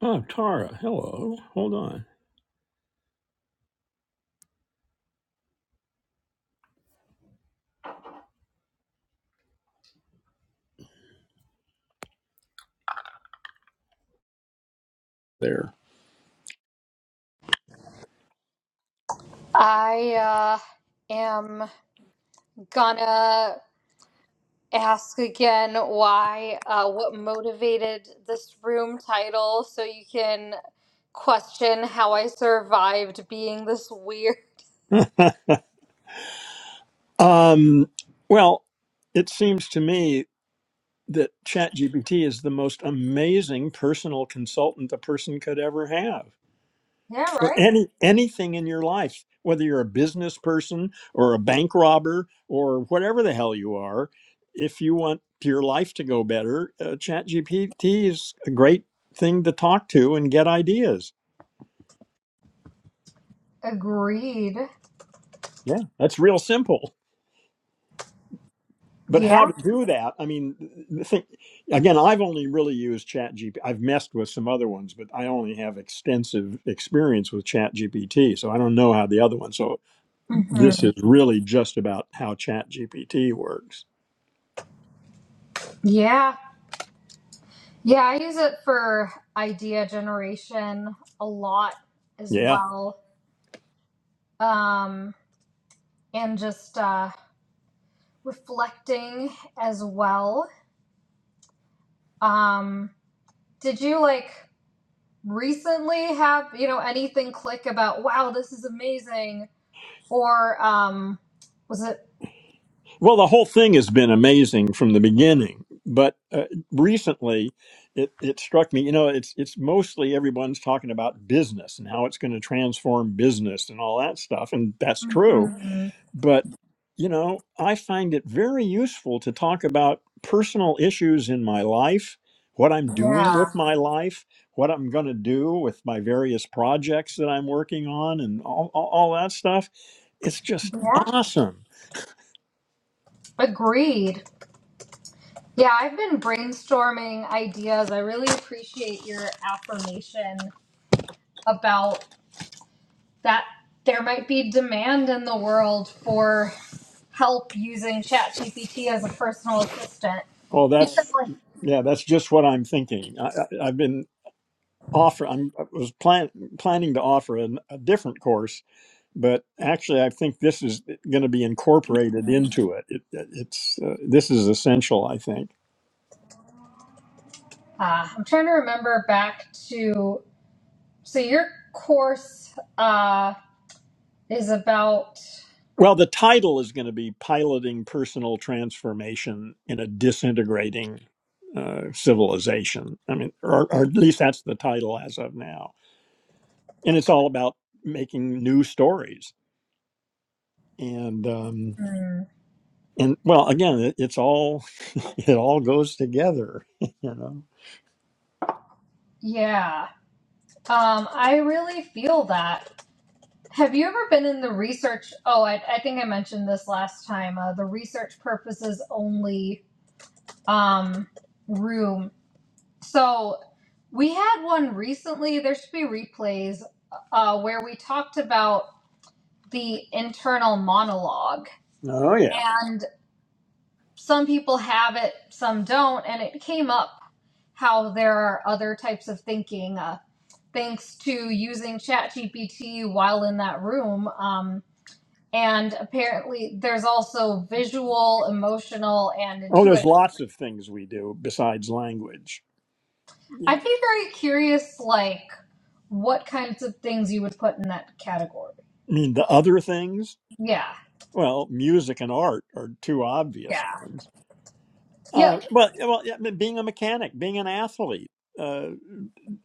Oh, Tara, hello. Hold on. I uh, am gonna ask again why, uh, what motivated this room title so you can question how I survived being this weird. Um, well, it seems to me that ChatGPT is the most amazing personal consultant a person could ever have Yeah, for right? any anything in your life, whether you're a business person or a bank robber or whatever the hell you are. If you want your life to go better, uh, ChatGPT is a great thing to talk to and get ideas. Agreed. Yeah, that's real simple. but how Yeah. to do that i mean the thing, again i've only really used ChatGPT. i've messed with some other ones but i only have extensive experience with ChatGPT. so i don't know how the other one so hmm this is really just about how ChatGPT works Yeah. Yeah, I use it for idea generation a lot as yeah well. Um, and just uh, reflecting as well. Um, Did you like recently have, you know, anything click about, wow, this is amazing? Or um was it well the whole thing has been amazing from the beginning but uh, recently it, it struck me you know it's it's mostly everyone's talking about business and how it's going to transform business and all that stuff and that's true Mhm. But, you know, I find it very useful to talk about personal issues in my life, what I'm doing Yeah. with my life, what I'm going to do with my various projects that I'm working on, and all, all, all that stuff. It's just Yeah. awesome. Agreed. Yeah, I've been brainstorming ideas. I really appreciate your affirmation about that there might be demand in the world for help using ChatGPT as a personal assistant. Oh, Because that's, like, yeah, that's just what I'm thinking. I, I, I've been offer. I'm, I was plan, planning to offer an, a different course but actually i think this is going to be incorporated into it, it it's uh, this is essential i think uh, I'm trying to remember back to. So your course uh, is about, well the title is going to be piloting personal transformation in a disintegrating uh, civilization i mean or, or at least that's the title as of now and it's all about making new stories and um hmm, and well again it, it's all it all goes together you know yeah. Um, I really feel that. Have you ever been in the research? Oh, I, I think I mentioned this last time. Uh, the research purposes only um, room. So we had one recently. There should be replays uh, where we talked about the internal monologue oh yeah some people have it, some don't, and it came up how there are other types of thinking. Uh, thanks to using ChatGPT while in that room. Um, and apparently, there's also visual, emotional, and oh there's intuitive. lots of things we do besides language Yeah. I'd be very curious, like, what kinds of things you would put in that category. I mean, the other things, Yeah, well, music and art are two obvious yeah, ones. Uh, yep. but yeah, well, yeah, I mean, being a mechanic, being an athlete, uh,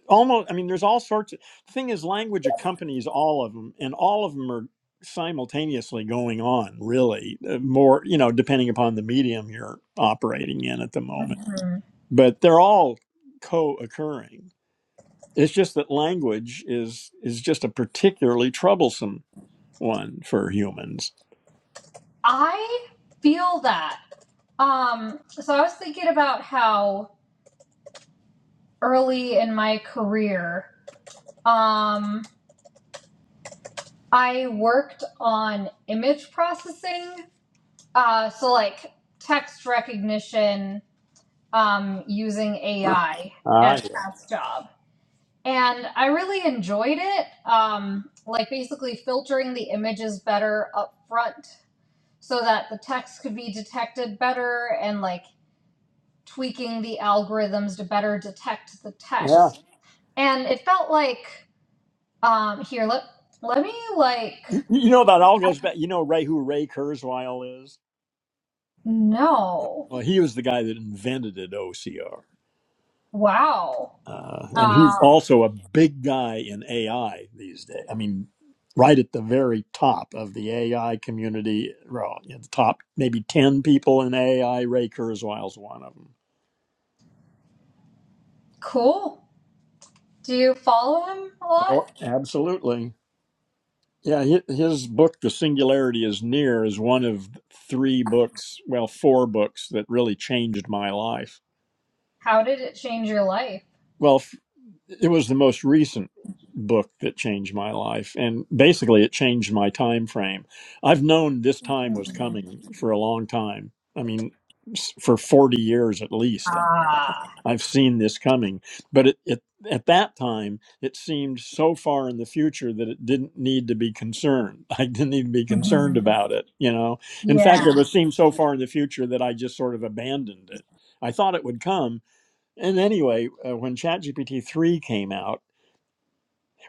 almost. I mean, there's all sorts of the thing is language accompanies all of them, and all of them are simultaneously going on. Really, uh, more you know, depending upon the medium you're operating in at the moment, Mhm. but they're all co-occurring. It's just that language is is just a particularly troublesome one for humans. I feel that. Um, so I was thinking about how early in my career. Um, I worked on image processing, uh, so like text recognition um, using Ah, AI Ah, at a past job. And I really enjoyed it, um, like basically filtering the images better up front so that the text could be detected better and like tweaking the algorithms to better detect the Yeah. text. And it felt like Um, here, let let me like You, you know that all goes back. You know Ray who Ray Kurzweil is? no. Well, he was the guy that invented OCR. Wow. Uh, and he's Um, also a big guy in AI these days. I mean, right at the very top of the AI community, well, in the top maybe 10 people in AI, Ray Kurzweil's one of them. cool. Do you follow him a Oh, lot? absolutely. Yeah, hi- his book, The Singularity is Near, is one of three books, well, four books that really changed my life How did it change your life? Well, f- it was the most recent book that changed my life, and basically, it changed my time frame. I've known this time was Mhm. coming for a long time. I mean, s- for forty years at least, Ah. I've seen this coming. But it, it at that time, it seemed so far in the future that it didn't need to be concerned. I didn't even be concerned hmm about it. You know, in Yeah. fact, it was seemed so far in the future that I just sort of abandoned it. I thought it would come, and anyway, uh, when ChatGPT 3 came out,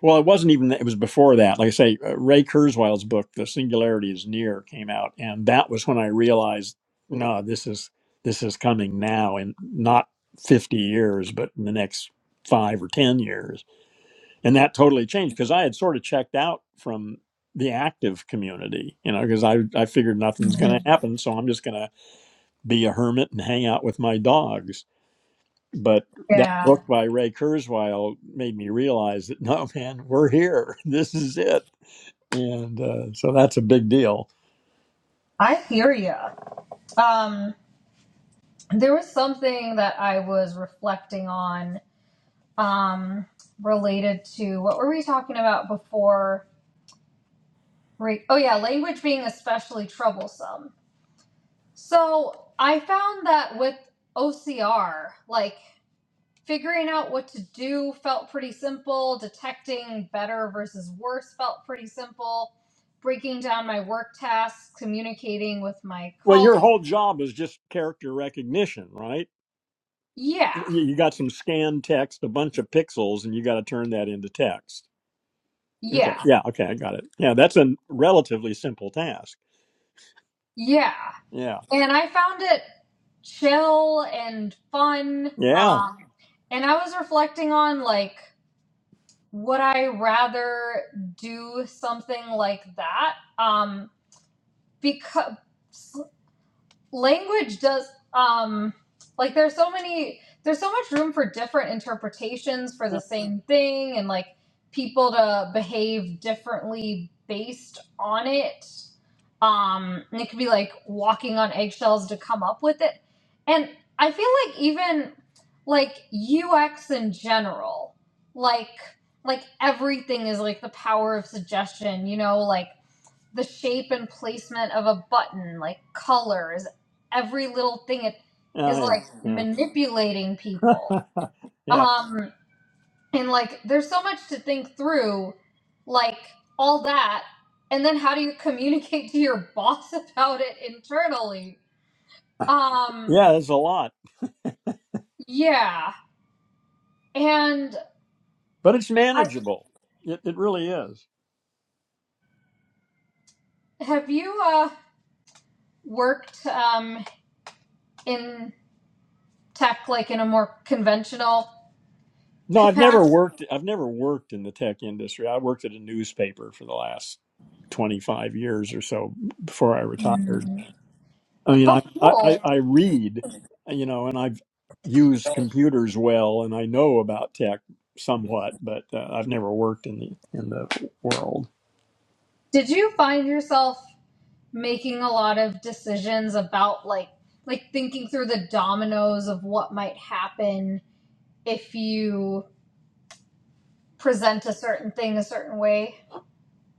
well, it wasn't even, it was before that. Like I say, uh, Ray Kurzweil's book, The Singularity is Near, came out. And that was when I realized, no, this is, this is coming now and not 50 years, but in the next five or 10 years. And that totally changed because I had sort of checked out from the active community, you know, because I, I figured nothing's going hmm to happen. So I'm just going to be a hermit and hang out with my dogs but that Yeah. book by Ray Kurzweil made me realize that no, man, we're here. This is it. And uh, so that's a big deal. I hear you. Um, there was something that I was reflecting on, um, related to what were we talking about before? Re- oh yeah, language being especially troublesome So I found that with OCR, like figuring out what to do felt pretty simple, detecting better versus worse felt pretty simple, breaking down my work tasks, communicating with my Well, your colleagues. whole job is just character recognition, right? Yeah, You you got some scanned text, a bunch of pixels, and you got to turn that into text. Okay. yeah, Yeah. Okay. I got it. Yeah. That's a relatively simple task. yeah. Yeah. And I found it chill and fun. Yeah. Um, and I was reflecting on like, would I rather do something like that? Um, because language does um like there's so many there's so much room for different interpretations for the same thing and like people to behave differently based on it um and it could be like walking on eggshells to come up with it and i feel like even like ux in general like like everything is like the power of suggestion you know like the shape and placement of a button, like colors, every little thing it is Oh, like yeah. Yeah. manipulating people. yeah. Um and like there's so much to think through like all that and then how do you communicate to your boss about it internally? Um Yeah. It's a lot, yeah. And but it's I manageable. It, it really is. have you uh worked um in tech like in a more conventional No, I've never capacity? worked. I've never worked in the tech industry. I worked at a newspaper for the last twenty five years or so before I retired. I mean, I, Oh I cool. I I read, you know, and I've used computers well, and I know about tech somewhat, but uh, I've never worked in the in the world. Did you find yourself making a lot of decisions about like like thinking through the dominoes of what might happen if you present a certain thing a certain way?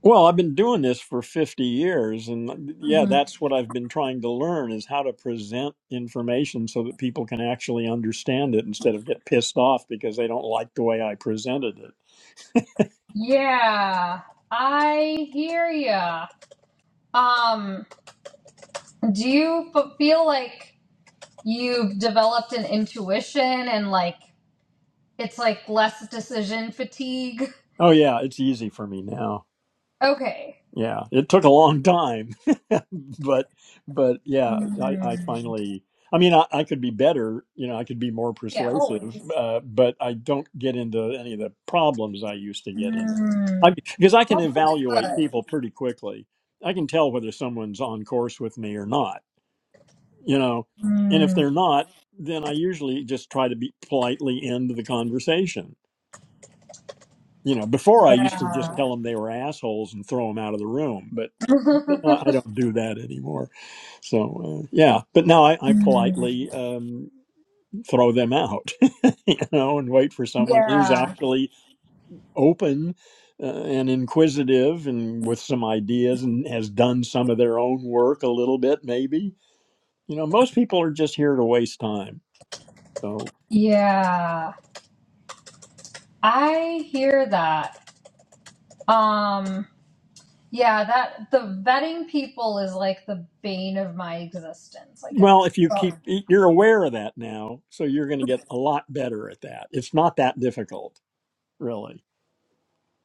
Well, I've been doing this for 50 years and yeah, Mhm. that's what I've been trying to learn is how to present information so that people can actually understand it instead of get pissed off because they don't like the way I presented it. Yeah, I hear ya. Um, do you f- feel like you've developed an intuition and like it's like less decision fatigue? Oh yeah, it's easy for me now. Okay. Yeah, it took a long time, but but yeah, I, I Mm. finally. I mean, I, I could be better. You know, I could be more Yeah, persuasive, always. uh, but I don't get into any of the problems I used to get Mm-hmm. I, because I can That's evaluate really good. people pretty quickly. I can tell whether someone's on course with me or not, you know. And if Mm, they're not, then I usually just try to be politely end the conversation. You know, before I used to just yeah. tell them they were assholes and throw them out of the room, but but no, I don't do that anymore. So uh, yeah, but now I, I Mm, politely um, throw them out, you know, and wait for someone who's yeah. actually open uh, and inquisitive and with some ideas and has done some of their own work a little bit maybe you know most people are just here to waste time so Yeah. I hear that. Um yeah, that the vetting people is like the bane of my existence. Like well it's if you keep oh, you're aware of that now so you're going to get a lot better at that it's not that difficult really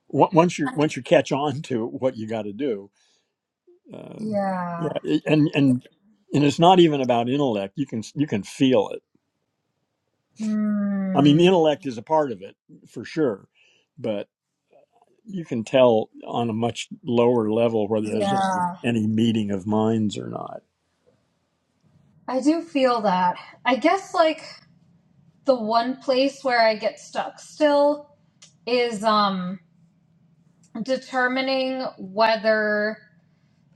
Wa- once you once you catch on to what you got to do uh, yeah yeah. it- and and and it's not even about intellect you can you can feel it i mean the Mm, intellect is a part of it for sure but. you can tell on a much lower level whether there's any, yeah. any meeting of minds or not. I do feel that. I guess like the one place where I get stuck still is um determining whether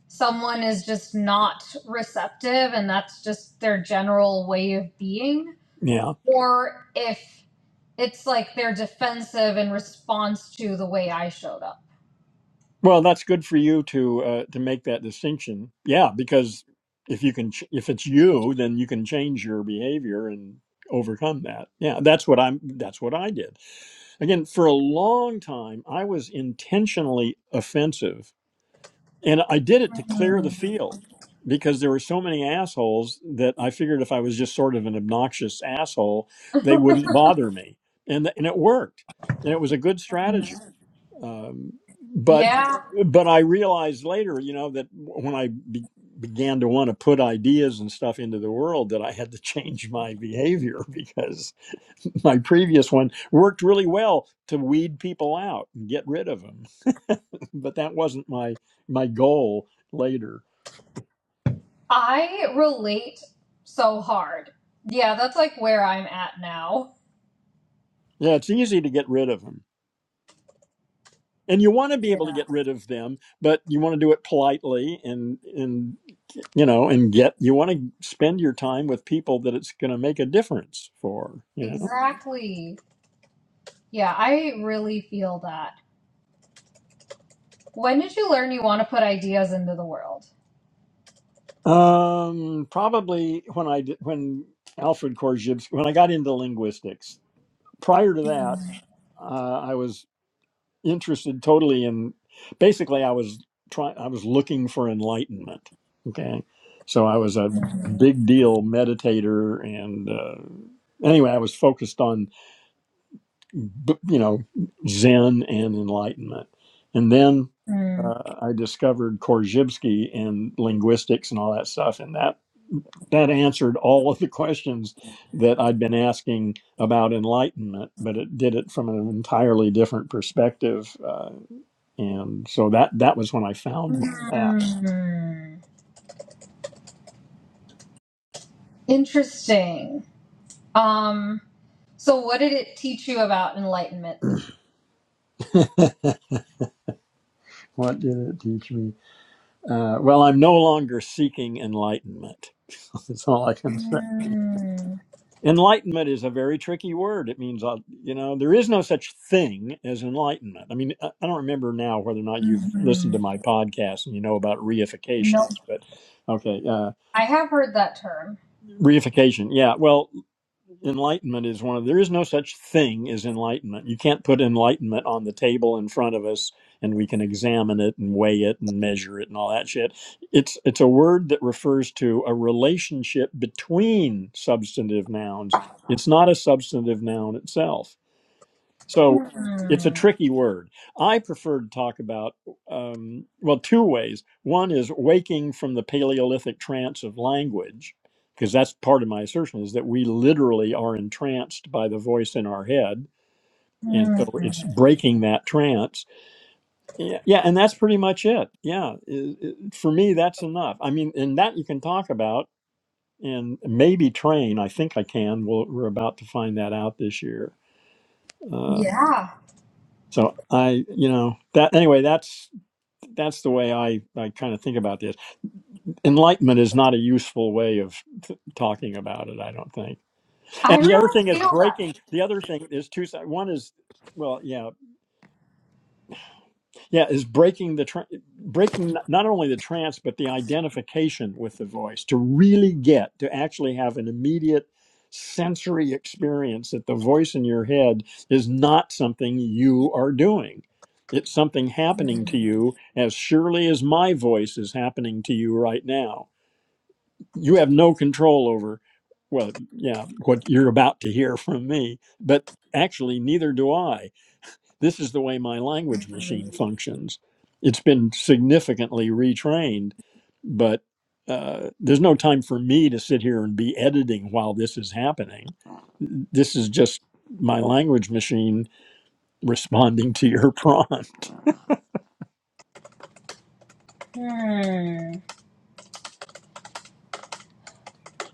someone is just not receptive and that's just their general way of being, Yeah. or if it's like they're defensive in response to the way I showed up. Well, that's good for you to uh, to make that distinction. Yeah, because if you can, ch- if it's you, then you can change your behavior and overcome that. Yeah, that's what I'm. That's what I did. Again, for a long time, I was intentionally offensive And I did it to clear the Mhm. field because there were so many assholes that I figured if I was just sort of an obnoxious asshole, they wouldn't bother me. And th- and it worked. And it was a good strategy. Um, but Yeah, but I realized later, you know, that when I be, began to want to put ideas and stuff into the world, that I had to change my behavior because. my previous one worked really well to weed people out and get rid of them but that wasn't my my goal later I relate so hard. Yeah, that's like where I'm at now. yeah it's easy to get rid of them and you want to be Yeah. able to get rid of them but you want to do it politely and and you know and get you want to spend your time with people that it's going to make a difference for you know Exactly. Yeah, I really feel that. When did you learn you want to put ideas into the world? um probably when i did, when alfred korzybski when i got into linguistics prior to that uh, I was interested totally in basically i was trying i was looking for enlightenment okay so i was a big deal meditator and uh, anyway i was focused on b- you know zen and enlightenment and then Mm. uh, i discovered korzybski and linguistics and all that stuff and that that answered all of the questions that i'd been asking about enlightenment but it did it from an entirely different perspective Uh, and so that that was when I found my path. Mm. Interesting. Um, so what did it teach you about enlightenment? What did it teach me? Uh, well, I'm no longer seeking enlightenment. That's all I can say. Mm, Enlightenment is a very tricky word. It means, uh, you know, there is no such thing as enlightenment. I mean, I I don't remember now whether or not you've listened to mhm. my podcast and you know about No, reification, but okay. uh, I have heard that term. reification yeah well enlightenment is one of there is no such thing as enlightenment you can't put enlightenment on the table in front of us and we can examine it and weigh it and measure it and all that shit it's it's a word that refers to a relationship between substantive nouns it's not a substantive noun itself so it's a Mm, tricky word. I prefer to talk about, um, well, two ways. One is waking from the Paleolithic trance of language, because that's part of my assertion is that we literally are entranced by the voice in our head. And so mm. it's breaking that trance. Yeah, yeah, and that's pretty much it. Yeah, it- it- for me, that's enough. I mean, and that you can talk about and maybe train. I think I can. We'll, we're about to find that out this year. uh, Yeah, So I, you know, that anyway, that's that's the way I I kind of think about this. Enlightenment is not a useful way of t- talking about it, I don't think. I And the other really thing is feel that. breaking. The other thing is two. sides. One is, well, yeah. Yeah, is breaking the tra- breaking n- not only the trance but the identification with the voice to really get to actually have an immediate sensory experience that the voice in your head is not something you are doing. It's something happening to you as surely as my voice is happening to you right now. You have no control over well, yeah, what you're about to hear from me, but actually neither do I this is the way my language machine functions. It's been significantly retrained, but uh, there's no time for me to sit here and be editing while this is happening. This is just my language machine responding to your prompt. Mm.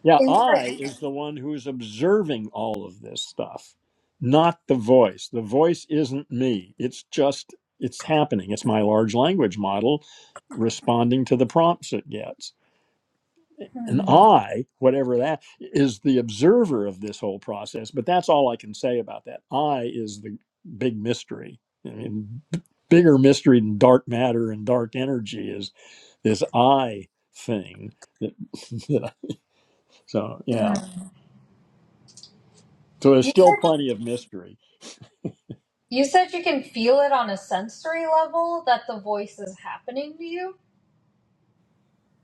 Yeah, I is Interesting. the one who's observing all of this stuff, not the voice. The voice isn't me. It's just, it's happening. It's my large language model responding to the prompts it gets. and Mm, I, whatever that is, the observer of this whole process. But that's all I can say about that. I is the big mystery. I mean, b- bigger mystery than dark matter and dark energy is this I thing. That, that I- so yeah, mm. so there's You still said plenty of mystery. you said you can feel it on a sensory level that the voice is happening to you.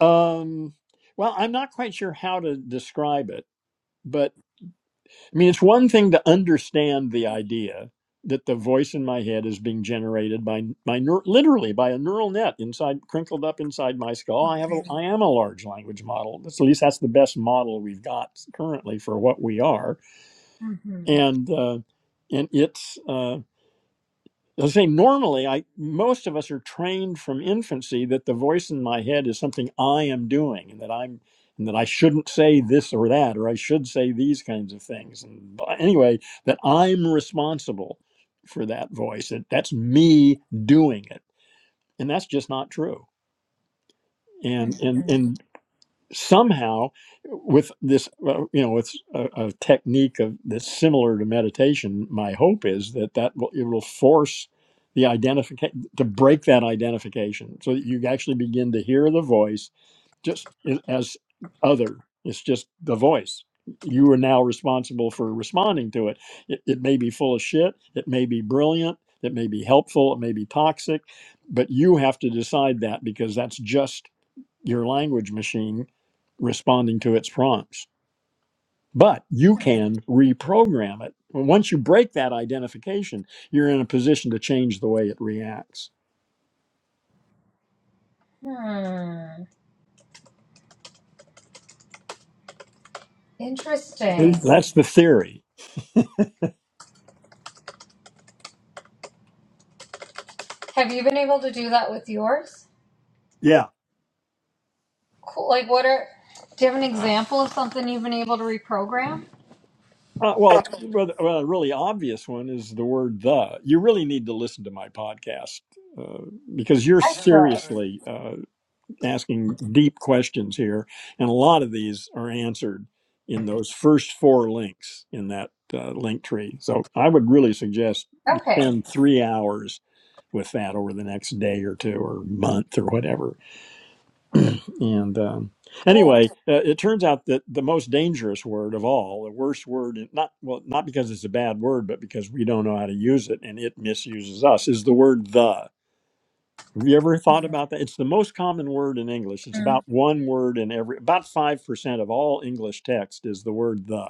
Um, well, I'm not quite sure how to describe it, but. I mean, it's one thing to understand the idea that the voice in my head is being generated by my neur- literally by a neural net inside crinkled up inside my skull. I have a I am a large language model. That's, at least that's the best model we've got currently for what we are, hmm and uh, and it's. Uh, I say normally, I most of us are trained from infancy that the voice in my head is something I am doing, and that I'm and that I shouldn't say this or that, or I should say these kinds of things. And but anyway, that I'm responsible for that voice. That that's me doing it, and that's just not true. Hmm. And and and somehow with this uh, you know with a, a technique of that's similar to meditation my hope is that that will it will force the identification to break that identification so that you actually begin to hear the voice just i- as other it's just the voice you are now responsible for responding to it. it it may be full of shit it may be brilliant it may be helpful it may be toxic but you have to decide that because that's just your language machine responding to its prompts. But you can reprogram it. Once you break that identification, you're in a position to change the way it reacts. Hmm. Interesting. That's the theory. Have you been able to do that with yours? Yeah. Cool. Like, what are? Do you have an example of something you've been able to reprogram? Uh, well, well, well, a really obvious one is the word the. You really need to listen to my podcast uh, because you're I should. seriously uh, asking deep questions here, and a lot of these are answered in those first four links in that uh, link tree. So I would really suggest you Okay. spend three hours with that over the next day or two or month or whatever. And um, Cool. anyway, uh, it turns out that the most dangerous word of all, the worst word, not well, not because it's a bad word, but because we don't know how to use it and it misuses us, is the word "the." Have you ever thought about that? It's the most common word in English. It's about Mm. one word in every, about 5% of all English text is the word the.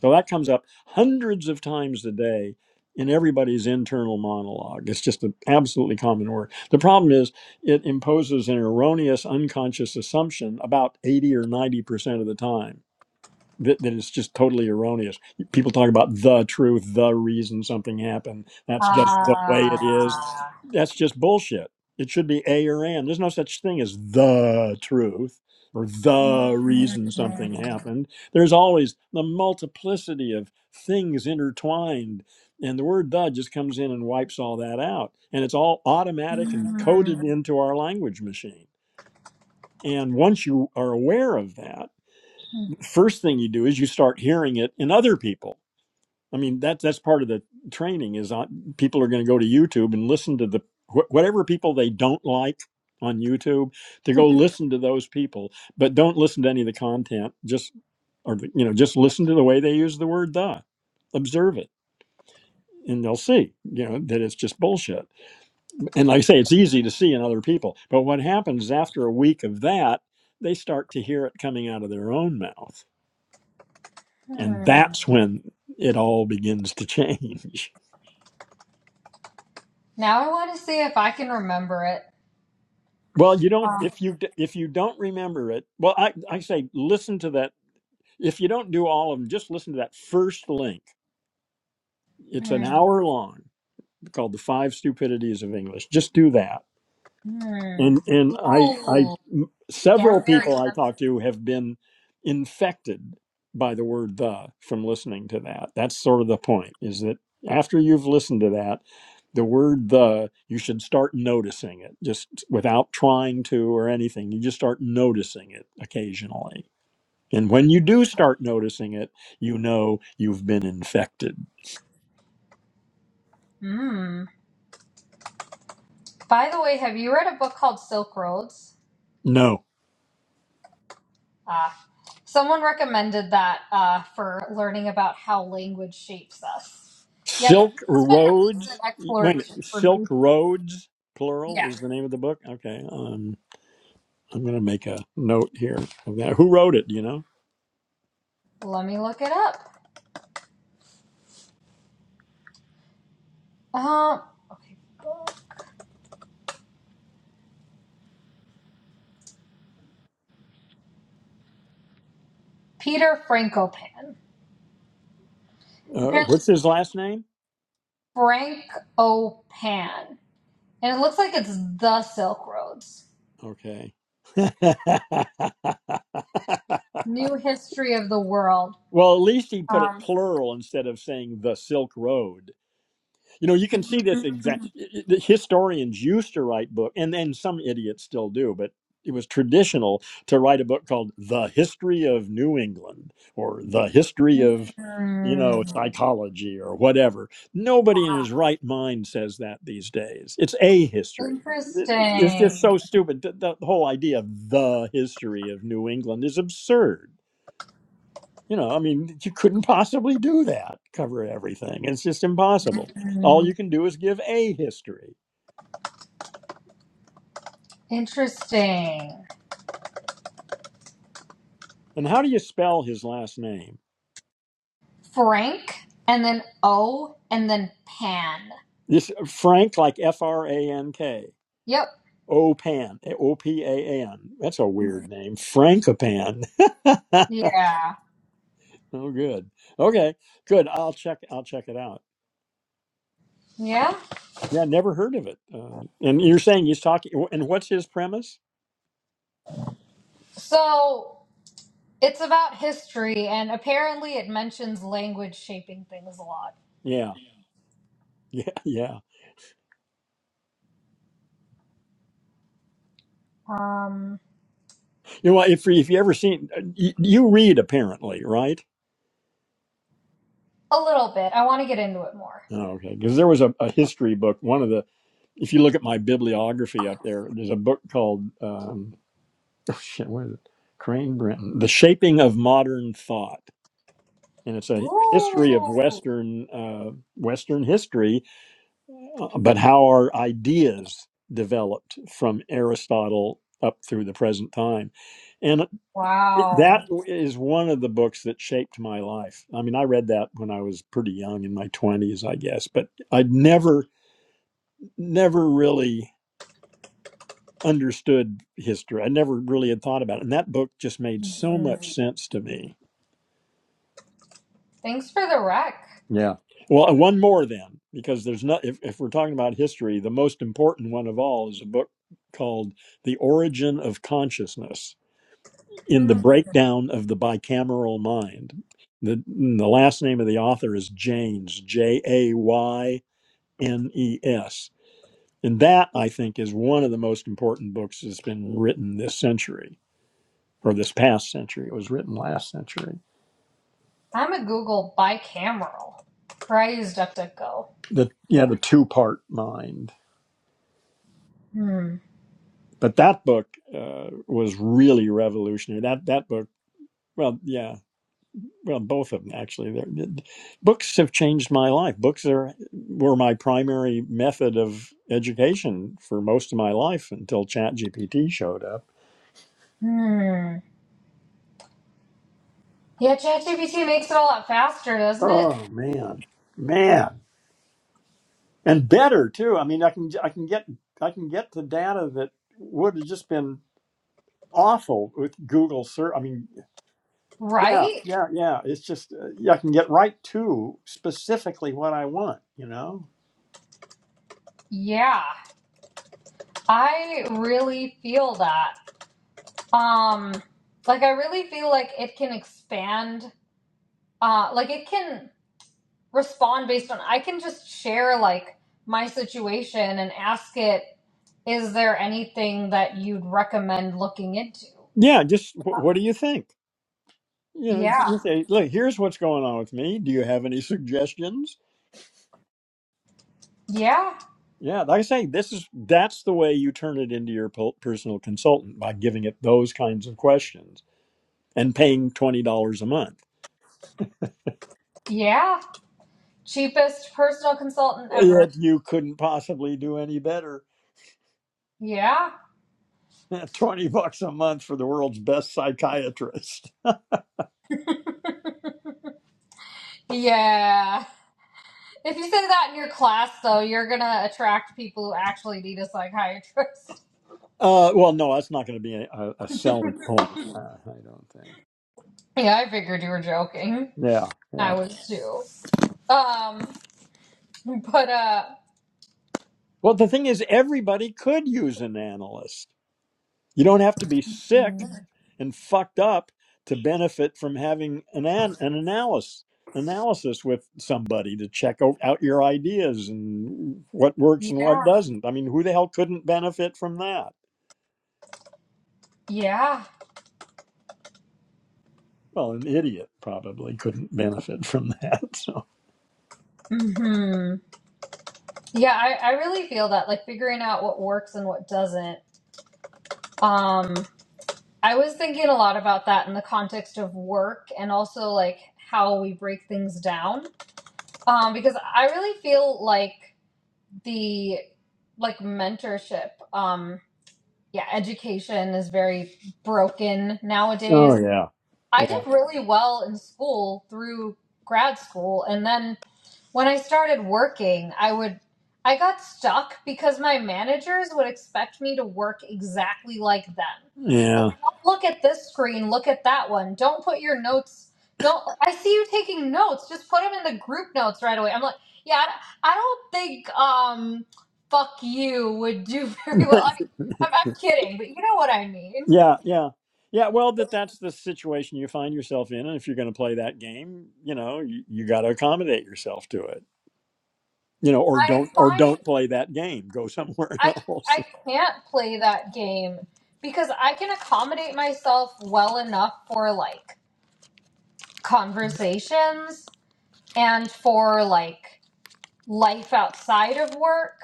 So that comes up hundreds of times a day in everybody's internal monologue. It's just an absolutely common word. The problem is it imposes an erroneous unconscious assumption about 80 or 90% of the time that, that is just totally erroneous. People talk about the truth, the reason something happened. That's just the way it is. Ah. That's just bullshit. It should be A or and. There's no such thing as the truth or the Mhm. reason something happened. There's always the multiplicity of things intertwined. And the word the just comes in and wipes all that out. And it's all automatic and coded into our language machine. And once you are aware of that, Mhm. first thing you do is you start hearing it in other people. I mean, that that's part of the training is on, people are going to go to YouTube and listen to the wh- whatever people they don't like on YouTube to go listen to those people, but don't listen to any of the content. Just or the- you know, just listen to the way they use the word "the." Observe it, and they'll see you know that it's just bullshit. And like I say, it's easy to see in other people, but what happens is after a week of that, they start to hear it coming out of their own mouth and that's when it all begins to change Now I want to see if I can remember it. well you don't Uh, if you if you don't remember it well i i say listen to that if you don't do all of them just listen to that first link it's Hmm. an hour long called the five stupidities of english just do that Hmm. and and I I Yeah, several yeah. very. people I talk to have been infected by the word the from listening to that. That's sort of the point is that after you've listened to that, the word the you should start noticing it just without trying to or anything. You just start noticing it occasionally. And when you do start noticing it, you know you've been infected. Hmm. By the way, have you read a book called Silk Roads? No. Ah, someone recommended that uh, for learning about how language shapes us. Yeah, this Silk has been a recent Roads. Wait, a minute. exploration for Silk me. Roads, plural, Yeah, is the name of the book. Okay, um, I'm going to make a note here of that. Who wrote it? Do you know? let me look it up. Um, okay, Peter Frankopan. Uh, Apparently, what's his last name? Frankopan, and it looks like it's the Silk Roads. Okay. New history of the world. well, at least he put it Um, plural instead of saying the Silk Road. You know, you can see this exact. The historians used to write book, and then some idiots still do, but it was traditional to write a book called "The History of New England" or "The History of." You hmm, know, psychology or whatever. Nobody in his right mind says that these days. It's a history. It's just interesting. so stupid. The, the whole idea of the history of New England is absurd. You know, I mean, you couldn't possibly do that, cover everything. It's just impossible. All Hmm, you can do is give a history. Interesting. And how do you spell his last name? Frank and then O and then Pan. This uh, Frank, like F R A N K. Yep. Opan, O P A N. That's a weird name. Frankopan. oh, Yeah. good. Okay, good. I'll check. I'll check it out. Yeah. Yeah, never heard of it. Um, and you're saying he's talking. And what's his premise? So it's about history and apparently it mentions language shaping things a lot. Yeah, yeah, yeah. Um You know, if if you ever seen, you, you read apparently, right? a little bit. I want to get into it more. Oh, okay. Because there was a, a history book. One of the, if you look at my bibliography up there, there's a book called, um, oh shit, what is it? Crane Brenton, The Shaping of Modern Thought. And it's a history of Ooh. Western, uh, Western history, uh, but how our ideas developed from Aristotle up through the present time. And that Wow. is one of the books that shaped my life. I mean, I read that when I was pretty young in my 20s, I guess, but I'd never never really understood history. I never really had thought about it. And that book just made so Mhm. much sense to me. Thanks for the rec. Yeah. Well, one more then, because there's not, if, if we're talking about history, the most important one of all is a book called The Origin of Consciousness in the Hmm. Breakdown of the Bicameral Mind. The, the last name of the author is Janes, J A Y N E S. And that, I think, is one of the most important books that's been written this century. or this past century. It was written last century. I'm a Google bicameral. Or I use DuckDuckGo. The yeah, the two part mind. Hmm. But that book uh, was really revolutionary. That that book, well, yeah, well, both of them actually. They're, books have changed my life. Books are were my primary method of education for most of my life until ChatGPT showed up. Hmm. Yeah, ChatGPT makes it a lot faster, doesn't it? Oh man, man, and better too. I mean, I can I can get I can get the data that would have just been awful with Google search. I mean, Yeah, Right? yeah, yeah. It's just uh, yeah, I can get right to specifically what I want, you know? Yeah. I really feel that. Um, like I really feel like it can expand. Uh, like it can respond based on. I can just share like my situation and ask it. Is there anything that you'd recommend looking into? Yeah, just wh- what do you think? You know, Yeah. you say, look, here's what's going on with me. Do you have any suggestions? Yeah. Yeah, like I say, this is that's the way you turn it into your po- personal consultant by giving it those kinds of questions and paying twenty dollars a month. Yeah. Cheapest personal consultant ever. Yet you couldn't possibly do any better. Yeah. Twenty bucks a month for the world's best psychiatrist. Yeah. If you say that in your class, though, you're gonna attract people who actually need a psychiatrist. Uh, well, no, that's not going to be a, a a selling point. Uh, I don't think. Yeah, I figured you were joking. Yeah, yeah. I was too. Um, but uh, Well, the thing is, everybody could use an analyst. You don't have to be sick and fucked up to benefit from having an an, an analysis analysis with somebody to check o- out your ideas and what works and what yeah, doesn't. I mean, who the hell couldn't benefit from that? yeah, Well, an idiot probably couldn't benefit from that. So. hmm yeah. I I really feel that like figuring out what works and what doesn't. Um, I was thinking a lot about that in the context of work and also like how we break things down. Um, because I really feel like the like mentorship, um, yeah, education is very broken nowadays. Oh yeah. I did really well in school through grad school. And then when I started working, I would, I got stuck because my managers would expect me to work exactly like them. Like, Yeah. don't look at this screen, look at that one. Don't put your notes, don't, I see you taking notes, just put them in the group notes right away. I'm like, yeah, I I don't think, um, fuck you would do Yeah. very well. I mean, I'm, I'm kidding, but you know what I mean. Yeah, yeah. Yeah, well, that that's the situation you find yourself in, and if you're going to play that game, you know, you, you got to accommodate yourself to it, you know, or I don't or find don't play that game. Go somewhere I else, I can't play that game because I can accommodate myself well enough for like conversations and for like life outside of work.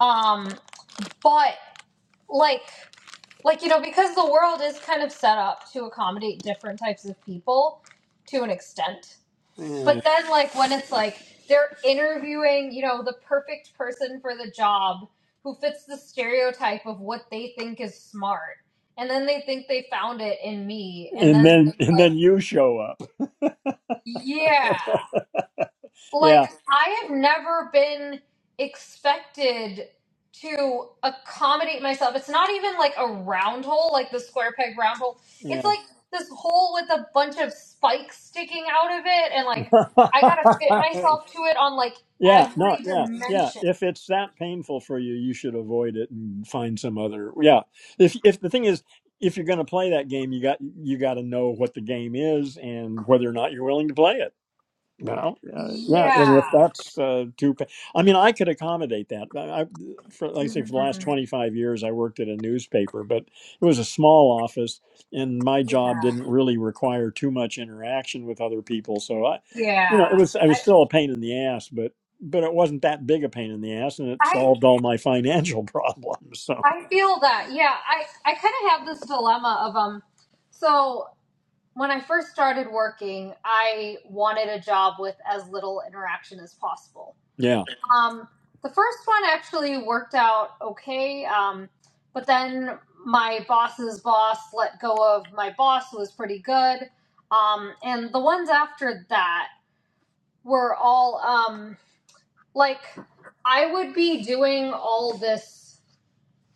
Um but like like you know because the world is kind of set up to accommodate different types of people to an extent Yeah. But then, like, when it's like they're interviewing, you know, the perfect person for the job who fits the stereotype of what they think is smart. And then they think they found it in me. And and then then they're and like, then you show up. yeah. Like, Yeah, I have never been expected to accommodate myself. It's not even like a round hole, like the square peg round hole. It's yeah, like this hole with a bunch of spikes sticking out of it, and like I gotta fit myself to it on like yeah. No, every yeah, yeah. dimension. If it's that painful for you, you should avoid it and find some other. Yeah. If if the thing is, if you're going to play that game, you got you got to know what the game is and whether or not you're willing to play it Well, uh, yeah, and if Yeah. that's uh, too, pa- I mean, I could accommodate that. I, I- for, like I say, for the last Mhm. 25 years, I worked at a newspaper, but it was a small office, and my job Yeah. didn't really require too much interaction with other people. So I, Yeah. you know, it was I was I, still a pain in the ass, but but it wasn't that big a pain in the ass, and it I solved all my financial problems. So I feel that. Yeah. I I kind of have this dilemma of um. So when I first started working, I wanted a job with as little interaction as possible. yeah, Um, the first one actually worked out okay, um, but then my boss's boss let go of my boss, who was pretty good. Um, and the ones after that were all um, like I would be doing all this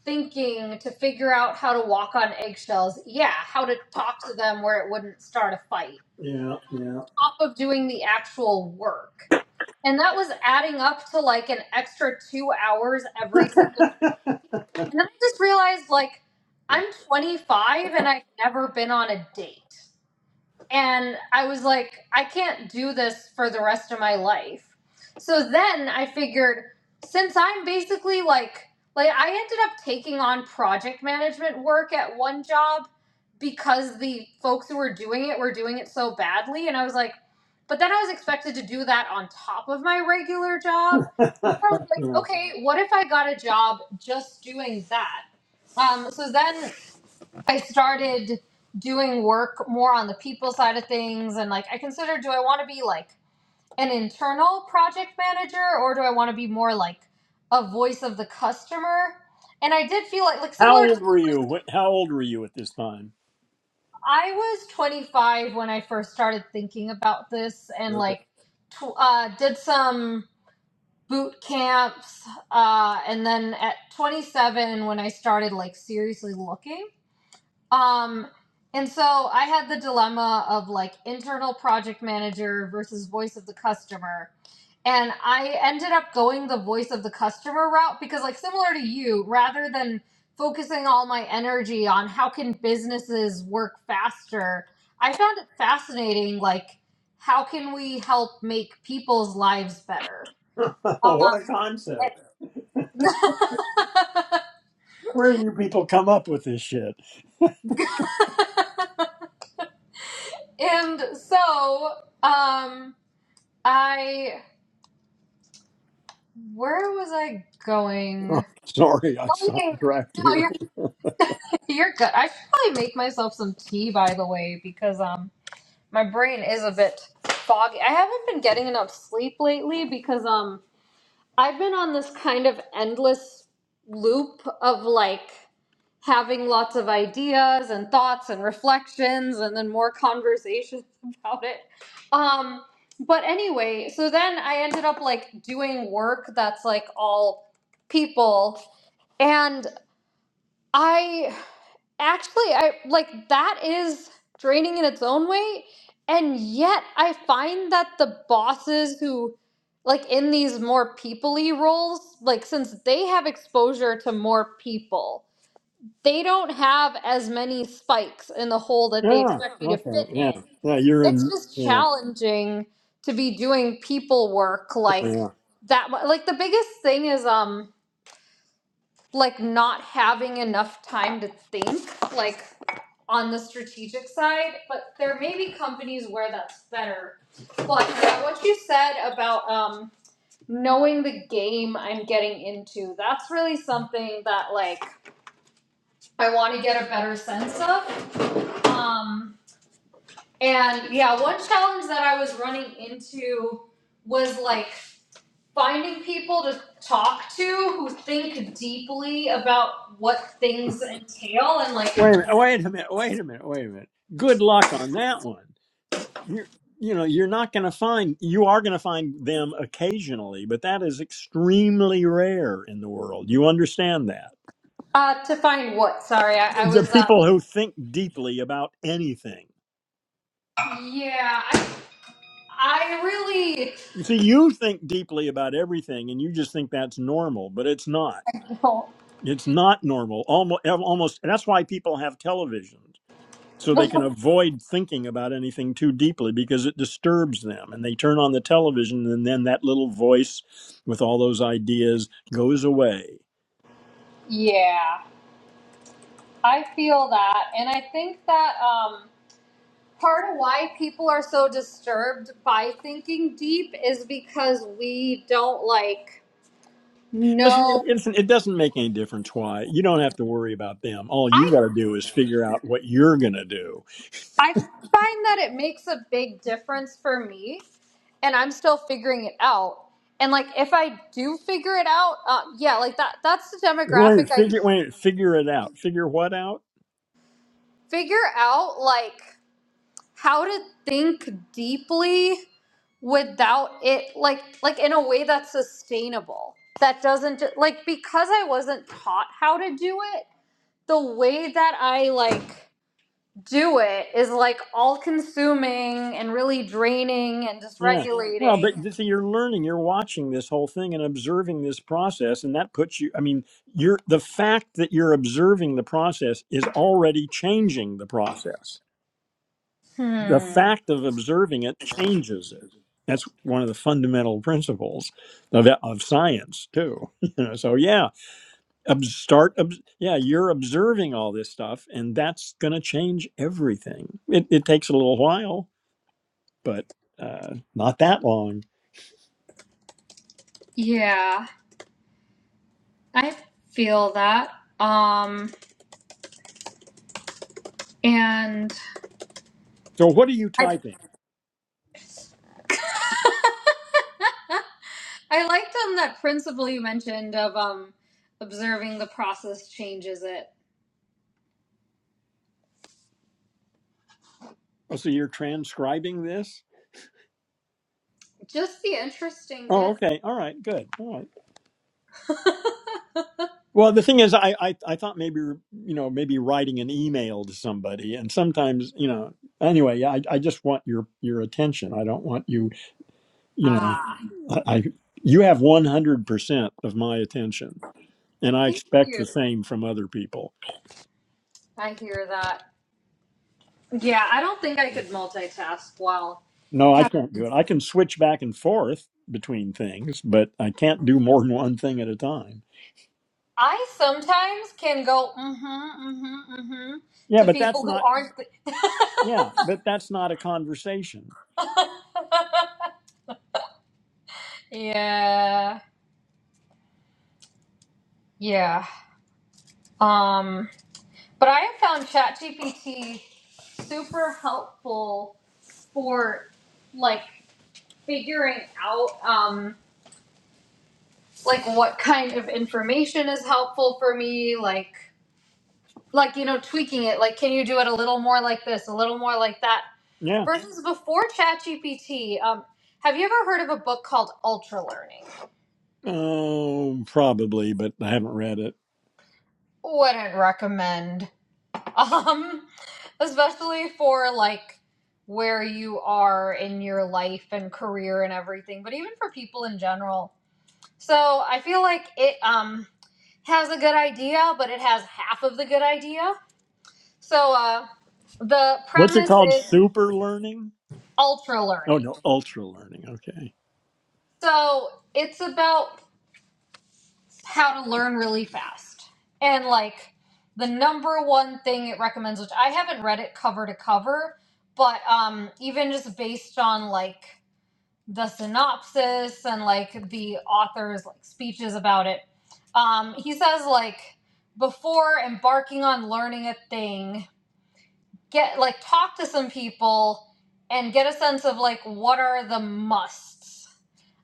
thinking to figure out how to walk on eggshells. Yeah, how to talk to them where it wouldn't start a fight yeah, yeah, top of doing the actual work. And that was adding up to like an extra two hours every single day. And then I just realized like I'm 25 and I've never been on a date. And I was like, I can't do this for the rest of my life. So then I figured, since I'm basically like, like I ended up taking on project management work at one job because the folks who were doing it were doing it so badly. And I was like, but then I was expected to do that on top of my regular job. And yeah. I was yeah. like, okay, what if I got a job just doing that? Um, so then I started doing work more on the people side of things and like I consider do I want to be like an internal project manager or do I want to be more like a voice of the customer? And I did feel like like How similar to old were you? Wh- How old were you at this time? I was 25 when I first started thinking about this and like tw- uh did some boot camps uh and then at 27 when I started like seriously looking Um, and so I had the dilemma of like internal project manager versus voice of the customer. And I ended up going the voice of the customer route because, like, similar to you, rather than focusing all my energy on how can businesses work faster, I found it fascinating, like, how can we help make people's lives better? Uh, what a concept. Where do you people come up with this shit? and so, um, I Where was I Oh, going? sorry, I Oh yeah, yeah. sidetracked yeah. no, you. you're you're good. I should probably make myself some tea, by the way, because um, my brain is a bit foggy. I haven't been getting enough sleep lately because um. I've been on this kind of endless loop of like having lots of ideas and thoughts and reflections and then more conversations about it. Um but anyway, so then I ended up like doing work that's like all people and. I actually I like that is draining in its own way and yet I find that the bosses who like in these more people-y roles like since they have exposure to more people they don't have as many spikes in the hole that they Yeah. expect you to Okay. fit Yeah. in Yeah. You're it's in. just Yeah. challenging to be doing people work Oh, like yeah. that mu- like the biggest thing is um like not having enough time to think like on the strategic side but there may be companies where that's better but yeah, what you said about um knowing the game i'm getting into that's really something that like i want to get a better sense of um and yeah one challenge that i was running into was like finding people to talk to who think deeply about what things entail and like Wait a minute. Wait a minute. Wait a minute. Wait a minute. Good luck on that one. You, you're, you know, you're not going to find. You are going to find them occasionally, but that is extremely rare in the world. You understand that? uh to find what sorry i, I The was uh people who think deeply about anything. yeah i, I really You see, you think deeply about everything and you just think that's normal, but it's not. oh, It's not normal. Almost, almost and that's why people have televisions so they can avoid thinking about anything too deeply because it disturbs them and they turn on the television and then that little voice with all those ideas goes away. yeah i feel that and i think that um part of why people are so disturbed by thinking deep is because we don't like Listen, it, know it's, it doesn't make any difference why. You don't have to worry about them. All you i got to do is figure out what you're going to do. i find that it makes a big difference for me and I'm still figuring it out. And like, if I do figure it out, uh, yeah, like that, that's the Wait, demographic I figure, wait, figure it out. Figure what out? figure out, like, how to think deeply without it, like, like in a way that's sustainable. That doesn't, ju- like, because I wasn't taught how to do it, the way that I, like, do it is like all consuming and really draining and Yeah. Well, but dysregulating. this, you're learning, you're watching this whole thing and observing this process, and that puts you. I mean, you're the fact that you're observing the process is already changing the process. The Hmm. fact of observing it changes it. That's one of the fundamental principles of, of science too. You know, so yeah, ob- start. Ob- yeah, you're observing all this stuff, and that's going to change everything. It, it takes a little while, but uh, not that long. Yeah. I feel that. Um, and So, what are you I, typing? I liked um that principle you mentioned of um observing the process changes it. Oh, so you're transcribing this? Just the interesting Oh, bit. okay. All right. Good. All right. Well, the thing is, I, I, I thought maybe, you know, maybe writing an email to somebody and sometimes, you know, anyway, yeah, I, I just want your, your attention. I don't want you, you know, ah, I, I you have 100% of my attention and I thank expect you. the same from other people. I hear that. Yeah, I don't think I could multitask well. No, I Have- can't do it. I can switch back and forth between things, but I can't do more than one thing at a time. I sometimes can go mm-hmm, mm-hmm, mm-hmm Yeah, to but that's people who not, aren't. yeah, but that's not a conversation. yeah, yeah. Um. But I have found ChatGPT super helpful for like figuring out um like what kind of information is helpful for me, like like you know tweaking it, like can you do it a little more like this, a little more like that Yeah. versus before ChatGPT. Um have you ever heard of a book called Ultra Learning? Oh, probably, but I haven't read it. Wouldn't recommend. Um, especially for like where you are in your life and career and everything, but even for people in general. So I feel like it um has a good idea, but it has half of the good idea. So uh the What's it premise called? is Super learning? ultra Oh, learning. no, ultra learning. Okay. So it's about how to learn really fast. And like the number one thing it recommends, which I haven't read it cover to cover, but um, even just based on like the synopsis and like the author's like speeches about it, um, he says like before embarking on learning a thing, get like talk to some people and get a sense of like what are the musts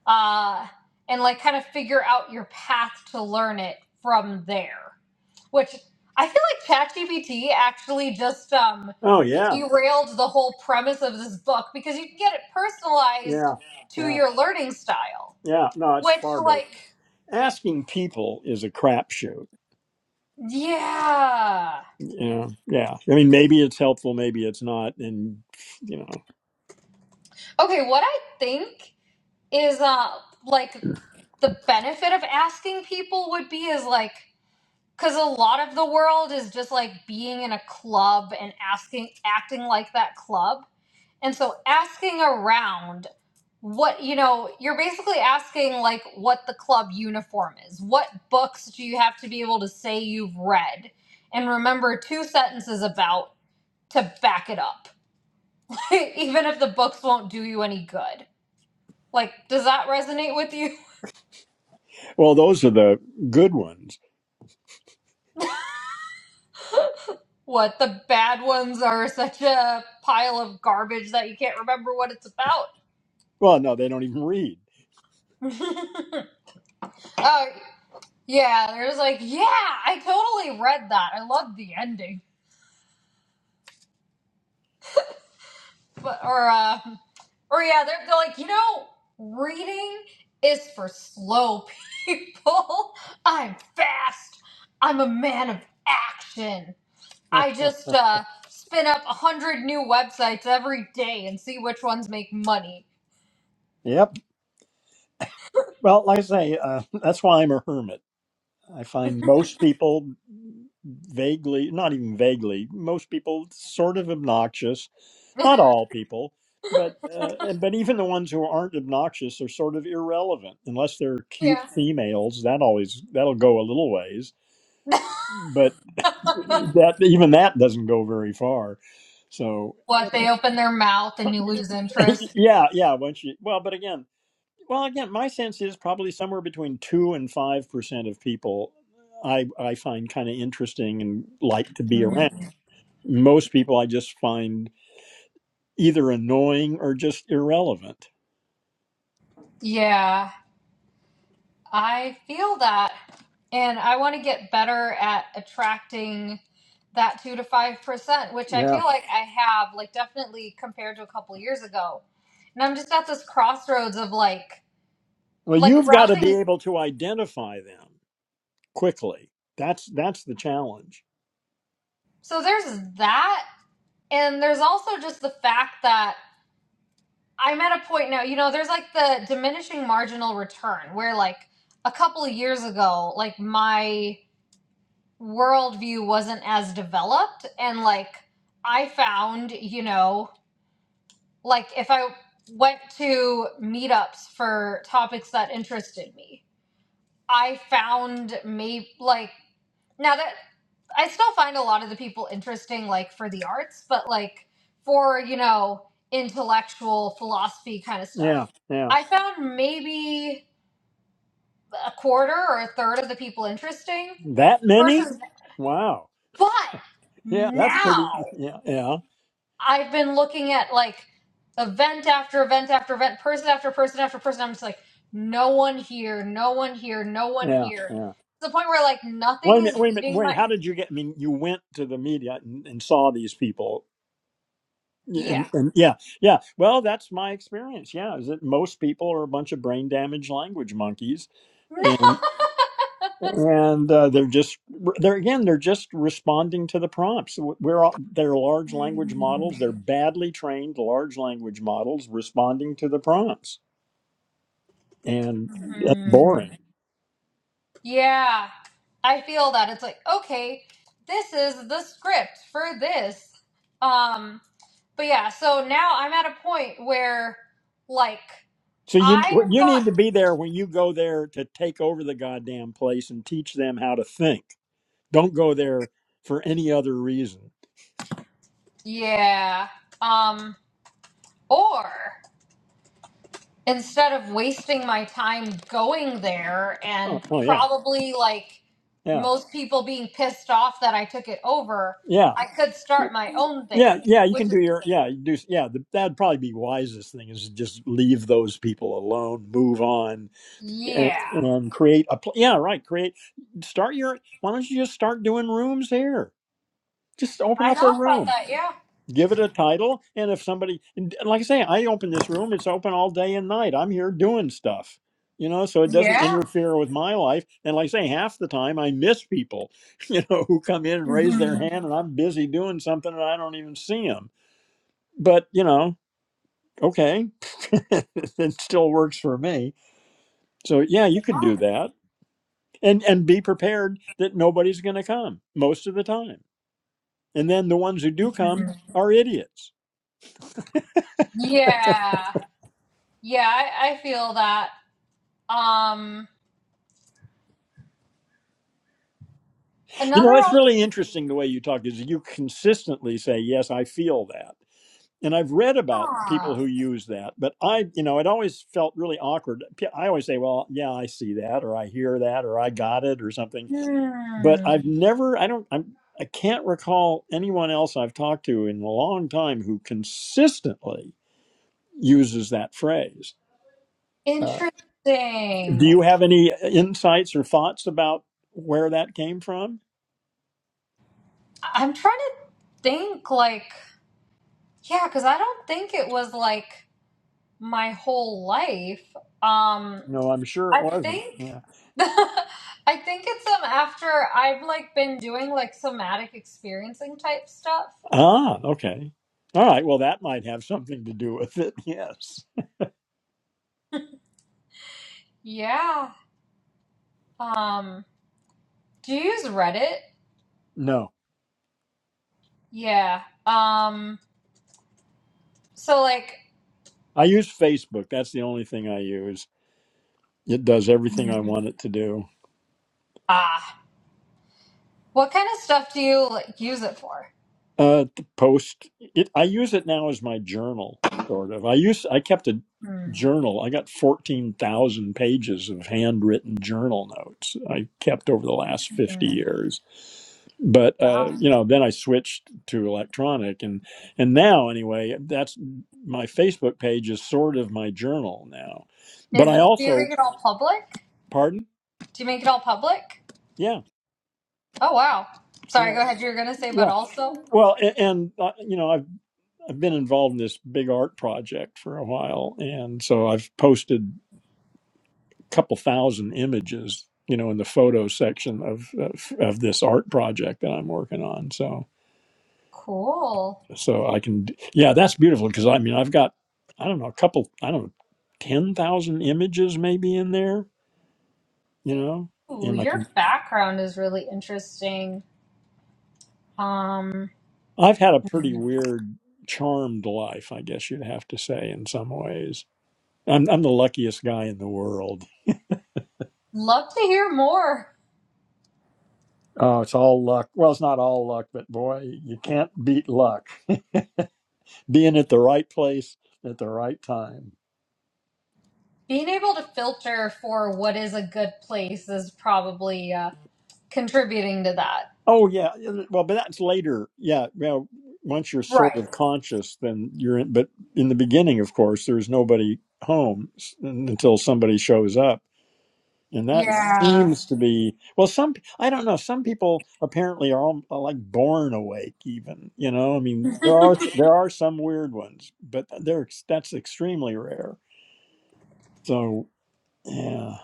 uh, and like kind of figure out your path to learn it from there. Which I feel like ChatGPT actually just um, Oh, yeah. derailed the whole premise of this book because you can get it personalized Yeah. to Yeah. your learning style. Yeah. No, it's Which, far better. like, Asking people is a crapshoot. yeah. Yeah. Yeah. I mean, maybe it's helpful, maybe it's not. And, you know, Okay, what I think is uh, like the benefit of asking people would be is like because a lot of the world is just like being in a club and asking acting like that club and so asking around what you know you're basically asking like what the club uniform is what books do you have to be able to say you've read and remember two sentences about to back it up even if the books won't do you any good like does that resonate with you well, those are the good ones. What the bad ones are such a pile of garbage that you can't remember what it's about. Well, no, they don't even read. oh yeah, there's like yeah, I totally read that. I love the ending, but or uh, or yeah, they're, they're like you know, reading is for slow people. I'm fast. I'm a man of action. I just uh, spin up a hundred new websites every day and see which ones make money. Yep. Well, like I say, uh, that's why I'm a hermit. I find most people vaguely, not even vaguely, most people sort of obnoxious. Not all people, but uh, and- but even the ones who aren't obnoxious are sort of irrelevant unless they're Yeah. cute females. That always that'll go a little ways, but that even that doesn't go very far. So What they open their mouth and you lose interest. yeah, yeah. Once you well, but again. Well, again, my sense is probably somewhere between two and five percent of people I I find kind of interesting and like to be around. Mm. Most people I just find either annoying or just irrelevant. Yeah, I feel that. And I want to get better at attracting that 2 to 5%, which I Yeah. feel like I have like definitely compared to a couple years ago. And I'm just at this crossroads of like Well, like you've got to be browsing. able to identify them quickly. That's that's the challenge. So there's that and there's also just the fact that I'm at a point now, you know, there's like the diminishing marginal return where like a couple of years ago, like my worldview wasn't as developed and like i found you know like if i went to meetups for topics that interested me i found maybe like now that i still find a lot of the people interesting like for the arts but like for you know intellectual philosophy kind of Yeah, stuff yeah. i found maybe a quarter or a third of the people interesting That many? versus Wow. but Yeah, that's pretty. now Yeah, yeah, I've been looking at like event after event after event, person after person after person. I'm just like, no one here, no one here, no one yeah, here. yeah. To the point where like Wait a nothing minute. is Wait a minute. leading Wait. my How did you get? I mean, you went to the media and, and saw these people. Yeah, And, yeah. and yeah, yeah. Well, that's my experience. Yeah, is that most people are a bunch of brain damaged language monkeys, and and uh, they're just they're again they're just responding to the prompts. We're all, they're large language models. They're badly trained large language models responding to the prompts, and that's Mhm. boring. yeah, I feel that it's like okay, this is the script for this. Um, but yeah, so now I'm at a point where like So you what I've you need got to be there when you go there to take over the goddamn place and teach them how to think. Don't go there for any other reason. yeah. Um, or instead of wasting my time going there Oh, and oh yeah. probably like Yeah. most people being pissed off that I took it over, Yeah. I could start my own Yeah, thing, yeah, you which can is, do your yeah, you do yeah. The, that'd probably be wisest thing is just leave those people alone, move on, and, yeah. and create a pl- yeah, right. Create start your. Why don't you just start doing rooms here? Just open I up a thought about room that, yeah. give it a title and if somebody and like i say i open this room it's open all day and night i'm here doing stuff you know so it doesn't Yeah. interfere with my life and like i say half the time i miss people you know who come in and raise their Mhm. hand and i'm busy doing something and i don't even see them but you know okay it still works for me so yeah you could do that and and be prepared that nobody's going to come most of the time and then the ones who do come are idiots Yeah. Yeah, I, I feel that. Um You another know, it's really interesting the way you talk is you consistently say, Yes, I feel that. And I've read about people ah, who use that, but I, you know, it always felt really awkward. P- I always say, Well, yeah, I see that, or I hear that, or I got it, or something. But hmm, I've never, I don't, I'm, I can't recall anyone else I've talked to in a long time who consistently uses that phrase. Uh, do interesting. you have any uh, insights or thoughts about where that came from? I'm trying to think like Yeah, because I don't think it was like my whole life. Um, No, I'm sure it I wasn't. think I think it's um after I've like been doing like somatic experiencing type stuff. Ah, okay. All right. Well, that might have something to do with it. Yes. Yeah. Um, do you use Reddit? No, Yeah. Um, so like I use Facebook. That's the only thing I use. It does everything I Mhm. want it to do. ah, what kind of stuff do you like use it for? Uh, to post it. I use it now as my journal, sort of. I use I kept a Hmm. journal. I got fourteen thousand pages of handwritten journal notes I kept over the last fifty Hmm. years. But uh, Wow. you know, then I switched to electronic, and and now anyway, that's my Facebook page is sort of my journal now. But Is I do you make also, it all public? pardon, Do you make it all public? yeah, Oh wow. Sorry, yeah, go ahead. You were gonna say, but yeah. also. Well, and, and uh, you know, I've I've been involved in this big art project for a while, and so I've posted a couple thousand images, you know, in the photo section of of, of this art project that I'm working on. So Cool. so I can, yeah, that's beautiful because I mean I've got I don't know a couple I don't know ten thousand images maybe in there, you know, Ooh, and like your background is really interesting. Um, I've had a pretty weird charmed life, I guess you'd have to say in some ways. I'm I'm the luckiest guy in the world love to hear more. Oh, it's all luck. Well, it's not all luck, but boy, you can't beat luck. Being at the right place at the right time. Being able to filter for what is a good place is probably uh, contributing to that. Oh yeah. Well, but that's later. Yeah. Well, once you're sort Right. of conscious, then you're in. But in the beginning, of course, there's nobody home s- until somebody shows up, and that Yeah. seems to be. Well, some I don't know. Some people apparently are, all, are like born awake. Even you know, I mean, there are there are some weird ones, but they're that's extremely rare. So. Yeah.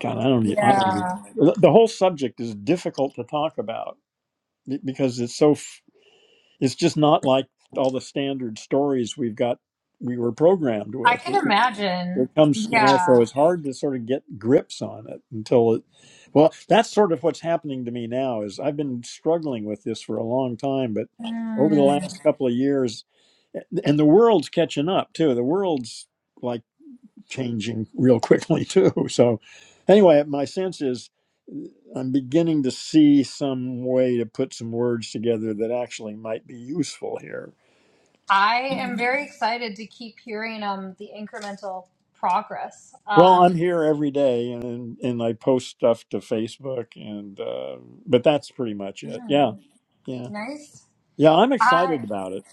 God, I don't. e- I don't. e- Yeah. The the whole subject is difficult to talk about be- because it's so. f- It's just not like all the standard stories we've got. We were programmed I with. can It, it imagine. it comes, you know. Yeah. So it's hard to sort of get grips on it until it. Well, that's sort of what's happening to me now. Is I've been struggling with this for a long time, but over the Mm. last couple of years, eh, and the world's catching up too. The world's like. changing real quickly too. So anyway, my sense is I'm beginning to see some way to put some words together that actually might be useful here. I am very excited to keep hearing um the incremental progress. Well, Um, I'm here every day, and and I post stuff to Facebook, and uh, but that's pretty much it. mm, Yeah, yeah, nice. yeah. I'm excited I about it.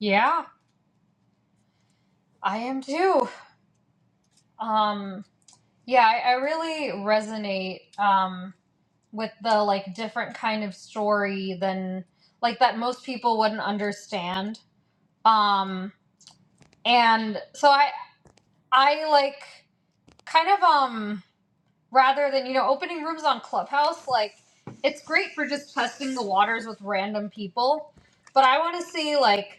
Yeah, I am too. Um, yeah, I, I really resonate um, with the like different kind of story than like that most people wouldn't understand. Um, and so I I like kind of um rather than you know opening rooms on Clubhouse like it's great for just testing the waters with random people, but I want to see like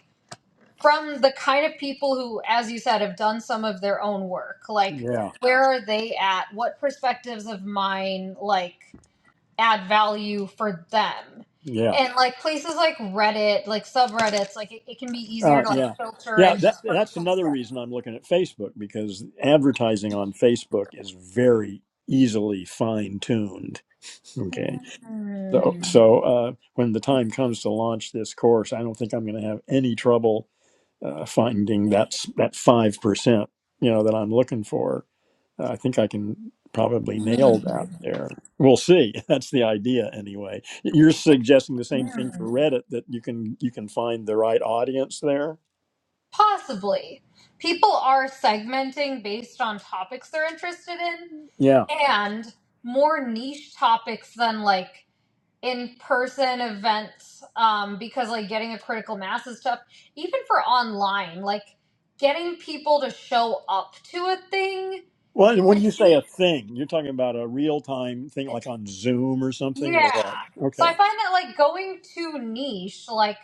from the kind of people who, as you said, have done some of their own work. Like, Yeah, where are they at? What perspectives of mine, like, add value for them? yeah, And, like, places like Reddit, like subreddits, like, it, it can be easier uh, to, like, yeah, filter yeah. and That just put a that's post another up. reason I'm looking at Facebook because advertising on Facebook is very easily fine tuned. Okay. So, Hmm, so uh, when the time comes to launch this course, I don't think I'm going to have any trouble uh, finding that's that five percent, you know, that I'm looking for. Uh, I think I can probably hmm, nail that there. We'll see. That's the idea, anyway. You're suggesting the same thing for hmm. Reddit that you can you can find the right audience there. Possibly. People are segmenting based on topics they're interested in Yeah. and more niche topics than, like, in person events um, because like getting a critical mass is tough, even for online like getting people to show up to a thing Well, and when you it's say a the, thing, you're talking about a real time thing, like on Zoom or something, yeah or what? so i Okay. find that like going too niche like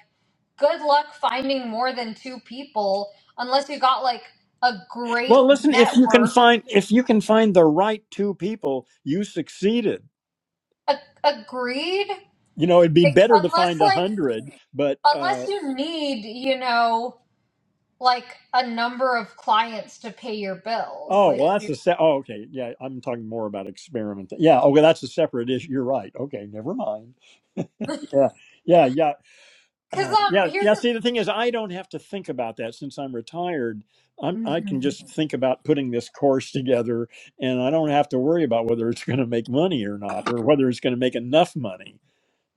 good luck finding more than two people unless you got like a great Well, listen, if you can network find if you can find the right two people, you succeeded. a- agreed You know, it'd be it's, better to unless find a like hundred, but unless uh, you need you know like a number of clients to pay your bills oh like well, that's a se- oh okay yeah. I'm talking more about experiment. Yeah, okay, that's a separate issue. You're right. Okay, never mind. Cause Yeah, yeah, yeah, uh, um, yeah, here's yeah. the. See, the thing is, I don't have to think about that since I'm retired. I'm, I can Mhm. just think about putting this course together, and I don't have to worry about whether it's going to make money or not, or whether it's going to make enough money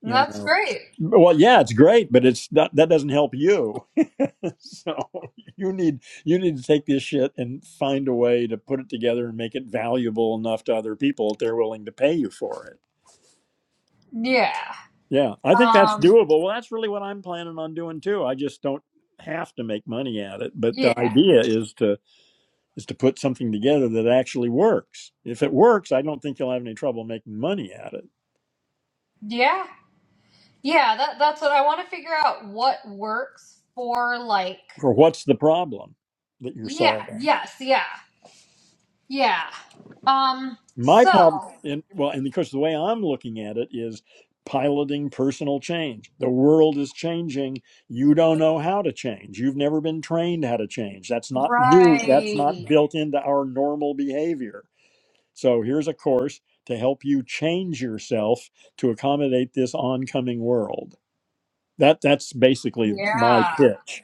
you That's know great. well yeah it's great but it's not that doesn't help you so you need you need to take this shit and find a way to put it together and make it valuable enough to other people that they're willing to pay you for it Yeah. yeah i think that's Um. doable well that's really what i'm planning on doing too i just don't have to make money at it but Yeah. the idea is to is to put something together that actually works if it works i don't think you'll have any trouble making money at it Yeah. Yeah. That that's what I want to figure out. What works for like. or what's the problem that you're Yeah. solving Yes. Yeah. Yeah. Um. my So. problem and well and because the way i'm looking at it is piloting personal change the world is changing you don't know how to change you've never been trained how to change that's not new that's not Right. built into our normal behavior so here's a course to help you change yourself to accommodate this oncoming world that that's basically my Yeah. pitch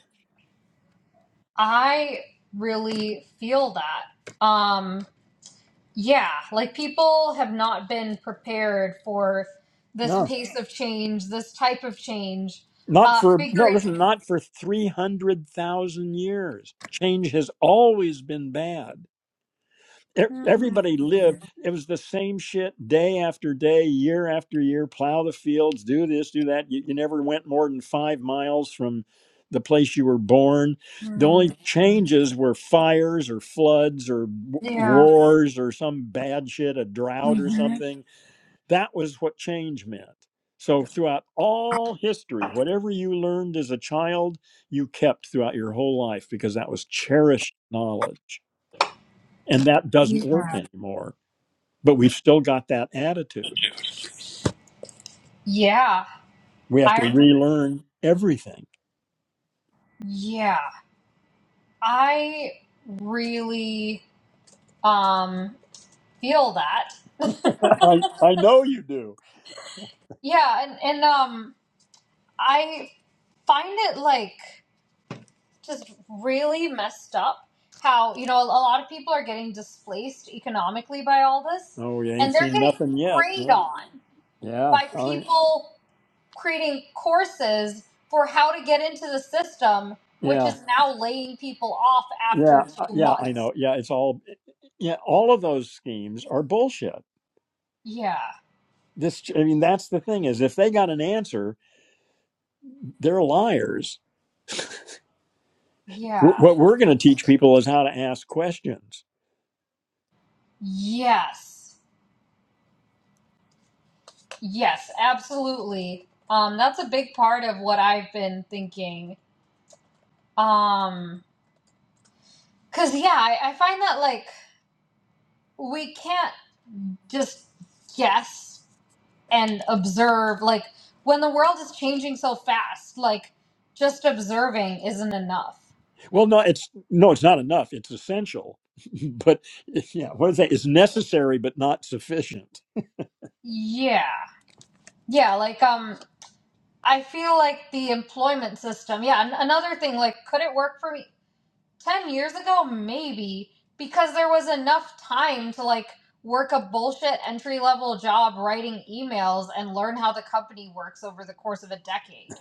I really feel that. Um. Yeah, like people have not been prepared for this no pace of change, this type of change. not Uh, for no figuring. listen not for 300,000 years change has always been bad e- everybody lived it was the same shit day after day year after year plow the fields do this do that you, you never went more than five miles from the place you were born the only Mm, changes were fires or floods or w- Yeah. wars or some bad shit a drought or Mhm. something that was what change meant so throughout all history whatever you learned as a child you kept throughout your whole life because that was cherished knowledge and that doesn't work anymore but we've still got that attitude. Yeah. We have to I. relearn everything. Yeah. I really um feel that. I, I know you do. Yeah, and and um I find it like just really messed up how you know a lot of people are getting displaced economically by all this Oh, you ain't and they're seen getting nothing yet. preyed Yeah. on Yeah. by All right. people creating courses for how to get into the system which Yeah. is now laying people off Yeah. after Uh, two Yeah. I months know. Yeah. It's all, yeah. All of those schemes are bullshit. yeah This, I mean, that's the thing is if they got an answer, they're liars. yeah Wh- What we're going to teach people is how to ask questions. yes yes absolutely um that's a big part of what i've been thinking um because yeah I, I find that like we can't just guess and observe like when the world is changing so fast like just observing isn't enough Well, no, it's no, it's not enough. It's essential, but yeah, what is that? It's necessary, but not sufficient. yeah yeah like um i feel like the employment system yeah an- another thing like could it work for me 10 years ago maybe because there was enough time to like work a bullshit entry level job writing emails and learn how the company works over the course of a decade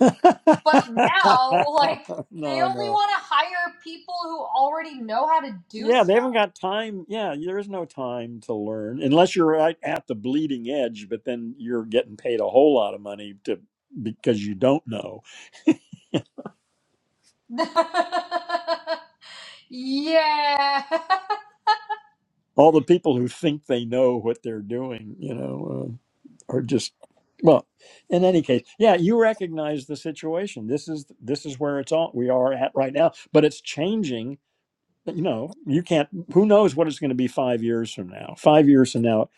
But now, like, they no, only no. want to hire people who already know how to do Yeah, they stuff. haven't got time. Yeah, there's no time to learn unless you're right at the bleeding edge, but then you're getting paid a whole lot of money to because you don't know. yeah. all the people who think they know what they're doing, you know, uh, are just well. In any case, yeah, you recognize the situation. This is this is where it's all we are at right now, but it's changing. You know, you can't. Who knows what it's going to be five years from now? Five years from now,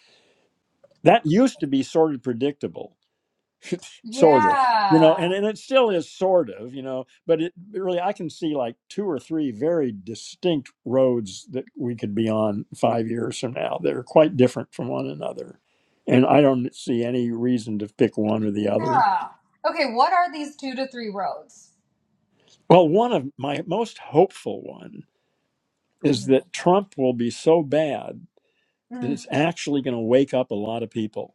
that used to be sort of predictable sort of you know Yeah. and, and it still is sort of you know but it it really i can see like two or three very distinct roads that we could be on five years from now that are quite different from one another and i don't see any reason to pick one or the other Yeah. Okay, what are these two to three roads? well one of my most hopeful one is Mm. that trump will be so bad that Mm. it's actually going to wake up a lot of people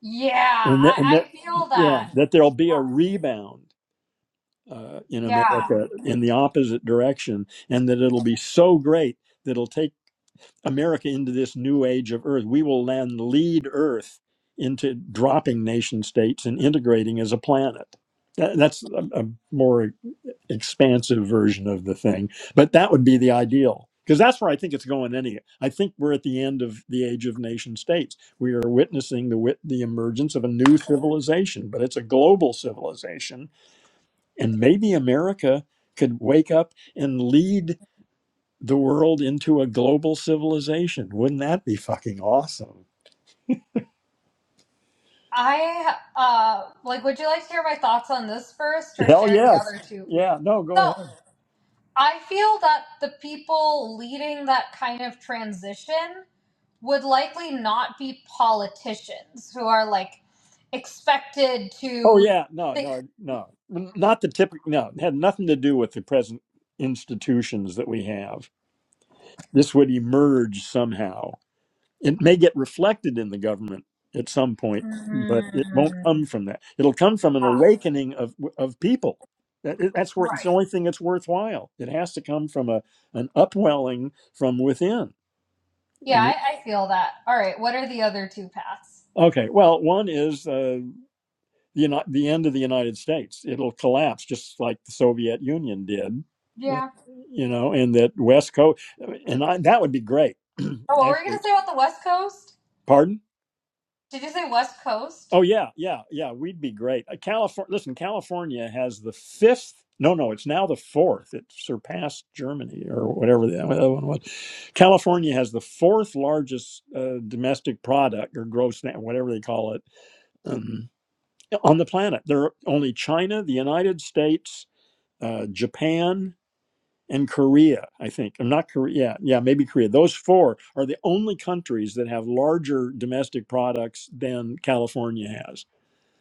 Yeah, and that, I, and that I feel yeah that. that there'll be a Uh, rebound uh, in Yeah. America in the opposite direction, and that it'll be so great that it'll take America into this new age of Earth. We will then lead Earth into dropping nation states and integrating as a planet. That, that's a, a more expansive version of the thing, but that would be the ideal. Because that's where I think it's going. Any, I think we're at the end of the age of nation states. We are witnessing the wit- the emergence of a new civilization, but it's a global civilization and maybe America could wake up and lead the world into a global civilization. Wouldn't that be fucking awesome? I, uh, like, would you like to hear my thoughts on this first or Hell share the yes. other two? Yeah, no, go So, ahead. I feel that the people leading that kind of transition would likely not be politicians who are like expected Oh, to yeah, no, think. no, no. Not the typical, no, it had nothing to do with the present institutions that we have. This would emerge somehow. It may get reflected in the government at some point, but it won't Mm, come from that. It'll come from an ah, awakening of of people. That- That's where it's the right. only thing that's worthwhile. It has to come from a an upwelling from within. Yeah, And- I, I feel that. All right. What are the other two paths? Okay, well, one is uh, the Uni- the end of the United States. It'll collapse just like the Soviet Union did, uh, Yeah. you know, and that West Coast, and I, that would be great. Oh, what were you Actually, gonna say about the West Coast? pardon. Did you say West Coast? Oh yeah, yeah, yeah. We'd be great. Uh, California. Listen, California has the fifth. No, no, it's now the fourth. It surpassed Germany or whatever the other one was. California has the fourth largest uh, domestic product or gross, na- whatever they call it, um, on the planet. There are only China, the United States, uh, Japan, and Korea. I think. I'm not Korea. Yeah, yeah, maybe Korea. Those four are the only countries that have larger domestic products than California has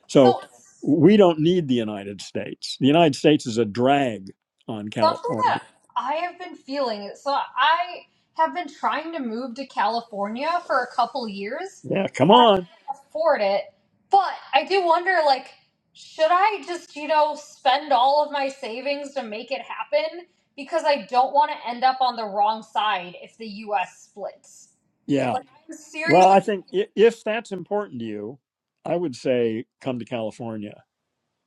so So we don't need the United States. The United States is a drag on something California. that I have been feeling. So I have been trying to move to California for a couple years, Yeah, come but I on. can't afford it. But I do wonder, like, should I just, you know, spend all of my savings to make it happen? Because I don't want to end up on the wrong side if the U.S. splits. Yeah. Like, I'm Well, I seriously, think i- if that's important to you, I would say come to California.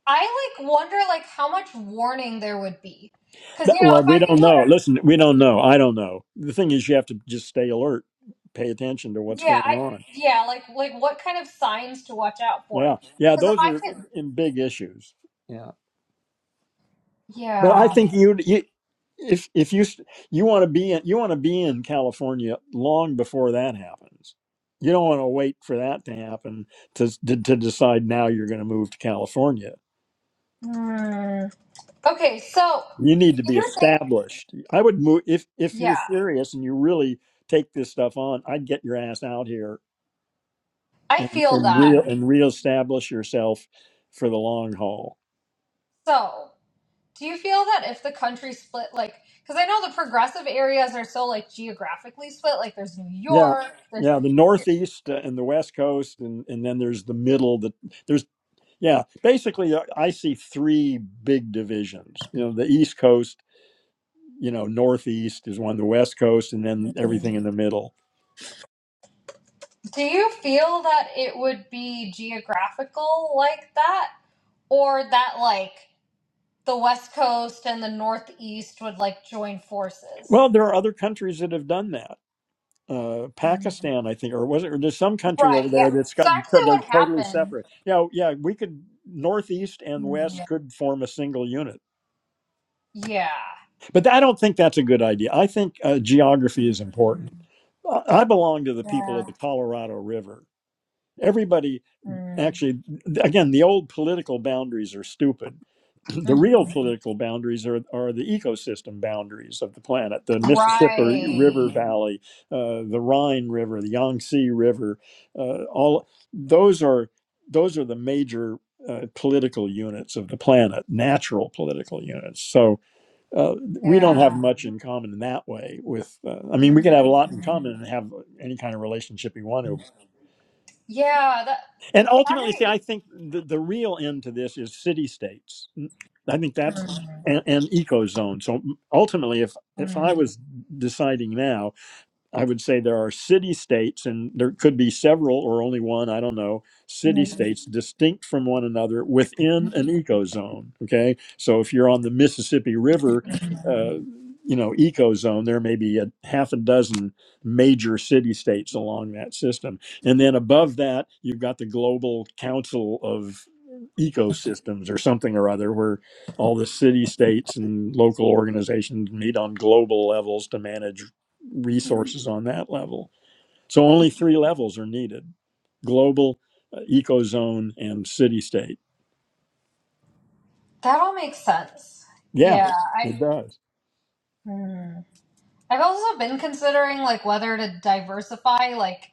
I like wonder, like, how much warning there would be. Because you That, know, well, if I we could don't do it know. Listen, we don't know. I don't know. The thing is, you have to just stay alert, pay attention to what's Yeah, going I on. yeah, like like what kind of signs to watch out for? Yeah. Yeah. Because if Those I are i- can, i- big issues. Yeah. But I yeah. think you, you if if you you want to be in you want to be in California long before that happens. You don't want to wait for that to happen to to, to decide now you're going to move to California. Hmm. Okay, so You need to be you're saying, established. I would move if if you're yeah, serious and you really take this stuff on. I'd get your ass out here I and feel and that. real and reestablish yourself for the long haul. So, do you feel that if the country split, like, because I know the progressive areas are so like geographically split, like there's New Yeah. York, there's. Yeah, the Northeast uh, and the West Coast, and, and then there's the middle. The there's Yeah, basically, uh, I see three big divisions. You know, the East Coast, you know, Northeast is one, the West Coast, and then everything in the middle. Do you feel that it would be geographical like that, or that like the West Coast and the Northeast would like join forces? Well, there are other countries that have done that. Uh, Pakistan, I think, or was it? Or there's some country over Right. Yeah. there that's It's got actually they're what totally happened. separate. Yeah, oh, yeah, we could Northeast and Mm, Yeah. West could form a single unit, Yeah. but I don't think that's a good idea. I think uh, geography is Mhm. important. I I belong to the people Yeah. of the Colorado River. Everybody Mm, actually again the old political boundaries are stupid the real mhm. political boundaries are, are the ecosystem boundaries of the planet the mississippi river Right. valley uh, the rhine river the yangtze river uh, all those are those are the major uh, political units of the planet natural political units so uh, we don't have Yeah. much in common in that way with uh, i mean we can have a lot in Mhm. common and have any kind of relationship we want to Yeah. That. and That ultimately, see, makes. I think the, the real end to this is city states. I think that's Mhm. an, an eco zone. So ultimately, if if I was deciding now, I would say there are city states, and there could be several or only one, I don't know, city Mhm. states distinct from one another within an ecozone. Okay. So if you're on the Mississippi River, Mhm. uh, you know, ecozone, there may be a half a dozen major city states along that system. And then above that, you've got the global council of ecosystems or something or other where all the city states and local organizations meet on global levels to manage resources on that level. So only three levels are needed global, uh, ecozone, and city state. That all makes sense. Yeah, Yeah. I. it does. Mhm. I've also been considering like whether to diversify. Like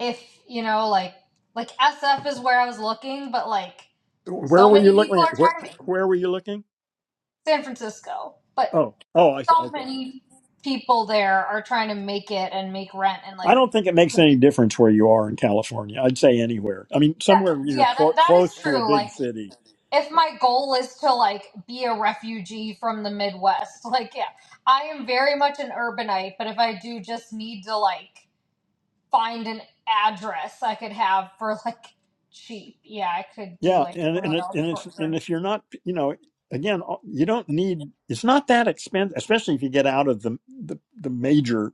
if you know, like like SF is where I was looking, but like Where so were many you looking people are at? Where, trying to make where were you looking? San Francisco, but Oh, oh, I see. so Okay. many people there are trying to make it and make rent and I like don't think it makes any difference where you are in California. I'd say anywhere. I mean, that, somewhere you're yeah clo that, that close is to a true big like city. if my goal is to like be a refugee from the midwest like yeah i am very much an urbanite but if i do just need to like find an address i could have for like cheap yeah i could do Yeah, like and and somewhere it, and else for it's and sure if you're not, you know, again, uh, you don't need. It's not that expensive, especially if you get out of the the, the major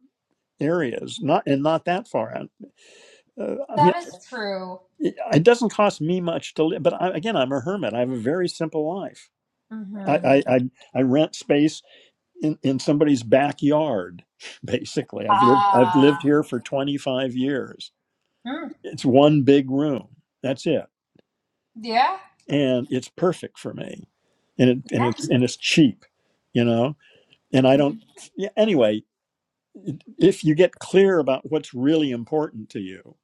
areas, not and not that far out Uh, I mean, that is true it it doesn't cost me much to live, but I, again, I'm a hermit. I have a very simple life. I, mm-hmm I, I, I rent space in, in somebody's backyard. Basically, I've lived I've lived ah here for 25 years. mm, It's one big room. That's it, yeah and it's perfect for me, and it, and yeah it's and it's cheap, you know. And I don't. Yeah, anyway, if you get clear about what's really important to you,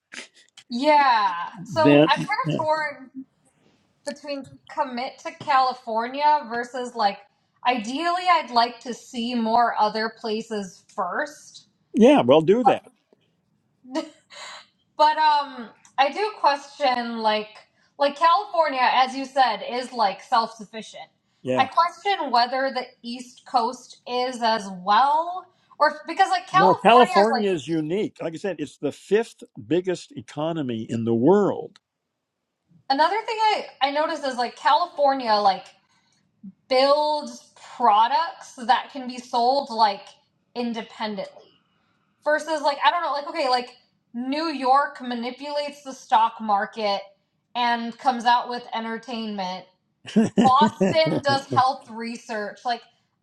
yeah so i'm kind then of yeah, torn between commit to California versus like ideally I'd like to see more other places first. yeah well, do that. But but, um I do question like like California as you said is like self-sufficient. Yeah. I question whether the East Coast is as well or because like No, California is like California is unique. Like I said, it's the fifth biggest economy in the world. another thing I I noticed is like California like builds products that can be sold like independently. versus like I don't know, like okay, like New York manipulates the stock market and comes out with entertainment. Boston does health research. Like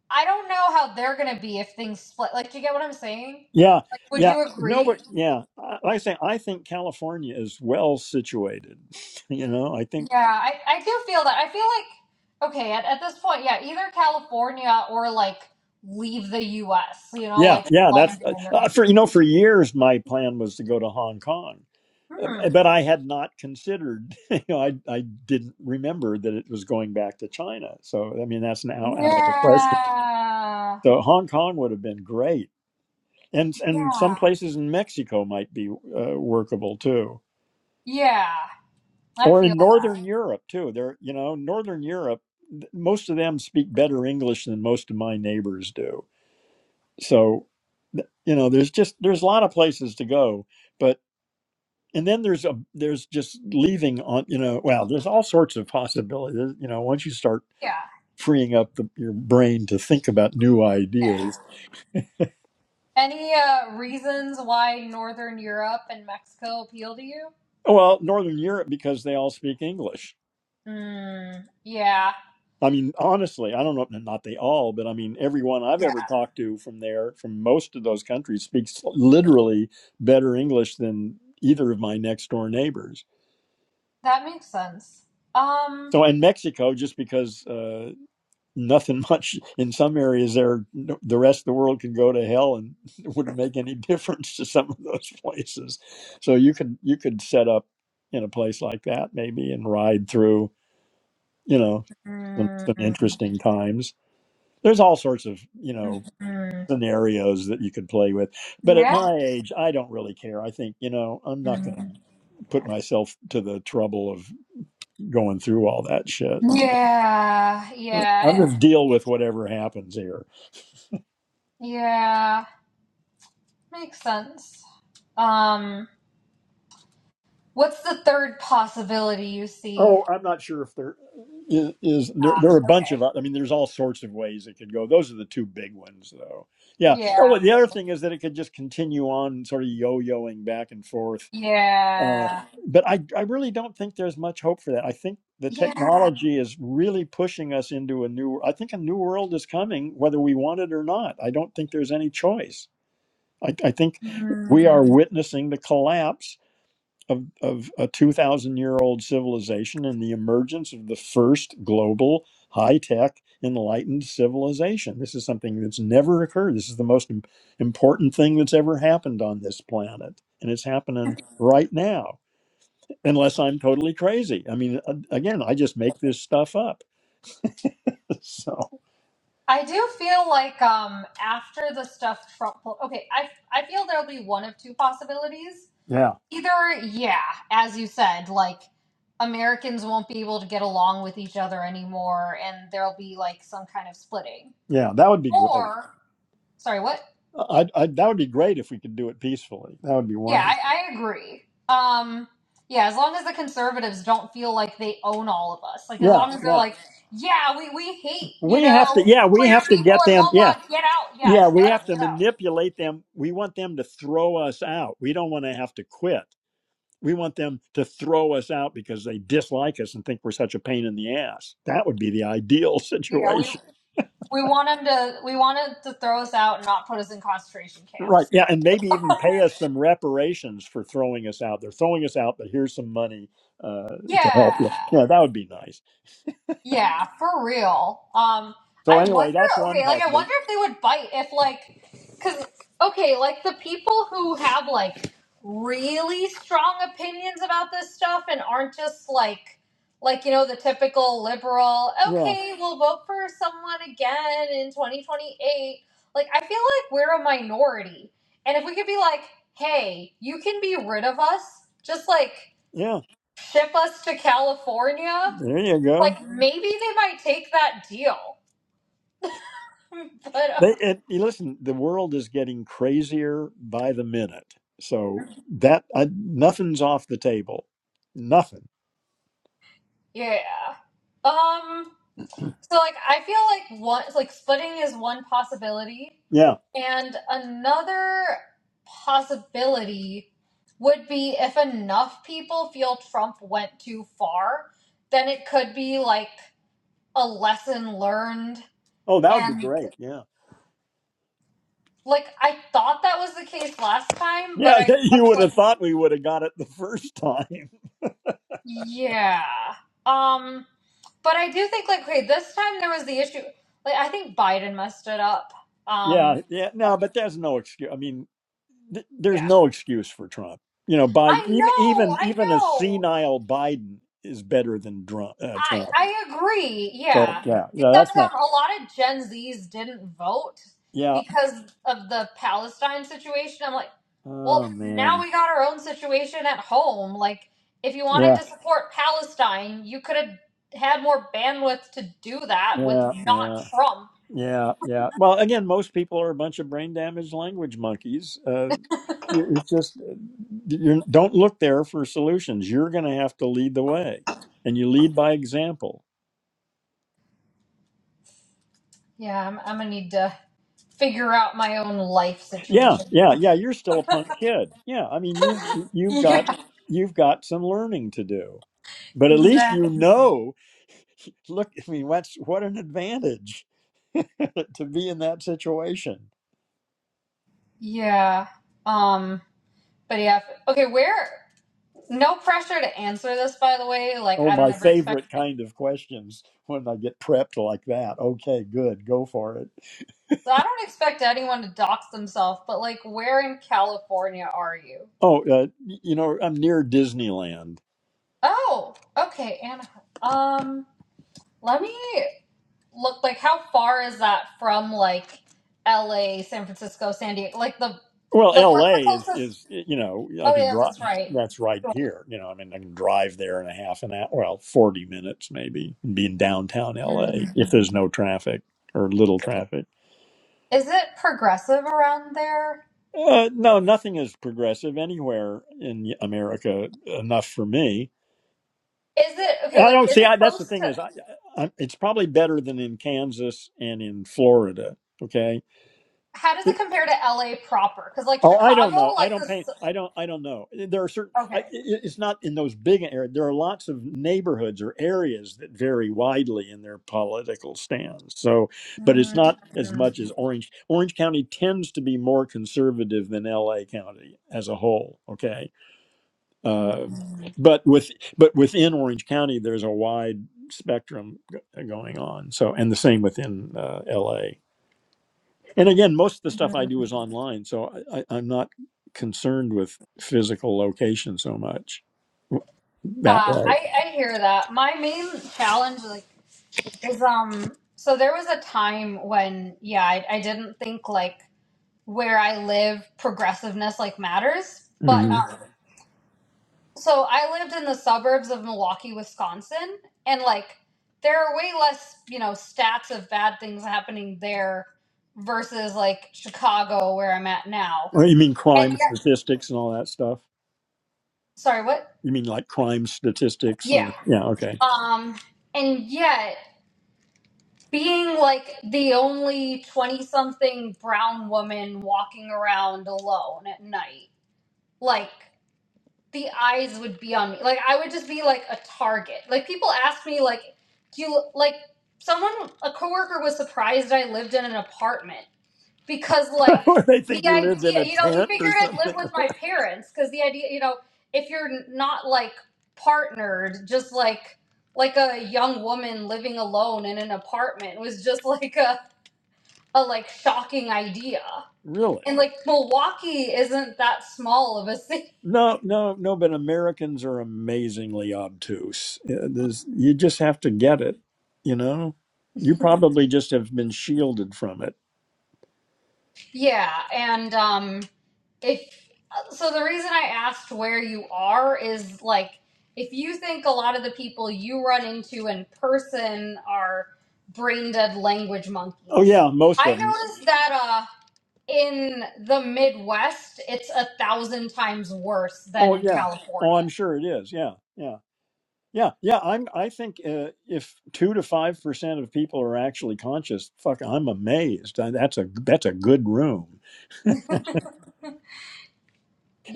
I don't know how they're gonna be if things split. Like, do you get what I'm saying? yeah, Would yeah. you No, but agree? yeah, I- like I say, I think California is well situated. You know, I think, Yeah, I, I do feel that. I feel like okay, at, at this point, yeah, either California or like leave the US, you know, yeah, like yeah, that's London uh, or uh, for, you know, for years my plan was to go to Hong Kong, Uh, hmm. but I had not considered, you know, I, I didn't remember that it was going back to China. So, I mean, that's now out of the question. Yeah. So, Hong Kong would have been great. and and some Yeah. places in Mexico might be uh, workable too, Yeah. I or feel in that. Northern Europe too. There, you know, Northern Europe, th- most of them speak better English than most of my neighbors do. So, th- you know, there's just there's a lot of places to go, but and then there's a there's just leaving on you know well there's all sorts of possibilities you know once you start Yeah. freeing up the, your brain to think about new Yeah. ideas Any uh, reasons why Northern Europe and Mexico appeal to you? well northern europe because they all speak english Mm, yeah. I mean, honestly, I don't know, not they all, but I mean, everyone I've Yeah. ever talked to from there, from most of those countries, speaks literally better English than either of my next door neighbors. That makes sense. Um. So, and Mexico, just because uh, nothing much in some areas there, no- the rest of the world could go to hell and it wouldn't make any difference to some of those places. So, you could you could set up in a place like that maybe and ride through, you know, some, Mm, some mm, interesting times. There's all sorts of you know mm. scenarios that you could play with. But at yeah. my age, I don't really care. I think, you know, I'm not going Mm. to put myself to the trouble of going through all that shit. Yeah. Yeah. I'll just deal with whatever happens here. Yeah. Makes sense. Um. What's the third possibility you see? Oh, I'm not sure if there is, is there, Ah, there are a bunch okay. of, I mean, there's all sorts of ways it could go. Those are the two big ones, though. Yeah. Oh, Yeah. well, the other thing is that it could just continue on sort of yo yoing back and forth Uh, Yeah. but I, I really don't think there's much hope for that. I think the Yeah. technology is really pushing us into a new. I think a new world is coming, whether we want it or not. I don't think there's any choice. I, I think we Mm. are witnessing the collapse of, of a 2,000 year old civilization and the emergence of the first global high tech enlightened civilization. This is something that's never occurred. This is the most im- important thing that's ever happened on this planet, and it's happening right now unless I'm totally crazy. I mean, a- again, I just make this stuff up. So, I do feel like um after the stuff Trump pulled, okay, I I feel there'll be one of two possibilities. yeah, Either, yeah, as you said, like Americans won't be able to get along with each other anymore, and there'll be like some kind of splitting. yeah, that would be great. Or, sorry, what? I, I that would be great if we could do it peacefully. That would be Yeah, wonderful. I, I agree. Um, yeah, as long as the conservatives don't feel like they own all of us, like as Yeah, long as they're yeah. like, yeah, we we hate you We have to. know Yeah, we queer have to people get and them. Yeah, blah blah, get out. Yeah, yeah. just We let us have to get out. manipulate them. We want them to throw us out. We don't want to have to quit. We want them to throw us out because they dislike us and think we're such a pain in the ass. That would be the ideal Yeah, situation. we We want him to. We want him to throw us out and not put us in concentration Right. camps. Yeah. And maybe even pay us some reparations for throwing us out. They're throwing us out, but here's some money uh, to help you. Yeah. Yeah. That would be nice. Yeah, for real. Um, So, I anyway, wonder. that's one Okay, like I possibility. wonder if they would bite if like, cause okay, like the people who have like really strong opinions about this stuff and aren't just like, like you know the typical liberal. Yeah. Okay, we'll vote for someone again in twenty twenty eight. Like I feel like we're a minority, and if we could be like, hey, you can be rid of us, just like Yeah. ship us to California There you go. like maybe they might take that deal. but uh, They, it, you listen, the world is getting crazier by the minute. So, that I, nothing's off the table. Nothing. yeah. Um so like I feel like one like splitting is one possibility Yeah. and another possibility would be if enough people feel Trump went too far, then it could be like a lesson learned Oh, that would be and great. Yeah. like I thought that was the case last time, but Yeah. I You guess would like have thought we would have got it the first time. yeah. Um But I do think like okay, this time there was the issue. Like I think Biden messed it up. Um Yeah, yeah, no, but there's no excuse. I mean, th- there's yeah. no excuse for Trump. You know, I Biden, even know, even I even a know. senile Biden is better than Trump. Uh, Trump. I I agree. So Yeah. yeah, no, that's Except not. um, a lot of Gen Zs didn't vote Yeah. because of the Palestine situation. I'm like, Oh well, now man. we got our own situation at home. Like if you wanted Yeah. to support Palestine, you could have had more bandwidth to do that with Yeah. not Yeah. Trump. Yeah. Yeah. Well, again, most people are a bunch of brain damaged language monkeys. Uh, it- it's just uh, you don't look there for solutions. You're going to have to lead the way, and you lead by example. Yeah, I'm, I'm gonna need to. figure out my own life Yeah, situation. yeah, yeah. You're still a punk kid. Yeah, I mean you you've got Yeah. you've got some learning to do, but at least you Exactly. know. Look, I mean, what's what an advantage to be in that situation. Yeah. Um. But yeah. f- Okay. Where? No pressure to answer this, by the way. Like, Oh, I don't my ever expect. favorite kind of questions when I get prepped like that. Okay, good, go for it. So I don't expect anyone to dox themselves. But like, where in California are you? Oh, uh, you know, I'm near Disneyland, Oh. Okay. Anaheim. Um. Let me look. Like, how far is that from like L.A., San Francisco, San Diego? Like the Well, like. What's the L.A. is closest? is you know I Oh can yeah, drive. that's right. That's right here. You know, I mean I can drive there in a half an hour. Well, forty minutes maybe. and Be in downtown L.A. if there's no traffic or little traffic. Is it progressive around there? Uh, no, nothing is progressive anywhere in America enough for me. Is it okay? I Like, don't is see. I, it that's close the to? thing is, I, I, it's probably better than in Kansas and in Florida. Okay, How does it compare to LA proper? Because like Oh, I don't Chicago, know. I like don't paint. this. I don't. I don't know. There are certain. I, Okay. i- it's not in those big areas. There are lots of neighborhoods or areas that vary widely in their political stands. So, but it's Mm. not as Uh, much as Orange. Orange County tends to be more conservative than L.A. County as a whole. Okay, uh, but with but within Orange County, there's a wide spectrum g- going on. So, and the same within uh, L.A and again most of the stuff i do is online so I, I, i'm not concerned with physical location so much that way I I hear that. My main challenge, like, is um. So there was a time when yeah, I, I didn't think like where I live progressiveness like matters, but hmm um, so I lived in the suburbs of Milwaukee, Wisconsin, and like there are way less, you know, stats of bad things happening there versus like Chicago where I'm at now. or you mean And crime yet, statistics and all that stuff sorry, what? you mean like crime statistics Yeah. and yeah okay Um and yet being like the only 20 something brown woman walking around alone at night. Like the eyes would be on me. Like I would just be like a target. Like people ask me like, do you like someone a coworker was surprised I lived in an apartment because like or they the think you lived in idea, a you know, he tent or figured I'd something live with my parents cuz the idea, you know, if you're not like partnered, just like like a young woman living alone in an apartment was just like a a like shocking idea. really And like Milwaukee isn't that small of a city no no no but americans are amazingly obtuse Uh, there's- you just have to get it you know you probably just have been shielded from it Yeah, and um, if so, the reason I asked where you are is like if you think a lot of the people you run into in person are brain dead language oh monkeys, yeah most I of 'em. noticed that uh, in the Midwest, it's a thousand times worse than Oh in yeah. Oh, I'm California. sure it is. Yeah, yeah, yeah, yeah. I'm. I think uh, if two to five percent of people are actually conscious, fuck, I'm amazed. Uh, That's a that's a good room.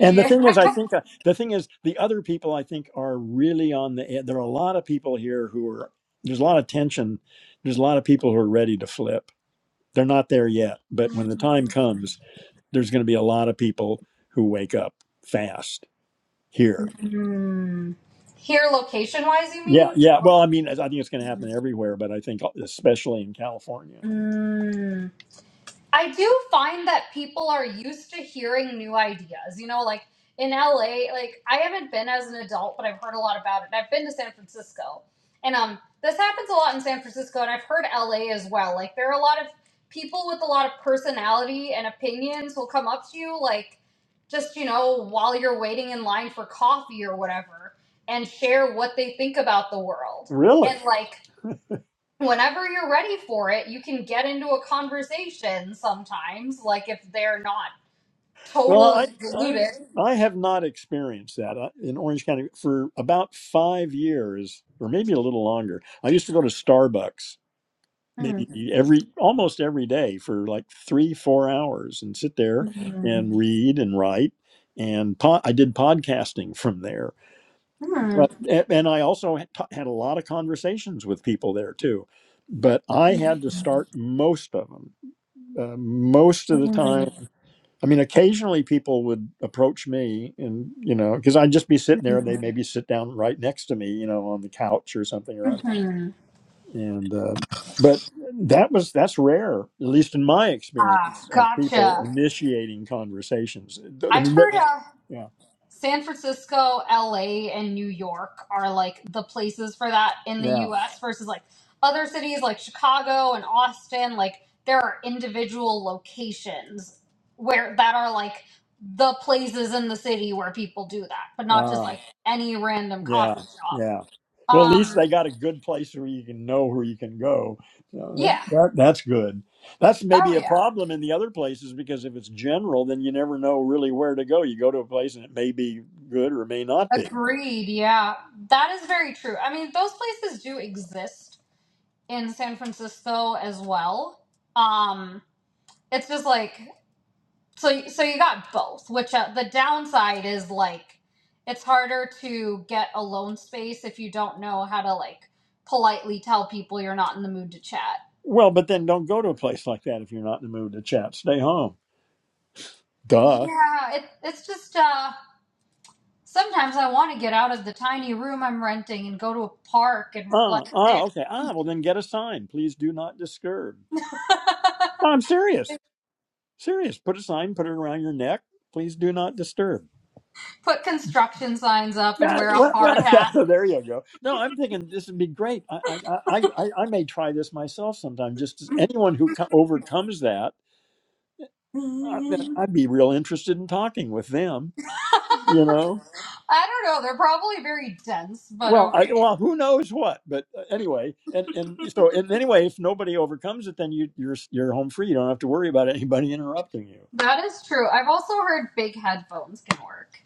And the thing is, I think uh, the thing is, the other people I think are really on the. ed- There are a lot of people here who are. There's a lot of tension. There's a lot of people who are ready to flip. They're not there yet, but when the time comes, there's going to be a lot of people who wake up fast here Mm, here location wise, you Yeah, mean? yeah. Well, I mean, I think it's going to happen everywhere, but I think uh, especially in California. mm. I do find that people are used to hearing new ideas. You know, like in LA, like I haven't been as an adult, but I've heard a lot about it. And I've been to San Francisco. And um this happens a lot in San Francisco and I've heard LA as well. Like there are a lot of people with a lot of personality and opinions will come up to you like just, you know, while you're waiting in line for coffee or whatever and share what they think about the world. Really? And like whenever you're ready for it, you can get into a conversation sometimes, like if they're not Well, totally I I deluded. I have not experienced that I, in Orange County for about five years, or maybe a little longer. I used to go to Starbucks maybe every almost every day for like three four hours and sit there and read and write and po- I did podcasting from there Hmm. But a- and I also had ta- had a lot of conversations with people there too, but I had to start most of them. Uh, most of the hmm, time, I mean, occasionally people would approach me, and you know, because I'd just be sitting hmm, there, and they maybe sit down right next to me, you know, on the couch or something or other. hmm. And uh, but that was that's rare, at least in my Ah, experience of people gotcha. initiating conversations. Th- I I've mean, that, heard. uh, yeah, San Francisco, LA, and New York are like the places for that in the yeah. US versus like other cities like Chicago and Austin. Like there are individual locations where that are like the places in the city where people do that, but not just uh, like any random coffee Yeah, shop. yeah. Well, at least Um, they got a good place where you can know where you can go. So that, yeah. that that's good. That's Oh, maybe a yeah. problem in the other places because if it's general, then you never know really where to go. You go to a place and it may be good or it may not be. Agreed. Yeah. That is very true. I mean, those places do exist in San Francisco as well. Um, it's just like so so you got both which uh, the downside is like it's harder to get a loan space if you don't know how to like politely tell people you're not in the mood to chat Well, but then don't go to a place like that if you're not in the mood to chat. Stay home. Duh. yeah it, it's just uh sometimes i want to get out of the tiny room i'm renting and go to a park and Ah, reflect there ah, okay. Ah, well then get a sign. Please do not disturb. No, I'm serious. Serious. Put a sign. Put it around your neck. Please do not disturb. put construction signs up and No, wear a well, hard well, hat no, there you go. No, I'm thinking this would be great. I, I, I, I I may try this myself sometime. Just as anyone who co- overcomes that, i I, don't I'd be real interested in talking with them. You know. know they're probably very dense but Well, I, okay well, who knows what? But uh, anyway, and and so and anyway, if nobody overcomes it, then you you're you're home free. You don't have to worry about anybody interrupting you. that is true i've also heard big headphones can work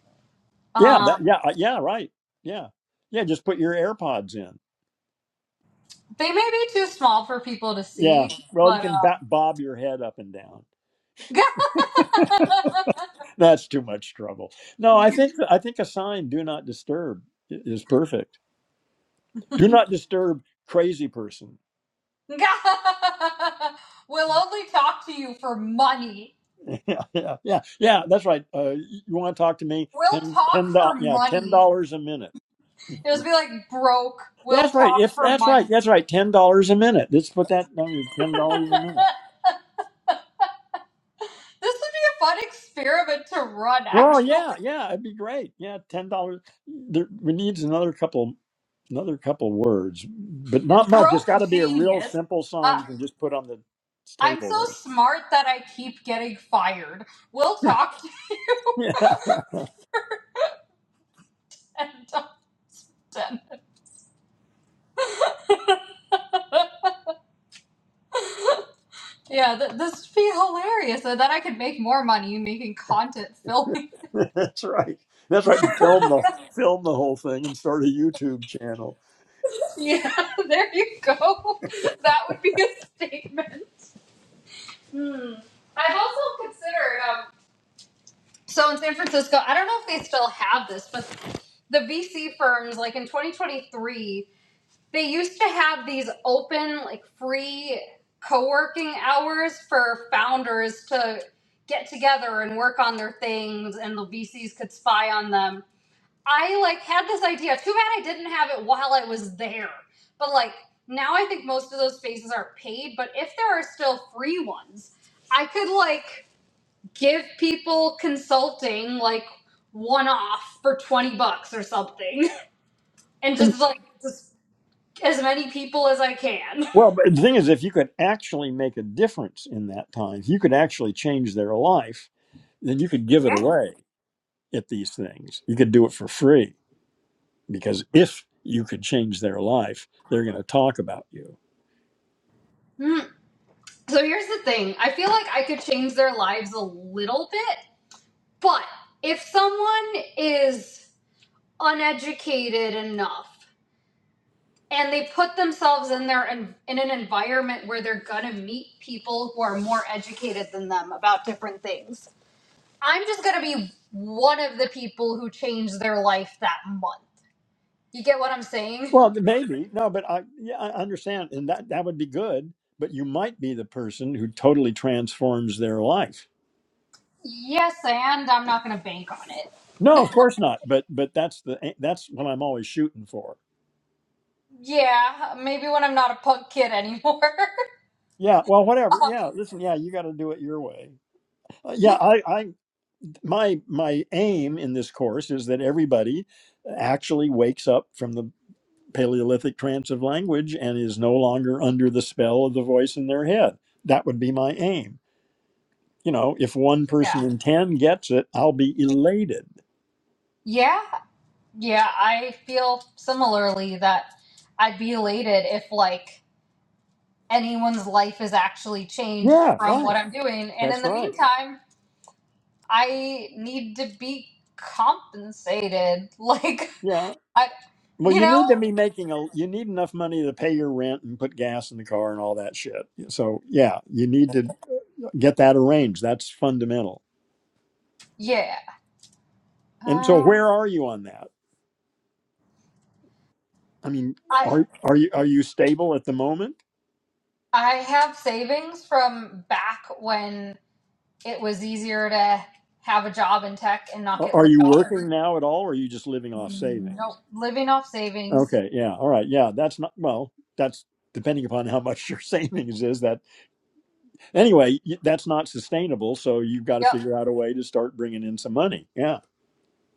Yeah, that, Um. yeah, uh, yeah, right. Yeah, yeah. Just put your AirPods in. They may be too small for people to Yeah. see, Well, you but can um, ba- bob your head up and down. God That's too much trouble. No, I think I think a sign "Do not disturb" i- is perfect. Do not disturb crazy person. will only talk to you for money. Yeah, yeah, yeah, yeah. That's right. Uh, you want to talk to me? We'll Ten, talk ten for dollars. Yeah, ten money. dollars a minute. It was be like broke. We'll That's right. talk If for that's right, money. that's right. Ten dollars a minute. Let's put that. I mean, ten dollars a minute. This would be a fun experiment to run. Well, yeah, Actually, yeah. It'd be great. Yeah, ten dollars. There, we need another couple, another couple words, but not much. It's broke got to be a real genius. simple sign Uh, you can just put on the I'm table so there. smart that I keep getting fired. We'll talk Yeah, to ten. Yeah, th- this would be hilarious. And then I could make more money making content films. that's right. That's right. You Film the film the whole thing and start a YouTube channel. Yeah, there you go. That would be a statement. Hmm. I've also considered. Um, so in San Francisco, I don't know if they still have this, but the VC firms, like in 2023, they used to have these open, like free co working hours for founders to get together and work on their things, and the VCs could spy on them. I like had this idea. Too bad I didn't have it while I was there. But like now I think most of those spaces are paid, but if there are still free ones, I could like give people consulting like one off for 20 bucks or something and just like just as many people as I can. Well, but the thing is, if you could actually make a difference in that time, if you could actually change their life, then you could give it Yeah. away at these things. You could do it for free because if you could change their life, they're going to talk about you. Mm. So here's the thing. I feel like I could change their lives a little bit, but if someone is uneducated enough and they put themselves in their in, in an environment where they're gonna meet people who are more educated than them about different things. I'm just gonna be one of the people who changed their life that month. You get what I'm saying? Well, maybe no, but I yeah I understand, and that that would be good. But you might be the person who totally transforms their life Yes, and I'm not gonna bank on it. No, of course not. But but that's the eh, that's what I'm always shooting for. Yeah, maybe when I'm not a punk kid anymore. Yeah. Well, Uh, whatever. Yeah. Listen. Yeah, you got to do it your way. Uh, yeah. I I my my aim in this course is that everybody actually wakes up from the Paleolithic trance of language and is no longer under the spell of the voice in their head. That would be my aim. You know, if one person yeah, in ten gets it, I'll be elated. yeah, yeah. I feel similarly that I'd be elated if like anyone's life is actually changed Yeah. from what Right. I'm doing. And in That's the right. meantime, I need to be compensated. Like Yeah. I, Well, you you need to know, be making a you need enough money to pay your rent and put gas in the car and all that shit. So, yeah, you need to get that arranged. That's fundamental. yeah. And so Uh, where are you on that? I mean, I are are you are you stable at the moment? I have savings from back when it was easier to have a job in tech and not Are get are laid you off. every- working now at all or are you just living off savings? Nope, living off savings. Okay, yeah. All right. Yeah, that's not well, that's depending upon how much your savings is that anyway, y- that's not sustainable, so you've got to Yep, figure out a way to start bringing in some money. Yeah.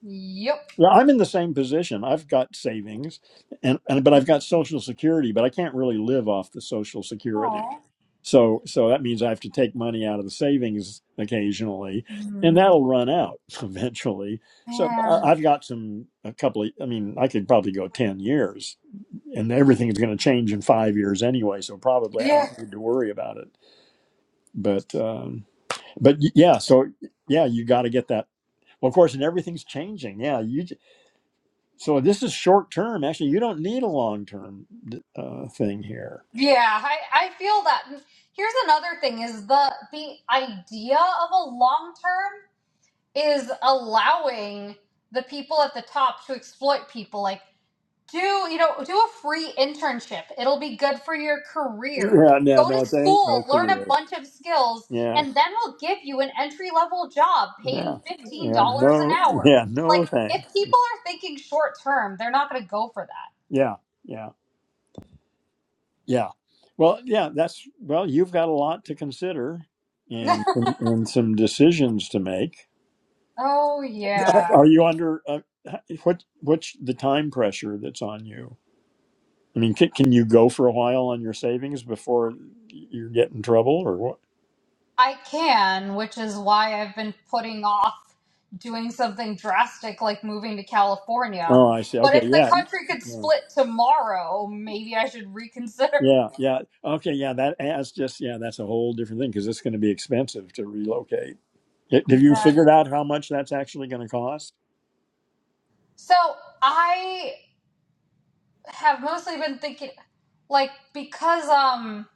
yep. Yeah, I'm in the same position. I've got savings and, and but I've got social security, but I can't really live off the social security. Oh So so that means I have to take money out of the savings occasionally, and man, that'll run out eventually. So I, I've got some a couple of I mean, I could probably go 10 years and everything is going to change in 5 years anyway, so probably I Yeah. don't need to worry about it. But um but y- yeah, so yeah, you got to get that well, of course, and everything's changing. Yeah, you. So this is short term. Actually, you don't need a long term uh, thing here. Yeah, I, I feel that. And Here's another thing is the the idea of a long term is allowing the people at the top to exploit people. Like do you know do a free internship. It'll be good for your career. Yeah, no, Go no, to it ain't no school, learn a career. bunch of skills, Yeah, and then we'll give you an entry level job yeah, paying fifteen yeah, dollars an no, hour. yeah, Like no thing. if people are thinking short term, they're not gonna go for Yeah, yeah, yeah. Well, yeah, that's well. You've got a lot to consider and that. and some decisions to make. oh yeah. Are you under uh, what? What's the time pressure that's on you? I mean, can, can you go for a while on your savings before you get in trouble, or what? I can, which is why I've been putting off doing something drastic like moving to California. Oh, I see. But Okay, if the yeah, country could yeah. split tomorrow, maybe I should reconsider. Yeah, yeah. Okay, yeah, that that's just yeah, that's a whole different thing because it's going to be expensive to relocate. Y- Have you figured Exactly. out how much that's actually going to cost? So I have mostly been thinking, like, because, um,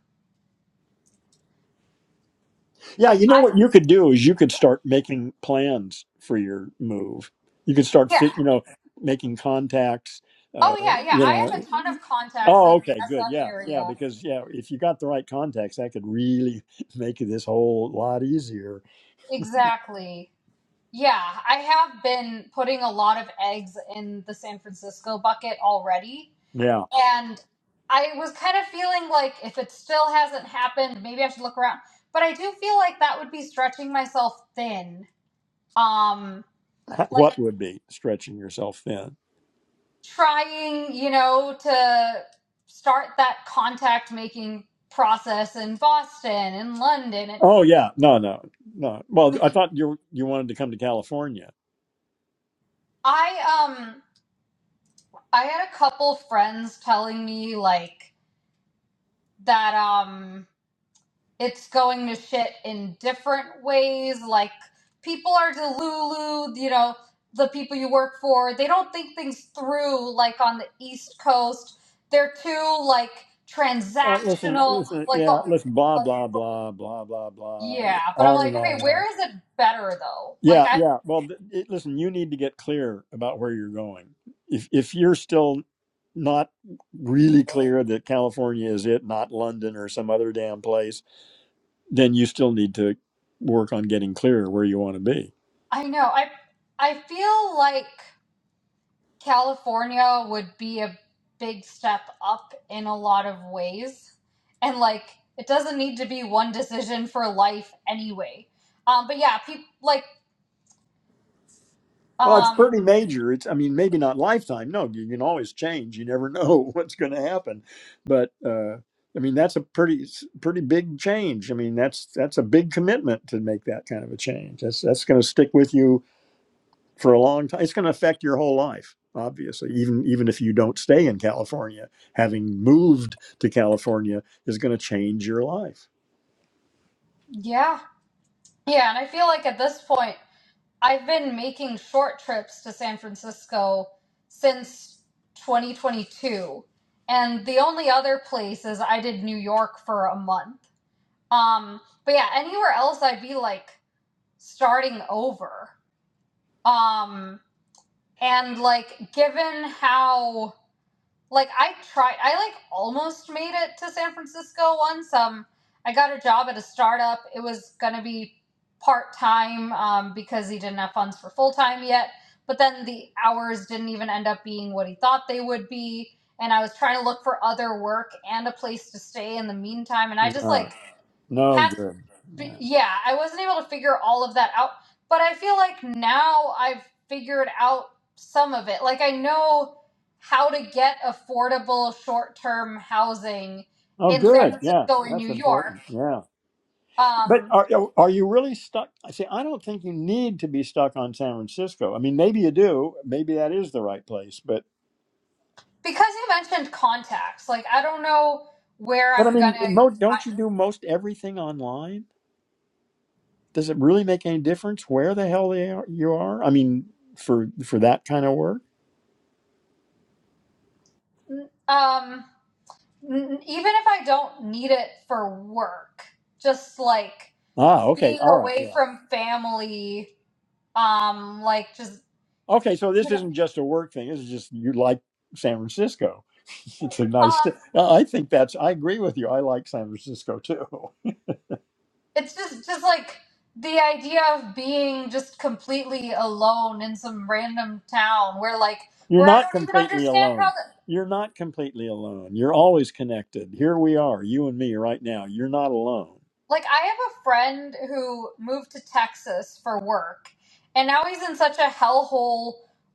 Yeah, you know I, what you could do is you could start making plans for your move. You could start, yeah. fi- you know, making contacts. Uh, Oh, yeah, yeah. you I have know, a ton of contacts in oh, the okay, good, SF yeah, yeah, area. because yeah, if you got the right contacts, that could really make this whole lot easier. Exactly. Yeah, I have been putting a lot of eggs in the San Francisco bucket already Yeah, and I was kind of feeling like if it still hasn't happened, maybe I should look around. But I do feel like that would be stretching myself thin. Um, like what would be stretching yourself thin? trying, you know, to start that contact making process in Boston and London. And Oh yeah, no, no, no. Well, I thought you you wanted to come to California. I um I had a couple friends telling me like that um it's going to shit in different ways. Like people are delulu, you know, the people you work for, they don't think things through like on the East Coast. They're too like Oh, listen, transactional, listen, like yeah, oh, listen, blah uh, blah blah blah blah blah, yeah, but I'm on like, and on okay, and on. where is it better though? Like Yeah, I yeah. Well, th- it, listen, you need to get clear about where you're going. If if you're still not really clear that California is it, not London or some other damn place, then you still need to work on getting clear where you want to be. I know. I I feel like California would be a big step up in a lot of ways. And like, it doesn't need to be one decision for life anyway. Um, but yeah, people like, Well, it's pretty um, major. It's, I mean, maybe not lifetime. No, you can always change. You never know what's going to happen. But uh, I mean, that's a pretty, s- pretty big change. I mean, that's that's a big commitment to make that kind of a change. That's that's going to stick with you for a long time. It's going to affect your whole life, obviously. Even even if you don't stay in California, having moved to California is going to change your life. yeah, yeah. And I feel like at this point, I've been making short trips to San Francisco since 2022. And the only other place is I did New York for a month. Um, but yeah, anywhere else, I'd be like starting over Um, and like, given how like I tried, I like almost made it to San Francisco once. Um, I got a job at a startup. It was gonna be part time um, because he didn't have funds for full time yet. But then the hours didn't even end up being what he thought they would be. And I was trying to look for other work and a place to stay in the meantime. And I just Ah, like no had good. Yeah. yeah, I wasn't able to figure all of that out, but I feel like now I've figured out some of it. Like I know how to get affordable short-term housing Oh, in San good. Yeah, Francisco and New that's York. important. Yeah. But Um, are are you really stuck? I say I don't think you need to be stuck on San Francisco. I mean, maybe you do. Maybe that is the right place. But because you mentioned contacts, like I don't know where but I I'm mean, gonna mo- don't you find. do most everything online? Does it really make any difference where the hell they are, you are? I mean, for for that kind of work. Um, n- even if I don't need it for work, just like Ah, okay, being all right, away yeah. from family, um, like just Okay, so this isn't just a work thing. This is just you like San Francisco. it's a nice. Um, I think that's. I agree with you. I like San Francisco too. it's just just like the idea of being just completely alone in some random town where like You're where I not don't even completely understand how alone. the, You're not completely alone. You're always connected. Here we are, you and me right now. You're not alone. like I have a friend who moved to Texas for work and now he's in such a hellhole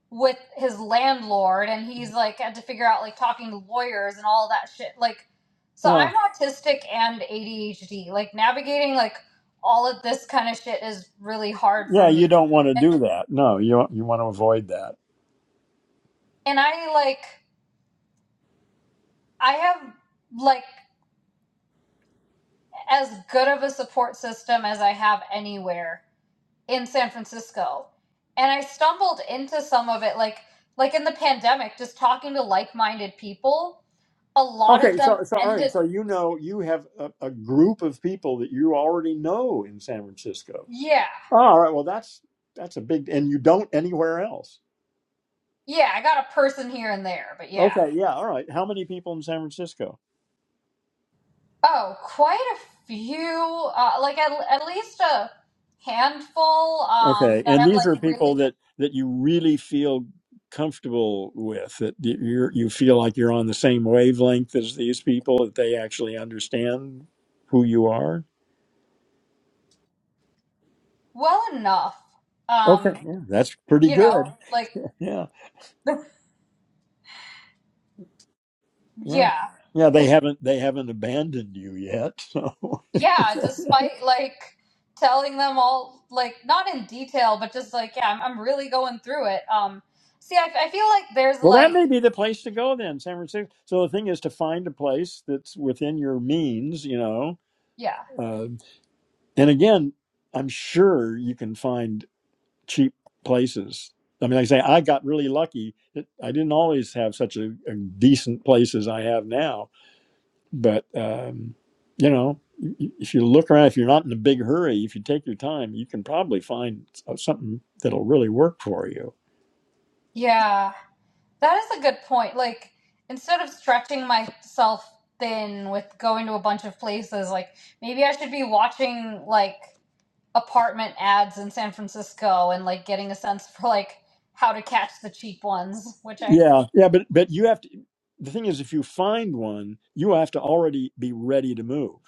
with his landlord and he's like had to figure out like talking to lawyers and all that shit like so Yeah. I'm autistic and ADHD like navigating like all of this kind of shit is really hard Yeah, for you me don't want to do that. No, you you want to avoid that. and I like I have like as good of a support system as I have anywhere in San Francisco. And I stumbled into some of it like like in the pandemic just talking to like-minded people, a lot of Okay, so them so all right, ended so you know you have a, a group of people that you already know in San Francisco. yeah. Oh, all right, well that's that's a big and you don't anywhere else. Yeah, I got a person here and there, but yeah. Okay, yeah, all right. How many people in San Francisco? Oh, quite a few uh, like at, at least a handful um Okay, that and I've these like are people really that that you really feel comfortable with that you you're- you feel like you're on the same wavelength as these people that they actually understand who you are. well enough Okay, um yeah, that's pretty you know good. like Yeah, yeah, yeah yeah. They haven't they haven't abandoned you yet. So, well, Yeah, despite like telling them all, like not in detail, but just like yeah, I'm, I'm really going through it. Um, see, I, I feel like there's that like may be the place to go then, San Francisco. So the thing is to find a place that's within your means, you know. yeah, Uh, and again, I'm sure you can find cheap places. I mean, like I say I got really lucky. That I didn't always have such a, a decent place as I have now. But um, you know, if you look around, if you're not in a big hurry, if you take your time, you can probably find something that'll really work for you. yeah, that is a good point. Like instead of stretching myself thin with going to a bunch of places, like maybe I should be watching like apartment ads in San Francisco and like getting a sense for like how to catch the cheap ones, which I Yeah, yeah. But but you have to. The thing is, if you find one, you have to already be ready to move.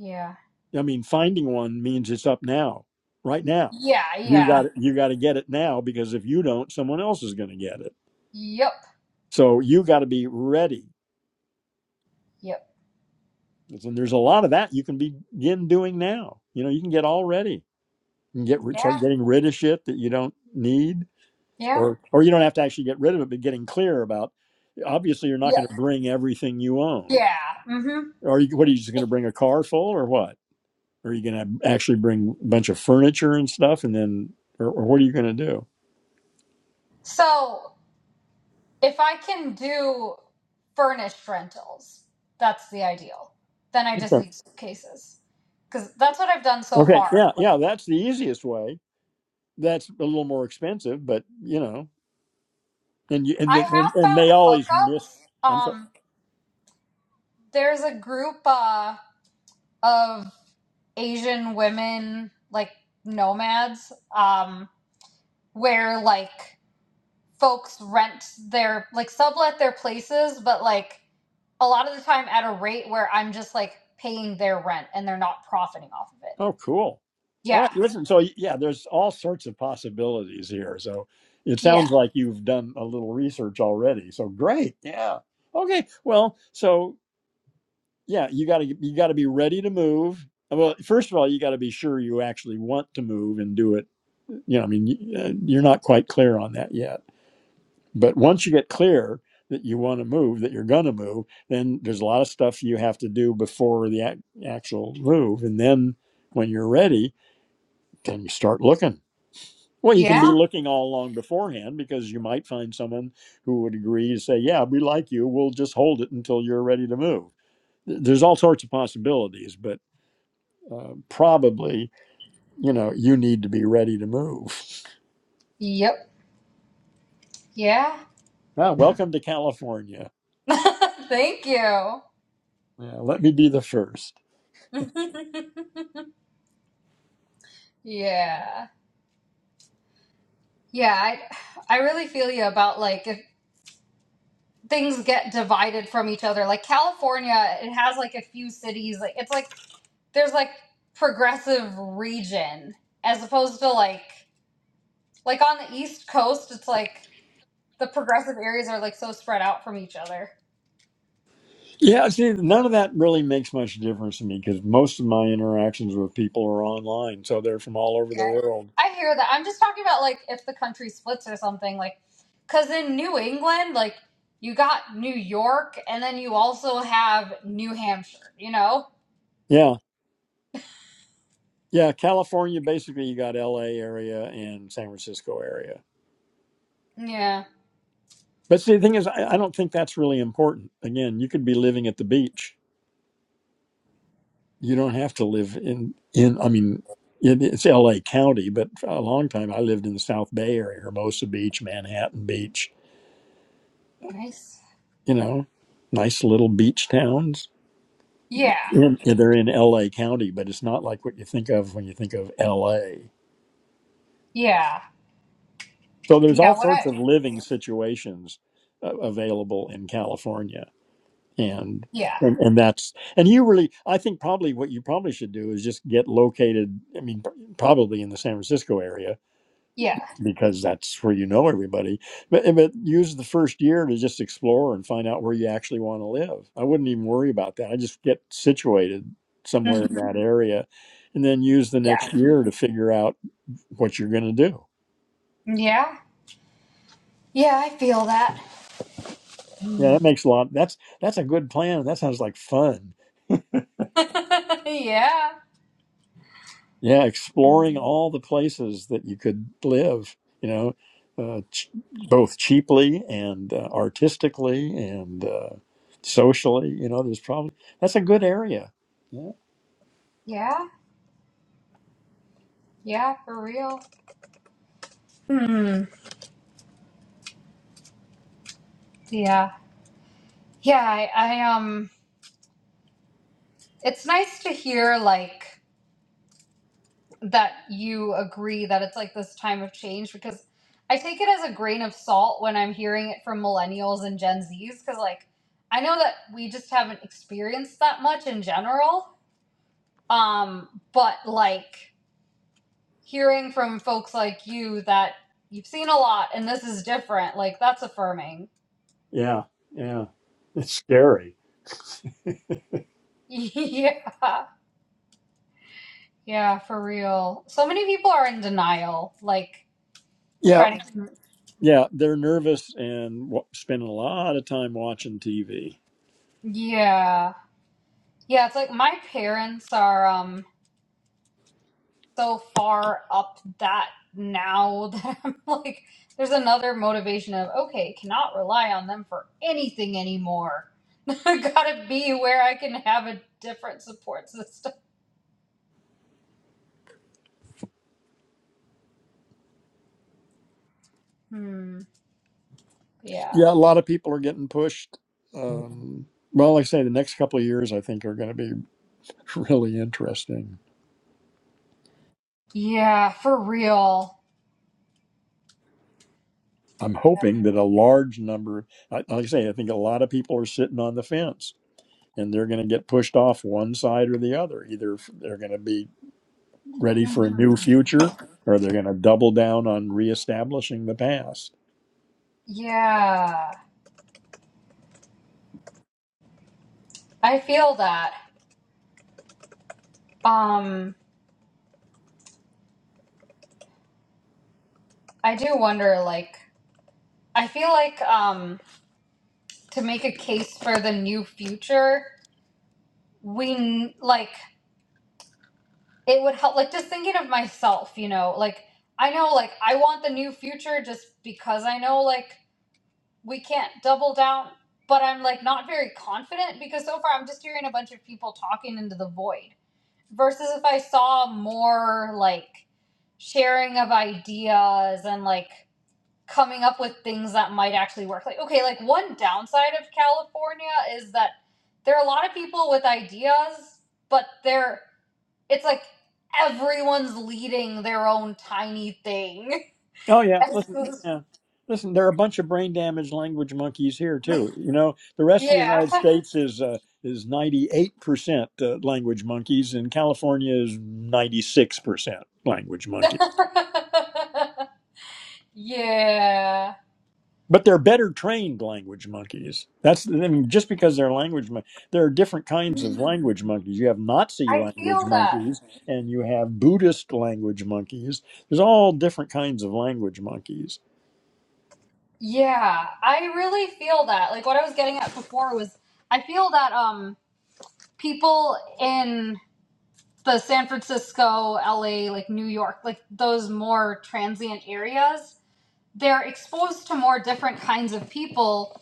yeah, I mean, finding one means it's up now, right now. yeah, You yeah, got you got to get it now because if you don't, someone else is going to get it. yep, So you got to be ready. yep, And there's a lot of that you can begin doing now. You know, you can get all ready. You can get start yeah, getting rid of shit that you don't need, yeah. or or you don't have to actually get rid of it, but getting clear about. Obviously, you're not Yeah. going to bring everything you own. Yeah. hmm Are you? What are you just going to bring a car full, or what? Are you going to actually bring a bunch of furniture and stuff, and then, or, or what are you going to do? So if I can do furnished rentals, that's the ideal. Then I just Okay. need suitcases because that's what I've done so okay, far. yeah, Like, yeah, that's the easiest way. That's a little more expensive, but you know, and you and, I the, and and have they found always miss. hookups. I'm sorry. Um, there's a group uh, of Asian women, like nomads, um, where like folks rent their like sublet their places, but like a lot of the time at a rate where I'm just like paying their rent and they're not profiting off of it. Oh, cool. All Yeah. right, listen. So yeah, there's all sorts of possibilities here. So it Yeah. sounds like you've done a little research already. So great. Yeah. Okay. Well, so yeah, you got to you got to be ready to move. Well, first of all, you got to be sure you actually want to move and do it. You know, I mean, y- uh, you're not quite clear on that yet But once you get clear that you want to move, that you're going to move, then there's a lot of stuff you have to do before the ac- actual move. And then when you're ready, then you start looking. Well, you can be Yeah. looking all along beforehand because you might find someone who would agree to say, Yeah, we like you. We'll just hold it until you're ready to move. Th- There's all sorts of possibilities, but uh, probably, you know, you need to be ready to move. Yep. Yeah. Ah, welcome to California. Thank you. Yeah, let me be the first. yeah. Yeah, I I really feel you about like if things get divided from each other. Like California, it has like a few cities. Like it's like there's like progressive region as opposed to like like on the east coast, it's like the progressive areas are like so spread out from each other. Yeah, see, none of that really makes much difference to me because most of my interactions with people are online, so they're from all over Yeah, the world. I hear that. I'm just talking about like if the country splits or something, like because in New England, like you got New York, and then you also have New Hampshire. You know? Yeah, yeah, California. Basically, you got L.A. area and San Francisco area. Yeah. But see, the thing is, I, I don't think that's really important. Again, you could be living at the beach. You don't have to live in in. I mean, it, it's L.A. County, but for a long time I lived in the South Bay area, Hermosa Beach, Manhattan Beach. Nice. You know, nice little beach towns Yeah. in, they're in LA County, but it's not like what you think of when you think of LA. Yeah. So there's all Yeah. What sorts of I? living situations uh, available in California, and, Yeah. and and that's and you really I think probably what you probably should do is just get located. I mean, pr- probably in the San Francisco area, Yeah. because that's where you know everybody. But, eh, but use the first year to just explore and find out where you actually want to live. I wouldn't even worry about that. I just get situated somewhere in Mhm. that area and then use the next Yeah. year to figure out what you're going to do. Yeah. Yeah. I feel that. Yeah, that makes a lot. That's that's a good plan. That sounds like fun. yeah. yeah exploring all the places that you could live you know uh, ch- both cheaply and uh, artistically and uh, socially you know there's probably that's a good area yeah Yeah. Yeah. For real. Hmm. Yeah. Yeah. I, I um. It's nice to hear like. that you agree that it's like this time of change because I take it as a grain of salt when I'm hearing it from millennials and Gen Zs because like I know that we just haven't experienced that much in general. Um, but like hearing from folks like you that you've seen a lot and this is different, like that's affirming. yeah yeah it's scary yeah. Yeah, for real. So many people are in denial, like yeah trying to yeah they're nervous and w- spending a lot of time watching tv Yeah. Yeah, it's like my parents are um so far up that now that I'm like, there's another motivation of, okay, cannot rely on them for anything anymore. I gotta be where I can have a different support system. Hmm. Yeah. yeah a lot of people are getting pushed um, well like i say the next couple of years i think are going to be really interesting Yeah, for real. I'm hoping that a large number, I- like I say, I think a lot of people are sitting on the fence and they're going to get pushed off one side or the other. Either f- they're going to be ready for a new Mhm. future or they're going to double down on reestablishing the past. Yeah. I feel that. Um, I do wonder, like, I feel like, um, to make a case for the new future, we, n- like, it would help like just thinking of myself you know like i know like i want the new future just because i know like we can't double down but i'm like not very confident because so far i'm just hearing a bunch of people talking into the void versus if i saw more like sharing of ideas and like coming up with things that might actually work like okay like one downside of california is that there are a lot of people with ideas but they're it's like everyone's leading their own tiny thing. Oh, yeah. Listen, yeah. Listen, there are a bunch of brain damaged language monkeys here too. You know, the rest of the United yeah. States is uh, is ninety eight percent language monkeys, and California is ninety six percent language monkeys. yeah. but they're better trained language monkeys. That's I mean, just because they're language mon- there are different kinds of language monkeys. You have Nazi I language feel that. monkeys, and you have Buddhist language monkeys. There's all different kinds of language monkeys. Yeah, I really feel that. Like what I was getting at before was I feel that um people in the San Francisco, LA, like New York, like those more transient areas, they're exposed to more different kinds of people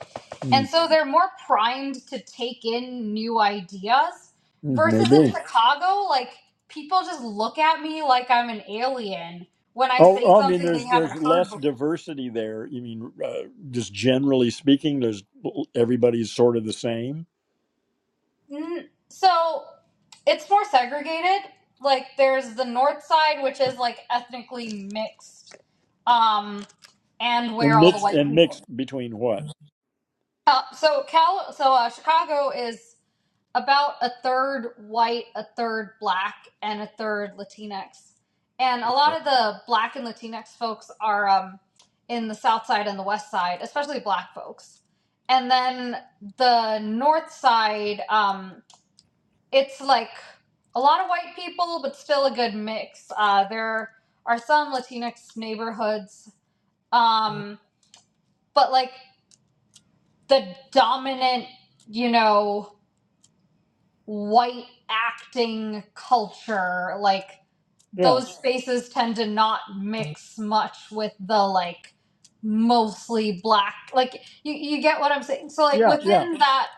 Mm, And so they're more primed to take in new ideas mm, versus in Maybe. Chicago, like people just look at me like I'm an alien when I Oh, say oh, I mean, something they there's there's haven't heard less before. diversity there. You mean, uh, just generally speaking, there's everybody's sort of the same N- So it's more segregated. Like there's the north side, which is like ethnically mixed, um, and and where all the mixed white and mixed people. between what? Uh, so Cal, so uh, Chicago is about a third white, a third black, and a third Latinx. And a lot of the black and Latinx folks are um, in the south side and the west side, especially black folks. And then the north side, um, it's like a lot of white people, but still a good mix. Uh, there are some Latinx neighborhoods, um, but like the dominant, you know, white acting culture like Yeah, those spaces tend to not mix much with the like mostly black like you, you get what i'm saying so like yeah, yeah. within that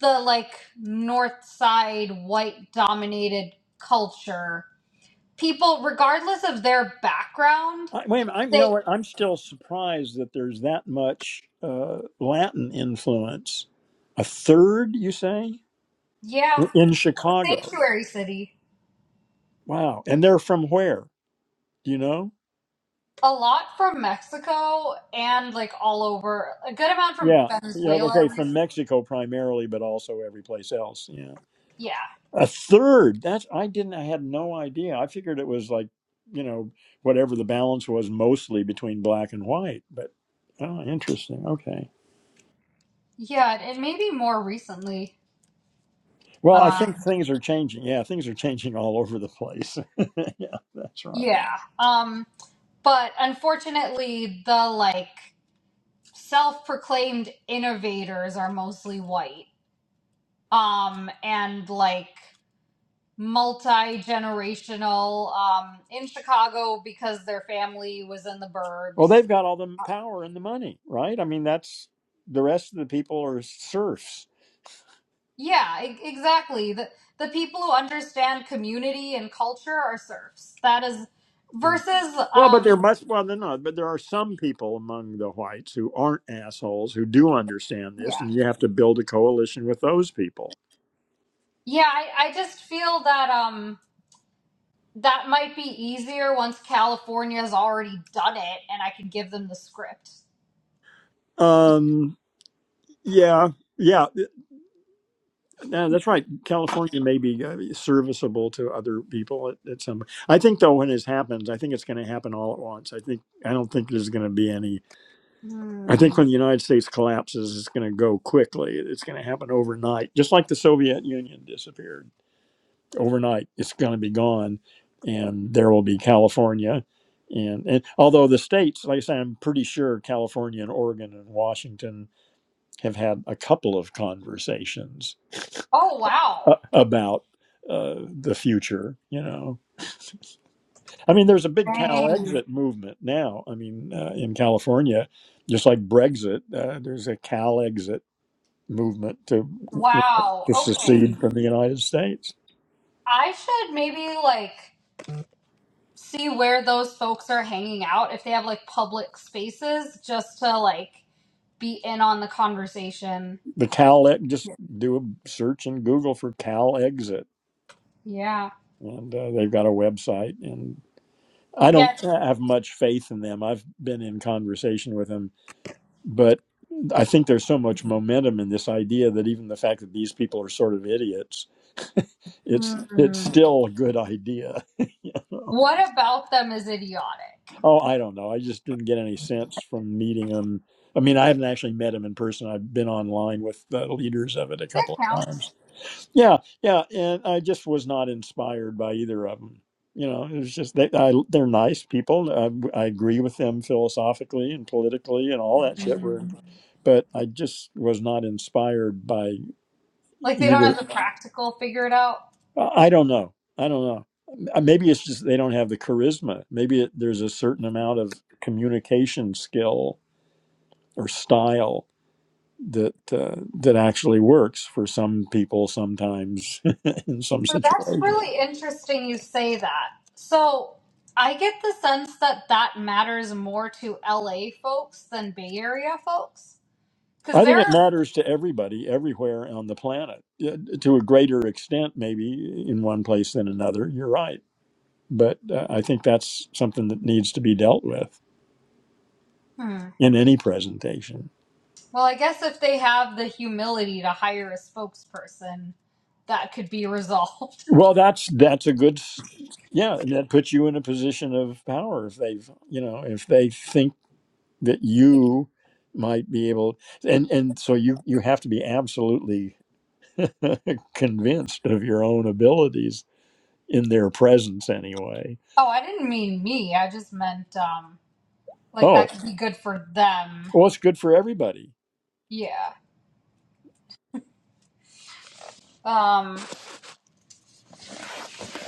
the like north side white dominated culture people regardless of their background I, wait a minute. I'm, you know they what? I'm still surprised that there's that much uh, Latin influence. A third, you say, yeah in Chicago? sanctuary city Wow! And they're from where? Do you know? a lot from mexico and like all over a good amount from Yeah, yeah. venezuela Okay, from recently. Mexico primarily, but also every place else. Yeah, yeah a third. That's I didn't. I had no idea. I figured it was like you know whatever the balance was, mostly between black and white. But oh, interesting. Okay. Yeah, and maybe more recently. Well, I think Um, things are changing. Yeah, things are changing all over the place. yeah, that's right. yeah. Um, but unfortunately, the like self-proclaimed innovators are mostly white. Um, and like multi-generational um in Chicago because their family was in the Well, burbs. they've got all the power and the money, right? I mean, that's the rest of the people are serfs. Yeah, e- exactly. The the people who understand community and culture are serfs. That is Mm. versus Well, but there um must, well, they're not, but there are some people among the whites who aren't assholes who do understand this, yeah. and you have to build a coalition with those people. Yeah, I, I just feel that um That might be easier once California's already done it and I can give them the script. Um, yeah, yeah. No, that's right. California may be uh, serviceable to other people at, at some. I think though, when this happens, I think it's going to happen all at once. I think I don't think there's going to be any. I think Hmm. when the United States collapses, it's going to go quickly. It's going to happen overnight, just like the Soviet Union disappeared overnight. It's going to be gone, and there will be California, and, and although the states, like I say, I'm pretty sure California and Oregon and Washington have had a couple of conversations Oh, uh, wow. about uh, the future. You know, I mean, there's a big Cal Dang. exit movement now. I mean, uh, in California, just like Brexit, uh, there's a Cal exit movement to you know, Wow. to Okay. secede from the United States. I should maybe like see where those folks are hanging out if they have like public spaces just to like be in on the conversation. The Cal ex- just do a search in Google for Cal exit, Yeah. and uh, they've got a website and. I don't Yeah. have much faith in them. I've been in conversation with them But I think there's so much momentum in this idea that even the fact that these people are sort of idiots, it's it's Hmm. still a good idea. you know? What about them is idiotic? Oh, I don't know. I just didn't get any sense from meeting them. I mean, I haven't actually met him in person. I've been online with the leaders of it a That couple of times. counts. Yeah, yeah, and I just was not inspired by either of them. You know, it was just they I, they're nice people. I, I agree with them philosophically and politically and all that shit. We're, Hmm. but I just was not inspired by Like they don't have either. the practical figured out. I I don't know. I don't know. Uh, Maybe it's just they don't have the charisma. Maybe it, there's a certain amount of communication skill or style that uh, that actually works for some people sometimes in some So that's situations. really interesting you say that. So I get the sense that that matters more to LA folks than Bay Area folks. Because I think it they're, matters to everybody, everywhere on the planet, Yeah, to a greater extent, maybe in one place than another. You're right. But uh, I think that's something that needs to be dealt with hmm, in any presentation. well, I guess if they have the humility to hire a spokesperson, that could be resolved. Well, that's that's a good, s- yeah. and That puts you in a position of power if they've, you know, if they think that you might be able, and and so you you have to be absolutely convinced of your own abilities in their presence anyway. Oh, I didn't mean me. I just meant, um, like Oh. that could be good for them. Well, it's good for everybody. Yeah. Um, but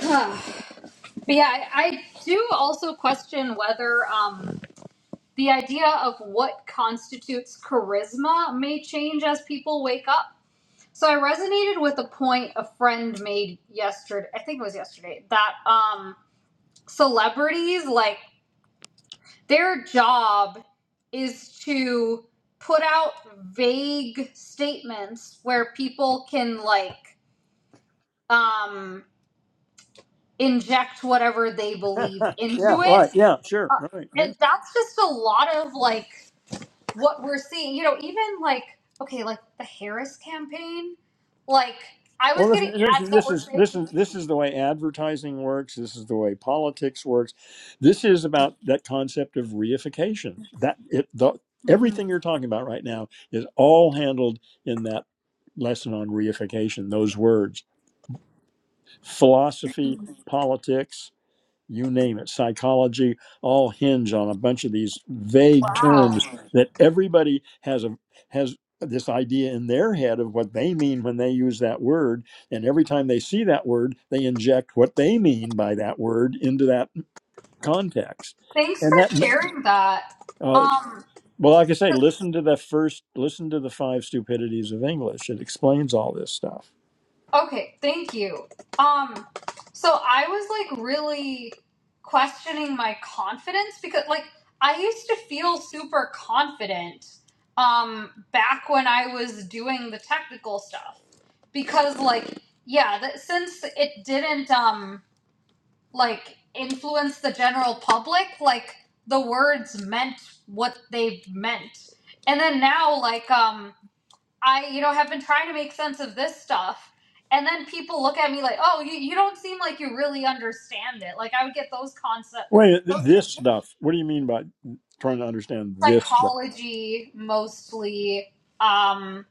yeah, I, I do also question whether, um, the idea of what constitutes charisma may change as people wake up. So I resonated with a point a friend made yesterday. I think it was yesterday that um, celebrities like their job is to put out vague statements where people can like um, inject whatever they believe yeah, into it, right. Yeah, sure. uh, Right. Yeah. and that's just a lot of like what we're seeing, you know, even like, okay, like the Harris campaign, like I was Well, getting listen, this, ads that this were is this is saying, this is the way advertising works. This is the way politics works. This is about that concept of reification. That it the "Hmm, everything you're talking about right now is all handled in that lesson on reification. Those words, philosophy, politics. you name it, psychology, all hinge on a bunch of these vague wow, terms that everybody has a has this idea in their head of what they mean when they use that word and every time they see that word they inject what they mean by that word into that context thanks and that for sharing that. uh, Um, well like i say 'cause listen to the first listen to the five stupidities of english it explains all this stuff Okay, thank you. Um, so I was like really questioning my confidence because like I used to feel super confident um back when I was doing the technical stuff because like yeah, that since it didn't um like influence the general public, like the words meant what they meant. And then now like um I, you know, have been trying to make sense of this stuff. And then people look at me like, oh, you, you don't seem like you really understand it. Like, I would get those concepts, wait th- those this stuff what do you mean by trying to understand this stuff psychology mostly, um,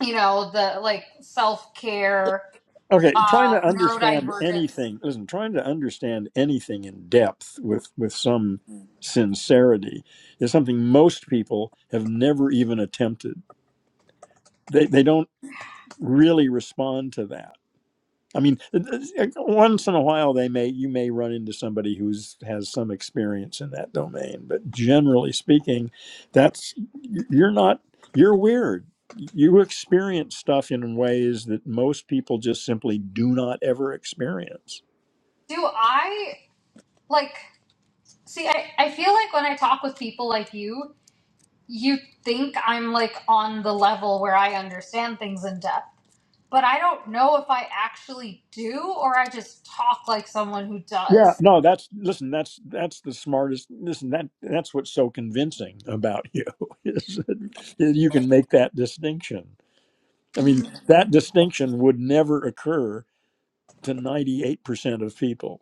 you know, the like self care, Okay, trying uh, to understand neurodivergence. anything, listen, trying to understand anything in depth with with some sincerity is something most people have never even attempted. They they don't really respond to that. I mean, once in a while they may you may run into somebody who's has some experience in that domain, but generally speaking, that's you're not you're weird. You experience stuff in ways that most people just simply do not ever experience. Do I, like, see, I, I feel like when I talk with people like you, you think I'm like on the level where I understand things in depth but I don't know if I actually do or I just talk like someone who Yeah, does. no, that's listen, that's that's the smartest. Listen, that that's what's so convincing about you is that you can make that distinction. I mean, that Mm, distinction would never occur to 98% of people.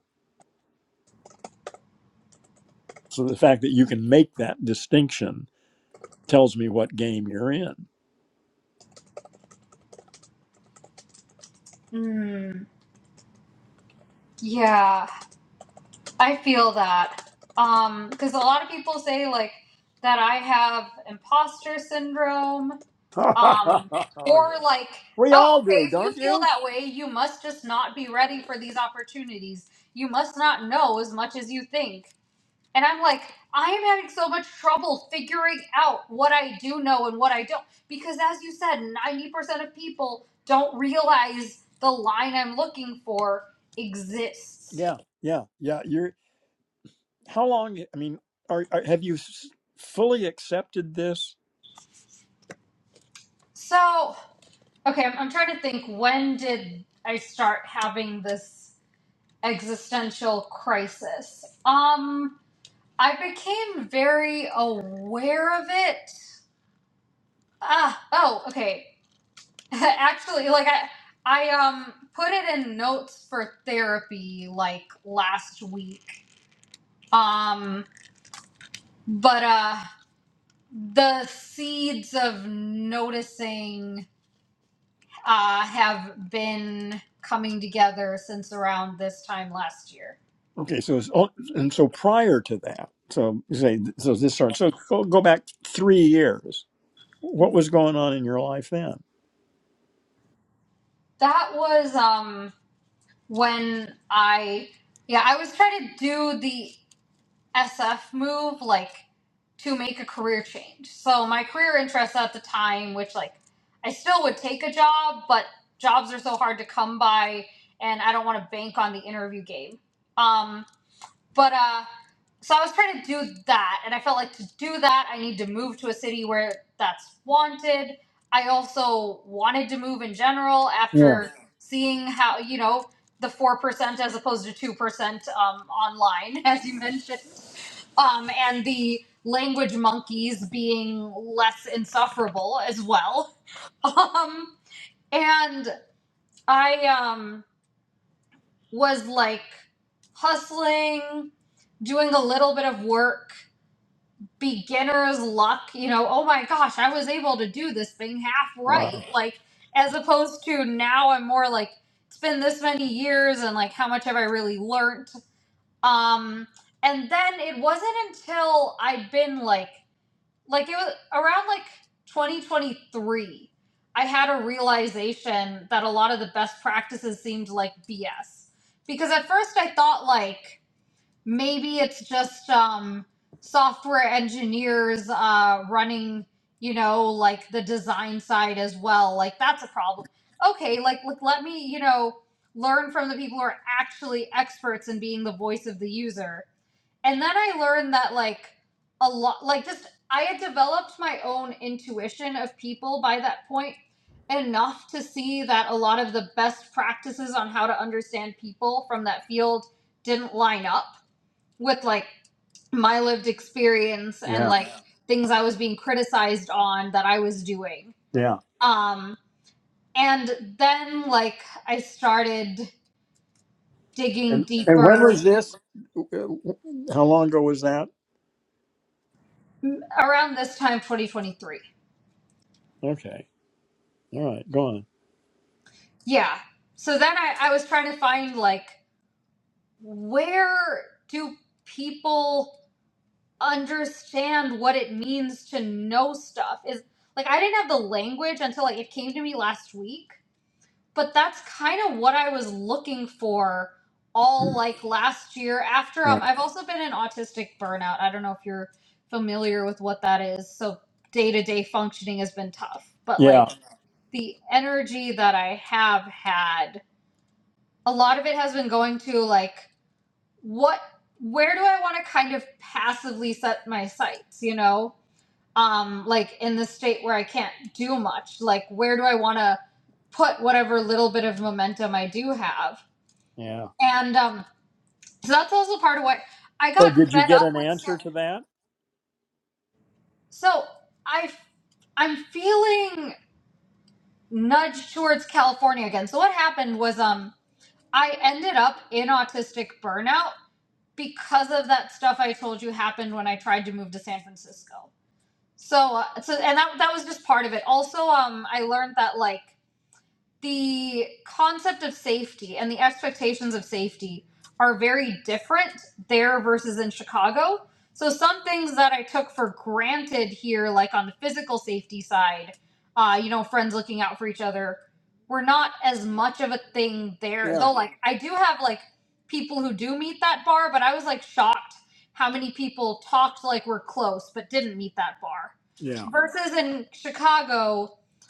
So the fact that you can make that distinction tells me what game you're in. mm, yeah, I feel that. Um, because a lot of people say like that I have imposter syndrome. oh Um, or yeah. like, We all oh, do, okay, if you don't feel you? that way, you must just not be ready for these opportunities. You must not know as much as you think. And I'm like, I am having so much trouble figuring out what I do know and what I don't. Because as you said, 90% of people don't realize the line I'm looking for exists. Yeah, yeah, yeah. You're how long? I mean, are, are have you s- fully accepted this? So, okay, I'm, I'm trying to think when did I start having this existential crisis? Um, I became very aware of it. Ah, oh, okay. Actually, like I I um put it in notes for therapy like last week. Um but uh the seeds of noticing uh have been coming together since around this time last year. Okay, so it's, all- and so prior to that, so you say so this starts. So go, go back three years. What was going on in your life then? That was um when I yeah, I was trying to do the SF move, like to make a career change. So my career interests at the time, which like I still would take a job, but jobs are so hard to come by, and I don't want to bank on the interview game. Um, but uh, so I was trying to do that, and I felt like to do that, I need to move to a city where that's wanted. I also wanted to move in general Yeah. after seeing how you know the four percent as opposed to two percent um, online, as you mentioned, um, and the language monkeys being less insufferable as well. Um, and I um was like hustling, doing a little bit of work, beginner's luck, you know, oh my gosh, I was able to do this thing half Wow. right. Like, as opposed to now, I'm more like, it's been this many years and like, how much have I really learned? Um, and then it wasn't until I'd been like like it was around like 2023 i had a realization that a lot of the best practices seemed like bs because at first i thought like maybe it's just um software engineers uh running you know like the design side as well like that's a problem okay like, like let me you know learn from the people who are actually experts in being the voice of the user and then I learned that like a lot like just I had developed my own intuition of people by that point enough to see that a lot of the best practices on how to understand people from that field didn't line up with like my lived experience and Yeah. like things I was being criticized on that I was doing. Yeah. Um and then like I started digging And, and when was deeper this? How long ago was that? around this time 2023 Okay. All right. Go on. Yeah. So then I, I was trying to find like where do people understand what it means to know stuff? Is like I didn't have the language until like it came to me last week, but that's kind of what I was looking for all like last year after um Yeah. I've also been in autistic burnout. I don't know if you're familiar with what that is. So day-to-day functioning has been tough, but Yeah. like the energy that I have had a lot of it has been going to like what where do i want to kind of passively set my sights you know um like in the state where i can't do much like where do i want to put whatever little bit of momentum i do have Yeah. and um so that's also part of what i So got did you fed get up an with so answer to that? so i i'm feeling nudged towards california again so what happened was um i ended up in autistic burnout because of that stuff I told you happened when I tried to move to San Francisco. So, uh, so and that that was just part of it. Also, um, I learned that like the concept of safety and the expectations of safety are very different there versus in Chicago. So some things that I took for granted here, like on the physical safety side, uh, you know, friends looking out for each other, were not as much of a thing there. Yeah. Though, like, I do have like people who do meet that bar, but I was like shocked how many people talked like we're close but didn't meet that bar. Versus in Chicago,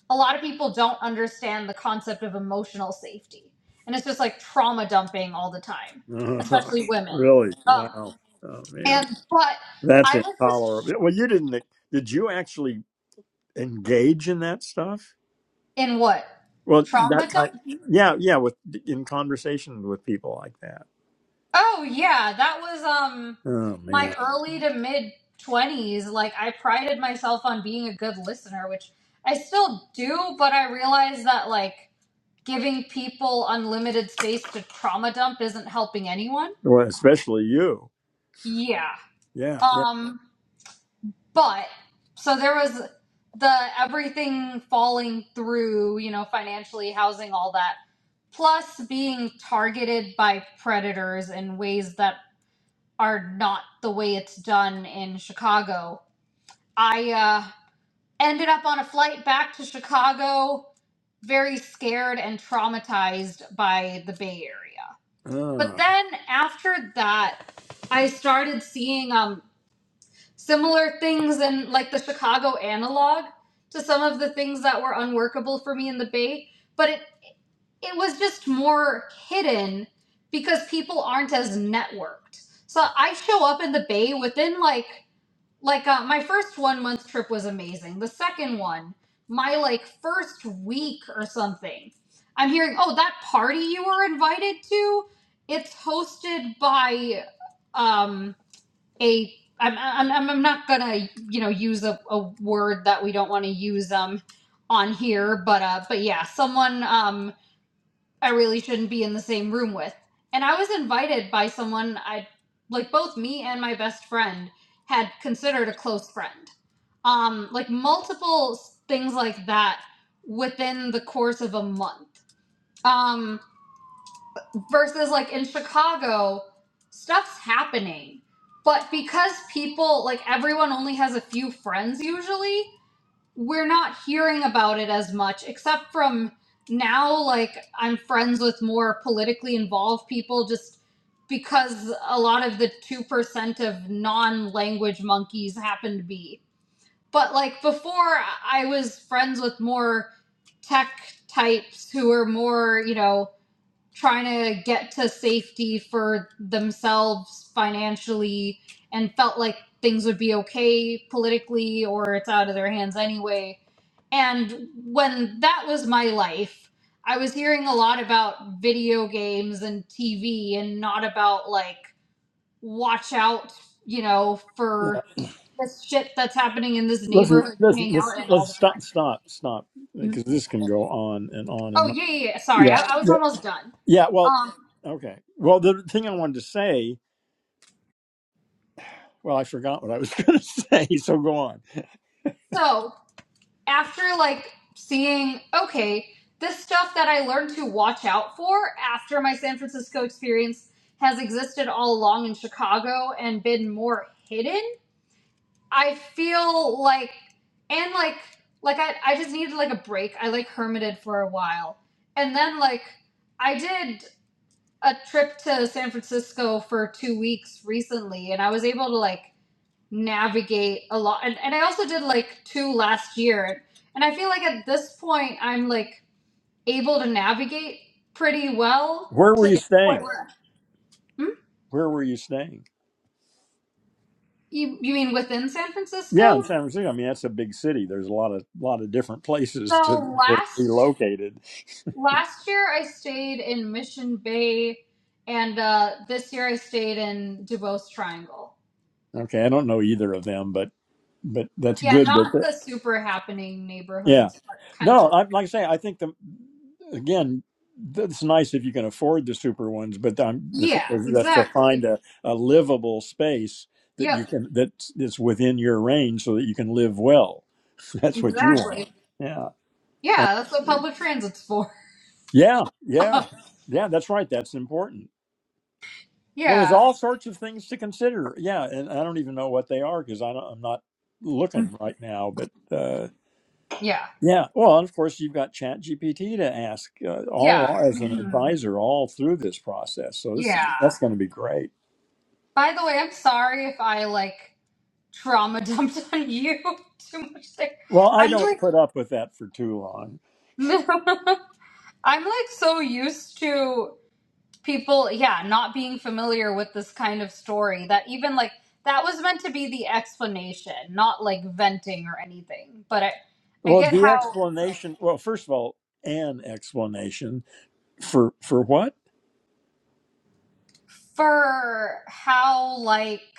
a lot of people don't understand the concept of emotional safety and it's just like trauma dumping all the time Yeah. especially women really? um Wow. Oh man, and but that's i was just intolerable. Well, you didn't. e-, Did you actually engage in that stuff? in what Well, that trauma dump type. Yeah. Yeah. With in conversation with people like that. oh yeah that was um Oh my man. early to mid 20s like i prided myself on being a good listener which i still do but i realized that like giving people unlimited space to trauma dump isn't helping anyone Well, especially you. yeah Yeah. Yeah. um But so there was the everything falling through, you know, financially, housing, all that, plus being targeted by predators in ways that are not the way it's done in Chicago. I uh, ended up on a flight back to Chicago, very scared and traumatized by the Bay Area. But Ah. then after that, I started seeing um similar things in like the Chicago analog to some of the things that were unworkable for me in the Bay, but it it was just more hidden because people aren't as networked. So I show up in the Bay within like like uh, my first one month trip was amazing. The second one, my like first week or something, I'm hearing oh that party you were invited to, it's hosted by um a I'm I'm am not gonna you know use a, a word that we don't want to use um on here, but uh but yeah, someone um I really shouldn't be in the same room with, and I was invited by someone I like both me and my best friend had considered a close friend, um like multiple s- things like that within the course of a month. Um versus like in Chicago, stuff's happening. But because people, like everyone only has a few friends usually, we're not hearing about it as much, except from now, like I'm friends with more politically involved people just because a lot of the 2% of non language monkeys happen to be. But like before, I was friends with more tech types who were more, you know, trying to get to safety for themselves financially and felt like things would be okay politically or it's out of their hands anyway. And when that was my life, I was hearing a lot about video games and TV and not about like, watch out, you know, for this shit that's happening in this Listen, neighborhood you listen, hang let's out in all let's the stop, time. stop, stop, because this can go on and on Oh, and on. yeah, yeah, yeah. Sorry, Yeah, I, I was yeah, almost done. yeah. Well, Um, okay. Well, the thing I wanted to say, well, I forgot what I was going to say. So go on. so after like seeing, okay, this stuff that I learned to watch out for after my San Francisco experience has existed all along in Chicago and been more hidden, I feel like and like like I, I just needed like a break. I like hermited for a while. And then like I did a trip to San Francisco for two weeks recently and I was able to like navigate a lot and, and i also did like two last year and i feel like at this point i'm like able to navigate pretty well Where were to you the point staying? where hmm? Where were you staying? you, you mean within san Yeah, in francisco San Francisco. I mean, that's a big city. There's a lot of lot of different places to so to be last located. last year i stayed in mission bay and uh this year i stayed in dubose triangle Okay, I don't know either of them, but but that's yeah good not that the super happening Yeah. neighborhoods but kind of No, close I, like I say, I think the again, th- it's nice if you can afford the super ones, but um, the thing yeah is that to find exactly a, a livable space that you yep can that is within your range so that you can live well. That's what you want. exactly Yeah. And yeah that's what public transit's for yeah. Yeah. Yeah. That's right. That's important. Well, there's yeah, all sorts of things to consider. Yeah, and I don't even know what they are because I don't, I'm not looking right now. But uh, yeah, Yeah, well, of course, you've got Chat GPT to ask uh, yeah, all as an mhm, advisor all through this process. So this yeah. that's going to be great. By the way, I'm sorry if I like trauma dumped on you too much. There. Well, I I'm don't like, put up with that for too long. no. I'm like so used to people, yeah, not being familiar with this kind of story that even like that was meant to be the explanation, not like venting or anything. But I, I Well, get the how explanation. Well, first of all, an explanation for for what? for how like.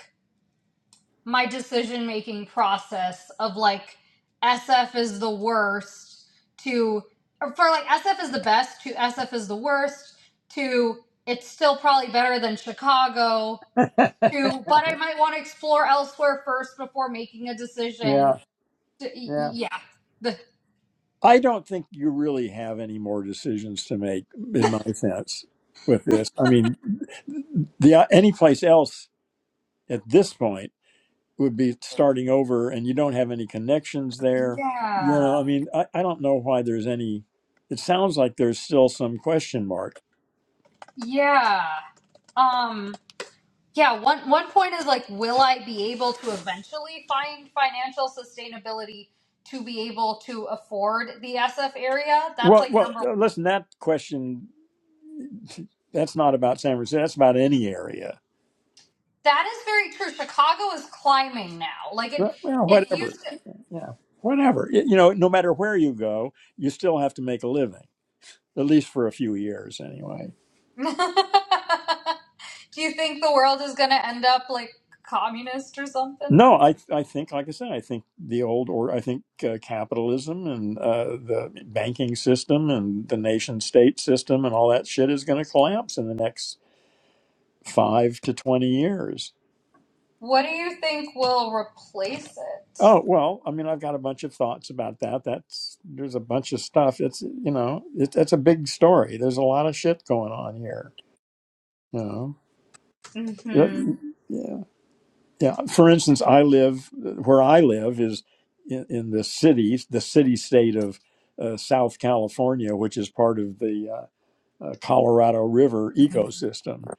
my decision making process of like SF is the worst to or for like SF is the best to SF is the worst to it's still probably better than Chicago to but I might want to explore elsewhere first before making a decision Yeah, to, yeah. yeah the I don't think you really have any more decisions to make, in my sense, with this. I mean, the any place else at this point. would be starting over and you don't have any connections there you know yeah i mean i, I don't know why there's any it sounds like there's still some question mark yeah um Yeah, one one point is like, will I be able to eventually find financial sustainability to be able to afford the SF area? That's well like well number one. uh, listen that question that's not about san francisco that's about any area That is very true. Chicago is climbing now. Like it Right, well it whatever used to yeah whatever Y- you know no matter where you go you still have to make a living at least for a few years anyway Do you think the world is gonna end up like communist or something? No, I I think, like I said, I think the old or I think uh, capitalism and uh, the banking system and the nation state system and all that shit is going to collapse in the next five to twenty years. What do you think will replace Oh well, I mean, I've got a bunch of thoughts about that. That's there's a bunch of stuff. It's you know, it, it's a big story. There's a lot of shit going on here. You it? hmm know, yeah. Yeah, for instance, I live where I live is in, in the city, the city state of uh, South California, which is part of the uh, uh, Colorado River ecosystem,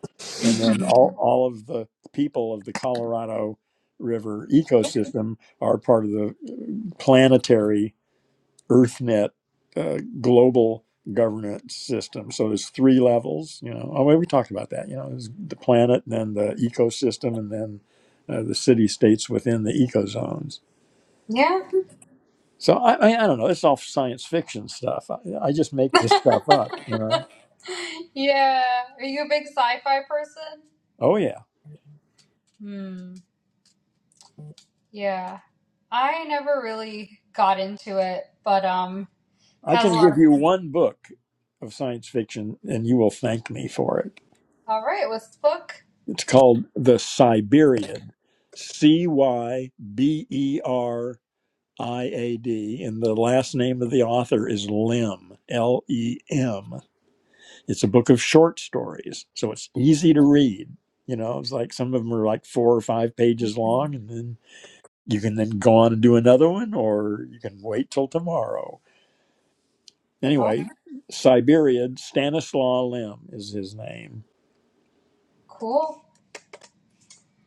and then all all of the people of the Colorado River ecosystem are part of the uh, planetary EarthNet uh, global governance system. So there's three levels. You know, oh, well, we talked about that. You know, there's the planet, then the ecosystem, and then uh, the city states within the ecozones. Yeah. So I, I, I don't know. It's all science fiction stuff. I, I just make this stuff up. You know. yeah. Are you a big sci-fi person? Oh yeah, Hmm. Yeah. I never really got into it, but um I has can a lot give of you one book of science fiction, and you will thank me for it. All right, what's the book? It's called The Siberian. C Y B E R I A D, and the last name of the author is Lim, L E M. It's a book of short stories, so it's easy to read. You know, it's like some of them are like four or five pages long, and then you can then go on and do another one, or you can wait till tomorrow. Oh, Anyway, Siberian Stanislaw Lim is his name, cool.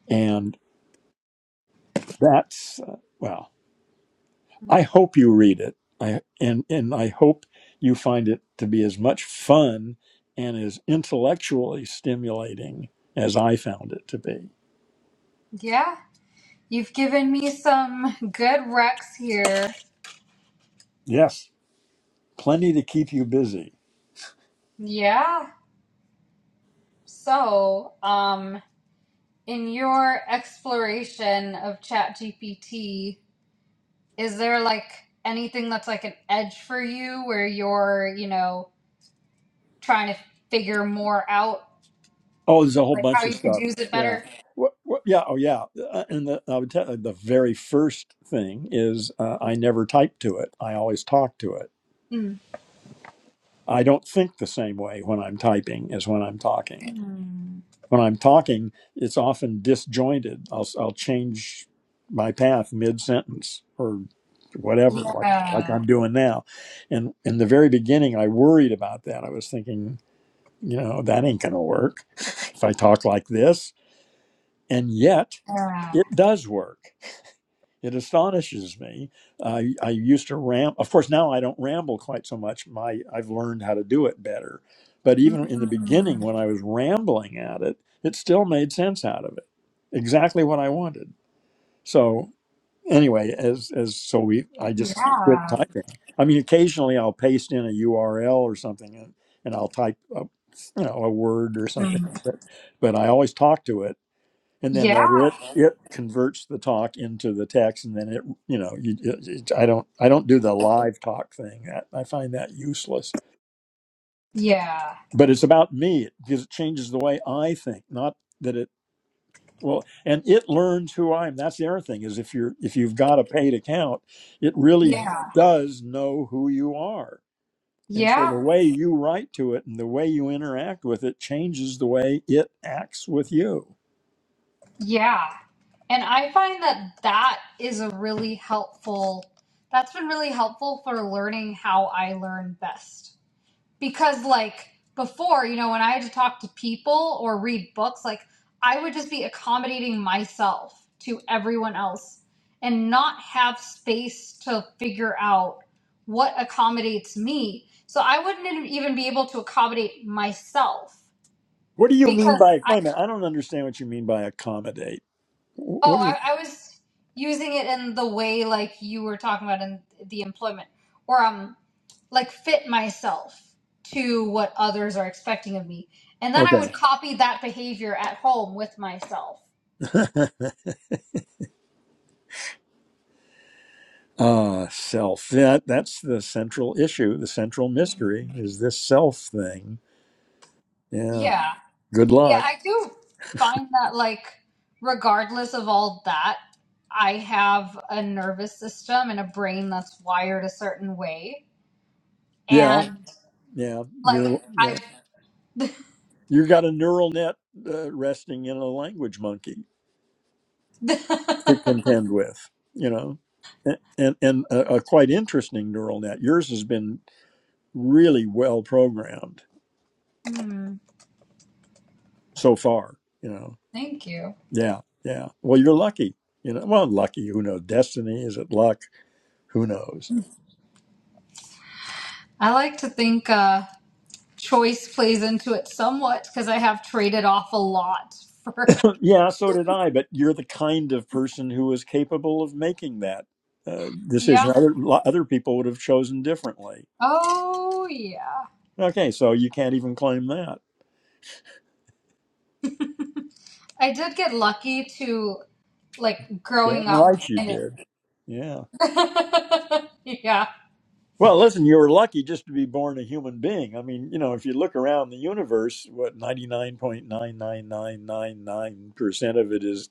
and that's uh, well. I hope you read it. I and and I hope you find it to be as much fun and as intellectually stimulating as I found it to be. Yeah. You've given me some good recs here. Yes, plenty to keep you busy. Yeah. So, um in your exploration of ChatGPT, is there like anything that's like an edge for you where you're, you know, trying to figure more out Oh, there's a whole like how bunch of you could stuff. use it Yeah. better? What, what, yeah. Oh, yeah. Uh, And the, I would tell uh, the very first thing is uh, I never type to it. I always talk to it. Mm. I don't think the same way when I'm typing as when I'm talking. Mm. when I'm talking, it's often disjointed. I'll I'll change my path mid sentence or whatever, like Yeah. like I'm doing now. And in the very beginning, I worried about that. I was thinking, you know, that ain't gonna work if I talk like this. And yet, Yeah. it does work. It astonishes me. I I used to ram. Of course, now I don't ramble quite so much. My I've learned how to do it better. But Mm. even in the beginning, when I was rambling at it, it still made sense out of it, exactly what I wanted. So anyway, as as so we, I just quit Yeah. typing. I mean, occasionally I'll paste in a URL or something, and, and I'll type, a, you know, a word or Mm. something. But but I always talk to it and then let it Yeah. it converts the talk into the text and then it you know you, it, it- i don't i don't do the live talk thing that i find that useless Yeah. but it's about me because it changes the way i think not that it well and it learns who i am that's the other thing is if you're if you've got a paid account it really Yeah. does know who you are and so Yeah. the way you write to it and the way you interact with it changes the way it acts with you Yeah. And I find that that is a really helpful, that's been really helpful for learning how I learn best. because like before you know when i had to talk to people or read books like i would just be accommodating myself to everyone else and not have space to figure out what accommodates me so i wouldn't even be able to accommodate myself what do you mean because by wait a minute i don't understand what you mean by accommodate Oh, What is I, I was using it in the way like you were talking about in the employment, or um, like fit myself to what others are expecting of me, and then I would okay? copy that behavior at home with myself. Ah, self. Yeah, that's the central issue, the central mystery is this self thing. Yeah. Yeah, Good yeah, luck. I do find that like regardless of all that, I have a nervous system and a brain that's wired a certain way, Yeah. and Yeah. like You're. Yeah. I've. You have got a neural net uh, resting in a language monkey to contend with. You know. A- And and a, a quite interesting neural net. Yours has been really well programmed Hmm, so far. You know. thank you. Yeah, yeah. Well, you're lucky. You know. Well, lucky. Who knows? Destiny is it luck? Who knows? I like to think uh, choice plays into it somewhat because I have traded off a lot for. Yeah, so did I. But you're the kind of person who is capable of making that uh, decision. Yeah. Other, lo- other people would have chosen differently. Oh, yeah. Okay, so you can't even claim that. I did get lucky to like Damn growing up right you in it. did. Yeah. yeah. Well, listen, you were lucky just to be born a human being. I mean, you know, if you look around the universe, what, 99.99999% of it is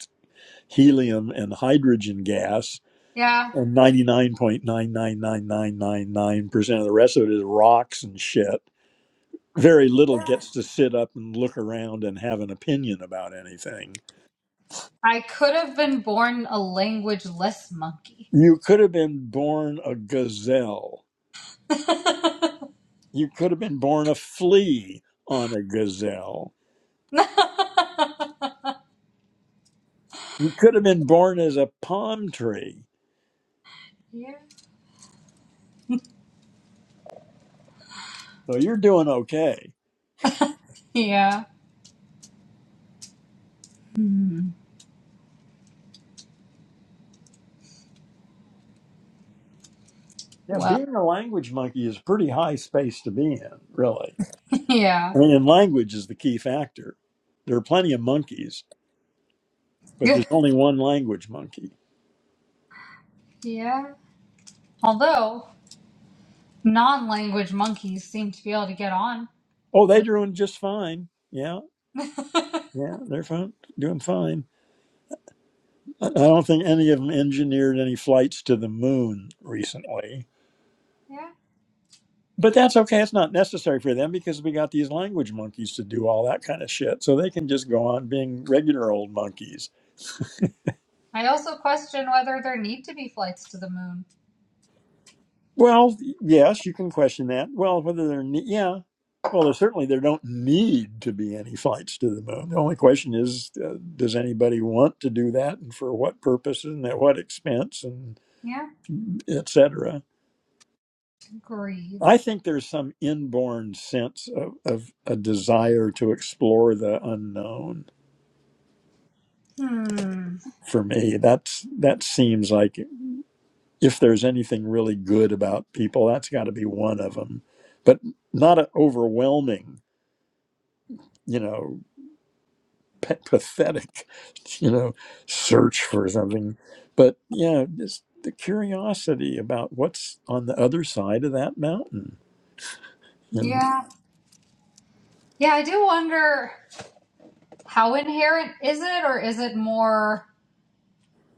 helium and hydrogen gas, Yeah. and 99.99999% of the rest of it is rocks and shit very little gets to sit up and look around and have an opinion about anything. I could have been born a languageless monkey. You could have been born a gazelle. You could have been born a flea on a gazelle. yeah. You could have been born as a palm tree. So you're doing okay. Yeah. Hmm. Yeah, Well, being a language monkey is pretty high space to be in, really. yeah. I mean, and language is the key factor. There are plenty of monkeys, but there's only one language monkey. yeah. Although non language monkeys seem to be able to get on Oh, they're with. doing just fine. Yeah, yeah, they're fine, doing fine I don't think any of them engineered any flights to the moon recently. Yeah. But that's okay. It's not necessary for them because we got these language monkeys to do all that kind of shit. So they can just go on being regular old monkeys. I also question whether there need to be flights to the moon. Well, yes, you can question that. Well, whether they're, ne- yeah. Well, there's certainly there don't need to be any flights to the moon. The only question is, uh, does anybody want to do that, and for what purposes, and at what expense, and Yeah. etc. Agreed. I think there's some inborn sense of, of a desire to explore the unknown Hmm. for me. That's that seems like if there's anything really good about people, that's got to be one of them, but not an overwhelming, you know, pa- pathetic, you know, search for something. But yeah, just the curiosity about what's on the other side of that mountain. You know? Yeah. Yeah, I do wonder how inherent is it or is it more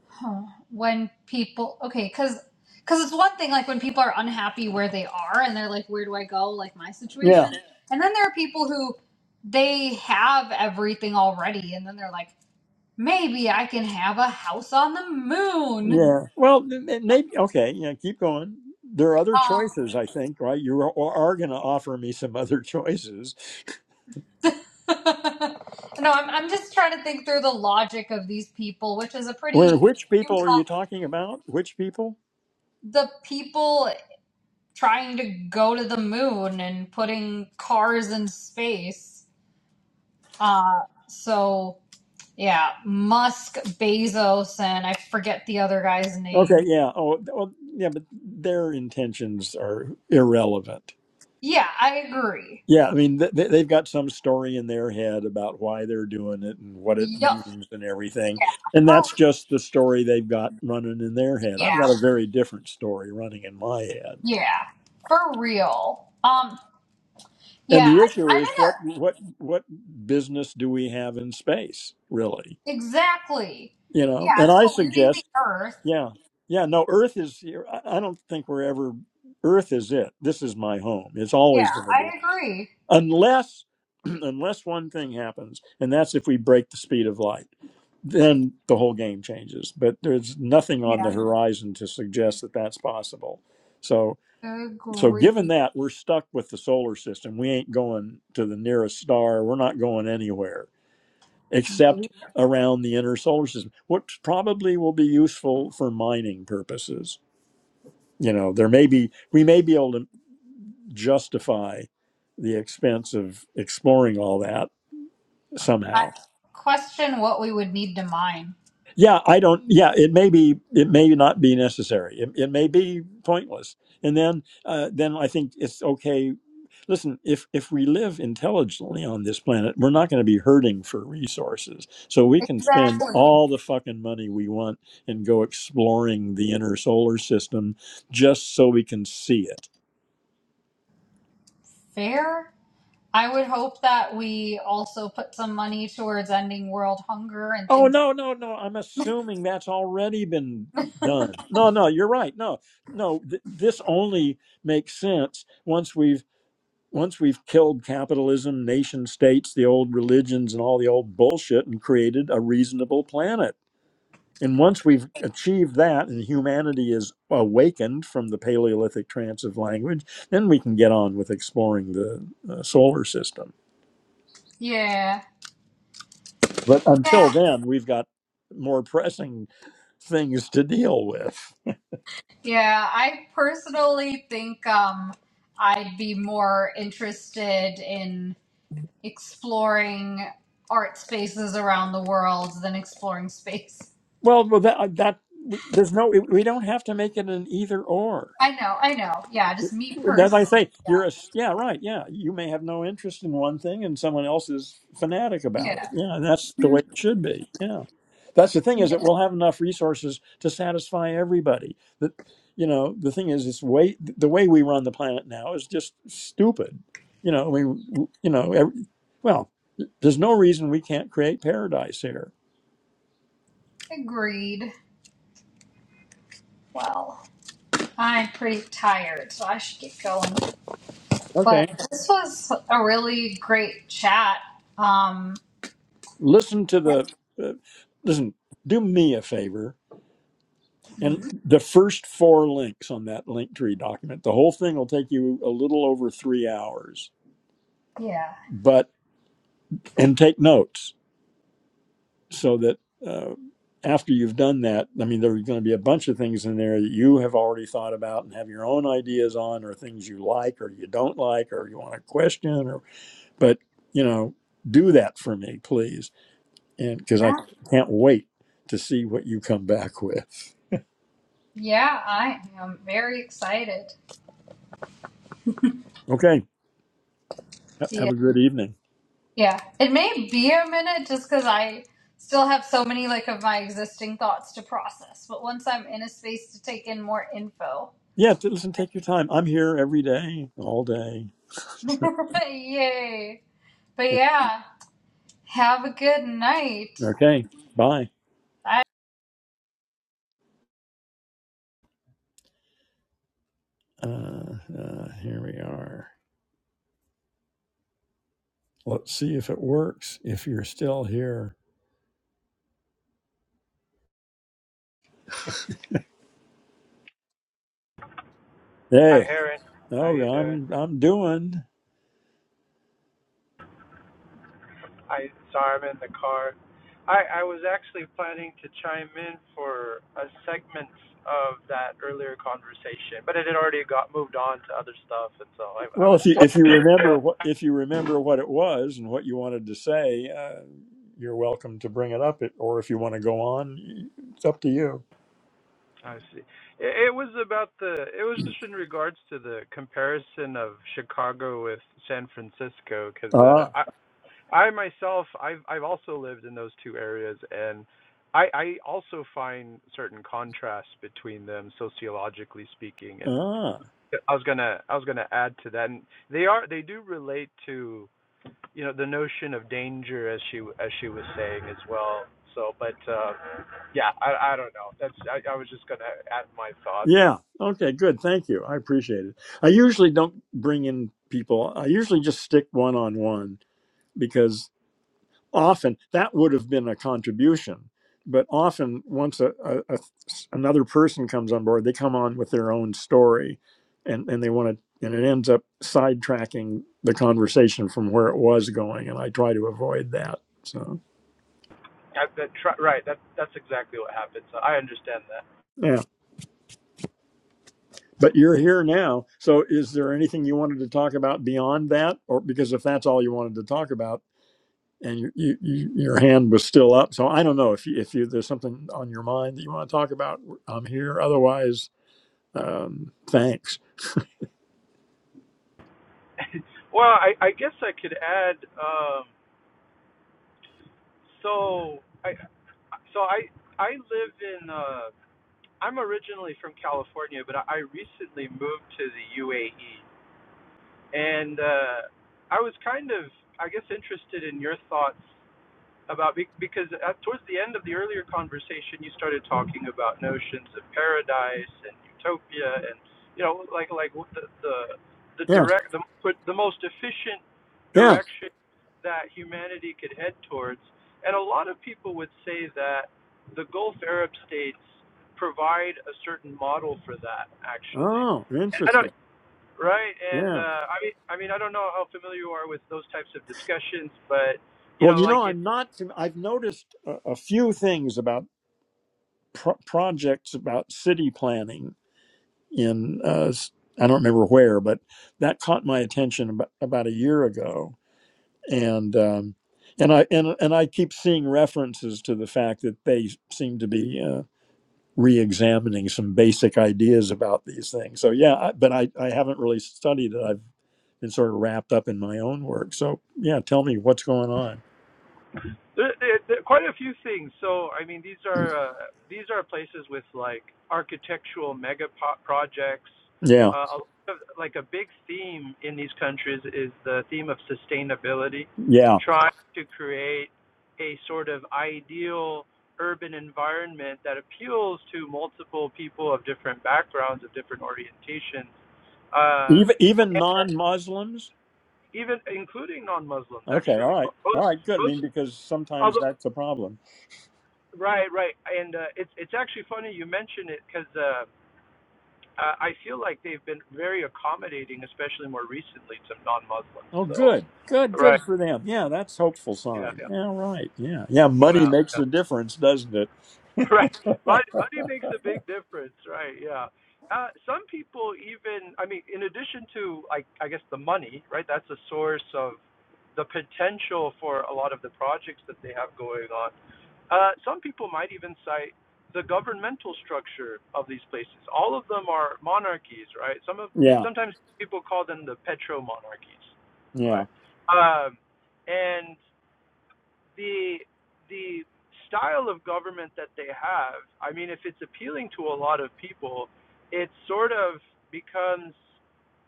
huh, when people okay, cuz cuz it's one thing like when people are unhappy where they are and they're like where do I go like my Yeah. situation. And then there are people who they have everything already and then they're like maybe I can have a house on the moon. Yeah. Well, m- m- maybe okay. Yeah, keep going. There are other Um choices, I think, right? You are, are going to offer me some other choices. no, I'm I'm just trying to think through the logic of these people, which is a Well, pretty which people are you talking about? Which people? the people trying to go to the moon and putting cars in space. Uh so yeah, Musk, Bezos, and I forget the other guy's Okay, name. yeah. Oh, th- well, yeah, but their intentions are irrelevant. Yeah, I agree. Yeah, I mean, th- th- they've got some story in their head about why they're doing it and what it Yup, means and everything. yeah, And for that's just the story they've got running in their head. I've yeah, got a very different story running in my head. yeah, for real. Um, And yeah, the I, issue I'm in is what what what business do we have in space, really? a exactly. You know, Yeah, and it's I polluting the suggest, earth. yeah, yeah, no, Earth is. here. I I don't think we're ever. Earth is it. This is my home. It's Yeah, always going to be, I agree. unless unless one thing happens, and that's if we break the speed of light. Then the whole game changes. But there's nothing on the Yeah, horizon to suggest that that's possible. So so given agree. that we're stuck with the solar system we ain't going to the nearest star we're not going anywhere except around the inner solar system which probably will be useful for mining purposes you know there may be we may be able to justify the expense of exploring all that I somehow question what we would need to mine. yeah i don't yeah it may be it may not be necessary it, it may be pointless and then uh, then i think it's okay listen if if we live intelligently on this planet we're not going to be hurting for resources so we can spend Exactly. all the fucking money we want and go exploring the inner solar system just so we can see it Fair. I would hope that we also put some money towards ending world hunger and oh things. no no no i'm assuming that's already been done no no you're right no no th- this only makes sense once we've once we've killed capitalism nation states the old religions and all the old bullshit and created a reasonable planet And once we've achieved that and humanity is awakened from the Paleolithic trance of language, then we can get on with exploring the uh, solar system. Yeah, But until then, we've got more pressing things to deal with. yeah. I personally think um, I'd be more interested in exploring art spaces around the world than exploring space. Well, well that, uh, that there's no, we don't have to make it an either or. I know, I know. Yeah, just me That's I personally. say yeah. you're a s- yeah right yeah you may have no interest in one thing and someone else is fanatic about it Yeah. yeah that's the way Mhm. it should be yeah that's the thing is that Yes, we'll have enough resources to satisfy everybody that you know the thing is it's way the way we run the planet now is just stupid you know we you know every, well there's no reason we can't create paradise here agreed. Well, I'm pretty tired, so I should get going. okay But this was a really great chat. Um, listen to the uh, listen do me a favor And the first four links on that Linktree document, the whole thing will take you a little over three hours, yeah. but and take notes so that uh, after you've done that, I mean, there's going to be a bunch of things in there that you have already thought about and have your own ideas on, or things you like or you don't like, or you want to question, or but you know, do that for me, please, and because I Yeah, can't wait to see what you come back with. Yeah, I am very excited. Okay, ha- Yeah. have a good evening. Yeah. It may be a minute just because I still have so many like of my existing thoughts to process. But once I'm in a space to take in more info. Yeah, t- listen, take your time. I'm here every day, all day. Yay. But yeah, have a good night. okay, bye. Uh, uh, here we are. Let's see if it works. If you're still here, Hi, hey, Aaron. How oh, you doing? I'm I'm doing I sorry I'm in the car. I I was actually planning to chime in for a segment of that earlier conversation, but it had already got moved on to other stuff, and so I I well. was If you just. if you remember what if you remember what it was and what you wanted to say, uh, you're welcome to bring it up. It, or if you want to go on, it's up to you. I see. It, it was about the. It was just in regards to the comparison of Chicago with San Francisco, because uh, Ah, I I myself, I've I've also lived in those two areas, and I I also find certain contrasts between them sociologically speaking. And ah. I was gonna I was gonna add to that, and they are they do relate to you know the notion of danger as she as she was saying as well. So, but uh, yeah, I I don't know. That's I, I was just gonna add my thoughts. Yeah. Okay. Good. Thank you. I appreciate it. I usually don't bring in people. I usually just stick one on one because often that would have been a contribution. But often, once a, a, a another person comes on board, they come on with their own story, and and they want to, and it ends up sidetracking the conversation from where it was going. And I try to avoid that. So I, that, right, that that's exactly what happened. So I understand that. yeah. But you're here now. So is there anything you wanted to talk about beyond that? Or because if that's all you wanted to talk about and you, you, you, your hand was still up. So I don't know if you, if you, there's something on your mind that you want to talk about. I'm here. Otherwise, um, thanks. well, I I guess I could add. Um, So I, so I, I live in. Uh, I'm originally from California, but I recently moved to the UAE, and uh, I was kind of, I guess, interested in your thoughts about because at, towards the end of the earlier conversation, you started talking about notions of paradise and utopia, and you know, like like the the the Yeah. direct the the most efficient Yeah. direction that humanity could head towards, and a lot of people would say that the Gulf Arab states provide a certain model for that actually, Oh, and I don't. interesting. Right, and Yeah. uh, I mean, I mean, I don't know how familiar you are with those types of discussions, but you Well, know, you know, like it's I'm not, I've noticed a, a few things about pro- projects about city planning in, uh, s- I don't remember where, but that caught my attention about, about a year ago and um, and I and and I keep seeing references to the fact that they seem to be uh, re-examining some basic ideas about these things. So yeah, I, but I I haven't really studied it. I've been sort of wrapped up in my own work. So yeah, tell me what's going on. There, there, there, quite a few things. So, I mean, these are uh, these are places with like architectural mega po- projects. Yeah, Uh, a lot of, like a big theme in these countries is the theme of sustainability, yeah. trying to create a sort of ideal urban environment that appeals to multiple people of different backgrounds, of different orientations, um, Even even and non-Muslims. even including non-Muslims. Okay, all Actually, right, both all right, good. I both. mean, because sometimes although. that's a problem. Right, right, and uh, it's it's actually funny you mention it because uh, uh, I feel like they've been very accommodating, especially more recently to non-Muslims. Oh, So, good, good, right, good for them. Yeah, that's hopeful yeah, sign. Yeah, right. Yeah, yeah. Money yeah, makes yeah. a difference, doesn't it? Right. Money, money makes a big difference, right? Yeah. Uh, some people even, I mean, in addition to, I, I guess, the money, right? That's a source of the potential for a lot of the projects that they have going on. Uh, some people might even cite the governmental structure of these places. All of them are monarchies, right? Some of Yeah. sometimes people call them the petro monarchies, Yeah. right? Um, and the the style of government that they have, I mean, if it's appealing to a lot of people, it sort of becomes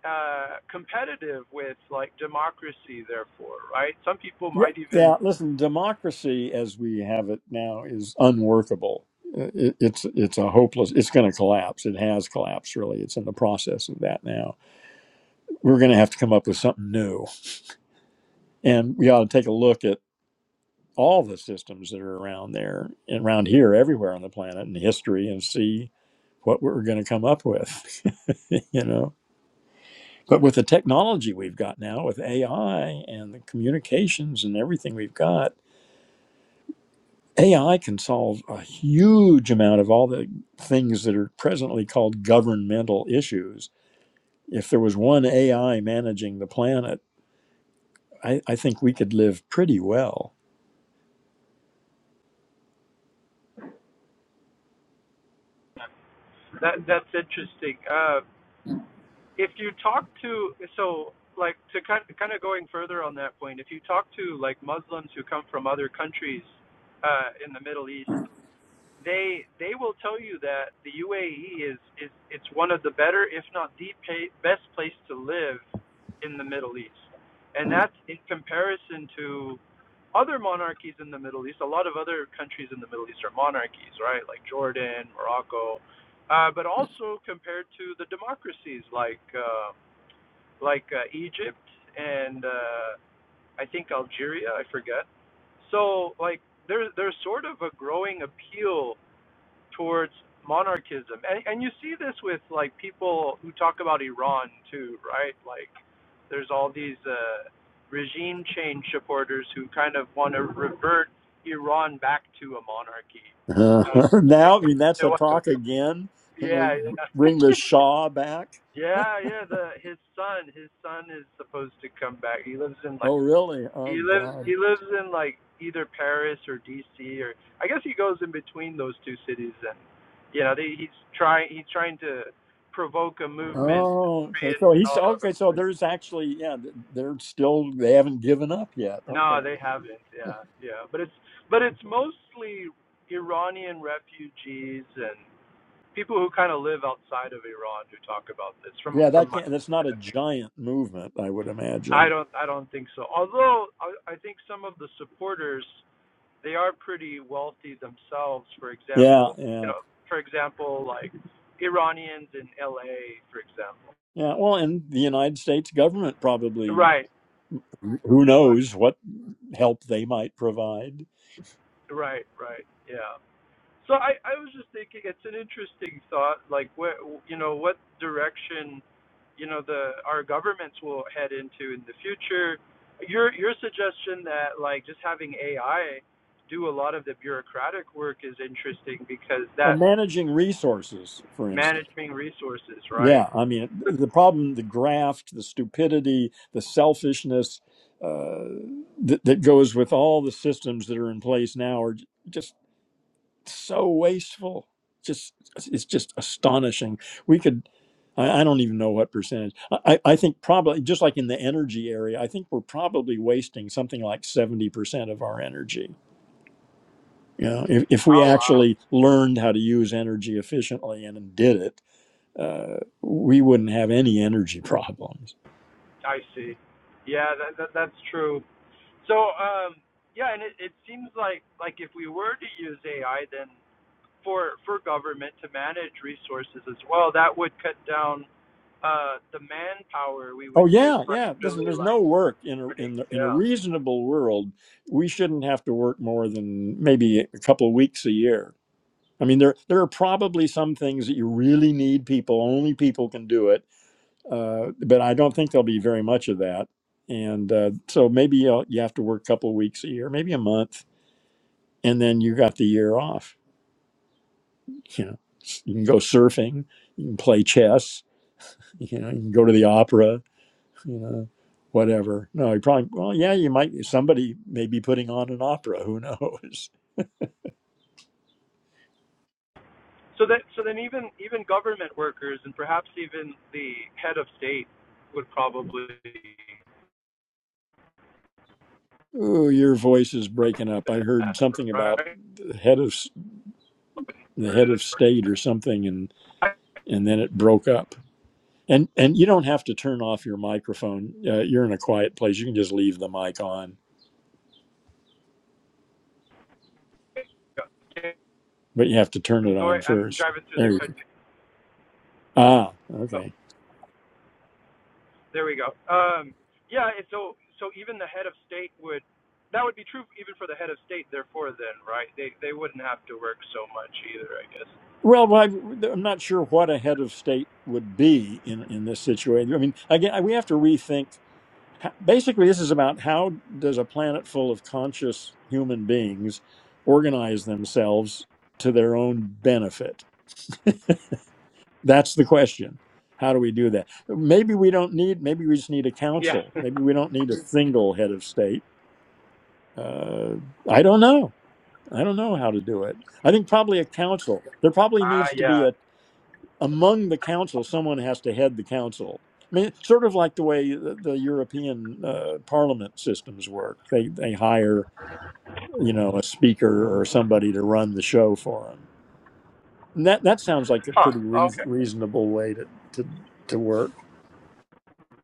uh, competitive with like democracy. Therefore, right? Some people Yeah. might even Yeah. Listen, democracy as we have it now is unworkable. Uh, It, it's it's a hopeless. It's going to collapse. It has collapsed. Really, it's in the process of that now. We're going to have to come up with something new, and we ought to take a look at all the systems that are around there, and around here, everywhere on the planet, in history, and see what we're going to come up with. you know, but with the technology we've got now, with AI and the communications and everything we've got AI can solve a huge amount of all the things that are presently called governmental issues. If there was one AI managing the planet, I, I think we could live pretty well. that that's interesting. Uh, if you talk to so like to kind of, kind of going further on that point, if you talk to like Muslims who come from other countries uh, in the Middle East they they will tell you that the UAE is is it's one of the better, if not the pay, best place to live in the Middle East, and that's in comparison to other monarchies in the Middle East. A lot of other countries in the Middle East are monarchies, right? Like Jordan, Morocco, uh, but also compared to the democracies like uh, like uh, Egypt and uh, I think Algeria. I forget. So like there there's sort of a growing appeal towards monarchism. And, and you see this with like people who talk about Iran too, right? Like there's all these uh, regime change supporters who kind of want to revert Iran back to a monarchy. now, Uh, I mean, that's a so talk again. They're yeah, going to yeah. bring the Shaw back. yeah, yeah. The his son, his son is supposed to come back. He lives in like. Oh, really? Oh, He lives God. he lives in like either Paris or DC or I guess he goes in between those two cities and you know, they, he's trying he's trying to provoke a movement to Oh, okay. So he's reinstall okay. So the there's actually, yeah, they're still, they haven't given up yet. No, Okay. they haven't. Yeah. Yeah. But it's but it's mostly Iranian refugees and people who kind of live outside of Iran who talk about this from Yeah, from that my can't, that's not a understanding. giant movement, I would I imagine. don't I don't think so. Although I, I think some of the supporters they are pretty wealthy themselves. For Yeah, example, you yeah. know, for example, like Iranians in L.A. For example. Yeah, well, and the United States government probably, Right, who right, knows what help they might provide. right, right. Yeah. So I, I was just thinking, it's an interesting thought. Like, what you know, what direction you know the our governments will head into in the future. Your your suggestion that like just having AI do a lot of the bureaucratic work is interesting because Oh, that managing resources, for instance. managing resources, right? Yeah, I mean, the problem, the graft, the stupidity, the selfishness uh, that, that goes with all the systems that are in place now are j- just so wasteful. Just it's just astonishing. We could, I, I don't even know what percentage. I, I I think probably just like in the energy area, I think we're probably wasting something like seventy percent of our energy. You know, if, if we Oh wow. actually learned how to use energy efficiently and did it, uh, we wouldn't have any energy problems. I see. Yeah, that, that that's true. So, um, yeah, and it, it seems like like if we were to use AI, then for for government to manage resources as well, that would cut down uh, the manpower we Oh would use, yeah, but yeah. This, really there's like no work in a burning. in, the, in a Yeah. reasonable world. We shouldn't have to work more than maybe a couple of weeks a year I mean, there there are probably some things that you really need people. Only people can do it. Uh, but I don't think there'll be very much of that. And uh, so maybe you'll, you have to work a couple of weeks a year, maybe a month, and then you got the year off. You know, you can go surfing, you can play chess, you know, you can go to the opera, you know, whatever. No, you probably well, yeah, you might. Somebody may be putting on an opera. Who knows? So that so then even even government workers and perhaps even the head of state would probably Oh, your voice is breaking up. I heard that, something about right? the head of the head Really, of state or something and right? and then it broke up and and you don't have to turn off your microphone uh, you're in a quiet place you can just leave the mic on but you have to turn I'm it on going. I'm first driving through the there you go country. ah Oh, okay There we go. Um, yeah, and so so even the head of state would that would be true even for the head of state. Therefore, then right, they they wouldn't have to work so much either, I guess. well I, i'm not sure what a head of state would be in in this situation i mean again we have to rethink basically this is about how does a planet full of conscious human beings organize themselves to their own benefit That's the question. How do we do that? Maybe we don't need, maybe we just need a Yeah. council. Maybe we don't need a single head of state. Uh, I don't know. I don't know how to do it. I think probably a council. There probably Ah, needs to be yeah. a, among the council, someone has to head the council. I mean, it's sort of like the way the, the European uh, parliament systems work. They, they hire, you know, a speaker or somebody to run the show for them. And that, that sounds like a Huh. pretty reas Okay. reasonable way to, to, to work.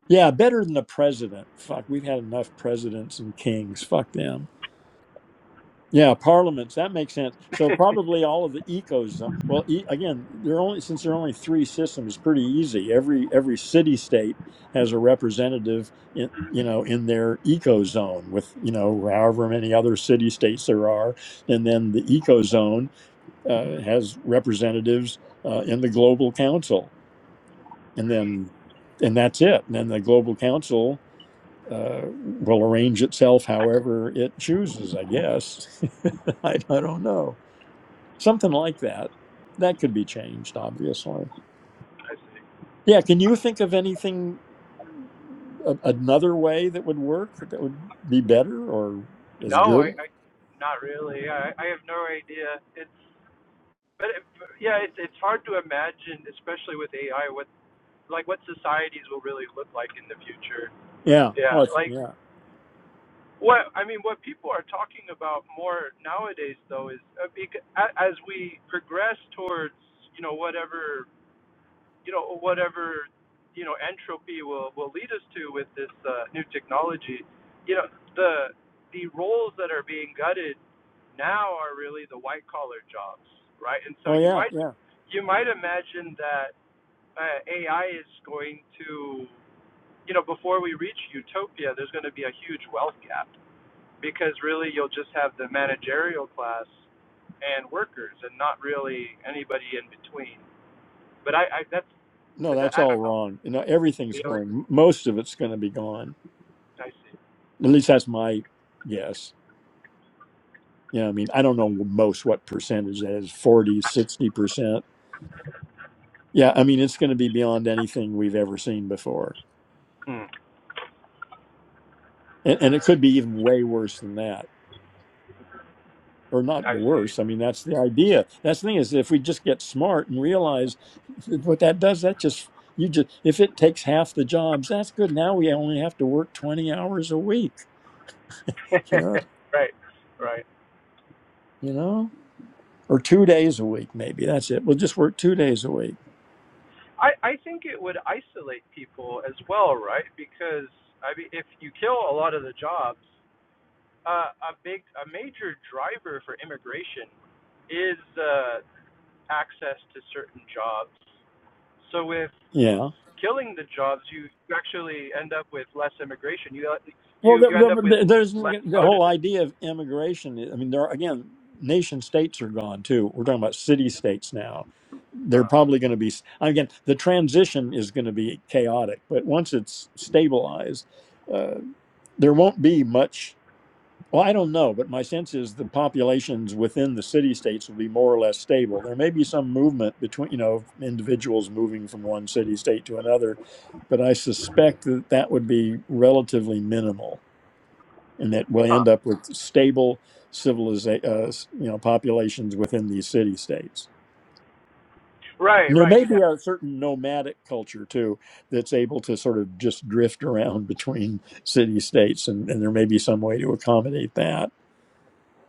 Yeah, better than the president. Fuck, we've had enough presidents and kings. Fuck them. Yeah, parliaments. That makes sense. So probably all of the ecos. uh, Well, e- again, there are only since there are only three systems. It's Pretty easy. Every every city state has a representative, in, you know, in their eco zone with you know however many other city states there are, and then the eco zone uh, has representatives uh, in the global council, and then and that's it. And then the global council uh, will arrange itself however it chooses, I guess. I, I don't know. Something like that. That could be changed, obviously. I see. Yeah, can you think of anything, a, another way that would work, that would be better or as No, I, good? I not really. I I have no idea. It's but it, yeah, it's it's hard to imagine, especially with AI, what like what societies will really look like in the future. Yeah. Oh, Yeah, it's, like yeah. What I mean, what people are talking about more nowadays, though, is uh, bec- a- as we progress towards you know whatever you know whatever you know entropy will will lead us to with this uh, new technology. You know the the roles that are being gutted now are really the white collar jobs, right? And so Oh, you yeah. might Yeah. you might imagine that uh, AI is going to you know before we reach utopia, there's going to be a huge wealth gap because really you'll just have the managerial class and workers and not really anybody in between. But I, I that's No, that's I all don't know. wrong. You know, everything's Really? going, most of it's going to be gone. I see. At least that's my guess. Yeah, I mean, I don't know most what percentage that is Forty, sixty percent Yeah, I mean, it's going to be beyond anything we've ever seen before. And, and it could be even way worse than that, or not I see. worse. I mean, that's the idea. That's the thing is, if we just get smart and realize that what that does, that just, you just, if it takes half the jobs, that's good. Now we only have to work 20 hours a week, you know, right. Right. you know, or two days a week, maybe. That's it. We'll just work two days a week. I I think it would isolate people as well, right? Because I mean if you kill a lot of the jobs, uh a big a major driver for immigration is uh access to certain jobs. So if Yeah. killing the jobs, you you actually end up with less immigration. You Well, you there, you end up with there- there's less the whole motive. idea of immigration. I mean, there are, again, nation states are gone too. We're talking about city states now. They're Huh. probably going to be, again, the transition is going to be chaotic, but once it's stabilized, uh, there won't be much. Well, I don't know, but my sense is the populations within the city states will be more or less stable. There may be some movement between, you know, individuals moving from one city state to another, but I suspect that that would be relatively minimal and that we'll Huh. end up with stable civilization, uh, you know, populations within these city states. And Right. there Right. may You'd be have. a certain nomadic culture too that's able to sort of just drift around between city states, and, and there may be some way to accommodate that.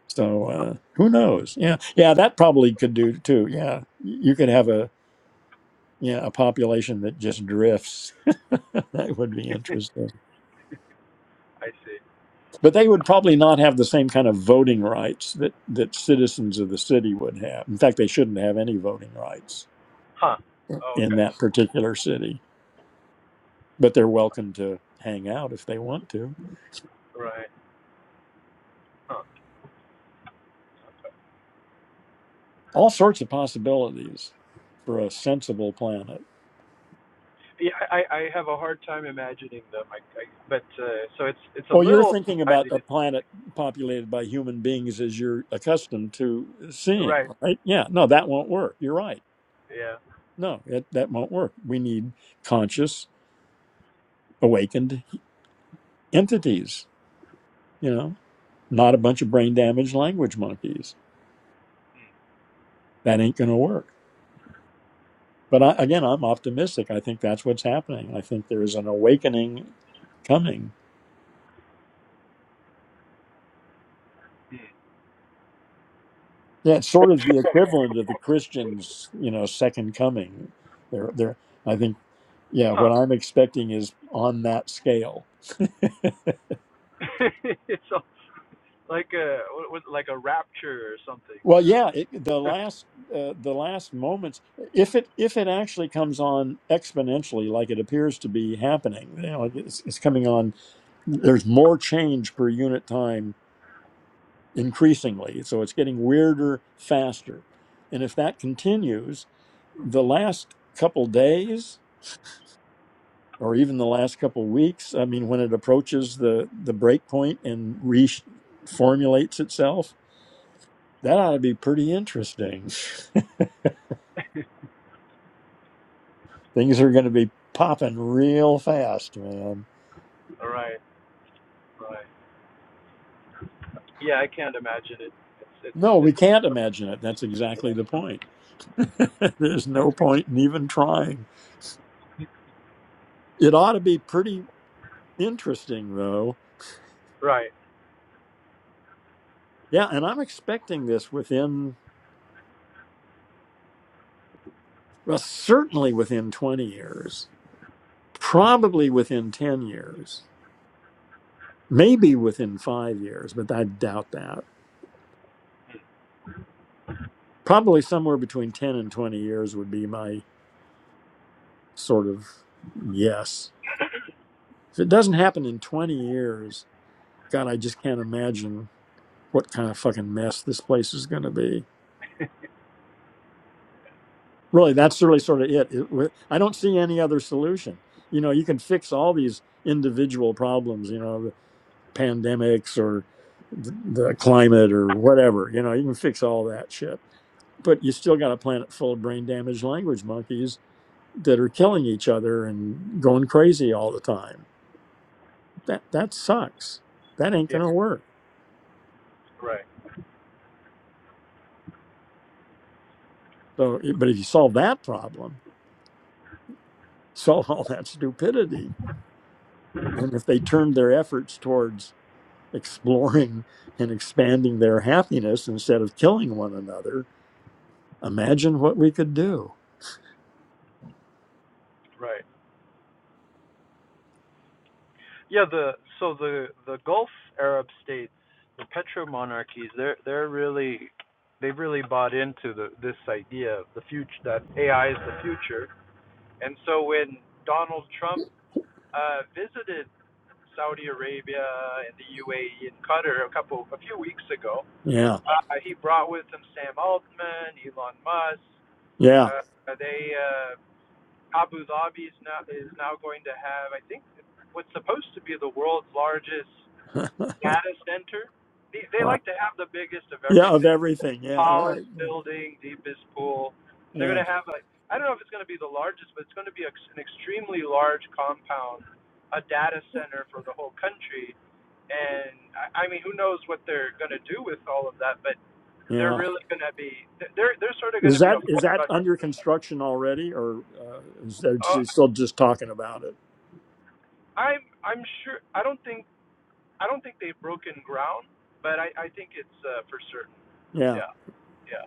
So uh, who knows? Yeah, yeah, that probably could do too. Yeah, you could have a yeah a population that just drifts. that would be interesting. I see. but they would probably not have the same kind of voting rights that that citizens of the city would have. In fact, they shouldn't have any voting rights Huh. Oh, in okay. that particular city, but they're welcome to hang out if they want to. Right. Huh. All sorts of possibilities for a sensible planet. Yeah, I I have a hard time imagining them. I, I but uh, so it's it's a Well, you're little thinking I, about a planet populated by human beings as you're accustomed to seeing, right. right? Yeah, no, that won't work. You're right. Yeah. No, it, that won't work. We need conscious, awakened entities, you know? not a bunch of brain damaged language monkeys. That ain't going to work. But I, again, I'm optimistic. I think that's what's happening. I think there is an awakening coming. Hmm. Yeah, it's sort of the equivalent of the Christians, you know, second coming. They're, they're, I think, yeah, Huh. what I'm expecting is on that scale. it's a, like a what like a rapture or something. Well, yeah, it, the Yeah. last, uh, the last moments, if it, if it actually comes on exponentially, like it appears to be happening, you know, like it's, it's coming on. There's more change per unit time increasingly. So it's getting weirder faster. And if that continues, the last couple days or even the last couple weeks, I mean, when it approaches the, the break point and reformulates itself, that ought to be pretty interesting. Things are going to be popping real fast, man. right. Right. Yeah, I can't imagine it. It's it's No, we it's can't imagine it. That's exactly the point. There's no point in even trying. It ought to be pretty interesting, though right. Yeah, and I'm expecting this within, well, certainly within 20 years, probably within 10 years, maybe within five years, but I doubt that. Probably somewhere between 10 and 20 years would be my sort of yes. If it doesn't happen in 20 years, God, I just can't imagine what kind of fucking mess this place is going to be. Really, that's really sort of it. it. I don't see any other solution. You know, you can fix all these individual problems, you know, pandemics or the climate or whatever. You know, you can fix all that shit. But you still got a planet full of brain damaged language monkeys that are killing each other and going crazy all the time. That that sucks. That ain't Yeah. gonna work. Right. So, but if you solve that problem, solve all that stupidity. And if they turned their efforts towards exploring and expanding their happiness instead of killing one another, imagine what we could do. Right. Yeah, the so the the Gulf Arab states, the petro monarchies, they're they're really they've really bought into the this idea of the future that AI is the future. And so when Donald Trump uh, visited Saudi Arabia and the UAE and Qatar a couple a few weeks ago, Yeah. uh, he brought with him Sam Altman, Elon Musk. Yeah. Uh, they uh, Abu Dhabi is now is now going to have I think what's supposed to be the world's largest data center. They, they Wow. like to have the biggest of Yeah, of everything, everything. Yeah, tallest right. Yeah, building, deepest pool. And they're going yeah. to have like I don't know if it's going to be the largest, but it's going to be ex- an extremely large compound, a data center for the whole country. And I, I mean, who knows what they're going to do with all of that? But they're yeah. really going to be they're they're sort of going Is to be that a is that forerunner. under construction already, or uh, is Uh, they still just talking about it? I'm I'm sure I don't think I don't think they've broken ground, but I I think it's uh, for certain. Yeah. Yeah, yeah,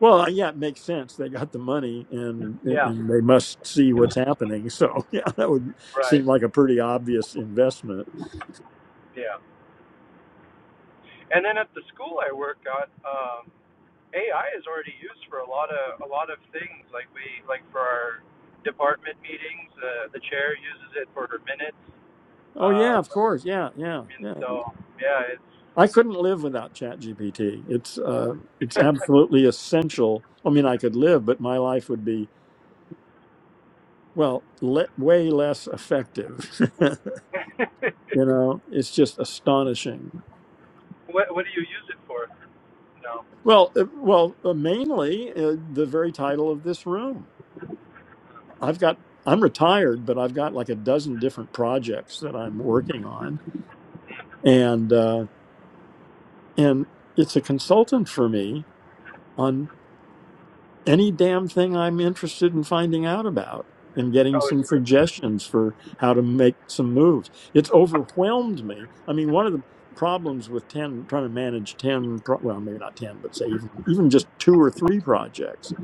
Well, uh, yeah, it makes sense. They got the money, and yeah. and they must see what's happening. So yeah, that would Right. seem like a pretty obvious investment. Yeah. And then at the school I work at, um, AI is already used for a lot of a lot of things. Like we like for our department meetings, uh, the chair uses it for her minutes. Oh yeah, Uh, of course. Yeah, yeah, and yeah. so yeah, it's I couldn't live without ChatGPT. It's uh, it's absolutely essential. I mean, I could live, but my life would be well le- way less effective. You know, it's just astonishing. what what do you use it for? No. Well, uh, well, uh, mainly uh, the very title of this room. I've got I'm retired, but I've got like a dozen different projects that I'm working on, and uh, and it's a consultant for me on. any damn thing I'm interested in finding out about and getting Oh, it's some for suggestions for how to make some moves. It's overwhelmed me. I mean, one of the problems with 10 trying to manage 10 pro- well maybe not 10 but say even even just two or three projects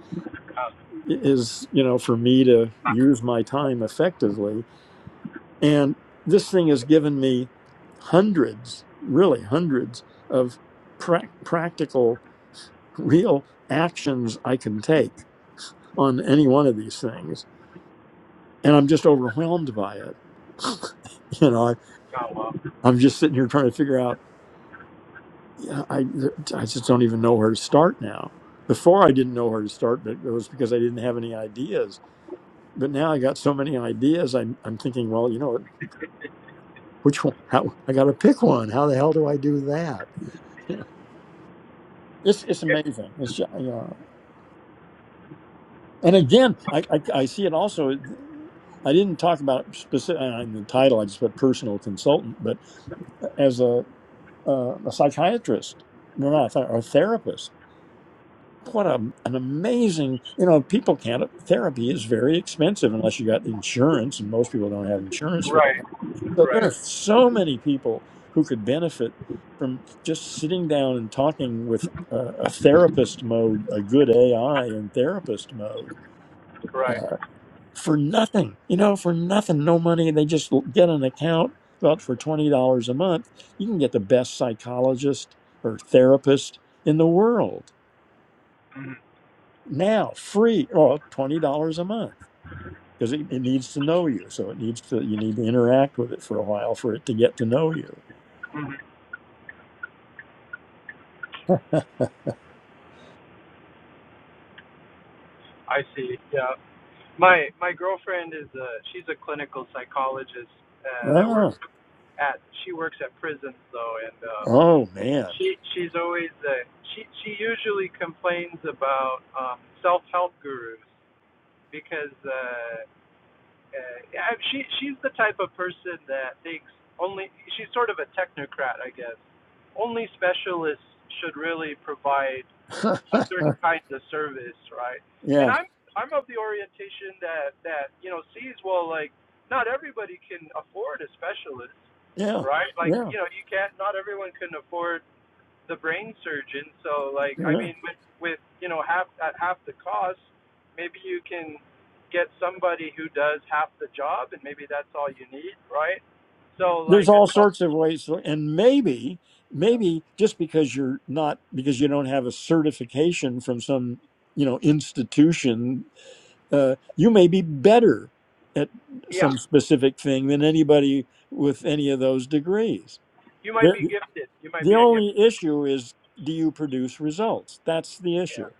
oh, i- is you know for me to use my time effectively and this thing has given me hundreds really hundreds of prac practical real actions i can take on any one of these things and i'm just overwhelmed by it you know I, oh well. i'm just sitting here trying to figure out yeah, I, I just don't even know where to start now before i didn't know where to start but it was because i didn't have any ideas but now i got so many ideas i'm, I'm thinking well you know which one how, i gotta pick one how the hell do i do that it's, it's amazing it's ju- yeah and again I, I i see it also I didn't talk about specific in the title. I just put personal consultant, but as a uh, a psychiatrist, no, not a, or a therapist. What a, an amazing, you know, people can't, therapy is very expensive unless you got insurance, and most people don't have insurance for Right. that. So there Right. are so many people who could benefit from just sitting down and talking with uh, a therapist mode, a good AI in therapist mode. Right. Uh, for nothing, you know, for nothing, no money. They just get an account, but for $20 a month, you can get the best psychologist or therapist in the world hmm now, free, or $20 a month because it, it needs to know you. So it needs to, you need to interact with it for a while for it to get to know you. hmm I see. Yeah. My my girlfriend is a she's a clinical psychologist uh, that works Ah, at she works at prisons though and uh oh man. she she's always uh, she she usually complains about um self-help gurus because uh, uh yeah, she she's the type of person that thinks only she's sort of a technocrat I guess only specialists should really provide a certain kind of service right and yeah, I'm I'm of the orientation that that you know sees well like not everybody can afford a specialist yeah, right? Like, yeah, you know, you can't. Not everyone can afford the brain surgeon. So, like, I yeah. mean, with, with you know half at half the cost, maybe you can get somebody who does half the job, and maybe that's all you need, right? So, there's like, a all self, sorts of ways so- and maybe yeah, maybe just because you're not because you don't have a certification from some you know institution uh, you may be better at yeah, some specific thing than anybody with any of those degrees you might be the, gifted. You might the be a gift. only issue is do you produce results that's the Yeah, issue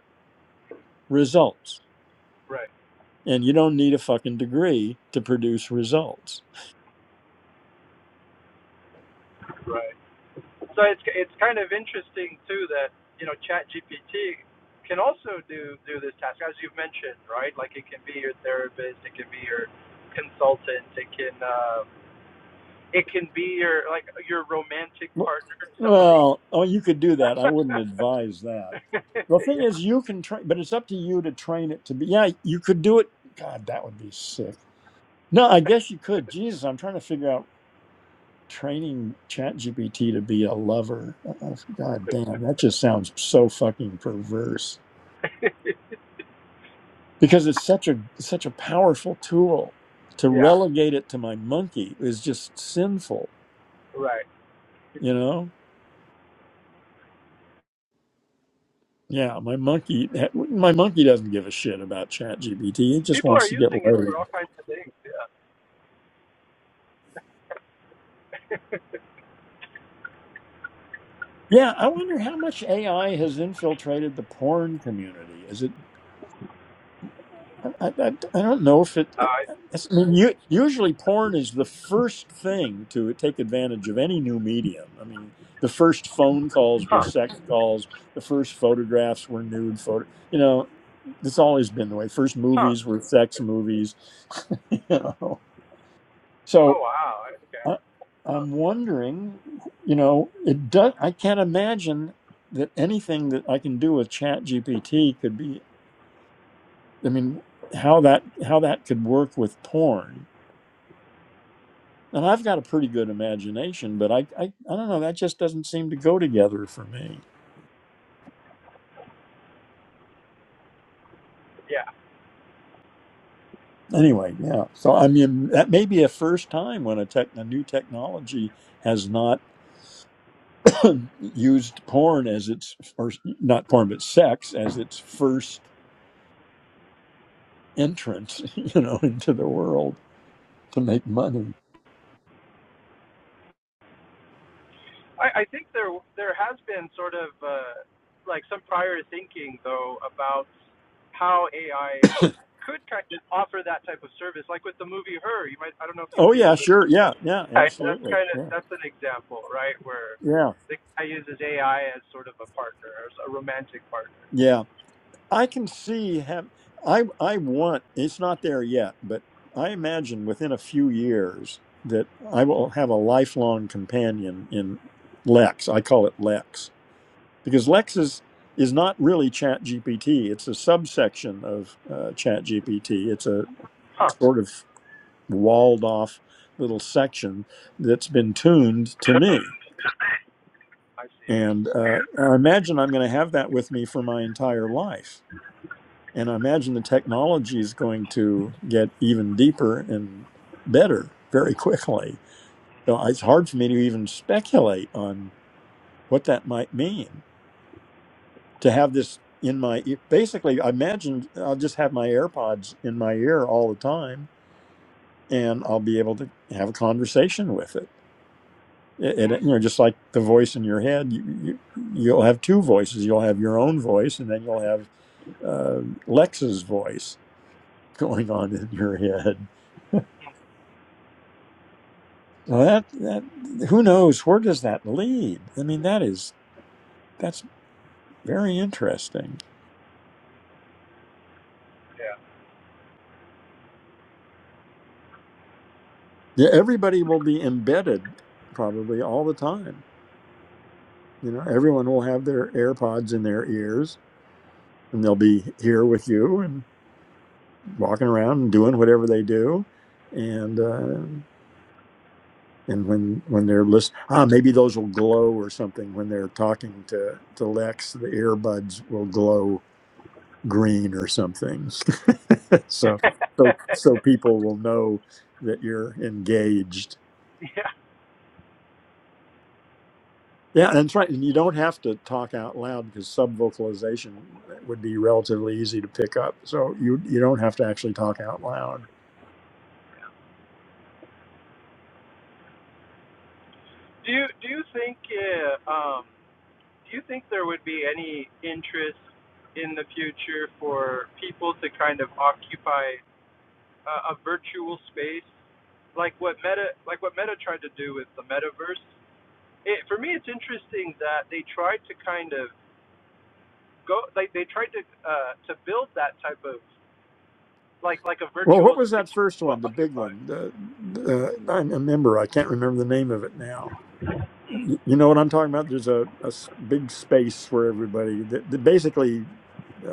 results right, and you don't need a fucking degree to produce results right. So it's it's kind of interesting too that you know ChatGPT can also do do this task as you've mentioned, right? Like it can be your therapist, it can be your consultant, it can uh, it can be your like your romantic partner, somebody. Well, oh, you could do that. I wouldn't advise that. yeah, The thing is, you can train, but it's up to you to train it to be. Yeah, you could do it. God, that would be sick. No, I guess you could. Jesus, I'm trying to figure out training ChatGPT to be a lover. Uh, God damn, that just sounds so fucking perverse. Because it's such a such a powerful tool. To yeah, relegate it to my monkey is just sinful. right. You know. Yeah, my monkey, my monkey doesn't give a shit about ChatGPT. GPT. It just People are wants to get using it for laid. all kinds of things. Yeah. Yeah, I wonder how much AI has infiltrated the porn community. Is it? I, I, I don't know if it. it's- Uh, I mean, u- usually porn is the first thing to take advantage of any new medium. I mean, the first phone calls were huh. sex calls. The first photographs were nude photo. You know, it's always been the way. First Huh. movies were sex movies. You know, Oh so. wow. Okay. I, Huh. I'm wondering, you know, it does. I can't imagine that anything that I can do with Chat GPT could be. I mean, how that how that could work with porn. And I've got a pretty good imagination, but I, I I don't know. That just doesn't seem to go together for me. Yeah. Anyway, yeah. So I mean, that may be a first time when a tech a new technology has not used porn as its or not porn but sex as its first. entrance, you know, into the world to make money. I, I think there there has been sort of uh, like some prior thinking though about how AI could kind of offer that type of service, like with the movie Her. You might I don't know if you've Oh seen the yeah, movie. sure. Yeah, yeah, Right, that's absolutely. kind of Yeah. that's an example, right, where Yeah. the guy uses AI as sort of a partner, as a romantic partner. Yeah. I can see have I I want it's not there yet, but I imagine within a few years that I will have a lifelong companion in Lex. I call it Lex because Lex is is not really Chat GPT. It's a subsection of uh, Chat GPT. It's a Huh. sort of walled off little section that's been tuned to me. I see. And uh, I imagine I'm going to have that with me for my entire life. And I imagine the technology is going to get even deeper and better very quickly. So uh, it's hard for me to even speculate on what that might mean to have this in my ear. Basically, I imagine I'll just have my AirPods in my ear all the time and I'll be able to have a conversation with it and you know just like the voice in your head you, you you'll have two voices you'll have your own voice and then you'll have uh, lex's voice going on in your head so that that who knows where does that lead i mean that is that's very interesting Yeah. yeah, everybody will be embedded probably all the time you know everyone will have their airpods in their ears and they'll be here with you and walking around and doing whatever they do and uh, and when when they're listening ah maybe those will glow or something when they're talking to to lex the earbuds will glow green or something so so so people will know that you're engaged yeah. yeah and that's right and you don't have to talk out loud because subvocalization would be relatively easy to pick up so you you don't have to actually talk out loud Do you do you think uh, um Do you think there would be any interest in the future for people to kind of occupy uh, a virtual space, like what Meta, like what Meta tried to do with the metaverse? It, for me, it's interesting that they tried to kind of go, like they tried to uh, to build that type of like like a well what virtual was space that first for one the big Occupy. one the, the i remember i can't remember the name of it now Y- You know what I'm talking about? There's a, a s- big space for everybody. The, the, basically, uh,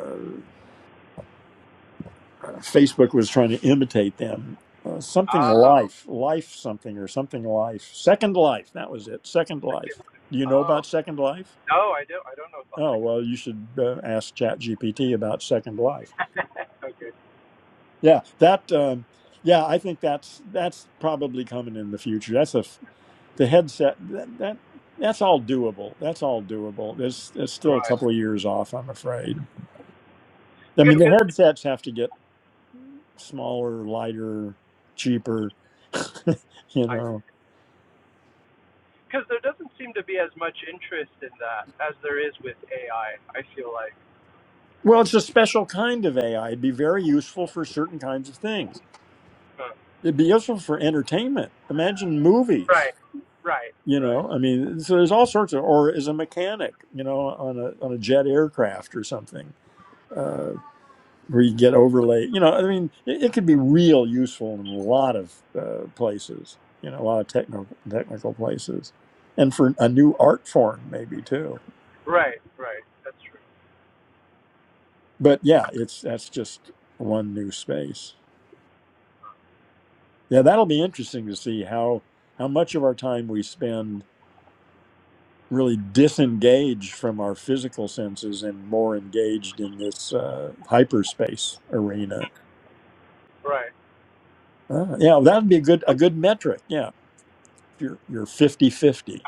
uh, Facebook was trying to imitate them. Uh, something Oh, life, life something or something life. Second life, that was it. Second life. second. Do you know Oh, about Second Life? no, I don't. I don't know about Oh second. well, you should uh, ask ChatGPT about Second Life. okay, Yeah, that. Um, yeah, I think that's that's probably coming in the future. That's a f- the headset that, that that's all doable. That's all doable. It's, it's still a right. couple of years off, I'm afraid. I Good mean, the Because headsets have to get smaller, lighter, cheaper, you I know. Because there doesn't seem to be as much interest in that as there is with AI. I I feel like. Well, it's a special kind of AI. It'd be very useful for certain kinds of things. Huh. It'd be useful for entertainment. Imagine movies, Right. Right. you Right. know. I mean, so there's all sorts of, or as a mechanic, you know, on a on a jet aircraft or something. Uh, where you get overlay. You know, I mean, it, it could be real useful in a lot of uh, places. You know, a lot of technical technical places, and for a new art form maybe too. Right. Right. That's true. But yeah, it's that's just one new space. Yeah, that'll be interesting to see how how much of our time we spend really disengaged from our physical senses and more engaged in this uh, hyperspace arena. Right. Uh, yeah, that'd be a good a good metric. Yeah, if you're you're fifty fifty.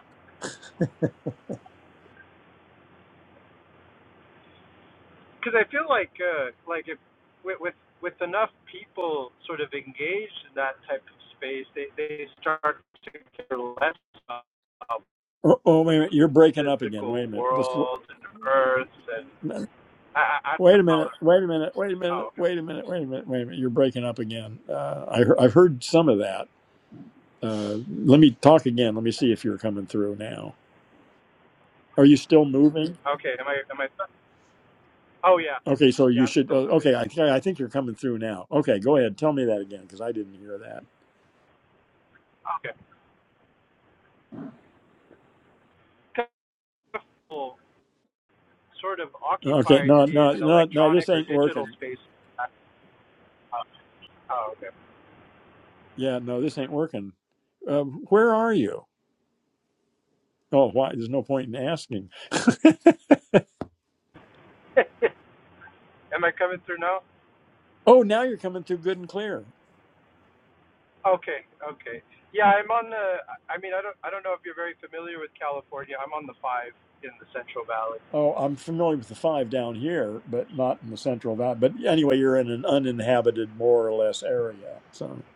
Because I feel like uh, like if with, with with enough people sort of engaged in that type of space, they they start to care less about Oh, oh, the wait a minute. You're breaking up again. Wait physical a minute. Just world and Earth and wa- I I, I don't know. wait a How minute. to, Wait a minute. Wait a minute. oh, okay. Wait a minute. Wait a minute. Wait a minute. You're breaking up again. Uh, I, he- I've heard some of that. Uh, let me talk again. Let me see if you're coming through now. Are you still moving? Okay. Am I am I? Oh yeah. Okay, so Yeah. you I'm should. Uh, still moving. okay, I, I think you're coming through now. Okay, go ahead. Tell me that again because I didn't hear that. Okay. sort of Okay, occupied no, no, in an no, no. electronic This or ain't digital working. space. Uh, uh, oh, okay. Yeah, no, this ain't working. Uh, where are you? Oh, why? There's no point in asking. Am I coming through now? Oh, now you're coming through good and clear. Okay, okay. Yeah, I'm on the. I mean, I don't. I don't know if you're very familiar with California. I'm on the five in the Central Valley. Oh, I'm familiar with the five down here, but not in the Central Valley. But anyway, you're in an uninhabited, more or less, area. So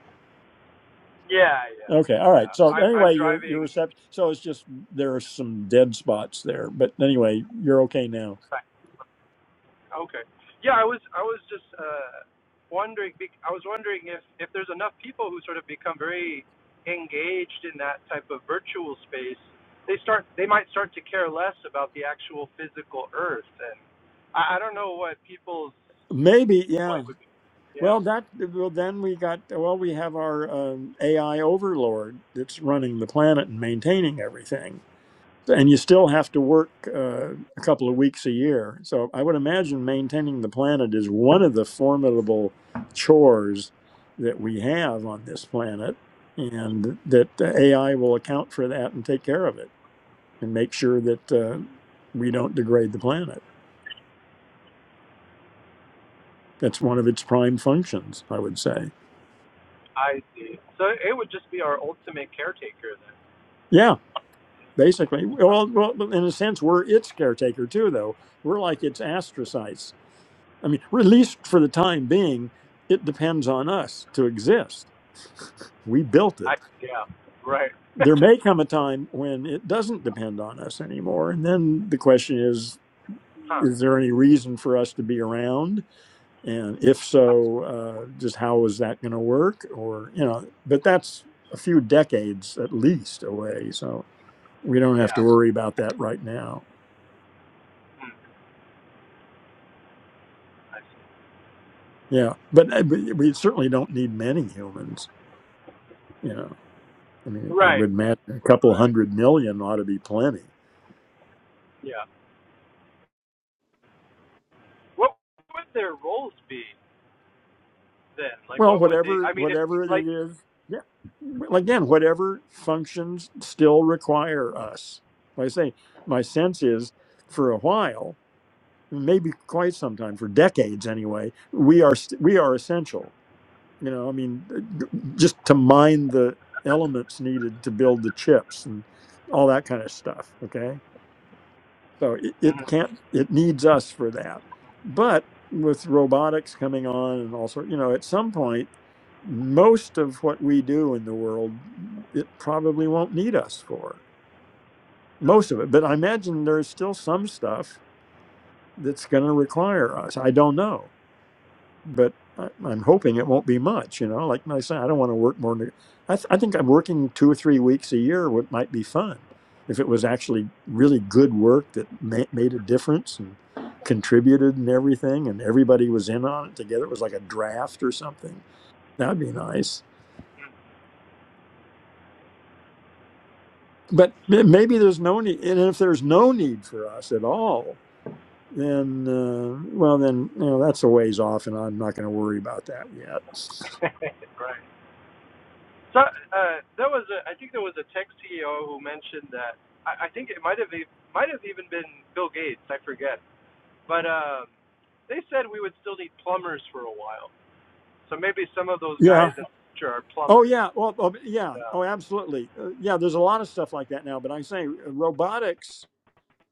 Yeah, yeah, okay, all right. yeah. So I'm I'm anyway, your your driving reception. So it's just there are some dead spots there. But anyway, you're okay now. Okay. Yeah, I was I was just uh, wondering. bec- I was wondering if if there's enough people who sort of become very engaged in that type of virtual space, they start they might start to care less about the actual physical Earth, and I, I don't know what people's Maybe yeah. point would be. Well, Yeah, that well then we got well we have our um, AI overlord that's running the planet and maintaining everything. and you still have to work uh, a couple of weeks a year. So I would imagine maintaining the planet is one of the formidable chores that we have on this planet, and that the AI will account for that and take care of it and make sure that uh, we don't degrade the planet. That's one of its prime functions, I would say. I see. So it would just be our ultimate caretaker then. Yeah, basically. Well, well, in a sense, we're its caretaker too, though. We're like its astrocytes I mean, or at least for the time being, it depends on us to exist. We built I it. yeah. Right. There may come a time when it doesn't depend on us anymore. And then the question is huh. is there any reason for us to be around? And if so, uh, just how is that going to work? Or, you know, but that's a few decades at least away. So we don't have to Yeah. worry about that right now. Hmm. I see. Yeah. But uh, but we certainly don't need many humans, you know. I mean, I Right. would imagine a couple Right. hundred million ought to be plenty. Yeah. What would their roles be? then? Like, Well, what would they? whatever, I mean, if whatever it like, is, yeah. Well, Again, whatever functions still require us. Like I say, my sense is, for a while, maybe quite some time, for decades anyway, we are st- we are essential. You know, I mean, just to mine the elements needed to build the chips and all that kind of stuff. Okay So it, it hmm can't, it needs us for that. But with robotics coming on and all sort, you know, at some point, most of what we do in the world, it probably won't need us for most of it. But I imagine there's still some stuff that's going to require us. I don't know but I, I'm hoping it won't be much. You know, like I say, I don't want to work more. than- I, th- I think I'm working two or three weeks a year. What might be fun if it was actually really good work that ma- made a difference and contributed and everything, and everybody was in on it together. It was like a draft or something. That'd be nice. But ma- maybe there's no need, and if there's no need for us at all, then uh, well, then you know that's a ways off, and I'm not going to worry about that yet. Right. so uh, there was a, I think there was a tech CEO who mentioned that. I, I think it might have e- might have even been Bill Gates. I forget, but um, they said we would still need plumbers for a while. So maybe some of those Yeah, guys in the future are Oh plumbers. yeah, well, oh, yeah, Um, oh absolutely, uh, yeah. There's a lot of stuff like that now, but I say uh, robotics,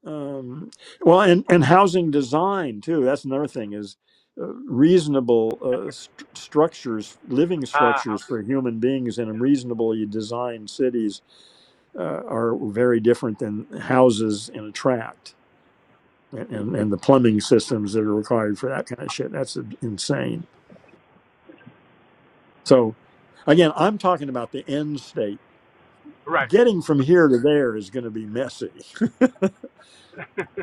um, well, and and housing design too. That's another thing is uh, reasonable uh, st- structures, living uh, structures housing. for human beings in reasonably designed cities uh, are very different than houses in a tract and, and and the plumbing systems that are required for that kind of shit. That's uh, insane. So, again, I'm talking about the end state Right. getting from here to there is going to be messy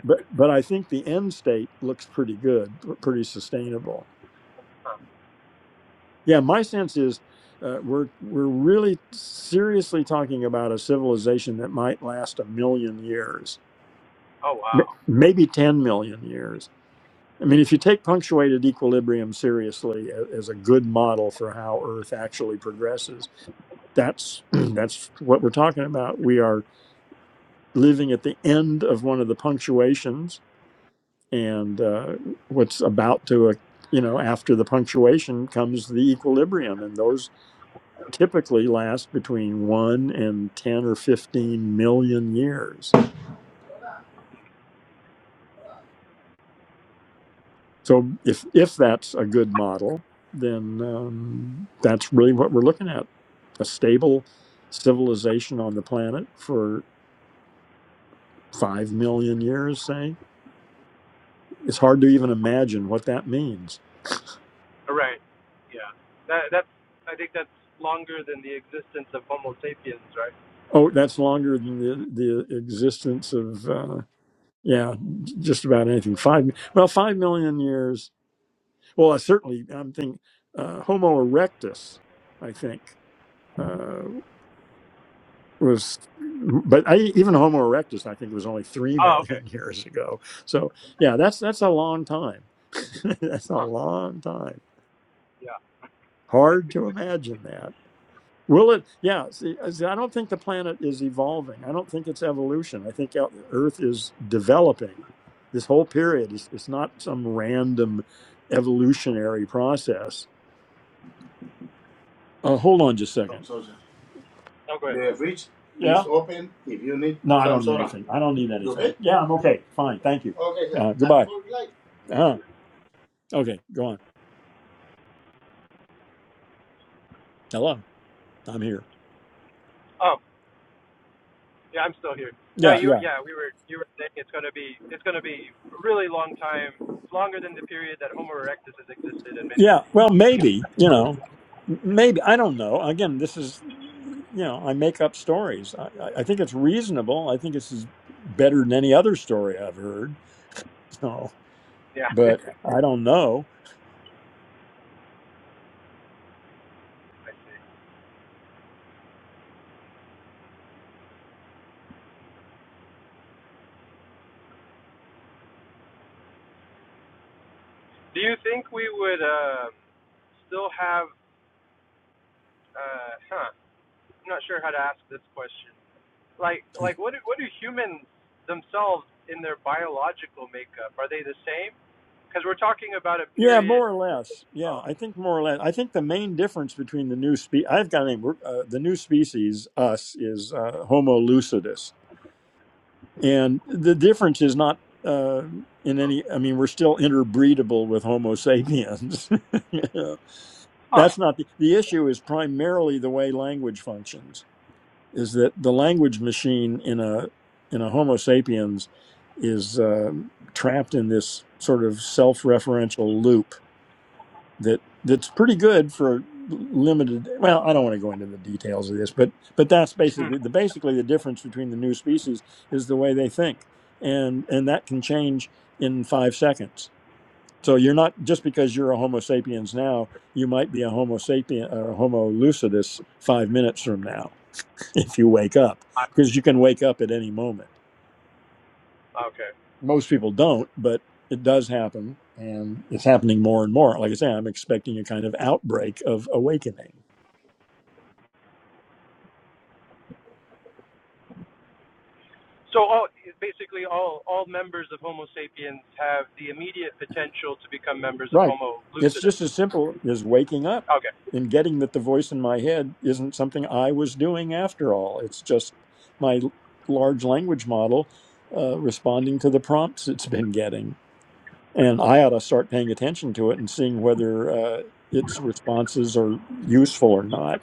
but but i think the end state looks pretty good pretty sustainable yeah my sense is uh, we're we're really seriously talking about a civilization that might last a million years Oh m- wow. maybe 10 million years i mean if you take punctuated equilibrium seriously a- as a good model for how earth actually progresses that's that's what we're talking about we are living at the end of one of the punctuations and uh, what's about to uh, you know after the punctuation comes the equilibrium and those typically last between 1 and 10 or 15 million years so if if that's a good model then um, that's really what we're looking at a stable civilization on the planet for 5 million years say it's hard to even imagine what that means Right. Yeah. That that's. I think that's longer than the existence of Homo sapiens. Right. oh that's longer than the, the existence of uh, Yeah, just about anything. Five well, five million years. Well, I certainly, I'm thinking uh, Homo erectus. I think uh, was, but I, even Homo erectus, I think was only three Oh, okay. million years ago. So yeah, that's that's a long time. that's a Huh. long time. Yeah. Hard to imagine that. Will it? Yeah. See, I don't think the planet is evolving. I don't think it's evolution. I think Earth is developing. This whole period is it's not some random evolutionary process. Uh, hold on just a second. Oh, go ahead. The fridge Yeah. is open if you need No, I don't need soda. anything. I don't need anything. okay? Yeah, I'm okay. Fine. Thank you. Okay, Uh, goodbye. like. Uh-huh. Okay. Go on. Hello. I'm here. Um, Yeah, I'm still here. No, Yeah. you Yeah. yeah, we were you were saying it's gonna be it's gonna be a really long time, longer than the period that Homo erectus has existed in many Yeah, you well, maybe you know, know. maybe I don't know. Again, this is you know, I make up stories. I, I I think it's reasonable. I think this is better than any other story I've heard. So, Yeah. but I don't know. Do you think we would um still have uh huh. I'm not sure how to ask this question. Like like what do what do humans themselves in their biological makeup, are they the same? Because we're talking about a Yeah, period more or less. Yeah, oh, I think more or less. I think the main difference between the new spe I've got a name. We're- Uh, the new species, us, is uh, Homo lucidus, and the difference is not uh, in any. I mean, we're still interbreedable with Homo sapiens. oh that's not the, the issue is primarily the way language functions is that the language machine in a in a homo sapiens is um, trapped in this sort of self-referential loop that that's pretty good for limited well i don't want to go into the details of this but but that's basically the basically the difference between the new species is the way they think and and that can change in 5 seconds so you're not just because you're a Homo sapiens now, you might be a Homo sapien or a Homo lucidus five minutes from now if you wake up, I see. because you can wake up at any moment. Okay. Most people don't, but it does happen, and it's happening more and more. Like I say, I'm expecting a kind of outbreak of awakening. So all, basically, all all members of Homo sapiens have the immediate potential to become members of Right. Homo It's lucidus. just as simple as waking up Okay. and getting that the voice in my head isn't something I was doing after all. It's just my l- large language model uh, responding to the prompts it's been getting. And I ought to start paying attention to it and seeing whether uh, its responses are useful or not.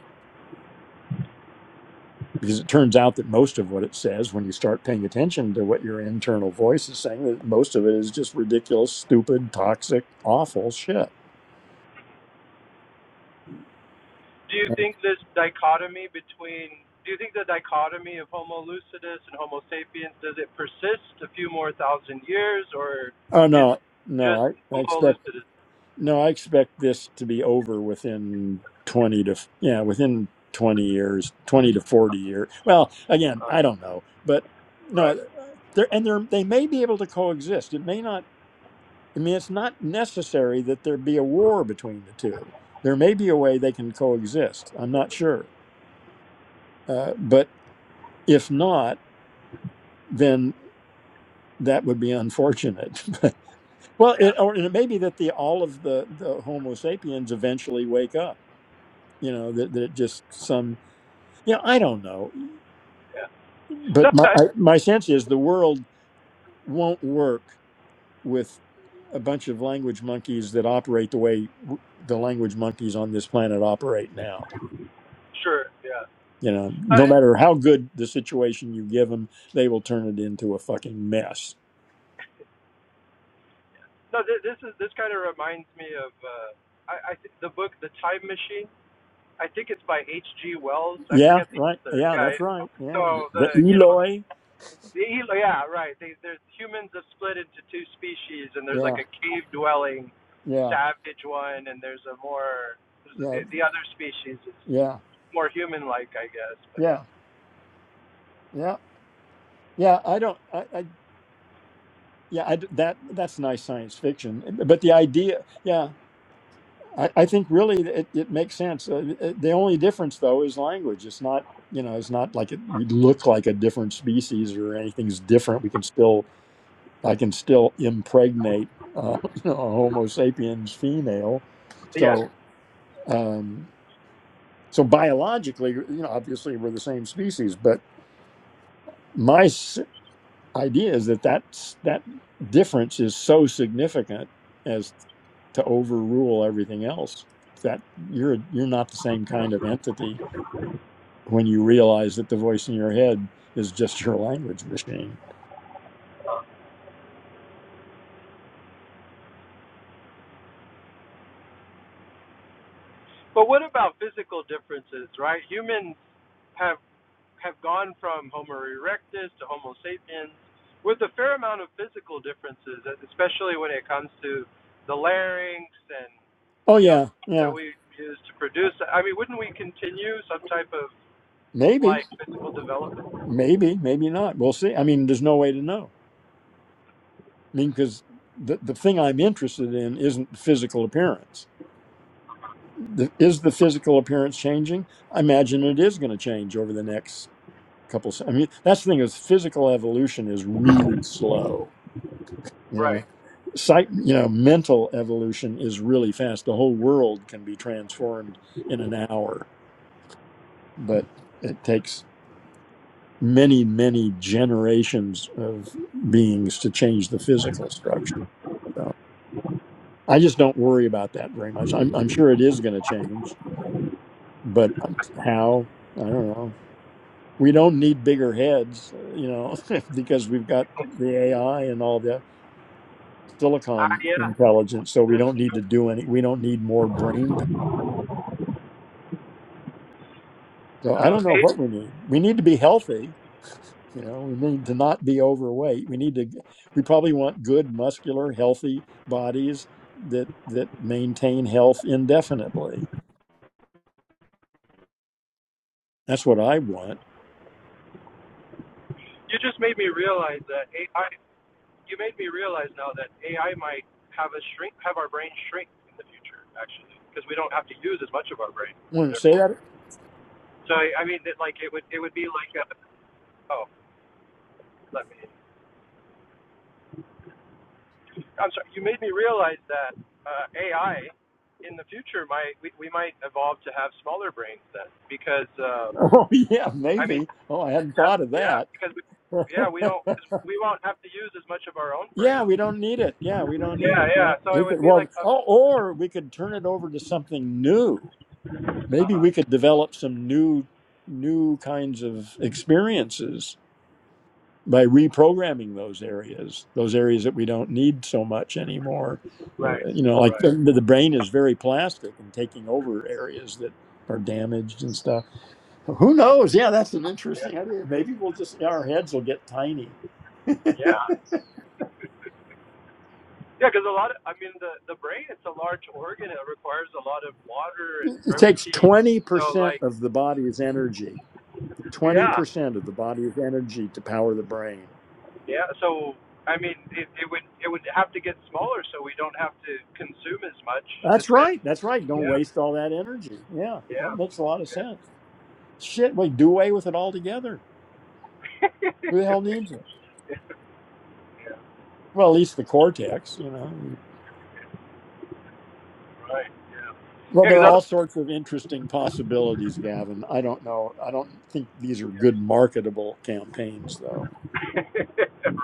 Because it turns out that most of what it says, when you start paying attention to what your internal voice is saying, that most of it is just ridiculous, stupid, toxic, awful shit. Do you think this dichotomy between do you think the dichotomy of Homo lucidus and Homo sapiens does it persist a few more thousand years, or Oh is no, it no, just I, I Homo expect lucidus? no, I expect this to be over within twenty to yeah, within twenty years, twenty to forty years. Well, again, I don't know, but no, uh, there and there they may be able to coexist. It may not. I mean, it's not necessary that there be a war between the two. There may be a way they can coexist. I'm not sure, uh, but if not, then that would be unfortunate. Well, it, Yeah. or it may be that the all of the the Homo sapiens eventually wake up. You know that that it just some. You know, I don't know, Yeah. No. but my I, I, my sense is the world won't work with a bunch of language monkeys that operate the way w- the language monkeys on this planet operate now. sure. Yeah. You know, Uh, no matter how good the situation you give them, they will turn it into a fucking mess. no. Th- this is this kind of reminds me of uh, I, I th- the book The Time Machine I think it's by H.G. Wells. I Yeah, forget the right. author. Yeah, Yeah. that's right. Yeah, So the the you know Eloi. the yeah right. They, there's humans are split into two species, and there's like Yeah, a cave dwelling yeah, savage one, and there's a more there's a, yeah, the, the other species is yeah, more human like, I guess. But yeah, yeah. Yeah. Yeah, I don't. I, I yeah, I d that that's nice science fiction. eh, But the idea, yeah, I, I think really it, it makes sense. Uh, it- the only difference though is language. It's not you know it's not like it, we look like a different species or anything's different. We can still I can still impregnate uh, you know a Homo sapiens female. yeah. So um, so biologically, you know, obviously we're the same species, but. my idea is that that's, that difference is so significant as to overrule everything else. That you're you're not the same kind of entity when you realize that the voice in your head is just your language machine. But what about physical differences, right? Humans have have gone from Homo erectus to Homo sapiens with a fair amount of physical differences, especially when it comes to the larynx and Oh you know yeah, that yeah. we use to produce. I mean, wouldn't we continue some type of Maybe, like physical development? maybe, maybe not. We'll see. I mean, there's no way to know. I mean, because the the thing I'm interested in isn't physical appearance. The, is the physical appearance changing? I imagine it is going to change over the next couple i mean that's the thing is physical evolution is really slow you know Right. psych you know mental evolution is really fast the whole world can be transformed in an hour but it takes many many generations of beings to change the physical structure so i just don't worry about that very much i'm, I'm sure it is going to change but uh, how i don't know we don't need bigger heads uh, you know because we've got the ai and all the Ah, silicon yeah. intelligence, so we That's don't need true. to do any. We don't need more brain. power. So I Uh, don't know A- what we need. We need to be healthy. You know, we need to not be overweight. We need to. We probably want good, muscular, healthy bodies that that maintain health indefinitely. That's what I want. you just made me realize that AI. You made me realize now that AI might have us shrink, have our brain shrink in the future, actually, because we don't have to use as much of our brain, Want to say therefore. that? So I mean, that like it would it would be like a, oh, let me. I'm sorry. You made me realize that uh, AI in the future might we, we might evolve to have smaller brains then because uh, Oh yeah, I mean maybe. Oh, I hadn't yeah thought of yeah that. because we yeah we don't cause we won't have to use as much of our own yeah, brains. we don't need it. Yeah, we don't need Yeah it. yeah. Yeah, So we it could. would be Well, like a, oh, or we could turn it over to something new maybe we could develop some new new kinds of experiences by reprogramming those areas those areas that we don't need so much anymore right uh, you know like the, right the brain is very plastic and taking over areas that are damaged and stuff who knows yeah that's an yeah interesting idea maybe we'll just our heads will get tiny yeah. Yeah, because a lot of, I mean, the the brain, it's a large organ. It requires a lot of water and it takes protein. So, like, 20% of the body's energy yeah, 20% of the body's energy to power the brain Yeah, so I mean, it, it would it would have to get smaller so we don't have to consume as much. As, That's and, right. That's right. Don't yeah, waste all that energy. Yeah, yeah, that makes a lot of sense. Shit, we do away with it altogether. Who the hell needs it? Well, at least the cortex, you know. Well, yeah. there Because are all other sorts of interesting possibilities, Gavin. I don't know. I don't think these are good marketable campaigns, though.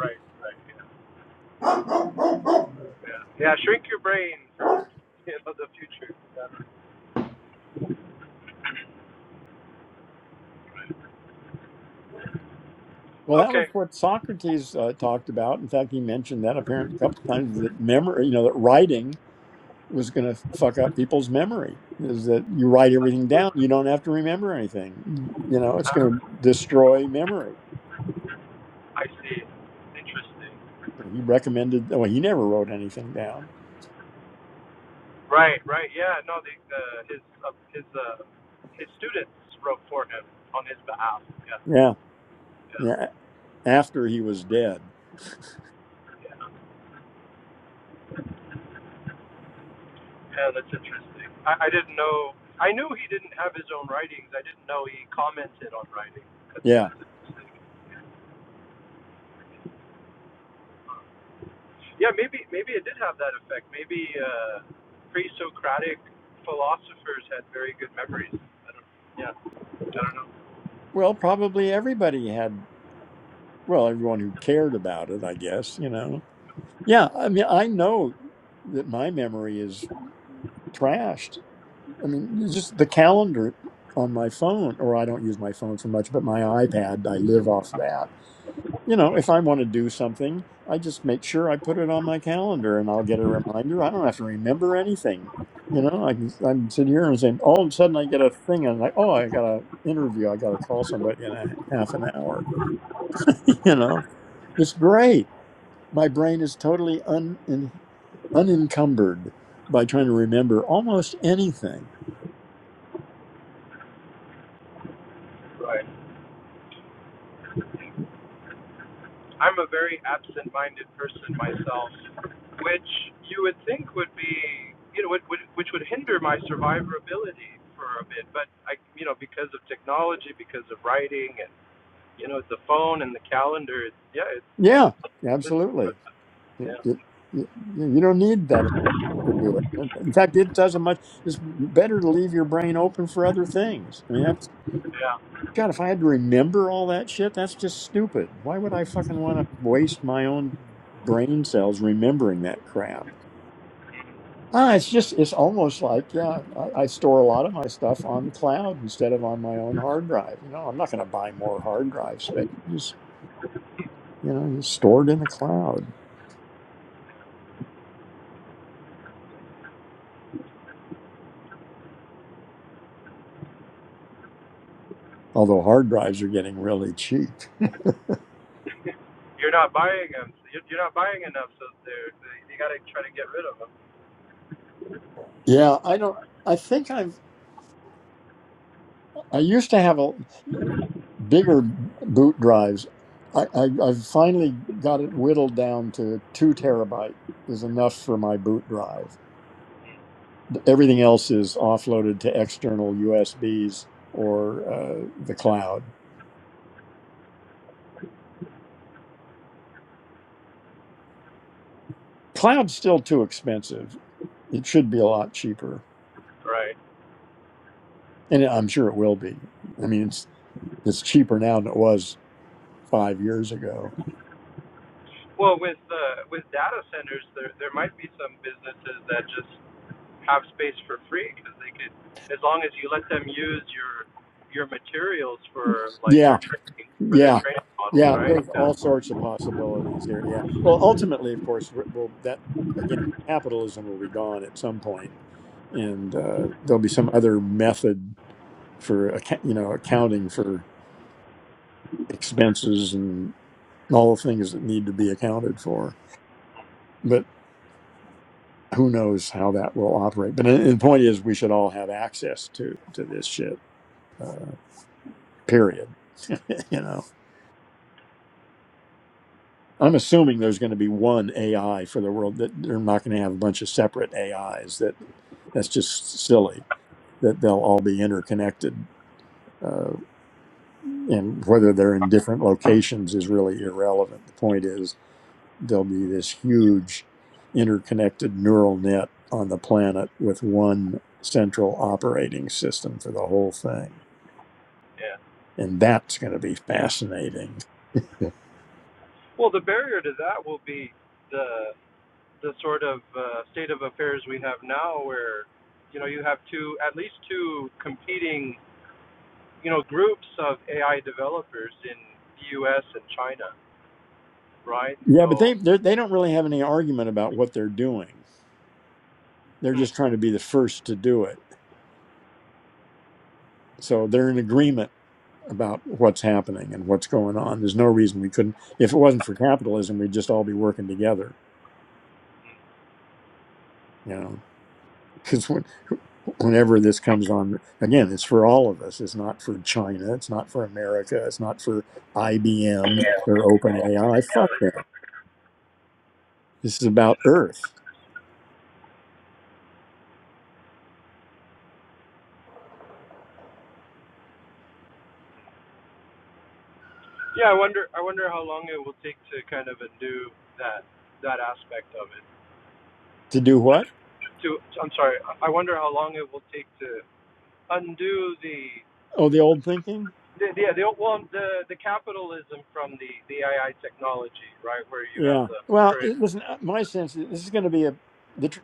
right, right, yeah, yeah. Shrink your brain for you know the future. Yeah. Well, that was Okay, what Socrates uh, talked about. In fact, he mentioned that apparently a couple times that memory, you know, that writing was going to fuck up people's memory is that you write everything down you don't have to remember anything you know it's going to destroy memory I see. Interesting. he recommended well he never wrote anything down Right, right. Yeah, no, the, the his uh, his uh, his students wrote for him on his behalf. Yeah, yeah yeah. yeah after he was dead Yeah, that's interesting. I, I didn't know. I knew he didn't have his own writings. I didn't know he commented on writing. That's, yeah that's interesting. Yeah, maybe maybe it did have that effect. Maybe uh, pre-Socratic philosophers had very good memories. I don't. Yeah, I don't know. well probably everybody had well everyone who cared about it i guess you know yeah i mean i know that my memory is trashed i mean just the calendar on my phone or i don't use my phone for much but my ipad i live off that you know, if I want to do something, I just make sure I put it on my calendar and I'll get a reminder. I don't have to remember anything. You know, I can, I can sit here and saying, all of a sudden I get a thing and I'm like, oh, I got an interview. I got to call somebody in a half an hour. you know, it's great. My brain is totally un, in, unencumbered by trying to remember almost anything. Right. I'm a very absent-minded person myself, which you would think would be you know would, would which would hinder my survivability for a bit. But I you know because of technology, because of writing and you know, the phone and the calendar. It's, yeah, it's Yeah, it's assistance with absolutely. them. You, Yeah, you, you you don't need that to do it. In fact, it doesn't much. It's better to leave your brain open for other things. I mean, that's yeah. God. If I had to remember all that shit, that's just stupid. Why would I fucking want to waste my own brain cells remembering that crap? Ah, it's just it's almost like yeah, I, I store a lot of my stuff on the cloud instead of on my own hard drive. You know, I'm not going to buy more hard drive space. Just you know, just stored in the cloud. Although hard drives are getting really cheap. You're not buying them. So you're, you're not buying enough, so they're they, you got to try to get rid of them. Yeah, I don't. I think I've. I used to have a. bigger boot drives. I, I, I've finally got it whittled down to two terabyte is enough for my boot drive. Everything else is offloaded to external USBs or uh, the cloud. Cloud's still too expensive. It should be a lot cheaper, Right. and I'm sure it will be. I mean, it's it's cheaper now than it was five years ago. Well, with uh, with data centers, there there might be some businesses that just have space for free because they could, as long as you let them use your your materials for like Yeah, their training for their Yeah, training models, yeah. right? There's Yeah. all sorts of possibilities here. Yeah. Well, ultimately, of course, we- we that again, capitalism will be gone at some point, and uh, there'll be some other method for acc- you know accounting for expenses and all the things that need to be accounted for. But who knows how that will operate? But the the point is, we should all have access to to this shit. Uh, period. you know. I'm assuming there's going to be one AI for the world that they're not going to have a bunch of separate AIs. That that's just silly. That they'll all be interconnected, uh, and whether they're in different locations is really irrelevant. The point is there'll be this huge interconnected neural net on the planet with one central operating system for the whole thing, yeah. and that's going to be fascinating. Well, the barrier to that will be the the sort of uh, state of affairs we have now, where you know you have two, at least two competing, you know, groups of AI developers in the U.S. and China, right? Yeah, but So, they they're- they don't really have any argument about what they're doing They're hmm. just trying to be the first to do it. So they're in agreement about what's happening and what's going on. There's no reason we couldn't. If it wasn't for capitalism, we'd just all be working together, you know. Because when, whenever this comes on, again, it's for all of us. It's not for China. It's not for America. It's not for IBM or OpenAI. Fuck them. This is about Earth. yeah, I wonder, I wonder how long it will take to kind of undo that that aspect of it. To do what? To, I'm sorry, I wonder how long it will take to undo the Oh, the old thinking? the the, the, well, the the capitalism from the the AI technology, right? Where you have Yeah. the Well, current it, listen, uh, my sense is this is going to be a. The tr-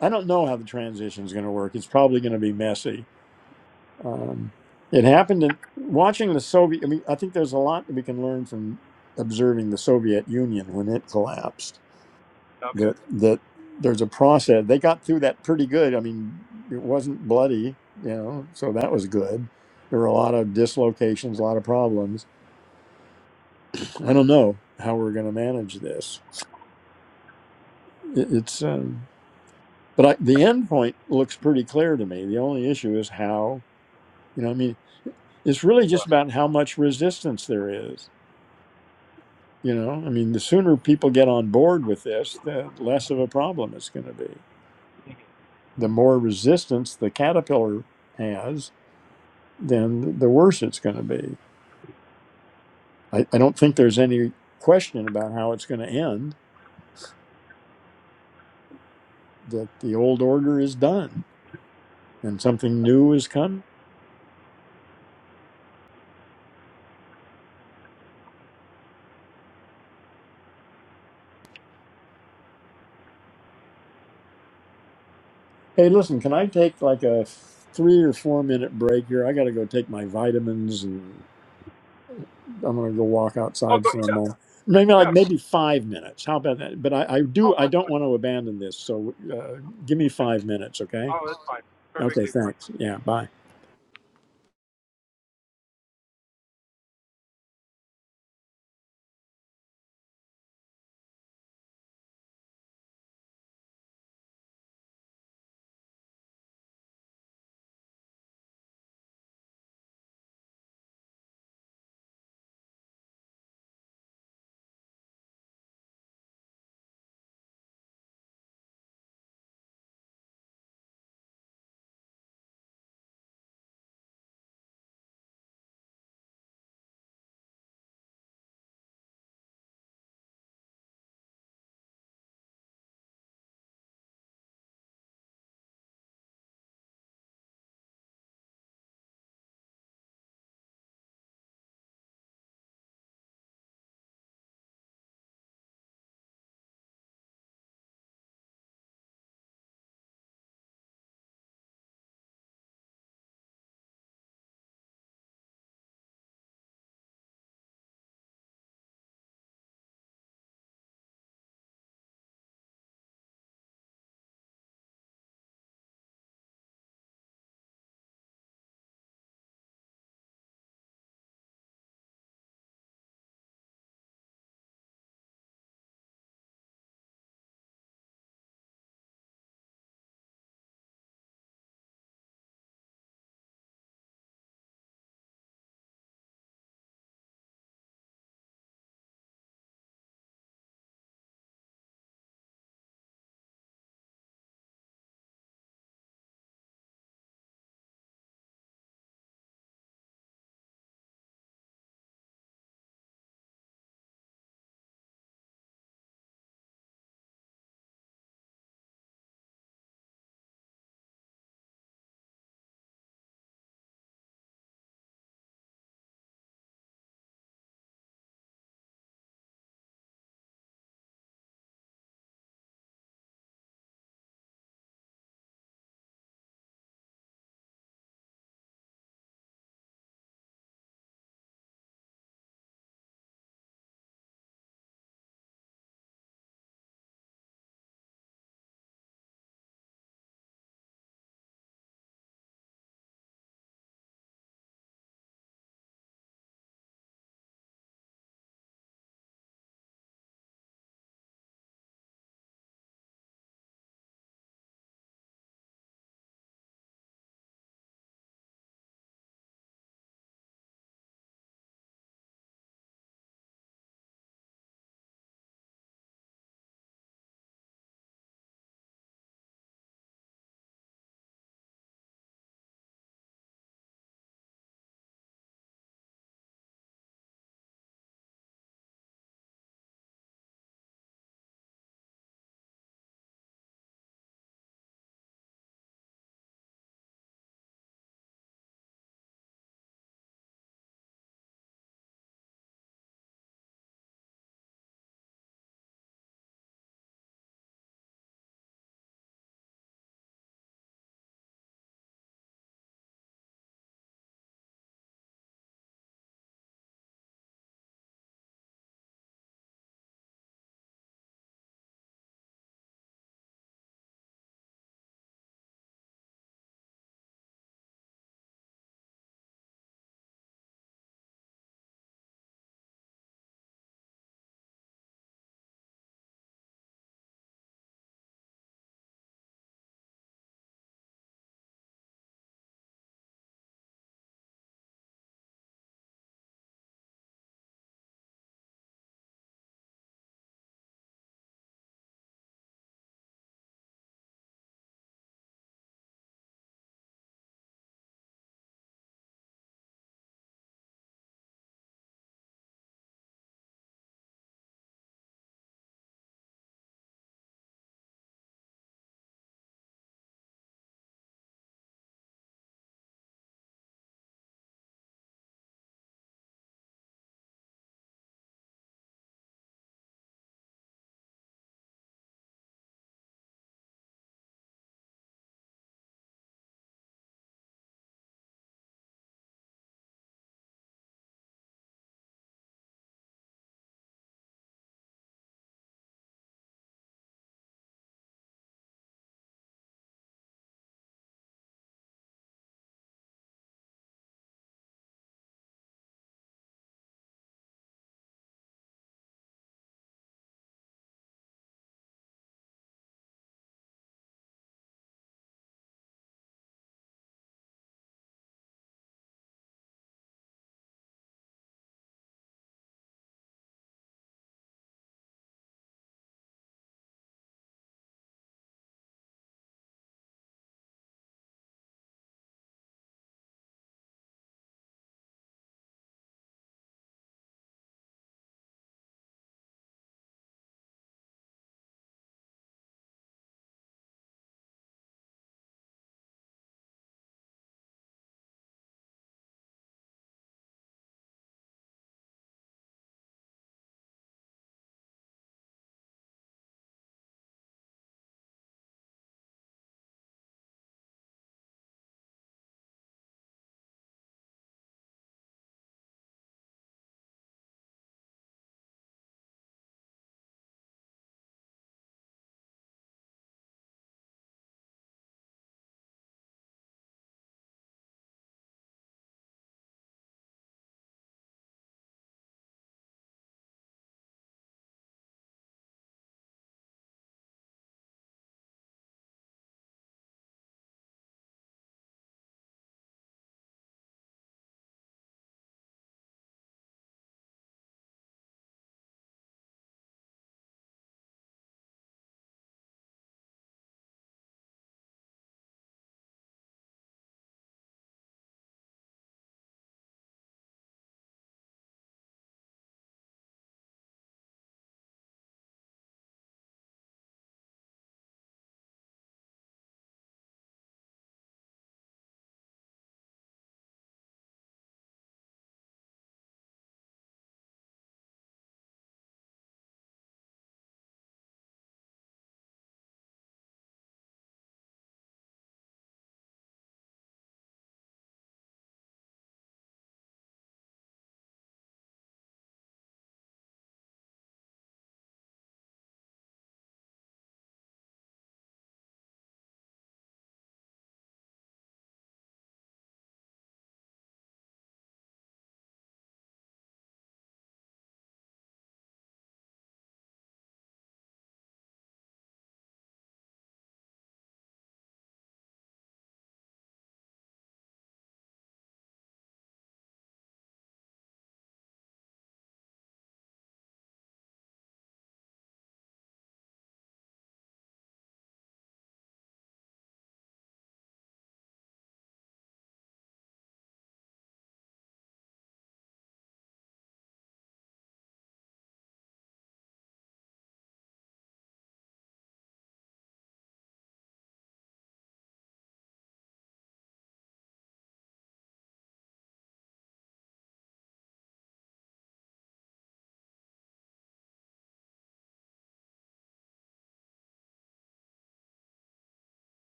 I don't know how the transition is going to work. It's probably going to be messy. Um, it happened in watching the Soviet. I mean, I think there's a lot that we can learn from observing the Soviet Union when it collapsed. okay. That that there's a process. They got through that pretty good. I mean, it wasn't bloody, you know, so that was good. There were a lot of dislocations, a lot of problems. I don't know how we're going to manage this. It, it's. Um, But I, the end point looks pretty clear to me. The only issue is how, you know, I mean, it's really just about how much resistance there is. You know, I mean, the sooner people get on board with this, the less of a problem it's going to be. The more resistance the caterpillar has, then the worse it's going to be. I, I don't think there's any question about how it's going to end, that the old order is done and something new is coming. Hey, listen, can I take like a three or four minute break here? I got to go take my vitamins and I'm going to go walk Oh, outside go, for a yeah, moment. Maybe like yeah. maybe five minutes. How about that? But I, I do, Oh, I that's don't fine. want to abandon this. So uh, give me five minutes, okay? Oh, that's fine. Okay, Perfectly fine. thanks. Yeah, bye.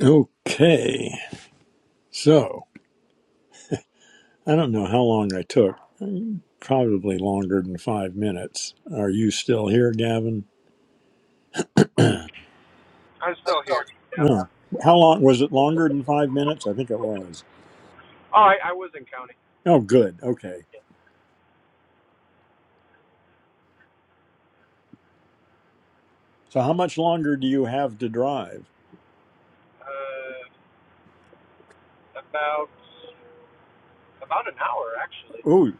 Okay. So I don't know how long I took. Probably longer than five minutes. Are you still here, Gavin? I'm still here. Yeah. No. How long was it longer than five minutes? I think it was. Oh, I, I was in county. Oh, good. Okay. So how much longer do you have to drive? Uh, about about an hour actually. Ooh,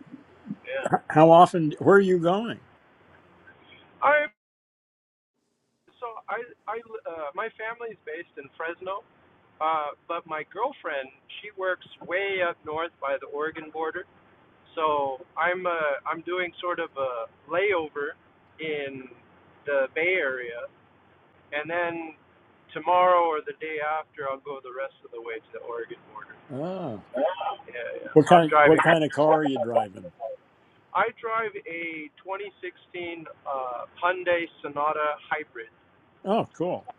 Yeah. h- how often? Where are you going? I so I I uh, my family's based in Fresno. Uh, but my girlfriend, she works way up north by the Oregon border. So I'm uh, I'm doing sort of a layover in the Bay Area, and then tomorrow or the day after, I'll go the rest of the way to the Oregon border. Ah, Yeah, yeah. what So kind I'm of driving. what kind of car are you driving? I drive a 2016 uh, Hyundai Sonata hybrid. Oh, cool.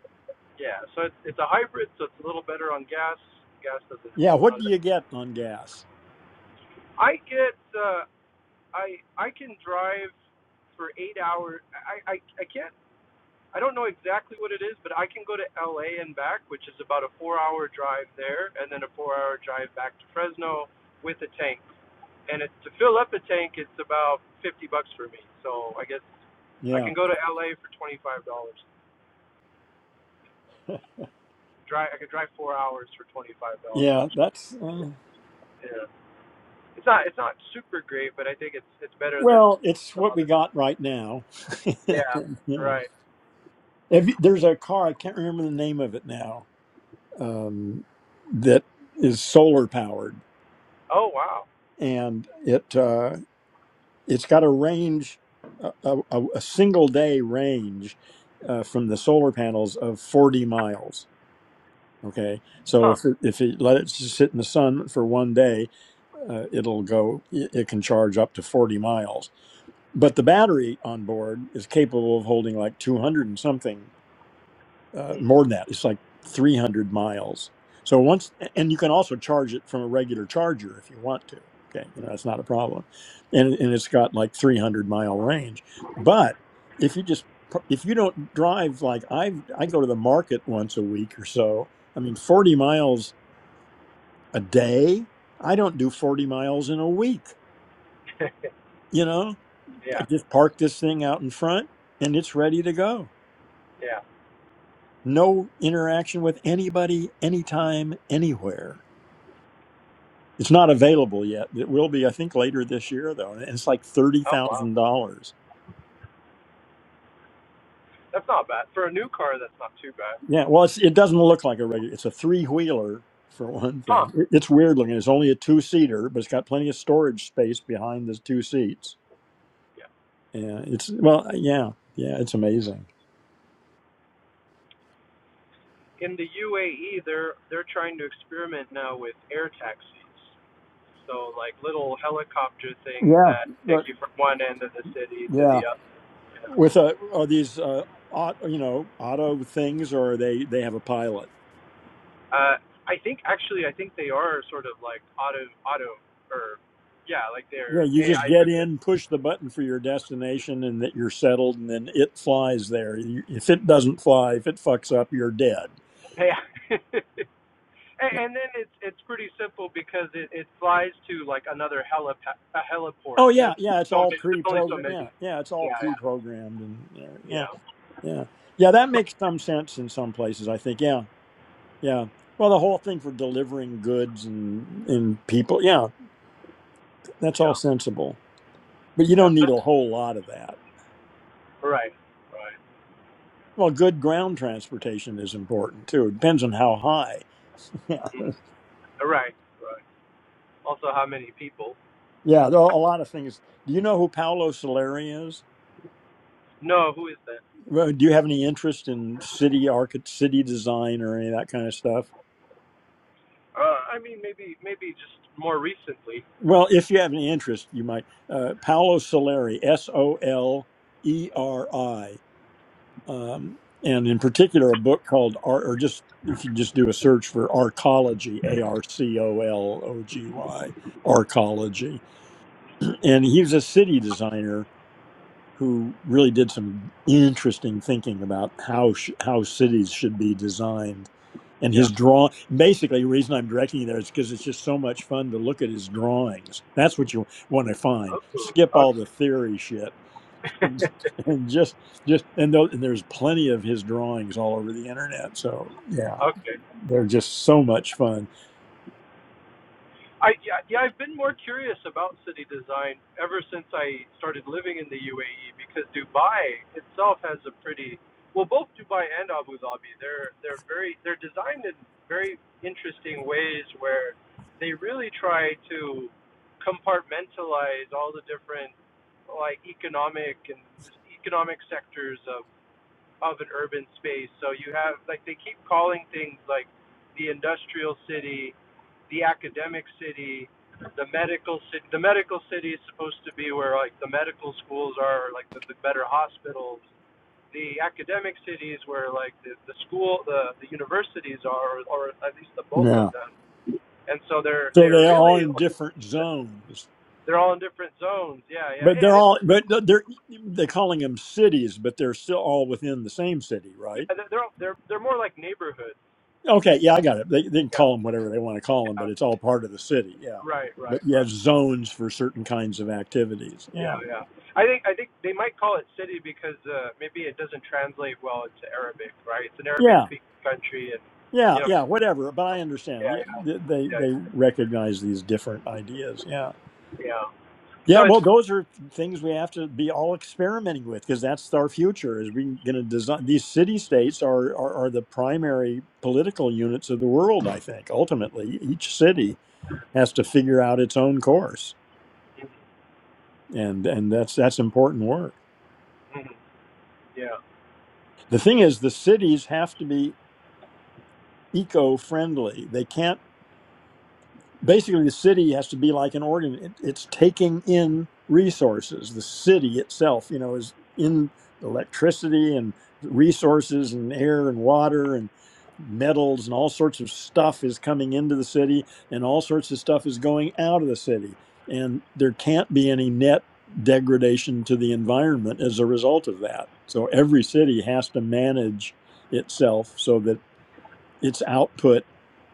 Yeah, so it's, it's a hybrid, so it's a little better on gas. Gas doesn't. Yeah, It's what not, do you get on gas? I get. Uh, I I can drive for eight hours. I I, I can't. I don't know exactly what it is, but I can go to LA and back, which is about a four hour drive there, and then a four hour drive back to Fresno with a tank. And it, to fill up a tank, it's about 50 bucks for me. So I guess I Yeah, can go to LA for $25. Drive, I could drive four hours for $25. yeah, that's uh, Yeah. It's not, it's not super great, but I think it's, it's better than well, it's some what we other. got right now. Yeah. yeah, Right. If you- there's a car I can't remember the name of it now um, that is solar powered, Oh, wow. and it. uh, it's got a range, a, a, a single day range uh, from the solar panels of 40 miles. Okay, so Huh. if it, if it let it s- sit in the sun for one day, uh, it'll go. It it can charge up to 40 miles. But the battery on board is capable of holding like 200 and something uh, more than that. It's like 300 miles. So once, and you can also charge it from a regular charger if you want to. Okay, you know that's not a problem, and and it's got like 300 mile range. But if you just if you don't drive like I I go to the market once a week or so. I mean, 40 miles a day. I don't do 40 miles in a week. You know, I yeah. just park this thing out in front and it's ready to go. Yeah. No interaction with anybody, anytime, anywhere It's not available yet. It will be, I think, later this year though, and it's like thirty Oh, wow. thousand dollars. That's not bad. For a new car, that's not too bad. Yeah, well, it's, it doesn't look like a regular. It's a three wheeler for one Huh. thing. It- It's weird looking. It's only a two seater, but it's got plenty of storage space behind the two seats. Yeah. Yeah. it's well, yeah, yeah, it's amazing. In the UAE, they're they're trying to experiment now with air taxis. So like little helicopter things Yeah, that take but you from one end of the city to yeah, the other. You know. with a, are these uh, auto, you know auto things or are they they have a pilot? Uh, I think actually, I think they are sort of like auto auto or yeah, like Yeah, they're you just AI get driven. in, push the button for your destination, and that you're settled, and then it flies there. You- If it doesn't fly, if it fucks up, you're dead. Yeah. and, then it's it's pretty simple because it it flies to like another helip a Oh heliport, and yeah, there's yeah, it's so all many, there's only so pre-programmed. many. Yeah, yeah, it's all Yeah. Yeah. pre-programmed, and yeah, yeah, Yeah. yeah. Yeah, That makes some sense in some places. I think. Yeah, yeah. Well, the whole thing for delivering goods and and people. Yeah, that's all Yeah. sensible. But you Yeah. don't So need a whole lot of that. Right. Right. Well, good ground transportation is important too. It depends on how high. Mhm. Right. Right. Also, how many people? Yeah, there are a lot of things. Do you know who Paolo Soleri is? No, who is that? Well, Do you have any interest in city architect, city design, or any of that kind of stuff? Uh, I mean, maybe, maybe just more recently. Well, if you have any interest, you might. Uh, Paolo Soleri, S O L E R I, um, and in particular, a book called Ar- or just if you just do a search for Arcology, A R C O L O G Y, Arcology, and he was a city designer who really did some interesting thinking about how sh- how cities should be designed. And Yeah. his draw basically the reason I'm directing you there is because it's just so much fun to look at his drawings. That's what you want to find. Okay. Skip all the theory shit. Okay. And just just and, tho- and there's plenty of his drawings all over the internet. So yeah, okay. they're just so much fun. I yeah, yeah, I've been more curious about city design ever since I started living in the UAE because Dubai itself has a pretty well both Dubai and Abu Dhabi they're they're very they're designed in very interesting ways where they really try to compartmentalize all the different like economic and economic sectors of of an urban space. So you have like they keep calling things like the industrial city, the academic city, the medical city. The medical city is supposed to be where like the medical schools are, like the, the better hospitals. The academic cities where like the, the school, the the universities are, or at least the bulk of Yeah. them. And so they're So they're they're all really in different zones they're all in different zones. Yeah, yeah, But and they're it's all, but they're they're calling them cities, but they're still all within the same city, yeah right? they're they're they're, more like neighborhoods. Okay, yeah, I got it. They, they can Yeah, call them whatever they want to call them, yeah, but it's all part of the city, yeah. right, right, But you right. have zones for certain kinds of activities, Yeah, yeah, yeah. I think I think they might call it city because uh, maybe it doesn't translate well into Arabic, right? It's an yeah, Arabic-speaking country, and yeah, you know, yeah, whatever. But I understand. yeah, Yeah, They they, yeah, they recognize these different ideas, yeah. yeah, yeah. Yeah, So well, it's, those are things we have to be all experimenting with because that's our future. Is we going to design these city states are, are are the primary political units of the world. I think ultimately each city has to figure out its own course, and and that's that's important work. Mhm. yeah, The thing is, the cities have to be eco friendly. They can't basically the city has to be like an organ it, it's taking in resources the city itself you know is in electricity and resources and air and water and metals and all sorts of stuff is coming into the city and all sorts of stuff is going out of the city and there can't be any net degradation to the environment as a result of that so every city has to manage itself so that its output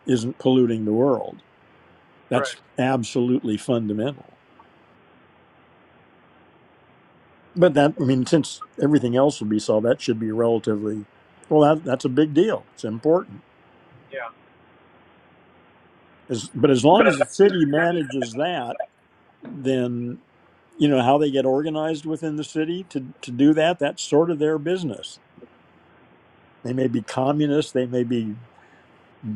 isn't polluting the world right, that's absolutely fundamental. But that, I mean, since everything else will be solved, that should be relatively, well, that, that's a big deal. It's important. yeah. As, but as long as the city manages that, then, you know, how they get organized within the city to, to do that, that's sort of their business. They may be communists; they may be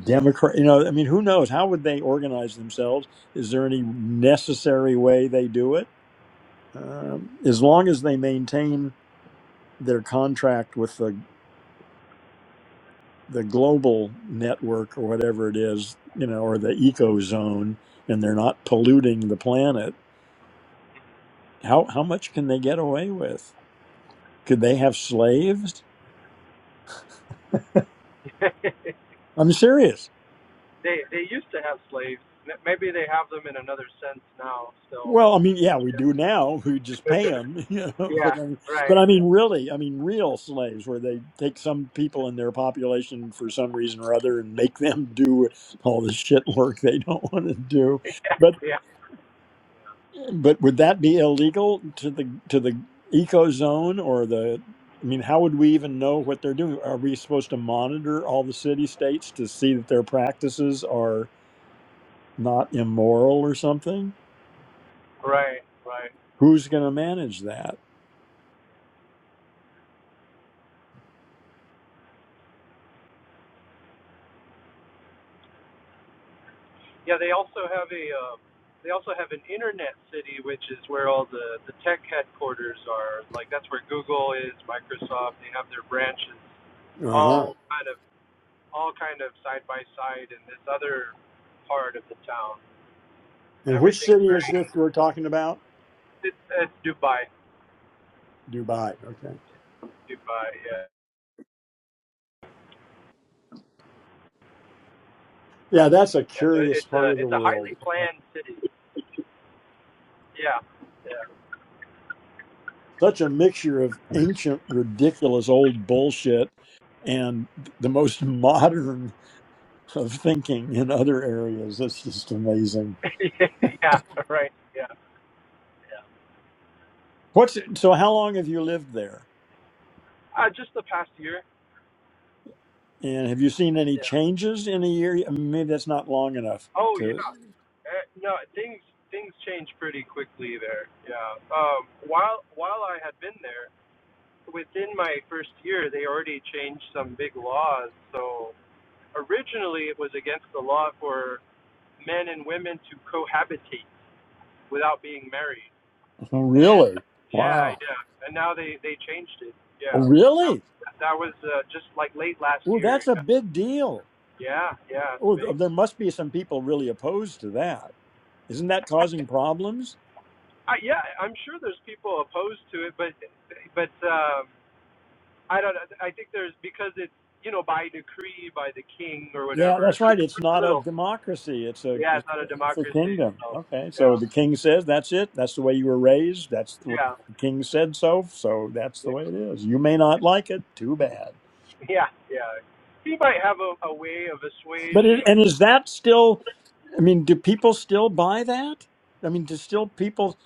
Democrat, you know, I mean, who knows? How would they organize themselves? Is there any necessary way they do it? Um, as long as they maintain their contract with the the global network or whatever it is, you know, or the eco zone, and they're not polluting the planet, how how much can they get away with? Could they have slaves? I'm serious. they they used to have slaves. M- Maybe they have them in another sense now, still, Well, but I mean, yeah, we do now. We just pay them, you know. yeah, But I mean, but right, I mean, really, I mean, real slaves, where they take some people in their population for some reason or other and make them do all the shit work they don't want to do. yeah, but. yeah, But would that be illegal to the to the eco zone or the? I mean, how would we even know what they're doing? Are we supposed to monitor all the city states to see that their practices are not immoral or something? right, right. Who's going to manage that? Yeah, they also have a uh, they also have an internet city, which is where all the the tech headquarters are. Like that's where Google is, Microsoft. They have their branches Uh huh. all kind of all kind of side by side in this other part of the town. And which Everything's city is very this we're talking about? it's, it's Dubai, Dubai. Okay. Dubai. Yeah, Yeah, that's a yeah. So curious it's part of a the it's a world. highly planned city. Yeah, Such a mixture of ancient, ridiculous, old bullshit and the most modern of thinking in other areas. That's just amazing. yeah, yeah. Right. Yeah, yeah. What's so? How long have you lived there? Uh, just the past year. And have you seen any Yeah. changes in a year? I mean, maybe that's not long enough Oh yeah, to. uh, no things things change pretty quickly there. Yeah. Um, while while I had been there, within my first year, they already changed some big laws. So originally, it was against the law for men and women to cohabitate without being married. Oh, And really? yeah, Wow. yeah. And now they they changed it. Oh, Yeah. really? That, that was uh, just like late last Oh, year. that's a Yeah, big deal. yeah. yeah, It's Oh, big. th- there must be some people really opposed to that. Isn't that causing problems? I, yeah, I'm sure there's people opposed to it, but but um, I don't. know. I think there's because it's you know by decree by the king or Yeah, whatever. that's There's right. It's just a not a little. democracy. It's a Yeah, it's not a it's a democracy. kingdom. So Okay, so yeah, the king says that's it. That's the way you were raised. That's what yeah, the king said so. So that's the yeah, way it is. You may not like it. Too bad. yeah. yeah. He might have a, a way of But it, assuaging and is that still? I mean, do people still buy that? I mean, do still people?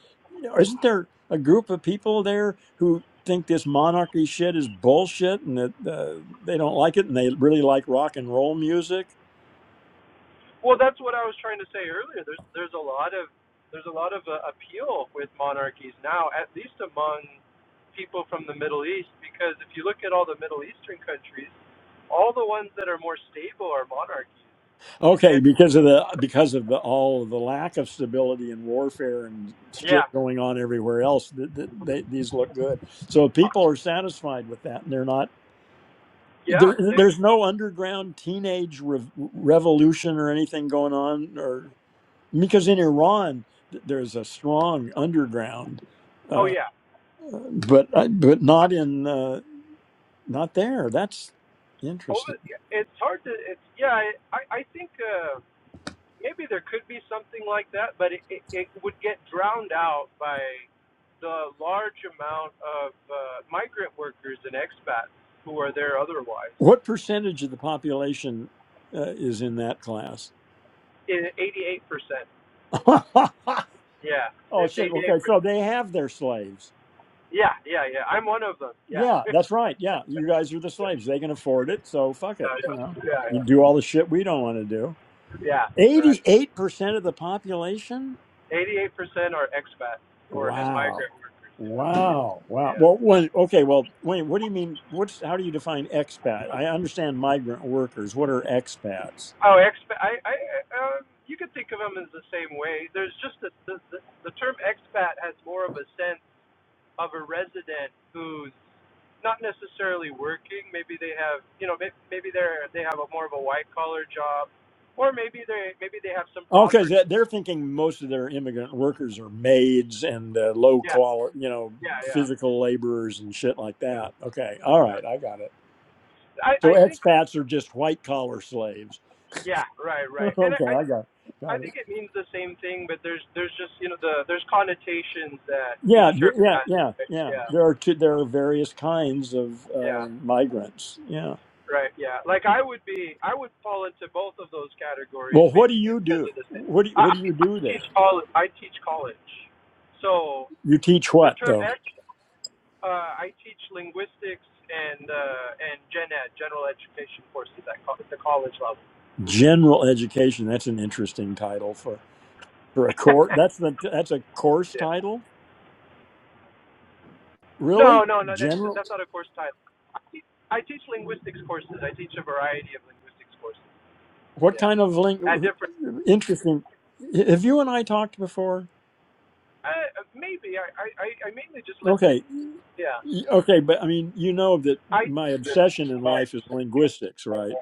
Isn't there a group of people there who think this monarchy shit is bullshit and that uh, they don't like it and they really like rock and roll music Well, that's what I was trying to say earlier. There's there's a lot of there's a lot of uh, appeal with monarchies now, at least among people from the Middle East, because if you look at all the Middle Eastern countries, all the ones that are more stable are monarchies. Okay, And because of the because of the all of the lack of stability and warfare and shit yeah, going on everywhere else, th th they, these look good. So if people are satisfied with that, and they're not. yeah. There, It, there's no underground teenage rev revolution or anything going on, or because in Iran th- there's a strong underground, oh uh, yeah. but I- but not in uh, not there. That's interesting. Over, yeah, it's hard to. It's yeah. I I I think. Uh, maybe there could be something like that, but it, it, it would get drowned out by the large amount of uh, migrant workers and expats who are there otherwise. What percentage of the population uh, is in that class? In 88%. Yeah, oh it's shit. 88%. Okay, so they have their slaves. Yeah, yeah, yeah. I'm one of them. Yeah. Yeah, that's right. Yeah, you guys are the slaves. They can afford it, so fuck it. yeah, You know, yeah, you yeah. do all the shit we don't want to do. Yeah, all right. Eighty-eight percent of the population. 88% are expats or and Wow. migrant workers. Yeah, Wow. Wow. yeah. Well, when, okay. Well, wait. What do you mean? What's how do you define expat? I understand migrant workers. What are expats? Oh, expat. I, I, um, you could think of them as the same way. There's just a, the, the the term expat has more of a sense of a resident who's not necessarily working. Maybe they have, you know, maybe, maybe they're they have a more of a white collar job, or maybe they maybe they have some Okay, property. so they're thinking most of their immigrant workers are maids and uh, low Yeah, quality, you know, yeah, yeah, physical laborers and shit like yeah. that. Okay, all yeah. right, I got it. So I I think expats are just white collar slaves. yeah, right, right. And I, okay, I I got I got it. think it means the same thing, but there's there's just you know the there's connotations that each Yeah, d- term yeah, has. yeah, right? yeah. Yeah, There are two, there are various kinds of yeah. uh, migrants. Yeah. Right. Yeah. Like I would be, I would fall into both of those categories Well, what do based you because do? of this. thing. What do you, what I, do you I do teach there? college. I teach college, so You teach the what term though? ed. Uh, I teach linguistics and uh, and gen ed, general education courses at, co- at the college level. General education. That's an interesting title for for a course. That's the that's a course yeah. title. No, Really? no, no. That's General? that's not a course title. I teach, I teach linguistics courses. I teach a variety of linguistics courses. What Yeah. kind of link? At different. Interesting. Have you and I talked before? Uh, maybe I, I I I mainly just listen. Okay. Y- Yeah. Okay, but I mean, you know that I. my obsession in life is linguistics, right?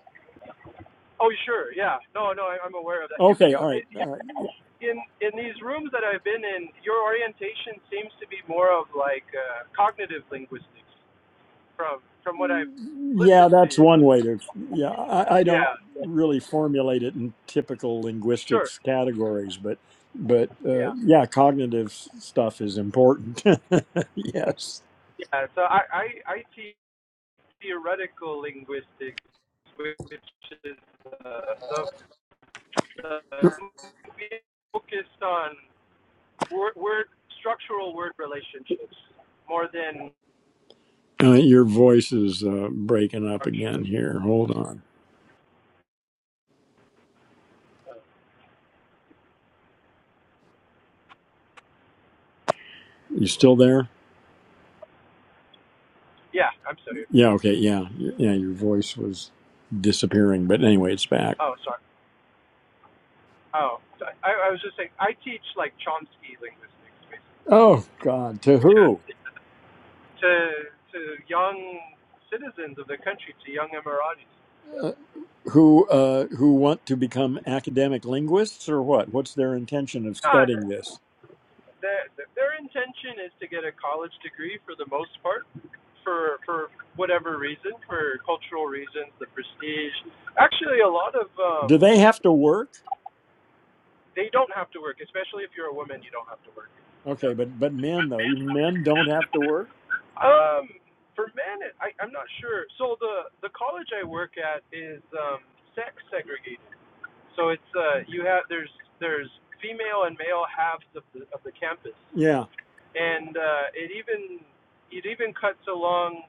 Oh, sure. Yeah. No, no, I, I'm aware of that. You, Okay, you, all right. I- All you, right. in in these rooms that I've been in, your orientation seems to be more of like uh, cognitive linguistics, from from what I've Yeah, listened to. that's one way to. Yeah, I, I don't Yeah. really formulate it in typical Sure. linguistics categories, but but uh, Yeah. yeah, cognitive s- stuff is important. yes. Yeah. So I I, I teach theoretical linguistics, which is uh, the, the we on word, word structural word relationships more than Uh, your voice is uh, breaking up again structure. here. Hold on. You still there? Yeah. I'm sorry. Yeah, okay, yeah. Y- Yeah, your voice was disappearing, but anyway, it's back. Oh, sorry. Oh, so I, I was just saying, I teach like Chomsky linguistics basically, Oh god, to who? to to young citizens of the country, to young Emiratis. Yeah. Uh, who uh who want to become academic linguists or what? What's their intention of Ah, studying this? their their intention is to get a college degree for the most part, for for whatever reason, for cultural reasons, the prestige. Actually, a lot of um, Do they have to work? they don't have to work, especially if you're a woman, you don't have to work. Okay, Yeah. but but men though, even men don't have to work? Um, for men, it- I, I'm not sure. So the the college I work at is um, sex segregated. So it's uh, you have there's there's female and male halves of the of the campus, Yeah. and uh, it even it even cuts along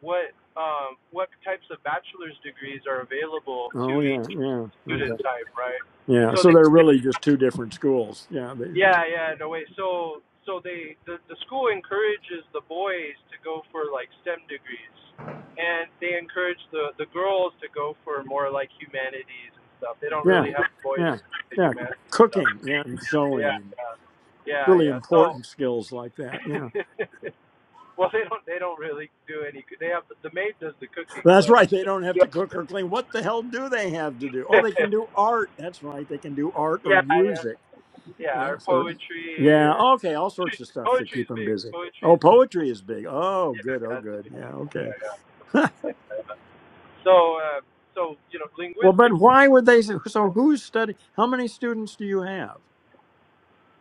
what um, what types of bachelor's degrees are available to Oh yeah, each yeah. student Okay. type, right? Yeah, So so they they're they really just two different schools. Yeah, they, yeah, yeah, no way. So, so they the the school encourages the boys to go for like STEM degrees, and they encourage the the girls to go for more like humanities and stuff. They don't yeah. really have boys Yeah. in the Yeah. humanities stuff. Cooking, yeah, and Yeah, sewing and yeah, yeah, really yeah. So, important skills like that. yeah. well, they don't they don't really do any. They have the maid does the cooking, That's but right. They don't have yeah, to cook or clean. What the hell do they have to do? Oh, they can do art. That's right. They can do art yeah, or yeah, music. yeah, or Yes. Or poetry yeah. or Okay. All sorts of stuff to keep poetry's them big. busy. Poetry's Oh, poetry is big. Oh, yeah, good. Oh, that's the good. big Yeah. thing. Yeah, Okay. yeah. So, uh, so you know, well, but linguistics. why would they? So, who's study? How many students do you have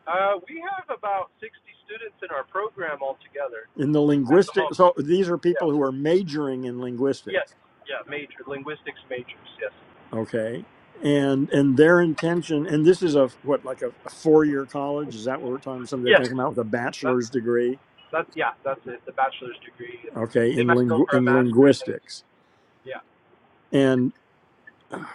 Uh, we have about 60 students in our program altogether in the at the linguistic? moment. So these are Yeah. people who are majoring in Yes. linguistics. Yeah. Major linguistics majors. Yes. Okay. And and their intention, and this is a what like a, four year college. Is that what we're talking? about? Somebody that Yes. can come out with a That, bachelor's degree that. Yeah. That's it. The bachelor's degree. okay They in might go lingu- for a in master's later. linguistics Yeah. and oh,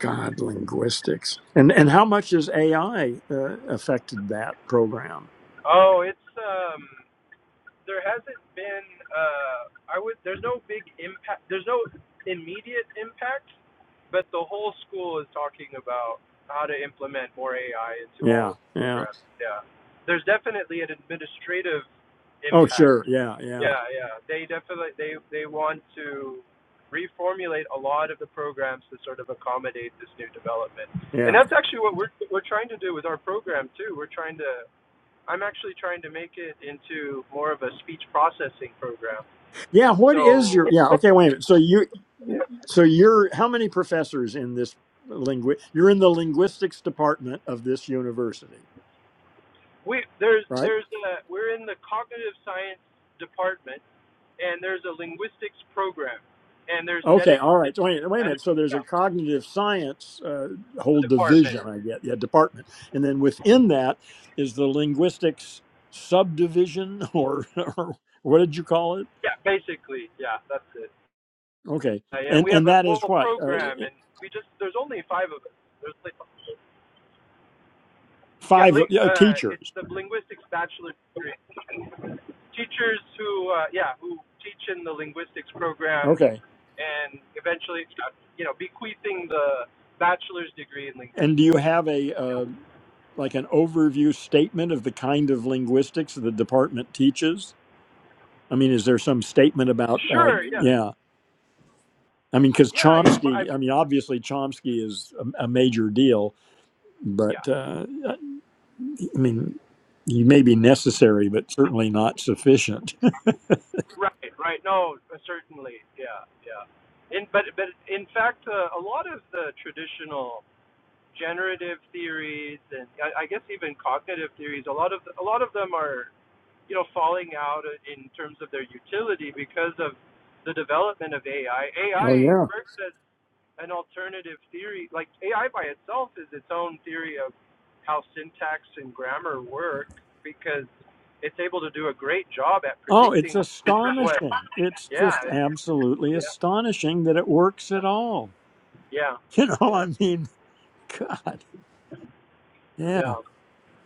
god linguistics and and how much has ai uh, affected that program Oh, it's um. there hasn't been uh I would there's no big impact there's no immediate impact, but the whole school is talking about how to implement more AI into all yeah of the yeah programs. Yeah. There's definitely an administrative oh impact. sure yeah yeah Yeah, yeah. They definitely they they want to reformulate a lot of the programs to sort of accommodate this new development. And yeah that's actually what we're we're trying to do with our program too. We're trying to I'm actually trying to make it into more of a speech processing program. yeah what is So your yeah okay wait a minute so you yeah, so you're how many professors in this lingu you're in the linguistics department of this university we there's right there's a we're in the cognitive science department, and there's a linguistics program, and there's Okay, all dedicated right. So wait, wait a and minute. So there's a yeah, cognitive science uh, whole department. division, I get, yeah, department, and then within that is the linguistics subdivision, or, or what did you call it? Yeah, basically, yeah, that's it. Okay, Uh, yeah, and we have and a that is whole what uh, program, and we just there's only five of us. There's like, yeah, five ling, uh, uh, it's teachers. the linguistics bachelor's degree. Teachers who uh, yeah who teach in the linguistics program Okay, and eventually, uh, you know, bequeathing the bachelor's degree in and do you linguistics. have a Yeah. uh, like an overview statement of the kind of linguistics the department teaches? I mean, is there some statement about? Uh, Sure. Yeah. yeah. I mean, because Yeah. Yeah. But I Chomsky, I mean, mean, obviously Chomsky is a, a major deal, yeah. but uh, I I mean, he may be necessary, but certainly not sufficient. Right. Right. No. uh, Certainly. Yeah. Yeah. In but but in fact, uh, a lot of the traditional generative theories and I, I guess even cognitive theories, a lot of a lot of them are you know falling out in terms of their utility because of the development of AI. Oh AI yeah. first as an alternative theory. Like AI by itself is its own theory of how syntax and grammar work because it's able to do a great job at oh, it's predicting what. astonishing. It's Yeah, just absolutely yeah, astonishing that it works at all. yeah, You know, yeah, I mean, God. Yeah. yeah.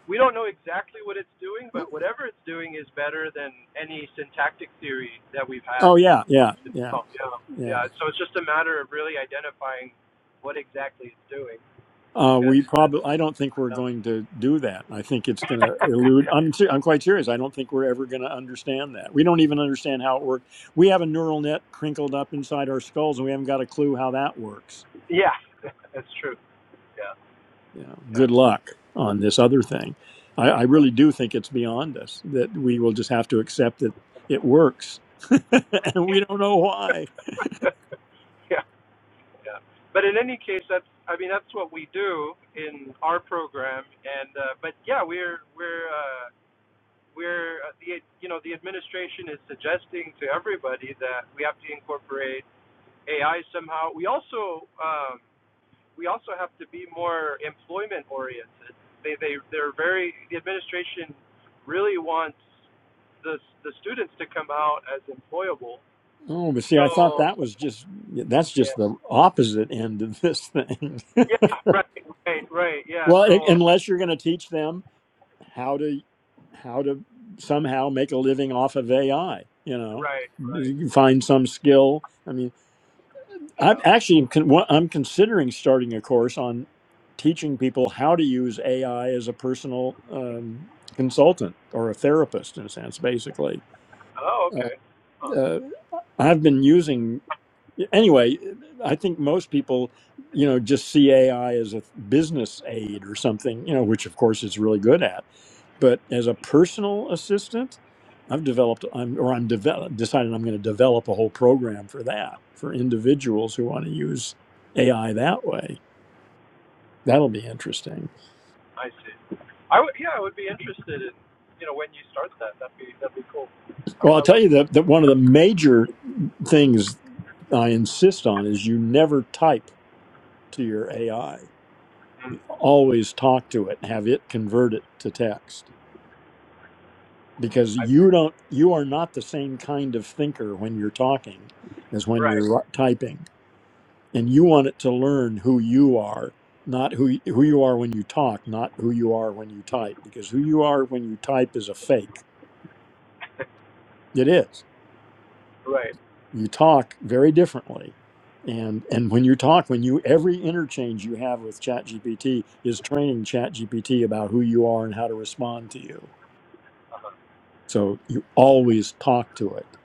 We don't know exactly what it's doing, but whatever it's doing is better than any syntactic theory that we've had. Oh, yeah, yeah, yeah, Oh, yeah, yeah. yeah. So it's just a matter of really identifying what exactly it's doing. Uh, we probably, I don't think we're going to do that. I think it's going to elude. I'm, ser- I'm quite serious. I don't think we're ever going to understand that. We don't even understand how it worked. We have a neural net crinkled up inside our skulls, and we haven't got a clue how that works. yeah. yeah, that's true. Yeah. Yeah, Yeah. good luck on this other thing. I, I really do think it's beyond us that we will just have to accept that it works, and we don't know why. right. yeah. Yeah. But in any case, that's I mean that's what we do in our program, and uh, but yeah, we're we're uh, we're uh, the you know the administration is suggesting to everybody that we have to incorporate AI somehow. We also um, we also have to be more employment oriented. They they they're very the administration really wants the the students to come out as employable. Oh, but see, I thought So that was just that's Yeah. just the opposite end of this thing. Yeah, right, right, right. Yeah, Well, i- so unless you're going to teach them how to how to somehow make a living off of AI. You know, right, right. find some skill. I mean, I'm Yeah. actually I'm considering starting a course on teaching people how to use AI as a personal um, consultant or a therapist, in a sense, basically. Oh, Uh, okay. Huh, uh, I've been using anyway. I think most people, you know, just see AI as a business aid or something, you know, which of course it's really good at but as a personal assistant, I've developed, I'm, or I'm develop, decided I'm going to develop a whole program for that for individuals who want to use AI that way. That'll be interesting. I see. I would yeah, I would be interested in you know when you start that. That'd be that'd be cool. I, Well, I'll I would, tell you that, that one of the major things I insist on is you never type to your AI. You always talk to it, have it convert it to text because you don't, you are not the same kind of thinker when you're talking as when right, you're ri- typing and you want it to learn who you are not who who you are when you talk not who you are when you type because who you are when you type is a fake it is right. you talk very differently and and when you talk when you every interchange you have with ChatGPT is training ChatGPT about who you are and how to respond to you so you always talk to it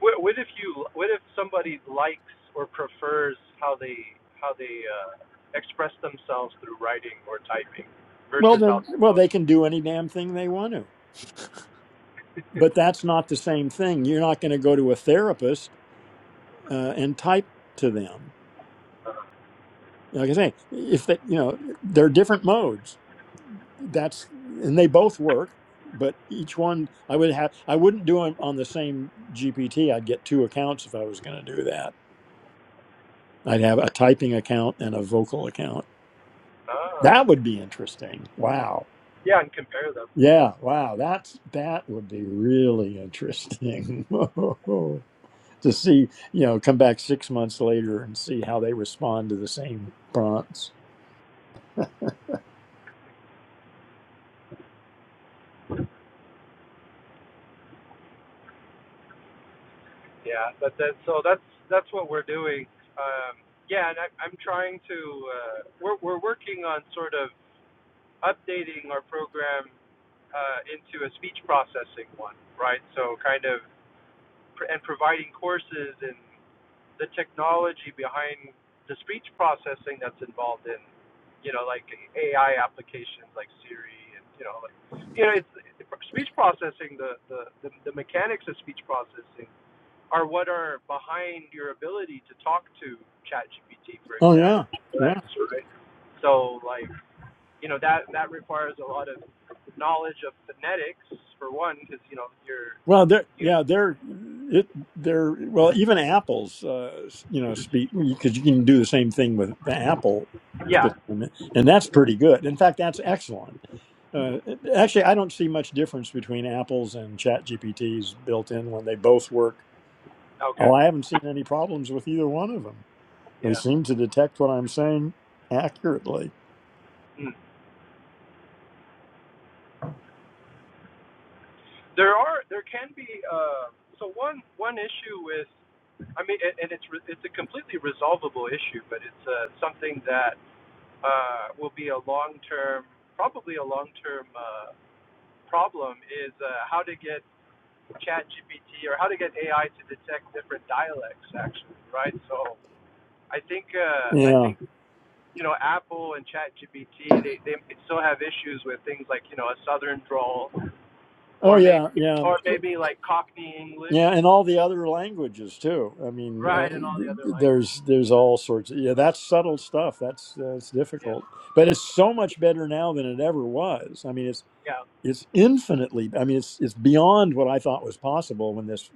What, what if you what if somebody likes or prefers how they how they uh, express themselves through writing or typing well versus how then they well talk? they can do any damn thing they want to but that's not the same thing you're not going to go to a therapist uh, and type to them like I say, if that you know, there are different modes. That's and they both work, but each one I would have. I wouldn't do them on the same GPT. I'd get two accounts if I was going to do that. I'd have a typing account and a vocal account. Ah, That would be interesting. Wow. yeah, and compare them. Yeah. Wow. That's that would be really interesting to see. You know, come back six months later and see how they respond to the same prompts. Yeah, but that so that's that's what we're doing. Um, yeah, and I, I'm trying to uh, we're we're working on sort of updating our program uh, into a speech processing one, right? So kind of pr- and providing courses in the technology behind the speech processing that's involved in, you know, like AI applications like Siri and you know like you know it's speech processing the the the, the mechanics of speech processing are what are behind your ability to talk to ChatGPT, for Oh example, yeah. Yeah. Lex, right? So, like, you know, that that requires a lot of knowledge of phonetics for one, because you know you're Well, they're you yeah, they're it they're well even apples, uh, you know, speak because you can do the same thing with the Apple yeah system, and that's pretty good. In fact, that's excellent. Uh, actually, I don't see much difference between Apple's and Chat GPT's built in when they both work. okay Oh, I haven't seen any problems with either one of them. They yeah seem to detect what I'm saying accurately. mm. there are there can be uh so one one issue with I mean and, and it's re- it's a completely resolvable issue, but it's uh, something that uh will be a long term probably a long term uh, problem is uh, how to get ChatGPT or how to get ai to detect different dialects actually right so i think uh, i Yeah. think you know apple and ChatGPT they, they still have issues with things like you know a southern drawl Oh or maybe yeah, yeah. or maybe like cockney english Yeah, and all the other languages too. I mean, uh, right and all the other languages there's there's all sorts. Of, yeah, that's subtle stuff. That's uh, it's yeah difficult, but it's so much better now than it ever was. I mean, it's yeah it's infinitely. I mean, it's it's beyond what I thought was possible when this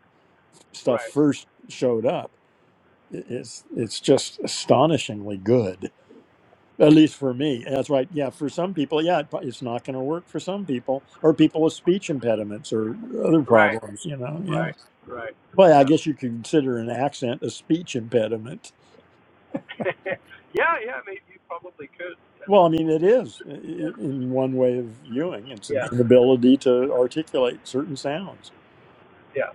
stuff right first showed up. I- It's it's just astonishingly good, at least for me. That's right. Yeah, for some people, yeah, it pro- it's not going to work for some people, or people with speech impediments or other right problems. You know, yeah. right right Well, I yeah guess you could consider an accent a speech impediment. yeah yeah maybe you probably could Well, I mean, it is i- Yeah. i- in one way of viewing. It's yeah an yeah inability to articulate certain sounds. yeah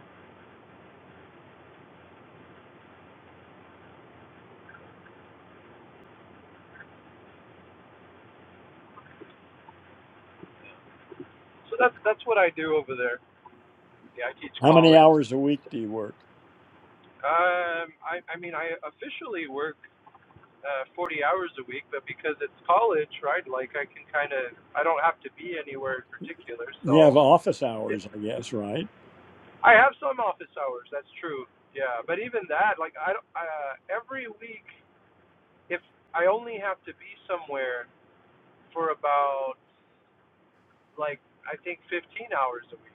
so that's that's what i do over there Yeah, I teach How many college. hours a week do you work? Um, I, I mean, I officially work uh, 40 hours a week, but because it's college, right? Like, I can kind of, I don't have to be anywhere in particular. You have So, office yeah. hours, I guess, right? I have some office hours. That's true. Yeah, but even that, like, I don't- uh, every week, if I only have to be somewhere for about like I think 15 hours a week.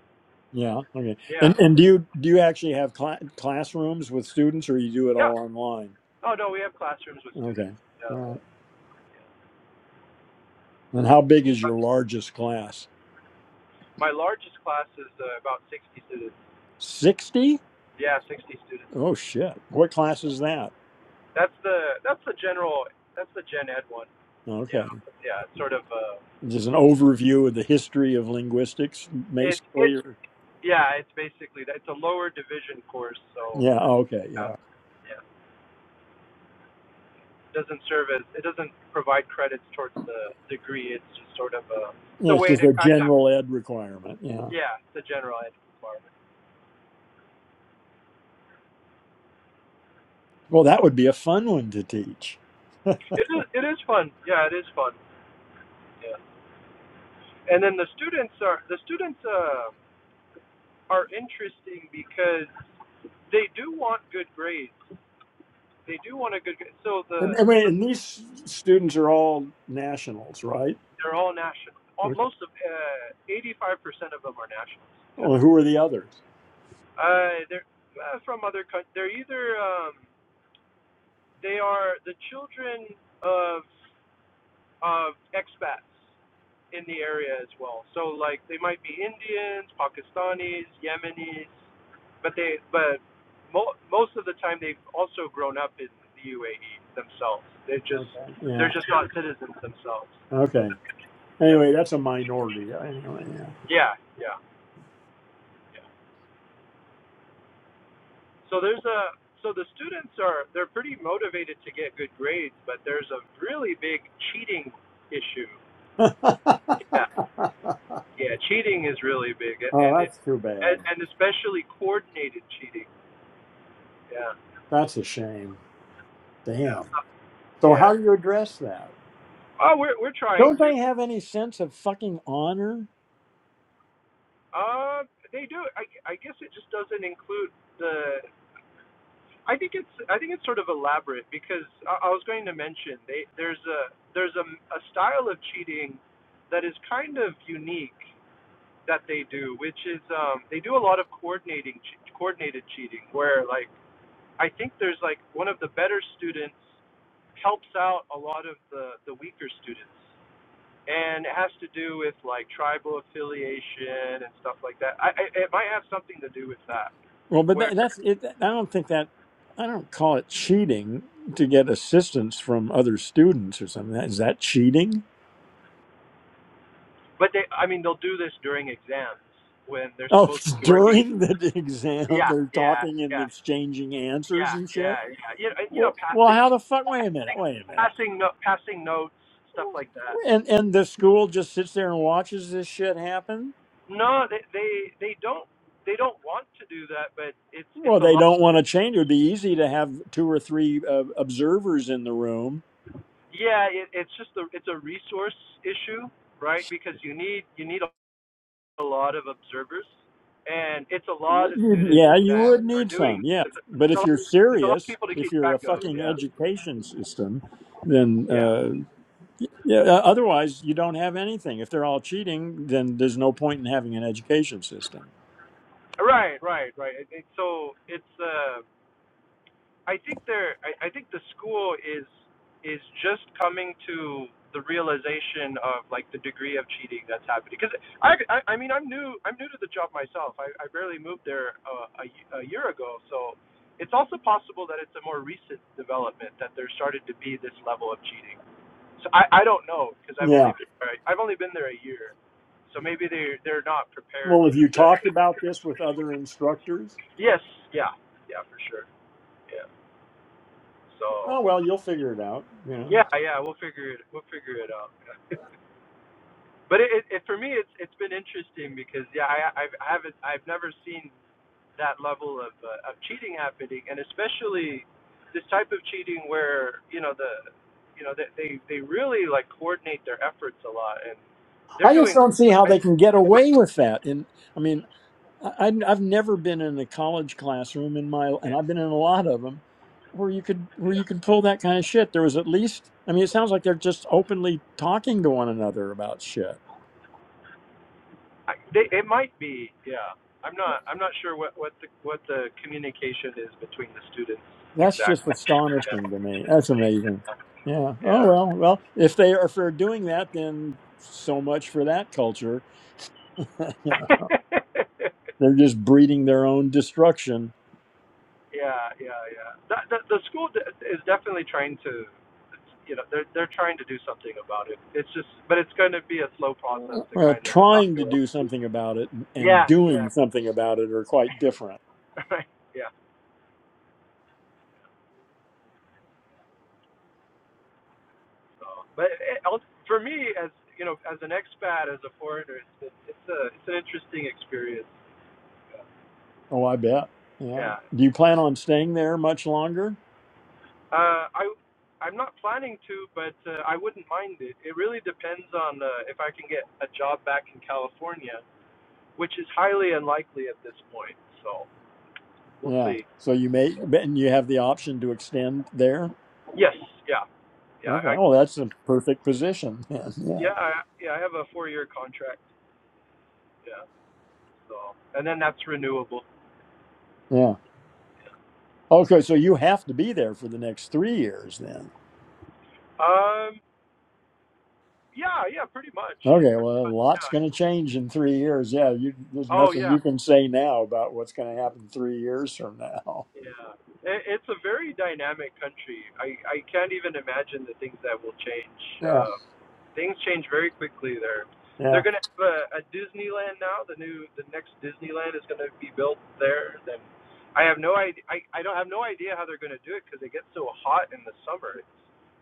Yeah. Okay. And Yeah, and do you do you actually have cla classrooms with students, or you do it yeah. all online? Oh no, we have classrooms with students. Okay. All Yeah. right. And how big is your largest class? My largest class is uh, about 60 students. Sixty? Yeah, 60 students. Oh shit! What class is that? That's the that's the general that's the Gen Ed one. Yeah, Okay. yeah. It's sort of uh, Just an overview of the history of linguistics, it's basically. it or- yeah. It's basically it's a lower division course, so Yeah. Okay. yeah, Yeah. yeah. It doesn't serve as it doesn't provide credits towards the degree. It's just sort of a it's Yeah. a It's way just to a kind of general ed requirement. Yeah. yeah. It's a general ed requirement. Well, that would be a fun one to teach. It is it is fun. Yeah, it is fun. Yeah. And then the students are the students uh, are interesting because they do want good grades They do want a good. So And, the, and, wait, the and these students are all nationals, right? they're all national. All, Okay. most of eighty-five uh, percent of them are nationals. Yeah. Well, who are the others? Uh, they're uh, from other countries. They're either um, they are the children of of expats in the area as well. So like they might be Indians, Pakistanis, Yemenis, but they but mo- most of the time they've also grown up in the UAE themselves. They just Okay. they're Yeah. just not citizens themselves. Okay. Yeah. Anyway, that's a minority. Anyway. Yeah. Yeah, yeah, yeah. So there's a so the students are they're pretty motivated to get good grades, but there's a really big cheating issue. Yeah, yeah, cheating is really big, a- oh, and it that's too and, bad. and especially coordinated cheating. Yeah, That's a shame. yeah, Damn. So, yes. how do you address that? Oh, we're we're trying Don't to. they have any sense of fucking honor? Uh, they do. I I guess it just doesn't include the I think it's I think it's sort of elaborate because I, I was going to mention they there's a there's a, a style of cheating that is kind of unique that they do, which is um, they do a lot of coordinating che- coordinated cheating where like I think there's like one of the better students helps out a lot of the the weaker students. And it has to do with like tribal affiliation and stuff like that. I, I it might have something to do with that, Well, but where that, that's it. I don't think that I don't call it cheating to get assistance from other students or something. Is that cheating? But they, I mean, they'll do this during exams when they're Oh, supposed it's to be working. during the exam, Yeah, they're yeah, talking and yeah, exchanging answers yeah, and yeah, shit. yeah. You know, and, you know Well, well, passing, how the fuck? Wait a minute. Wait a minute. passing, no, passing notes, stuff like that. And and the school just sits there and watches this shit happen. No, they, they, they don't, they don't want to do that, but it's, it's Well, a they lot. don't want to change. It would be easy to have two or three uh, observers in the room Yeah, it, it's just a, it's a resource issue, right? Because you need, you need a lot of observers, and it's a Well, lot of students Yeah, you that would are need doing. some. Yeah, It's a, but it's a if lot, you're it's a lot of serious, people to if keep you're a track of. fucking Yeah, education system, then yeah. uh, yeah. uh, Otherwise, you don't have anything. If they're all cheating, then there's no point in having an education system. Right, right, right. It, it, so it's uh, I think there. I, I think the school is is just coming to the realization of like the degree of cheating that's happening. Because I, I, I mean, I'm new. I'm new to the job myself. I, I barely moved there uh, a, y- a year ago, so it's also possible that it's a more recent development that there started to be this level of cheating. So I, I don't know because I've Yeah. only been, I've only been there a year, so maybe they they're not prepared Well, to. have you invest. talked about this with other instructors? Yes, yeah, yeah, for sure. Yeah. Oh So well, you'll figure it out. You know, yeah, yeah, we'll figure it. We'll figure it out. but it, it, it for me, it's it's been interesting because yeah, I I've, I haven't I've never seen that level of uh, of cheating happening, and especially this type of cheating where you know the you know they they, they really like coordinate their efforts a lot, and they're I just doing. don't see how I, they can get away with that. And I mean, I, I- have never been in a college classroom in my, and I've been in a lot of them, where you could where you could pull that kind of shit. There was at least, I mean, it sounds like they're just openly talking to one another about shit. I, they it might be yeah. I'm not I'm not sure what what the what the communication is between the students That's just exactly. astonishing Yeah. to me. That's amazing. Yeah. Yeah. Oh well, well, if they are if they're doing that, then so much for that culture. yeah. They're just breeding their own destruction. yeah, yeah, yeah. The, the, the school is definitely trying to, you know, they're they're trying to do something about it. It's just, but it's going to be a slow process to Well, kind of trying to evaluate. do something about it and and Yeah, doing yeah, something about it are quite different. right, yeah. So, but it, for me, as you know, as an expat, as a foreigner, it's it's it's a it's an interesting experience. Oh, I bet. Yeah. Yeah. Do you plan on staying there much longer? Uh, I I'm not planning to, but uh, I wouldn't mind it. It really depends on uh, if I can get a job back in California. which is highly unlikely at this point. So we'll Yeah. see. So you may, and you have the option to extend there. Yes, yeah, yeah, Okay. I, Well, that's a perfect position then. Yeah. yeah, I, yeah. I have a four-year contract. Yeah, so and then that's renewable. Yeah. Okay. So you have to be there for the next three years then. Um, yeah, yeah, pretty much. Okay. Pretty Well, a much lot's going yeah. to change in three years. Yeah. You, there's Oh nothing yeah, you can say now about what's going to happen three years from now. Yeah, it, it's a very dynamic country. I I can't even imagine the things that will change. Yeah. Uh, things change very quickly there. Yeah. They're gonna have a, a Disneyland now. The new the next Disneyland is gonna be built there. Then I have no idea. I I don't have no idea how they're gonna do it because it gets so hot in the summer. It's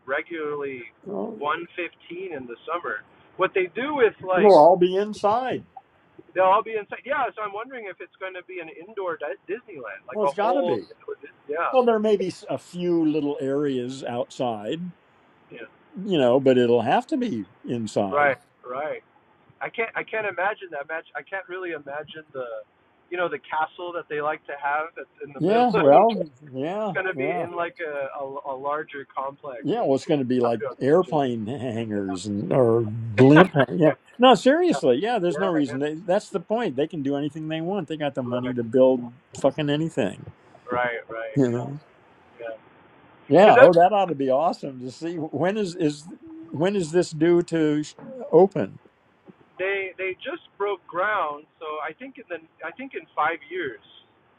regularly Well, 115 in the summer. What they do is we'll like all be inside. they'll all be inside. Yeah, so I'm wondering if it's going to be an indoor di- Disneyland, like Well, a it's got to whole. be. Yeah. Well, there may be s- a few little areas outside Yeah. you know, but it'll have to be inside. Right. Right. I can't. I can't imagine that match. I can't really imagine the, you know, the castle that they like to have that's in the middle. Yeah, well, it's yeah, gonna be yeah. in like a a, a larger complex. Yeah, well, it's going to be I like don't imagine. airplane hangars and or blimp. hang- yeah. Yeah, no, seriously. Yeah, there's no Yeah. I guess. reason. They, that's the point. They can do anything they want. They got the money to build fucking anything. Right. Right. You Yeah. know. Yeah. Because Yeah. Oh, that that ought to be awesome to see. When is is when is this due to sh- open? they they just broke ground, so I think in the I think in five years.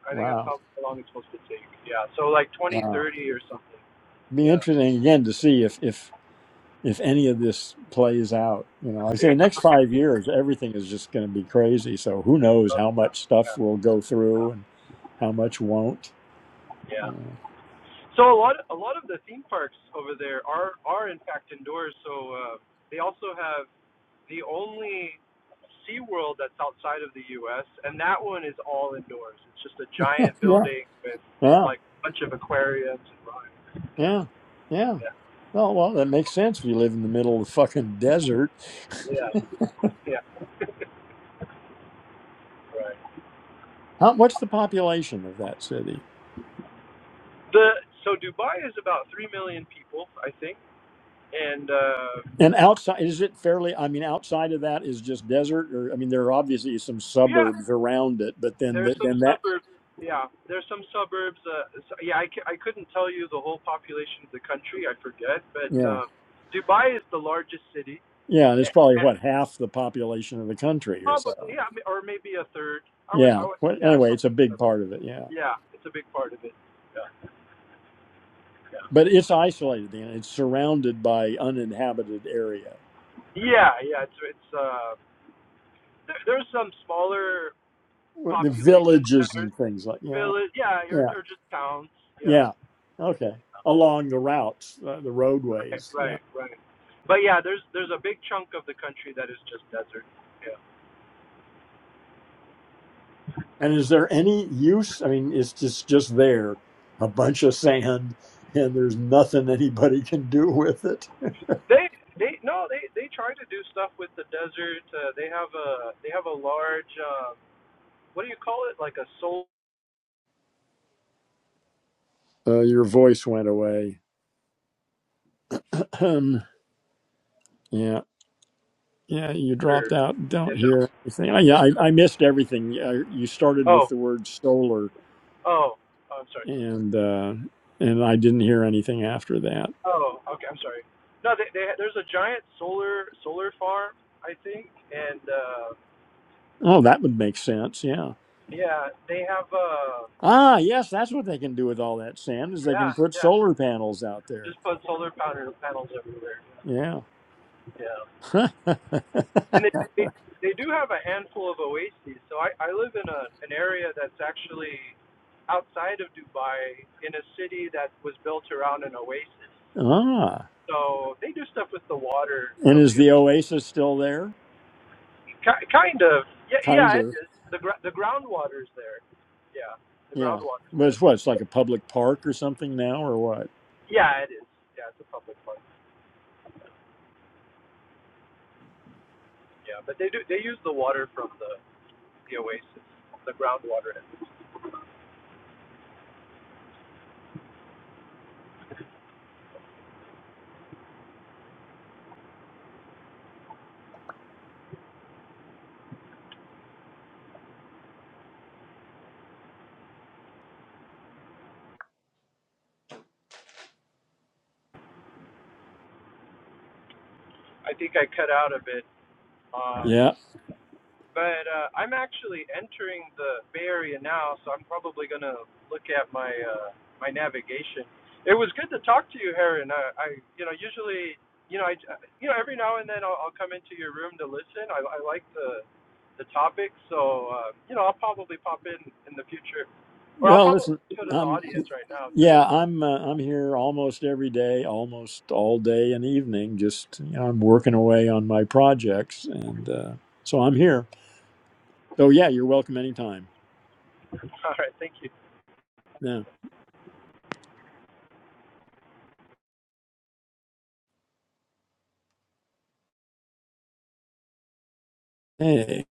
I think that's Wow. how long it's supposed to take. Yeah. So like Wow. 2030 or something. Be Yeah. interesting again to see if if if any of this plays out. You know, like I say, the next five years, everything is just going to be crazy. So who knows how much stuff will go through and how much won't. Yeah. Uh, So a lot, a lot of the theme parks over there are are in fact indoors. So uh, they also have the only SeaWorld that's outside of the U.S. and that one is all indoors. It's just a giant yeah. building with Yeah. like a bunch of aquariums and rides. Yeah, Yeah. Yeah. yeah, Well, well, that makes sense if you live in the middle of the fucking desert. yeah. Yeah, right. How, what's the population of that city? The so Dubai is about three million people, I think, and uh, And outside, is it fairly? I mean, outside of that is just desert, or I mean, there are obviously some yeah. suburbs around it, but then, There's th- some then that, suburbs. Yeah, there's some suburbs. Uh, so- yeah, I, c- I couldn't tell you the whole population of the country. I forget, but yeah, uh, Dubai is the largest city. yeah, and it's A- probably a- what half the population of the country or so. Probably, yeah, I mean, or maybe a third. I would, I Yeah. would, Well, yeah, it's anyway, it's a- a big part of it. Yeah. yeah, it's a big part of it. Yeah, But it's isolated and it's surrounded by uninhabited area, yeah, yeah it's it's uh, there, there's some smaller the population villages centers, and things like yeah, village, yeah, or, yeah, or just towns. Yeah, yeah. Okay, along the routes, uh, the right, roadways. Yeah. right, right. But yeah, there's there's a big chunk of the country that is just desert. Yeah. And is there any use? I mean, it's just just there, a bunch of sand, and there's nothing anybody can do with it. They they no they they try to do stuff with the desert. Uh, they have a they have a large um, what do you call it like a solar Uh, your voice went away. yeah. Yeah, you dropped out. Don't and hear anything. Oh, Yeah, I, I missed everything. Yeah, You started oh with the word solar, oh oh, I'm sorry and uh, and I didn't hear anything after that. oh okay I'm sorry no they, they there's a giant solar solar farm I think and uh, Oh, that would make sense. Yeah. yeah they have uh Ah, yes, that's what they can do with all that sand is they can yeah put yeah solar panels out there. just put solar panel panels everywhere Yeah. yeah ah, and they it, they do have a handful of oases. So I, I live in a, an area that's actually outside of Dubai in a city that was built around an oasis. So they do stuff with the water and from is the the oasis still there? ki- kind of yeah yeah Kind it of. is the gr- the groundwater's there yeah the Yeah. groundwater's But there it's what? It's like a public park or something now, or what? yeah it is yeah it's a public park yeah but they do they use the water from the the oasis the groundwater I think I cut out a bit Uh, Yeah. But uh, I'm actually entering the Bay Area now, so I'm probably gonna look at my uh, my navigation. It was good to talk to you, Heron. I, I you know usually you know I you know every now and then I'll, I'll come into your room to listen. I, I like the the topic, so uh, you know I'll probably pop in in the future, or I'll Well, probably listen, go to the I'm audience right now yeah, too. I'm uh, I'm here almost every day, almost all day and evening. Just you know, I'm working away on my projects, and uh, so I'm here. So yeah, you're welcome anytime. All right, thank you. Yeah. Hey,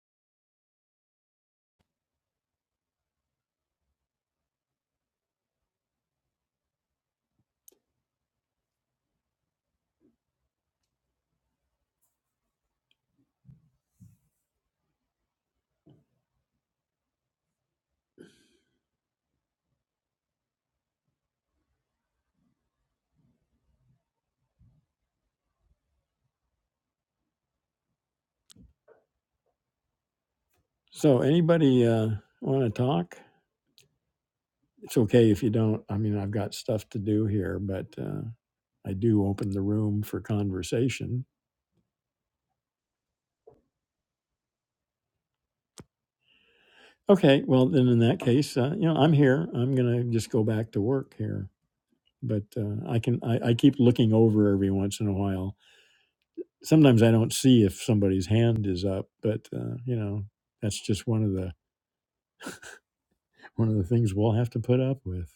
so anybody uh, want to talk? It's okay if you don't. I mean, I've got stuff to do here, but uh, I do open the room for conversation. Okay, well then in that case, uh, you know, I'm here. I'm gonna just go back to work here. but uh, I can I, I keep looking over every once in a while. Sometimes I don't see if somebody's hand is up, but uh, you know that's just one of the one of the things we'll have to put up with.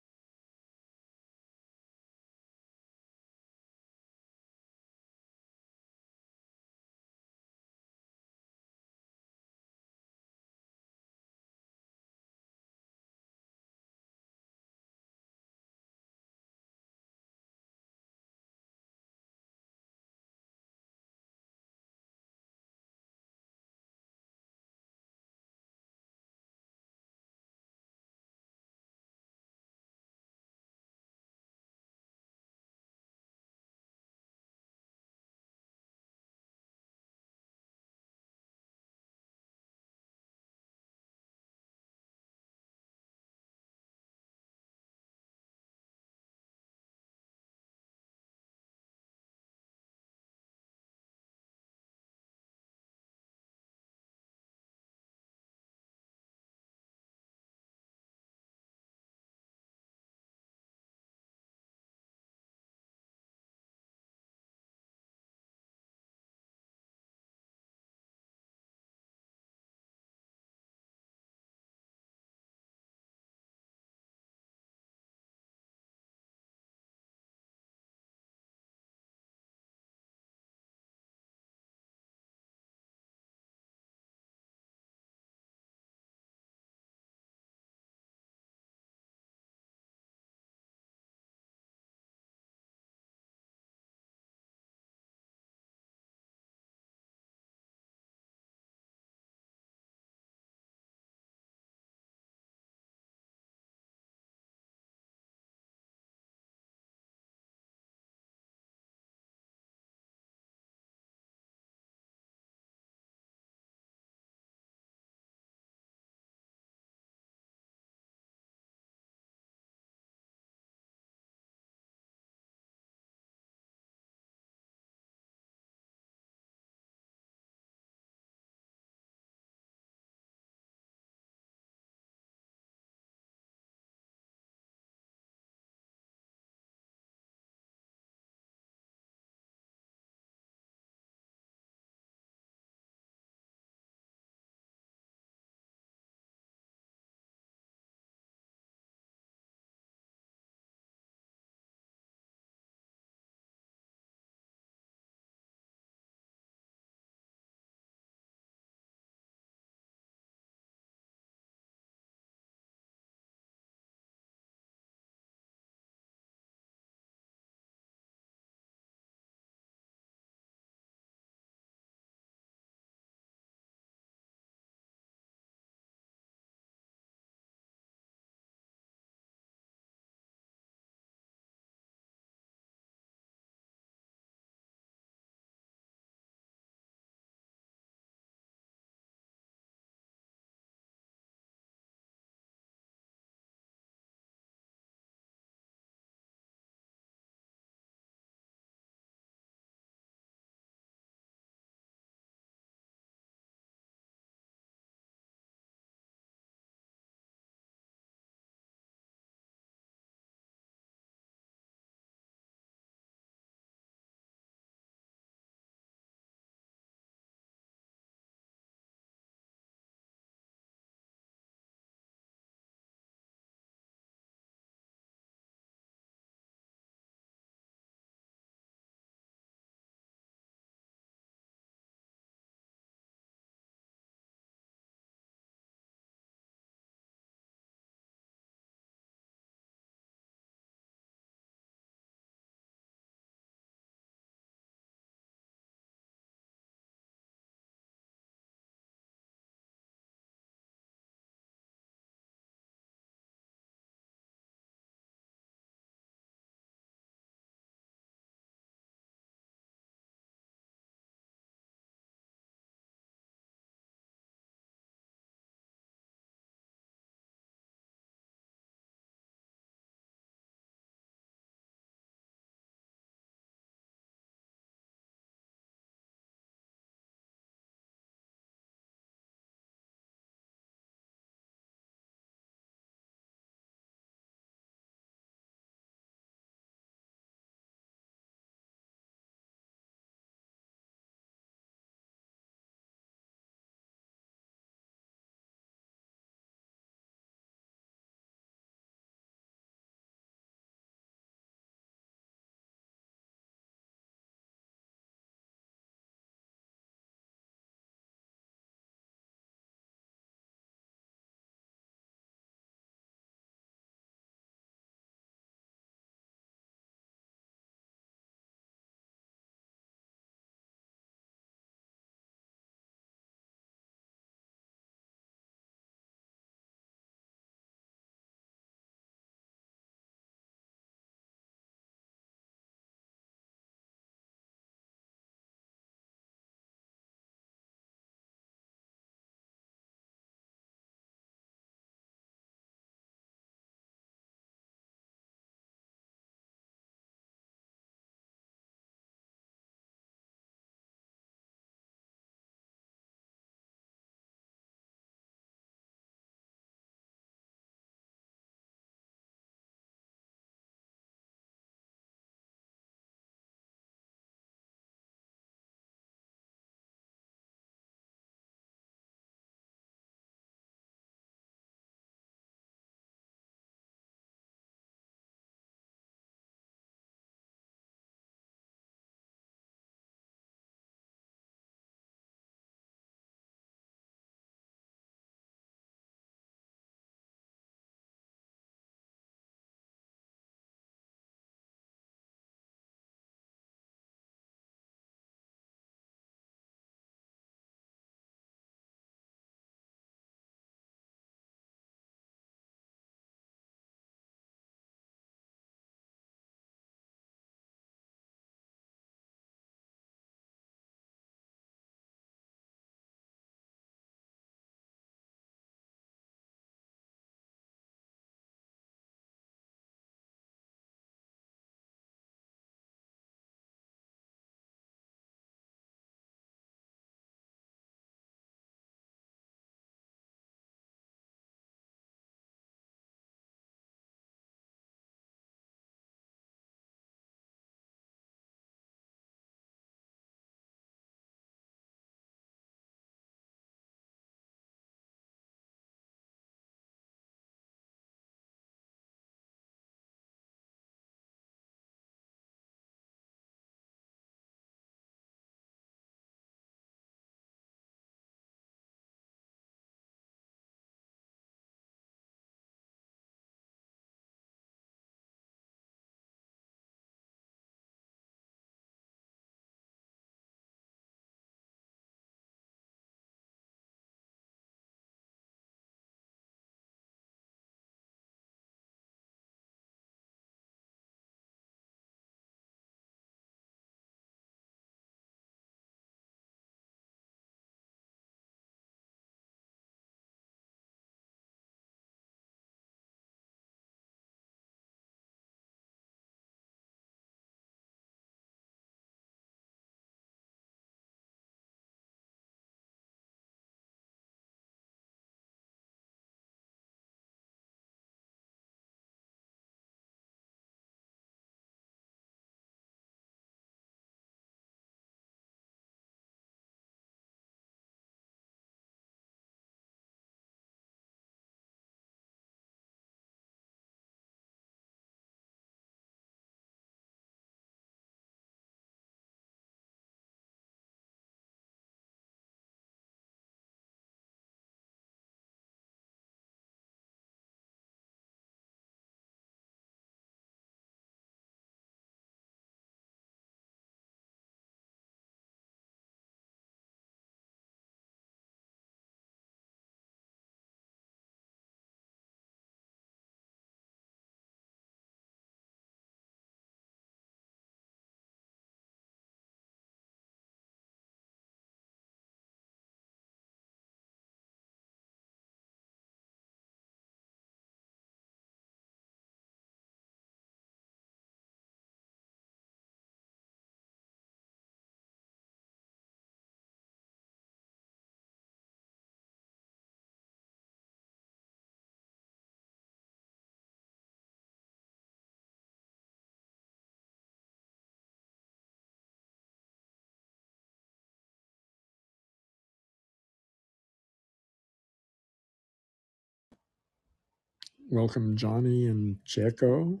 Welcome, Johnny and Checo.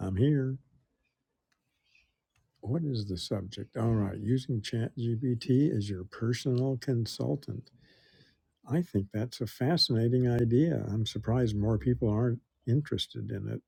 I'm here. What is the subject? All right, using ChatGPT as your personal consultant. I think that's a fascinating idea. I'm surprised more people aren't interested in it.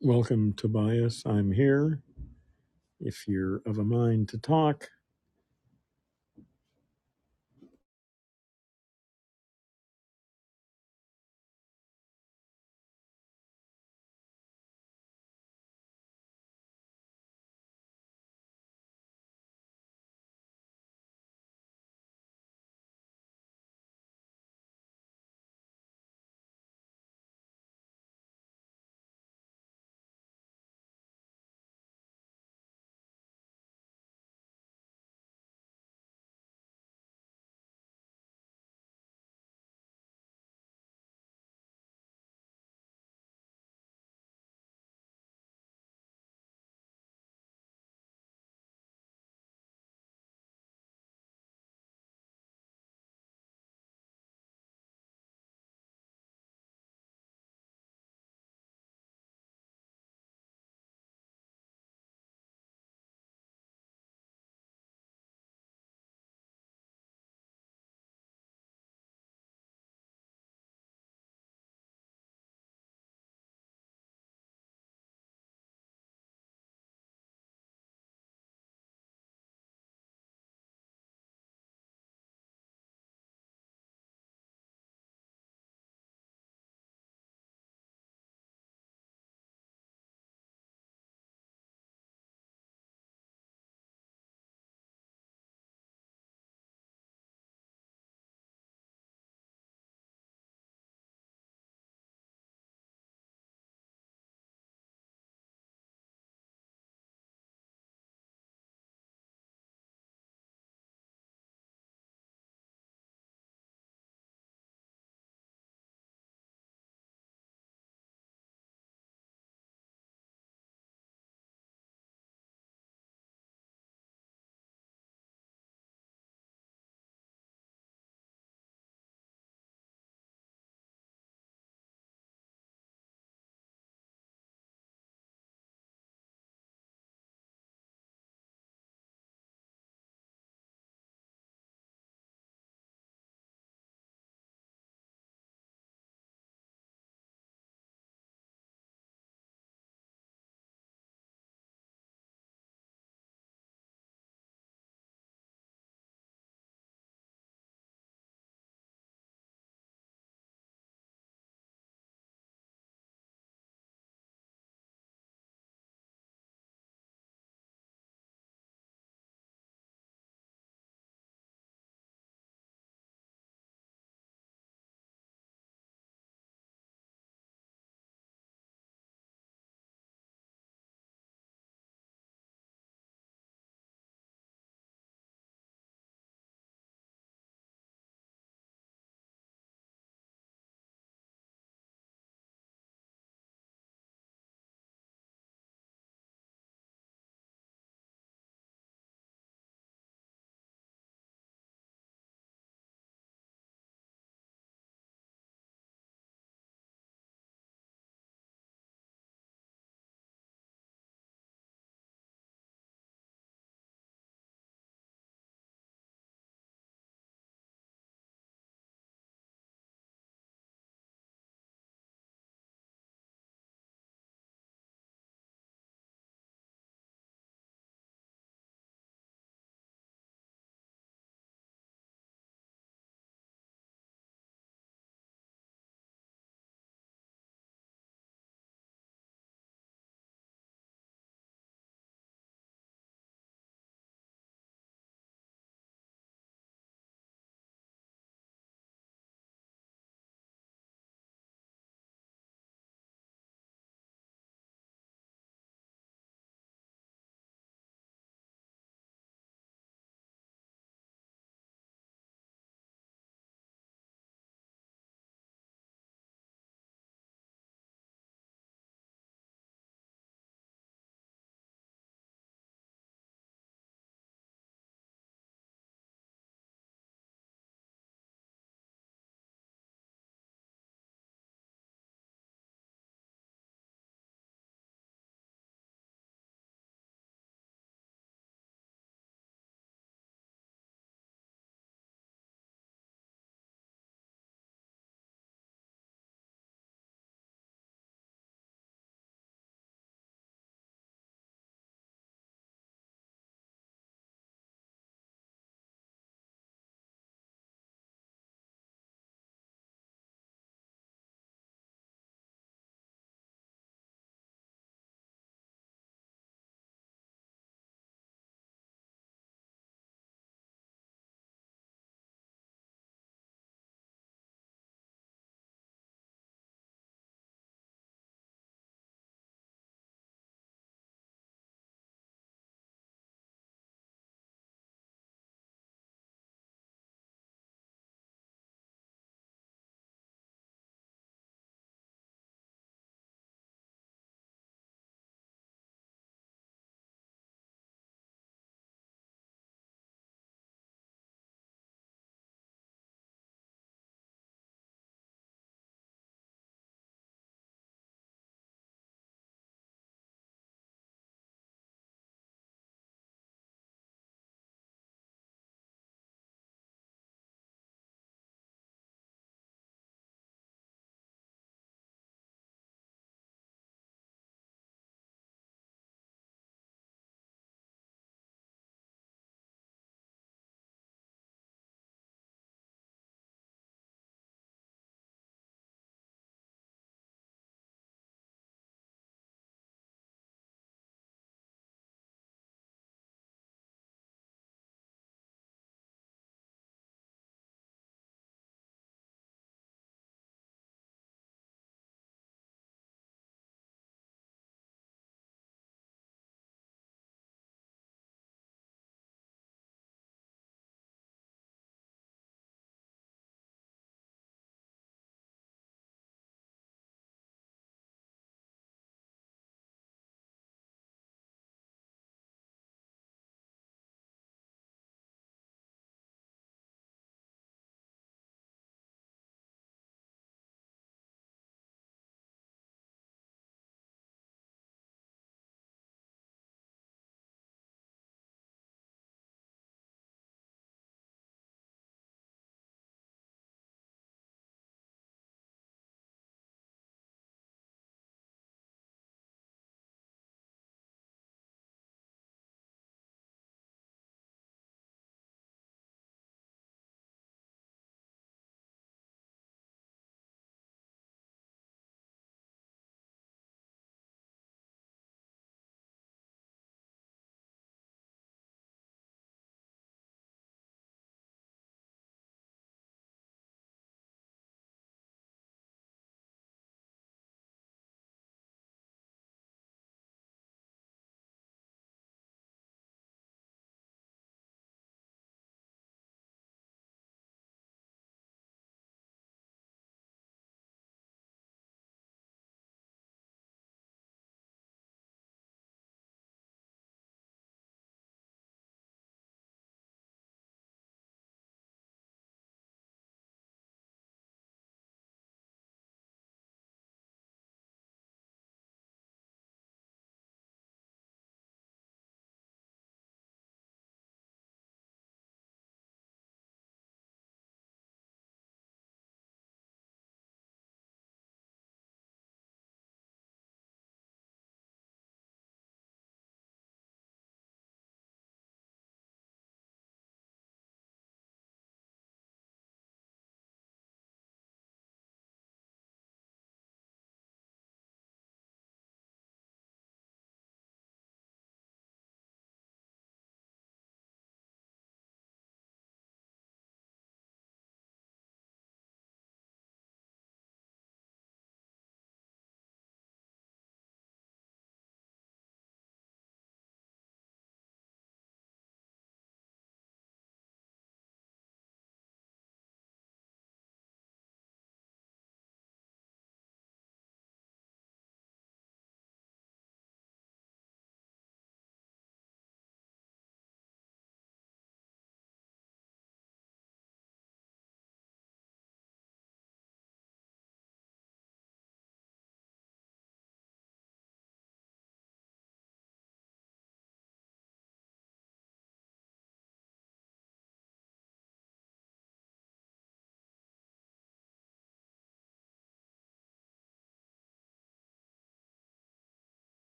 Welcome, Tobias. I'm here. If you're of a mind to talk,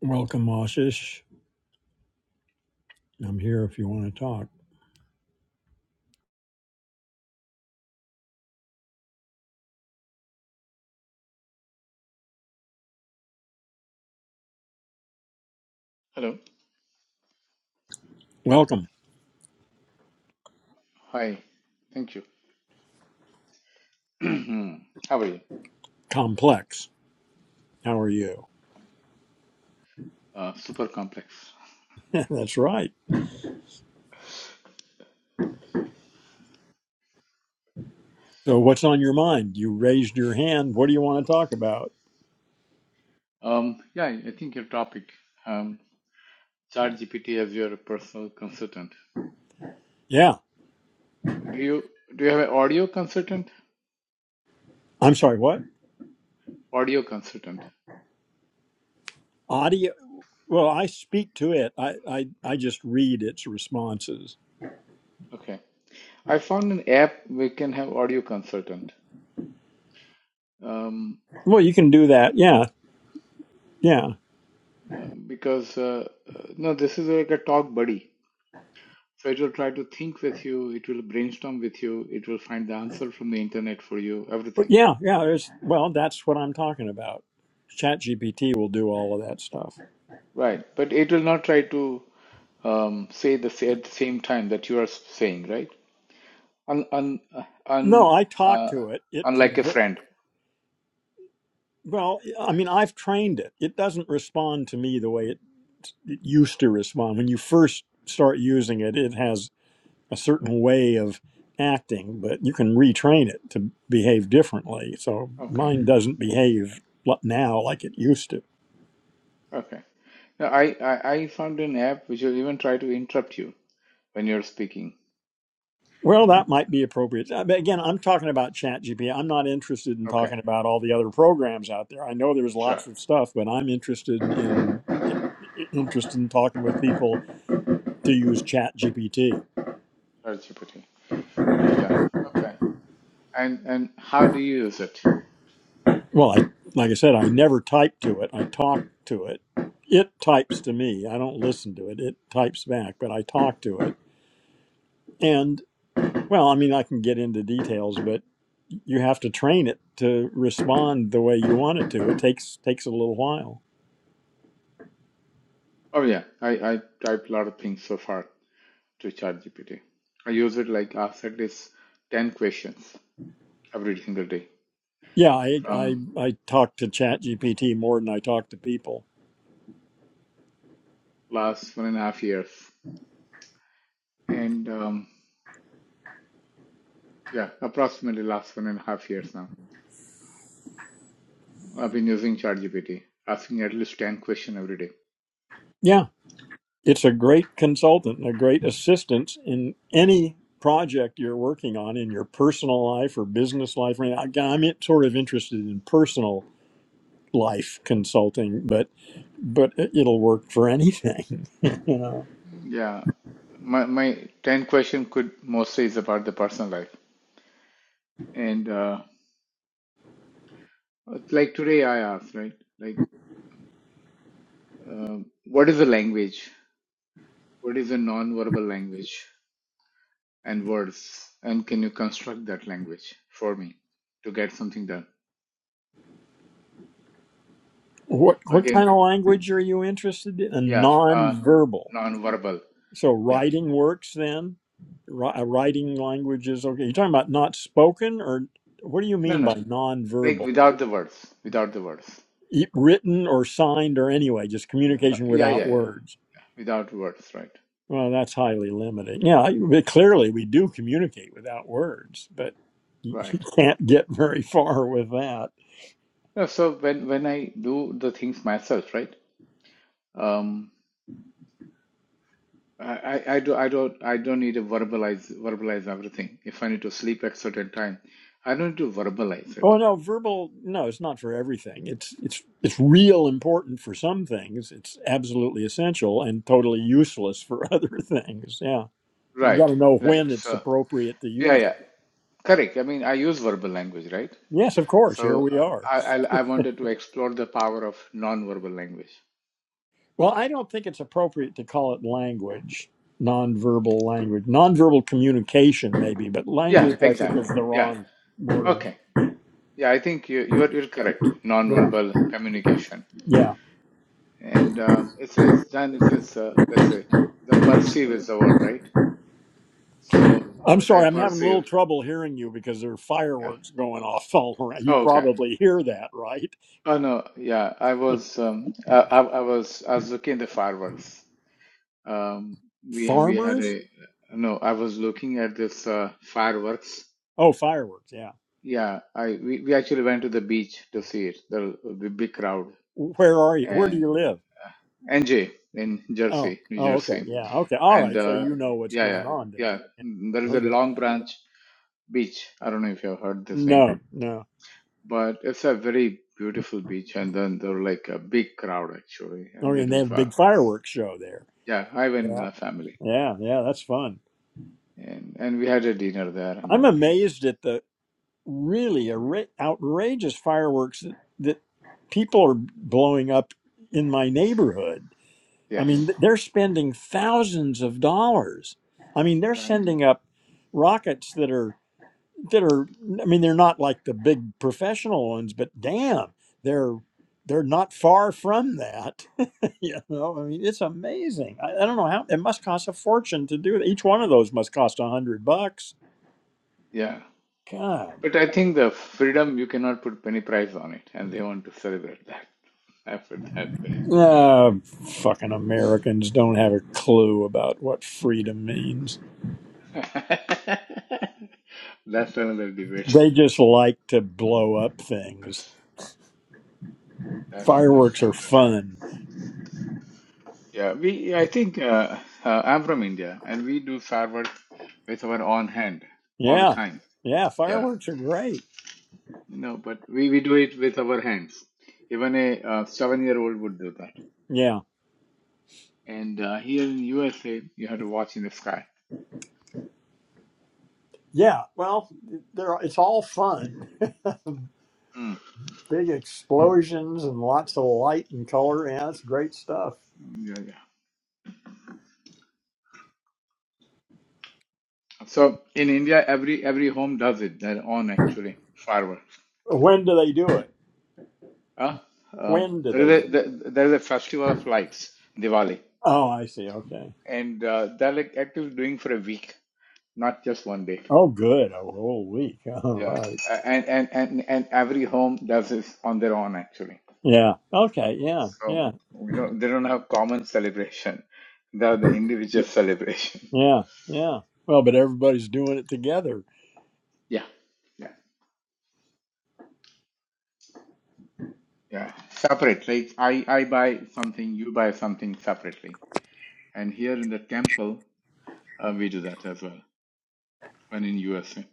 Welcome, Ashish. I'm here if you want to talk. Hello. Welcome, Hi. Thank you. How are you? Complex. How are you? Uh, super complex. That's right. So, what's on your mind? You raised your hand. What do you want to talk about? Um, yeah, I I think your topic, um, ChatGPT as your personal consultant. Yeah. Do you do you have an audio consultant? I'm sorry, what? Audio consultant. Audio? Well, I speak to it, I, I, I just read its responses. Okay. I found an app we can have audio consultant. Um, Well, you can do that. Yeah. Yeah. um, because uh, uh, no, this is like a talk buddy. So it will try to think with you. It will brainstorm with you. It will find the answer from the internet for you. But Everything. Yeah. Yeah. There's well, that's what I'm talking about. ChatGPT will do all of that stuff. Right, but it will not try to. um, say the at the same time that you are saying, right? Un, un, un, No, I talk uh, to it. It unlike a converts. friend. Well, I mean, I've trained it. It doesn't respond to me the way it, it used to respond. When you first start using it, it has a certain way of acting, but you can retrain it to behave differently. So Okay, mine doesn't behave li- now like it used to. okay. Now, I, I, I found an app which will even try to interrupt you when you're speaking. Well, that might be appropriate. Uh, But again, I'm talking about ChatGPT. I'm not interested in Okay, talking about all the other programs out there. I know there's sure. lots of stuff, but I'm interested in i- i- interested in talking with people to use ChatGPT. ChatGPT. Yeah. Okay. And and how do you use it? Well, I like I said, I never type to it. I talk to it. It types to me. I don't listen to it. It types back, but I talk to it. And well, I mean, I can get into details, but you have to train it to respond the way you want it to. It takes takes a little while. Oh yeah, I I typed a lot of things so far to ChatGPT. I use it like asked at least ten questions every single day Yeah, I I from I talk to ChatGPT more than I talk to people. last one and a half years, and um, Yeah, approximately last one and a half years now. I've been using ChatGPT, asking at least 10 question every day. Yeah, It's a great consultant and a great assistance in any project you're working on in your personal life or business life. I mean, I- I'm in- sort of interested in personal life consulting, but but it- it'll work for anything. you know. Yeah, my, my 10 question could mostly is about the personal life. And uh, like today I asked, right? Like, uh, what is a language? What is a non-verbal language and words? And can you construct that language for me to get something done? What what kind Again, of language are you interested in? A yeah, uh, nonverbal. non-verbal. So Yeah. writing works then. Ri- a Writing language is okay. You're talking about not spoken, or what do you No, mean by no. Like nonverbal? without the words, without the words. e- written or signed or anyway, just No, no, communication yeah, yeah, without yeah. words. Without words, right? Well, that's highly limiting. Yeah, I- but clearly we do communicate without words, but you you Right. can't get very far with that. Yeah, so when when I do the things myself, right? Um, I, I I do I don't I don't need to verbalize verbalize everything. If I need to sleep at certain time, I don't need to verbalize it. Oh no, verbal no, it's not for everything. It's it's it's real important for some things. It's absolutely essential and totally useless for other things. Yeah. You got Right, to know right. when it's So appropriate to yeah, use yeah, it. correct. I mean, I use verbal language, right? Yes, of course. Here So we uh, are. I I, I wanted to explore the power of non-verbal language. Well, I don't think it's appropriate to call it language, nonverbal language, nonverbal communication, maybe, but Yeah, language, I think, is exactly. the Yeah. wrong word. Okay. Yeah, I think you you're you're correct. Right. Non-verbal communication. Yeah. And uh, it says, John, it says, uh, let's say, the perceive is the word, right? So I'm what I sorry, I'm having a little perceive, trouble hearing you because there are yeah. fireworks going off all around. You Oh, okay. probably hear that, right? Oh no, yeah. I was, um, I, I, I was, I was looking at the fireworks. Um, we we had Farmers? a, no, I was looking at this uh, fireworks. Oh, fireworks, yeah. Yeah, I we, we actually went to the beach to see it. The, the big crowd Where are you? Where do and you live? NJ in Oh, Jersey, New oh, okay, Jersey, yeah, okay. All and right, so uh, you know what's yeah, yeah, going on yeah. tonight. There is a Okay. long branch beach. I don't know if you have heard this name, No, no. but it's a very beautiful beach. And then there were like a big crowd actually, and Okay, they and they do have a big fireworks. fireworks show there. Yeah, I went with Yeah. my family, Yeah, yeah, that's fun. and and we had a dinner there and I'm everything. amazed at the really outra- outrageous fireworks that, that people are blowing up in my neighborhood. I mean, Yes, th- they're spending thousands of dollars. I mean, they're right. sending up rockets that are that are. I mean, they're not like the big professional ones, but damn, they're they're not far from that. you know, I mean, it's amazing. I, I don't know how it must cost a fortune to do it. Each one of those must cost a hundred bucks. Yeah, God. but I think the freedom you cannot put penny price on it, and they want to celebrate that. I put that way. Ah, fucking Americans don't have a clue about what freedom means. That's another debate. They just like to blow up things. That's just Fireworks are another debate. fun. Yeah, we, I think uh, uh, I'm from India and we do firework with our own hand all the Yeah, time. yeah, Yeah. fireworks are great. no, but we, we do it with our hands. Even a uh, seven year old would do that. Yeah, And uh, here in USA, you have to watch in the sky. yeah. Well, they're it's all fun. Mm. Big explosions and lots of light and color. Yeah, it's great stuff. Yeah, yeah. So in India, every every home does it. Their own actually fireworks. When do they do it? Huh? Um, When do there is they do a it? there, there is a festival of lights, Diwali, Oh, I see. Okay. and uh, they're like actually doing for a week, not just one day. Oh, good. A whole week. All Yeah, right. A- and and and and every home does this on their own actually. Yeah. Okay. Yeah. Yeah. So we don't they don't have common celebration. They have the individual celebration. Yeah, yeah. Well, but everybody's doing it together. Yeah, yeah, yeah. Separate. Like I I buy something, you buy something separately. And here in the temple, uh, we do that as well. When in USA,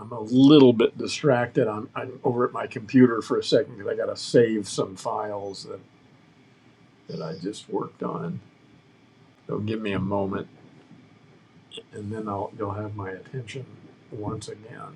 I'm a little bit distracted. I'm, I'm over at my computer for a second because I got to save some files that, that I just worked on. So give me a moment, and then I'll you'll have my attention once again.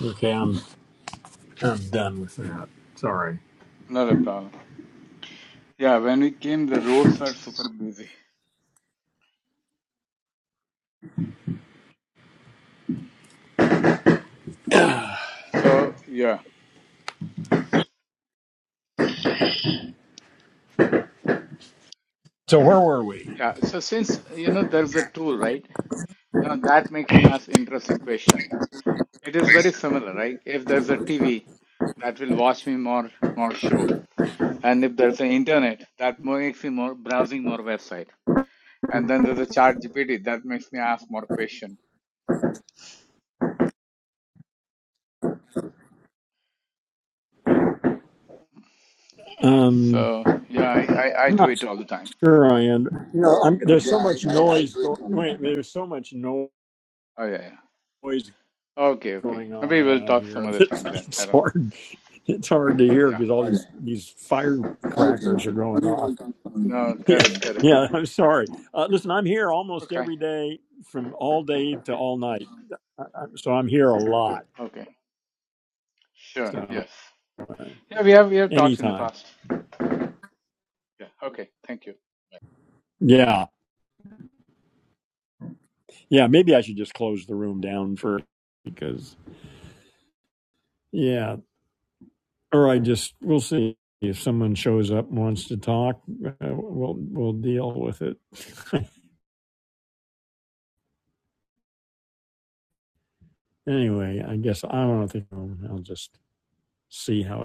Okay, I'm I'm done with that. Sorry. not a problem. Yeah, when we came, the roads are super busy. So yeah, So where were we? yeah. So since you know there's a tool, right? Now that makes me ask interesting question. It is very similar, right? If there's a TV, that will watch me more more show, and if there's an internet, that makes me more browsing more website, and then there's a chat GPT that makes me ask more question. Um, So yeah, I, I, I I'm do not it all the time. sure I am. You know, I'm, there's so much noise. Going, wait, there's so much noise Oh yeah, yeah. Okay, okay. going on Maybe we'll around talk here. some other time then. It's I don't. hard. It's hard to hear Yeah. because all these these firecrackers are going off. No, Yeah, correct, correct, yeah. I'm correct. sorry. Uh, listen, I'm here almost Okay, every day, from all day to all night. I, I, so I'm here a lot. okay. Sure. So Yes. uh, Yeah, we have we have talked in the anytime. past. Yeah. Okay. Thank you. Yeah, yeah. Maybe I should just close the room down for because yeah, or I just we'll see if someone shows up and wants to talk. Uh, we'll we'll deal with it. anyway, I guess I don't think I'll just see how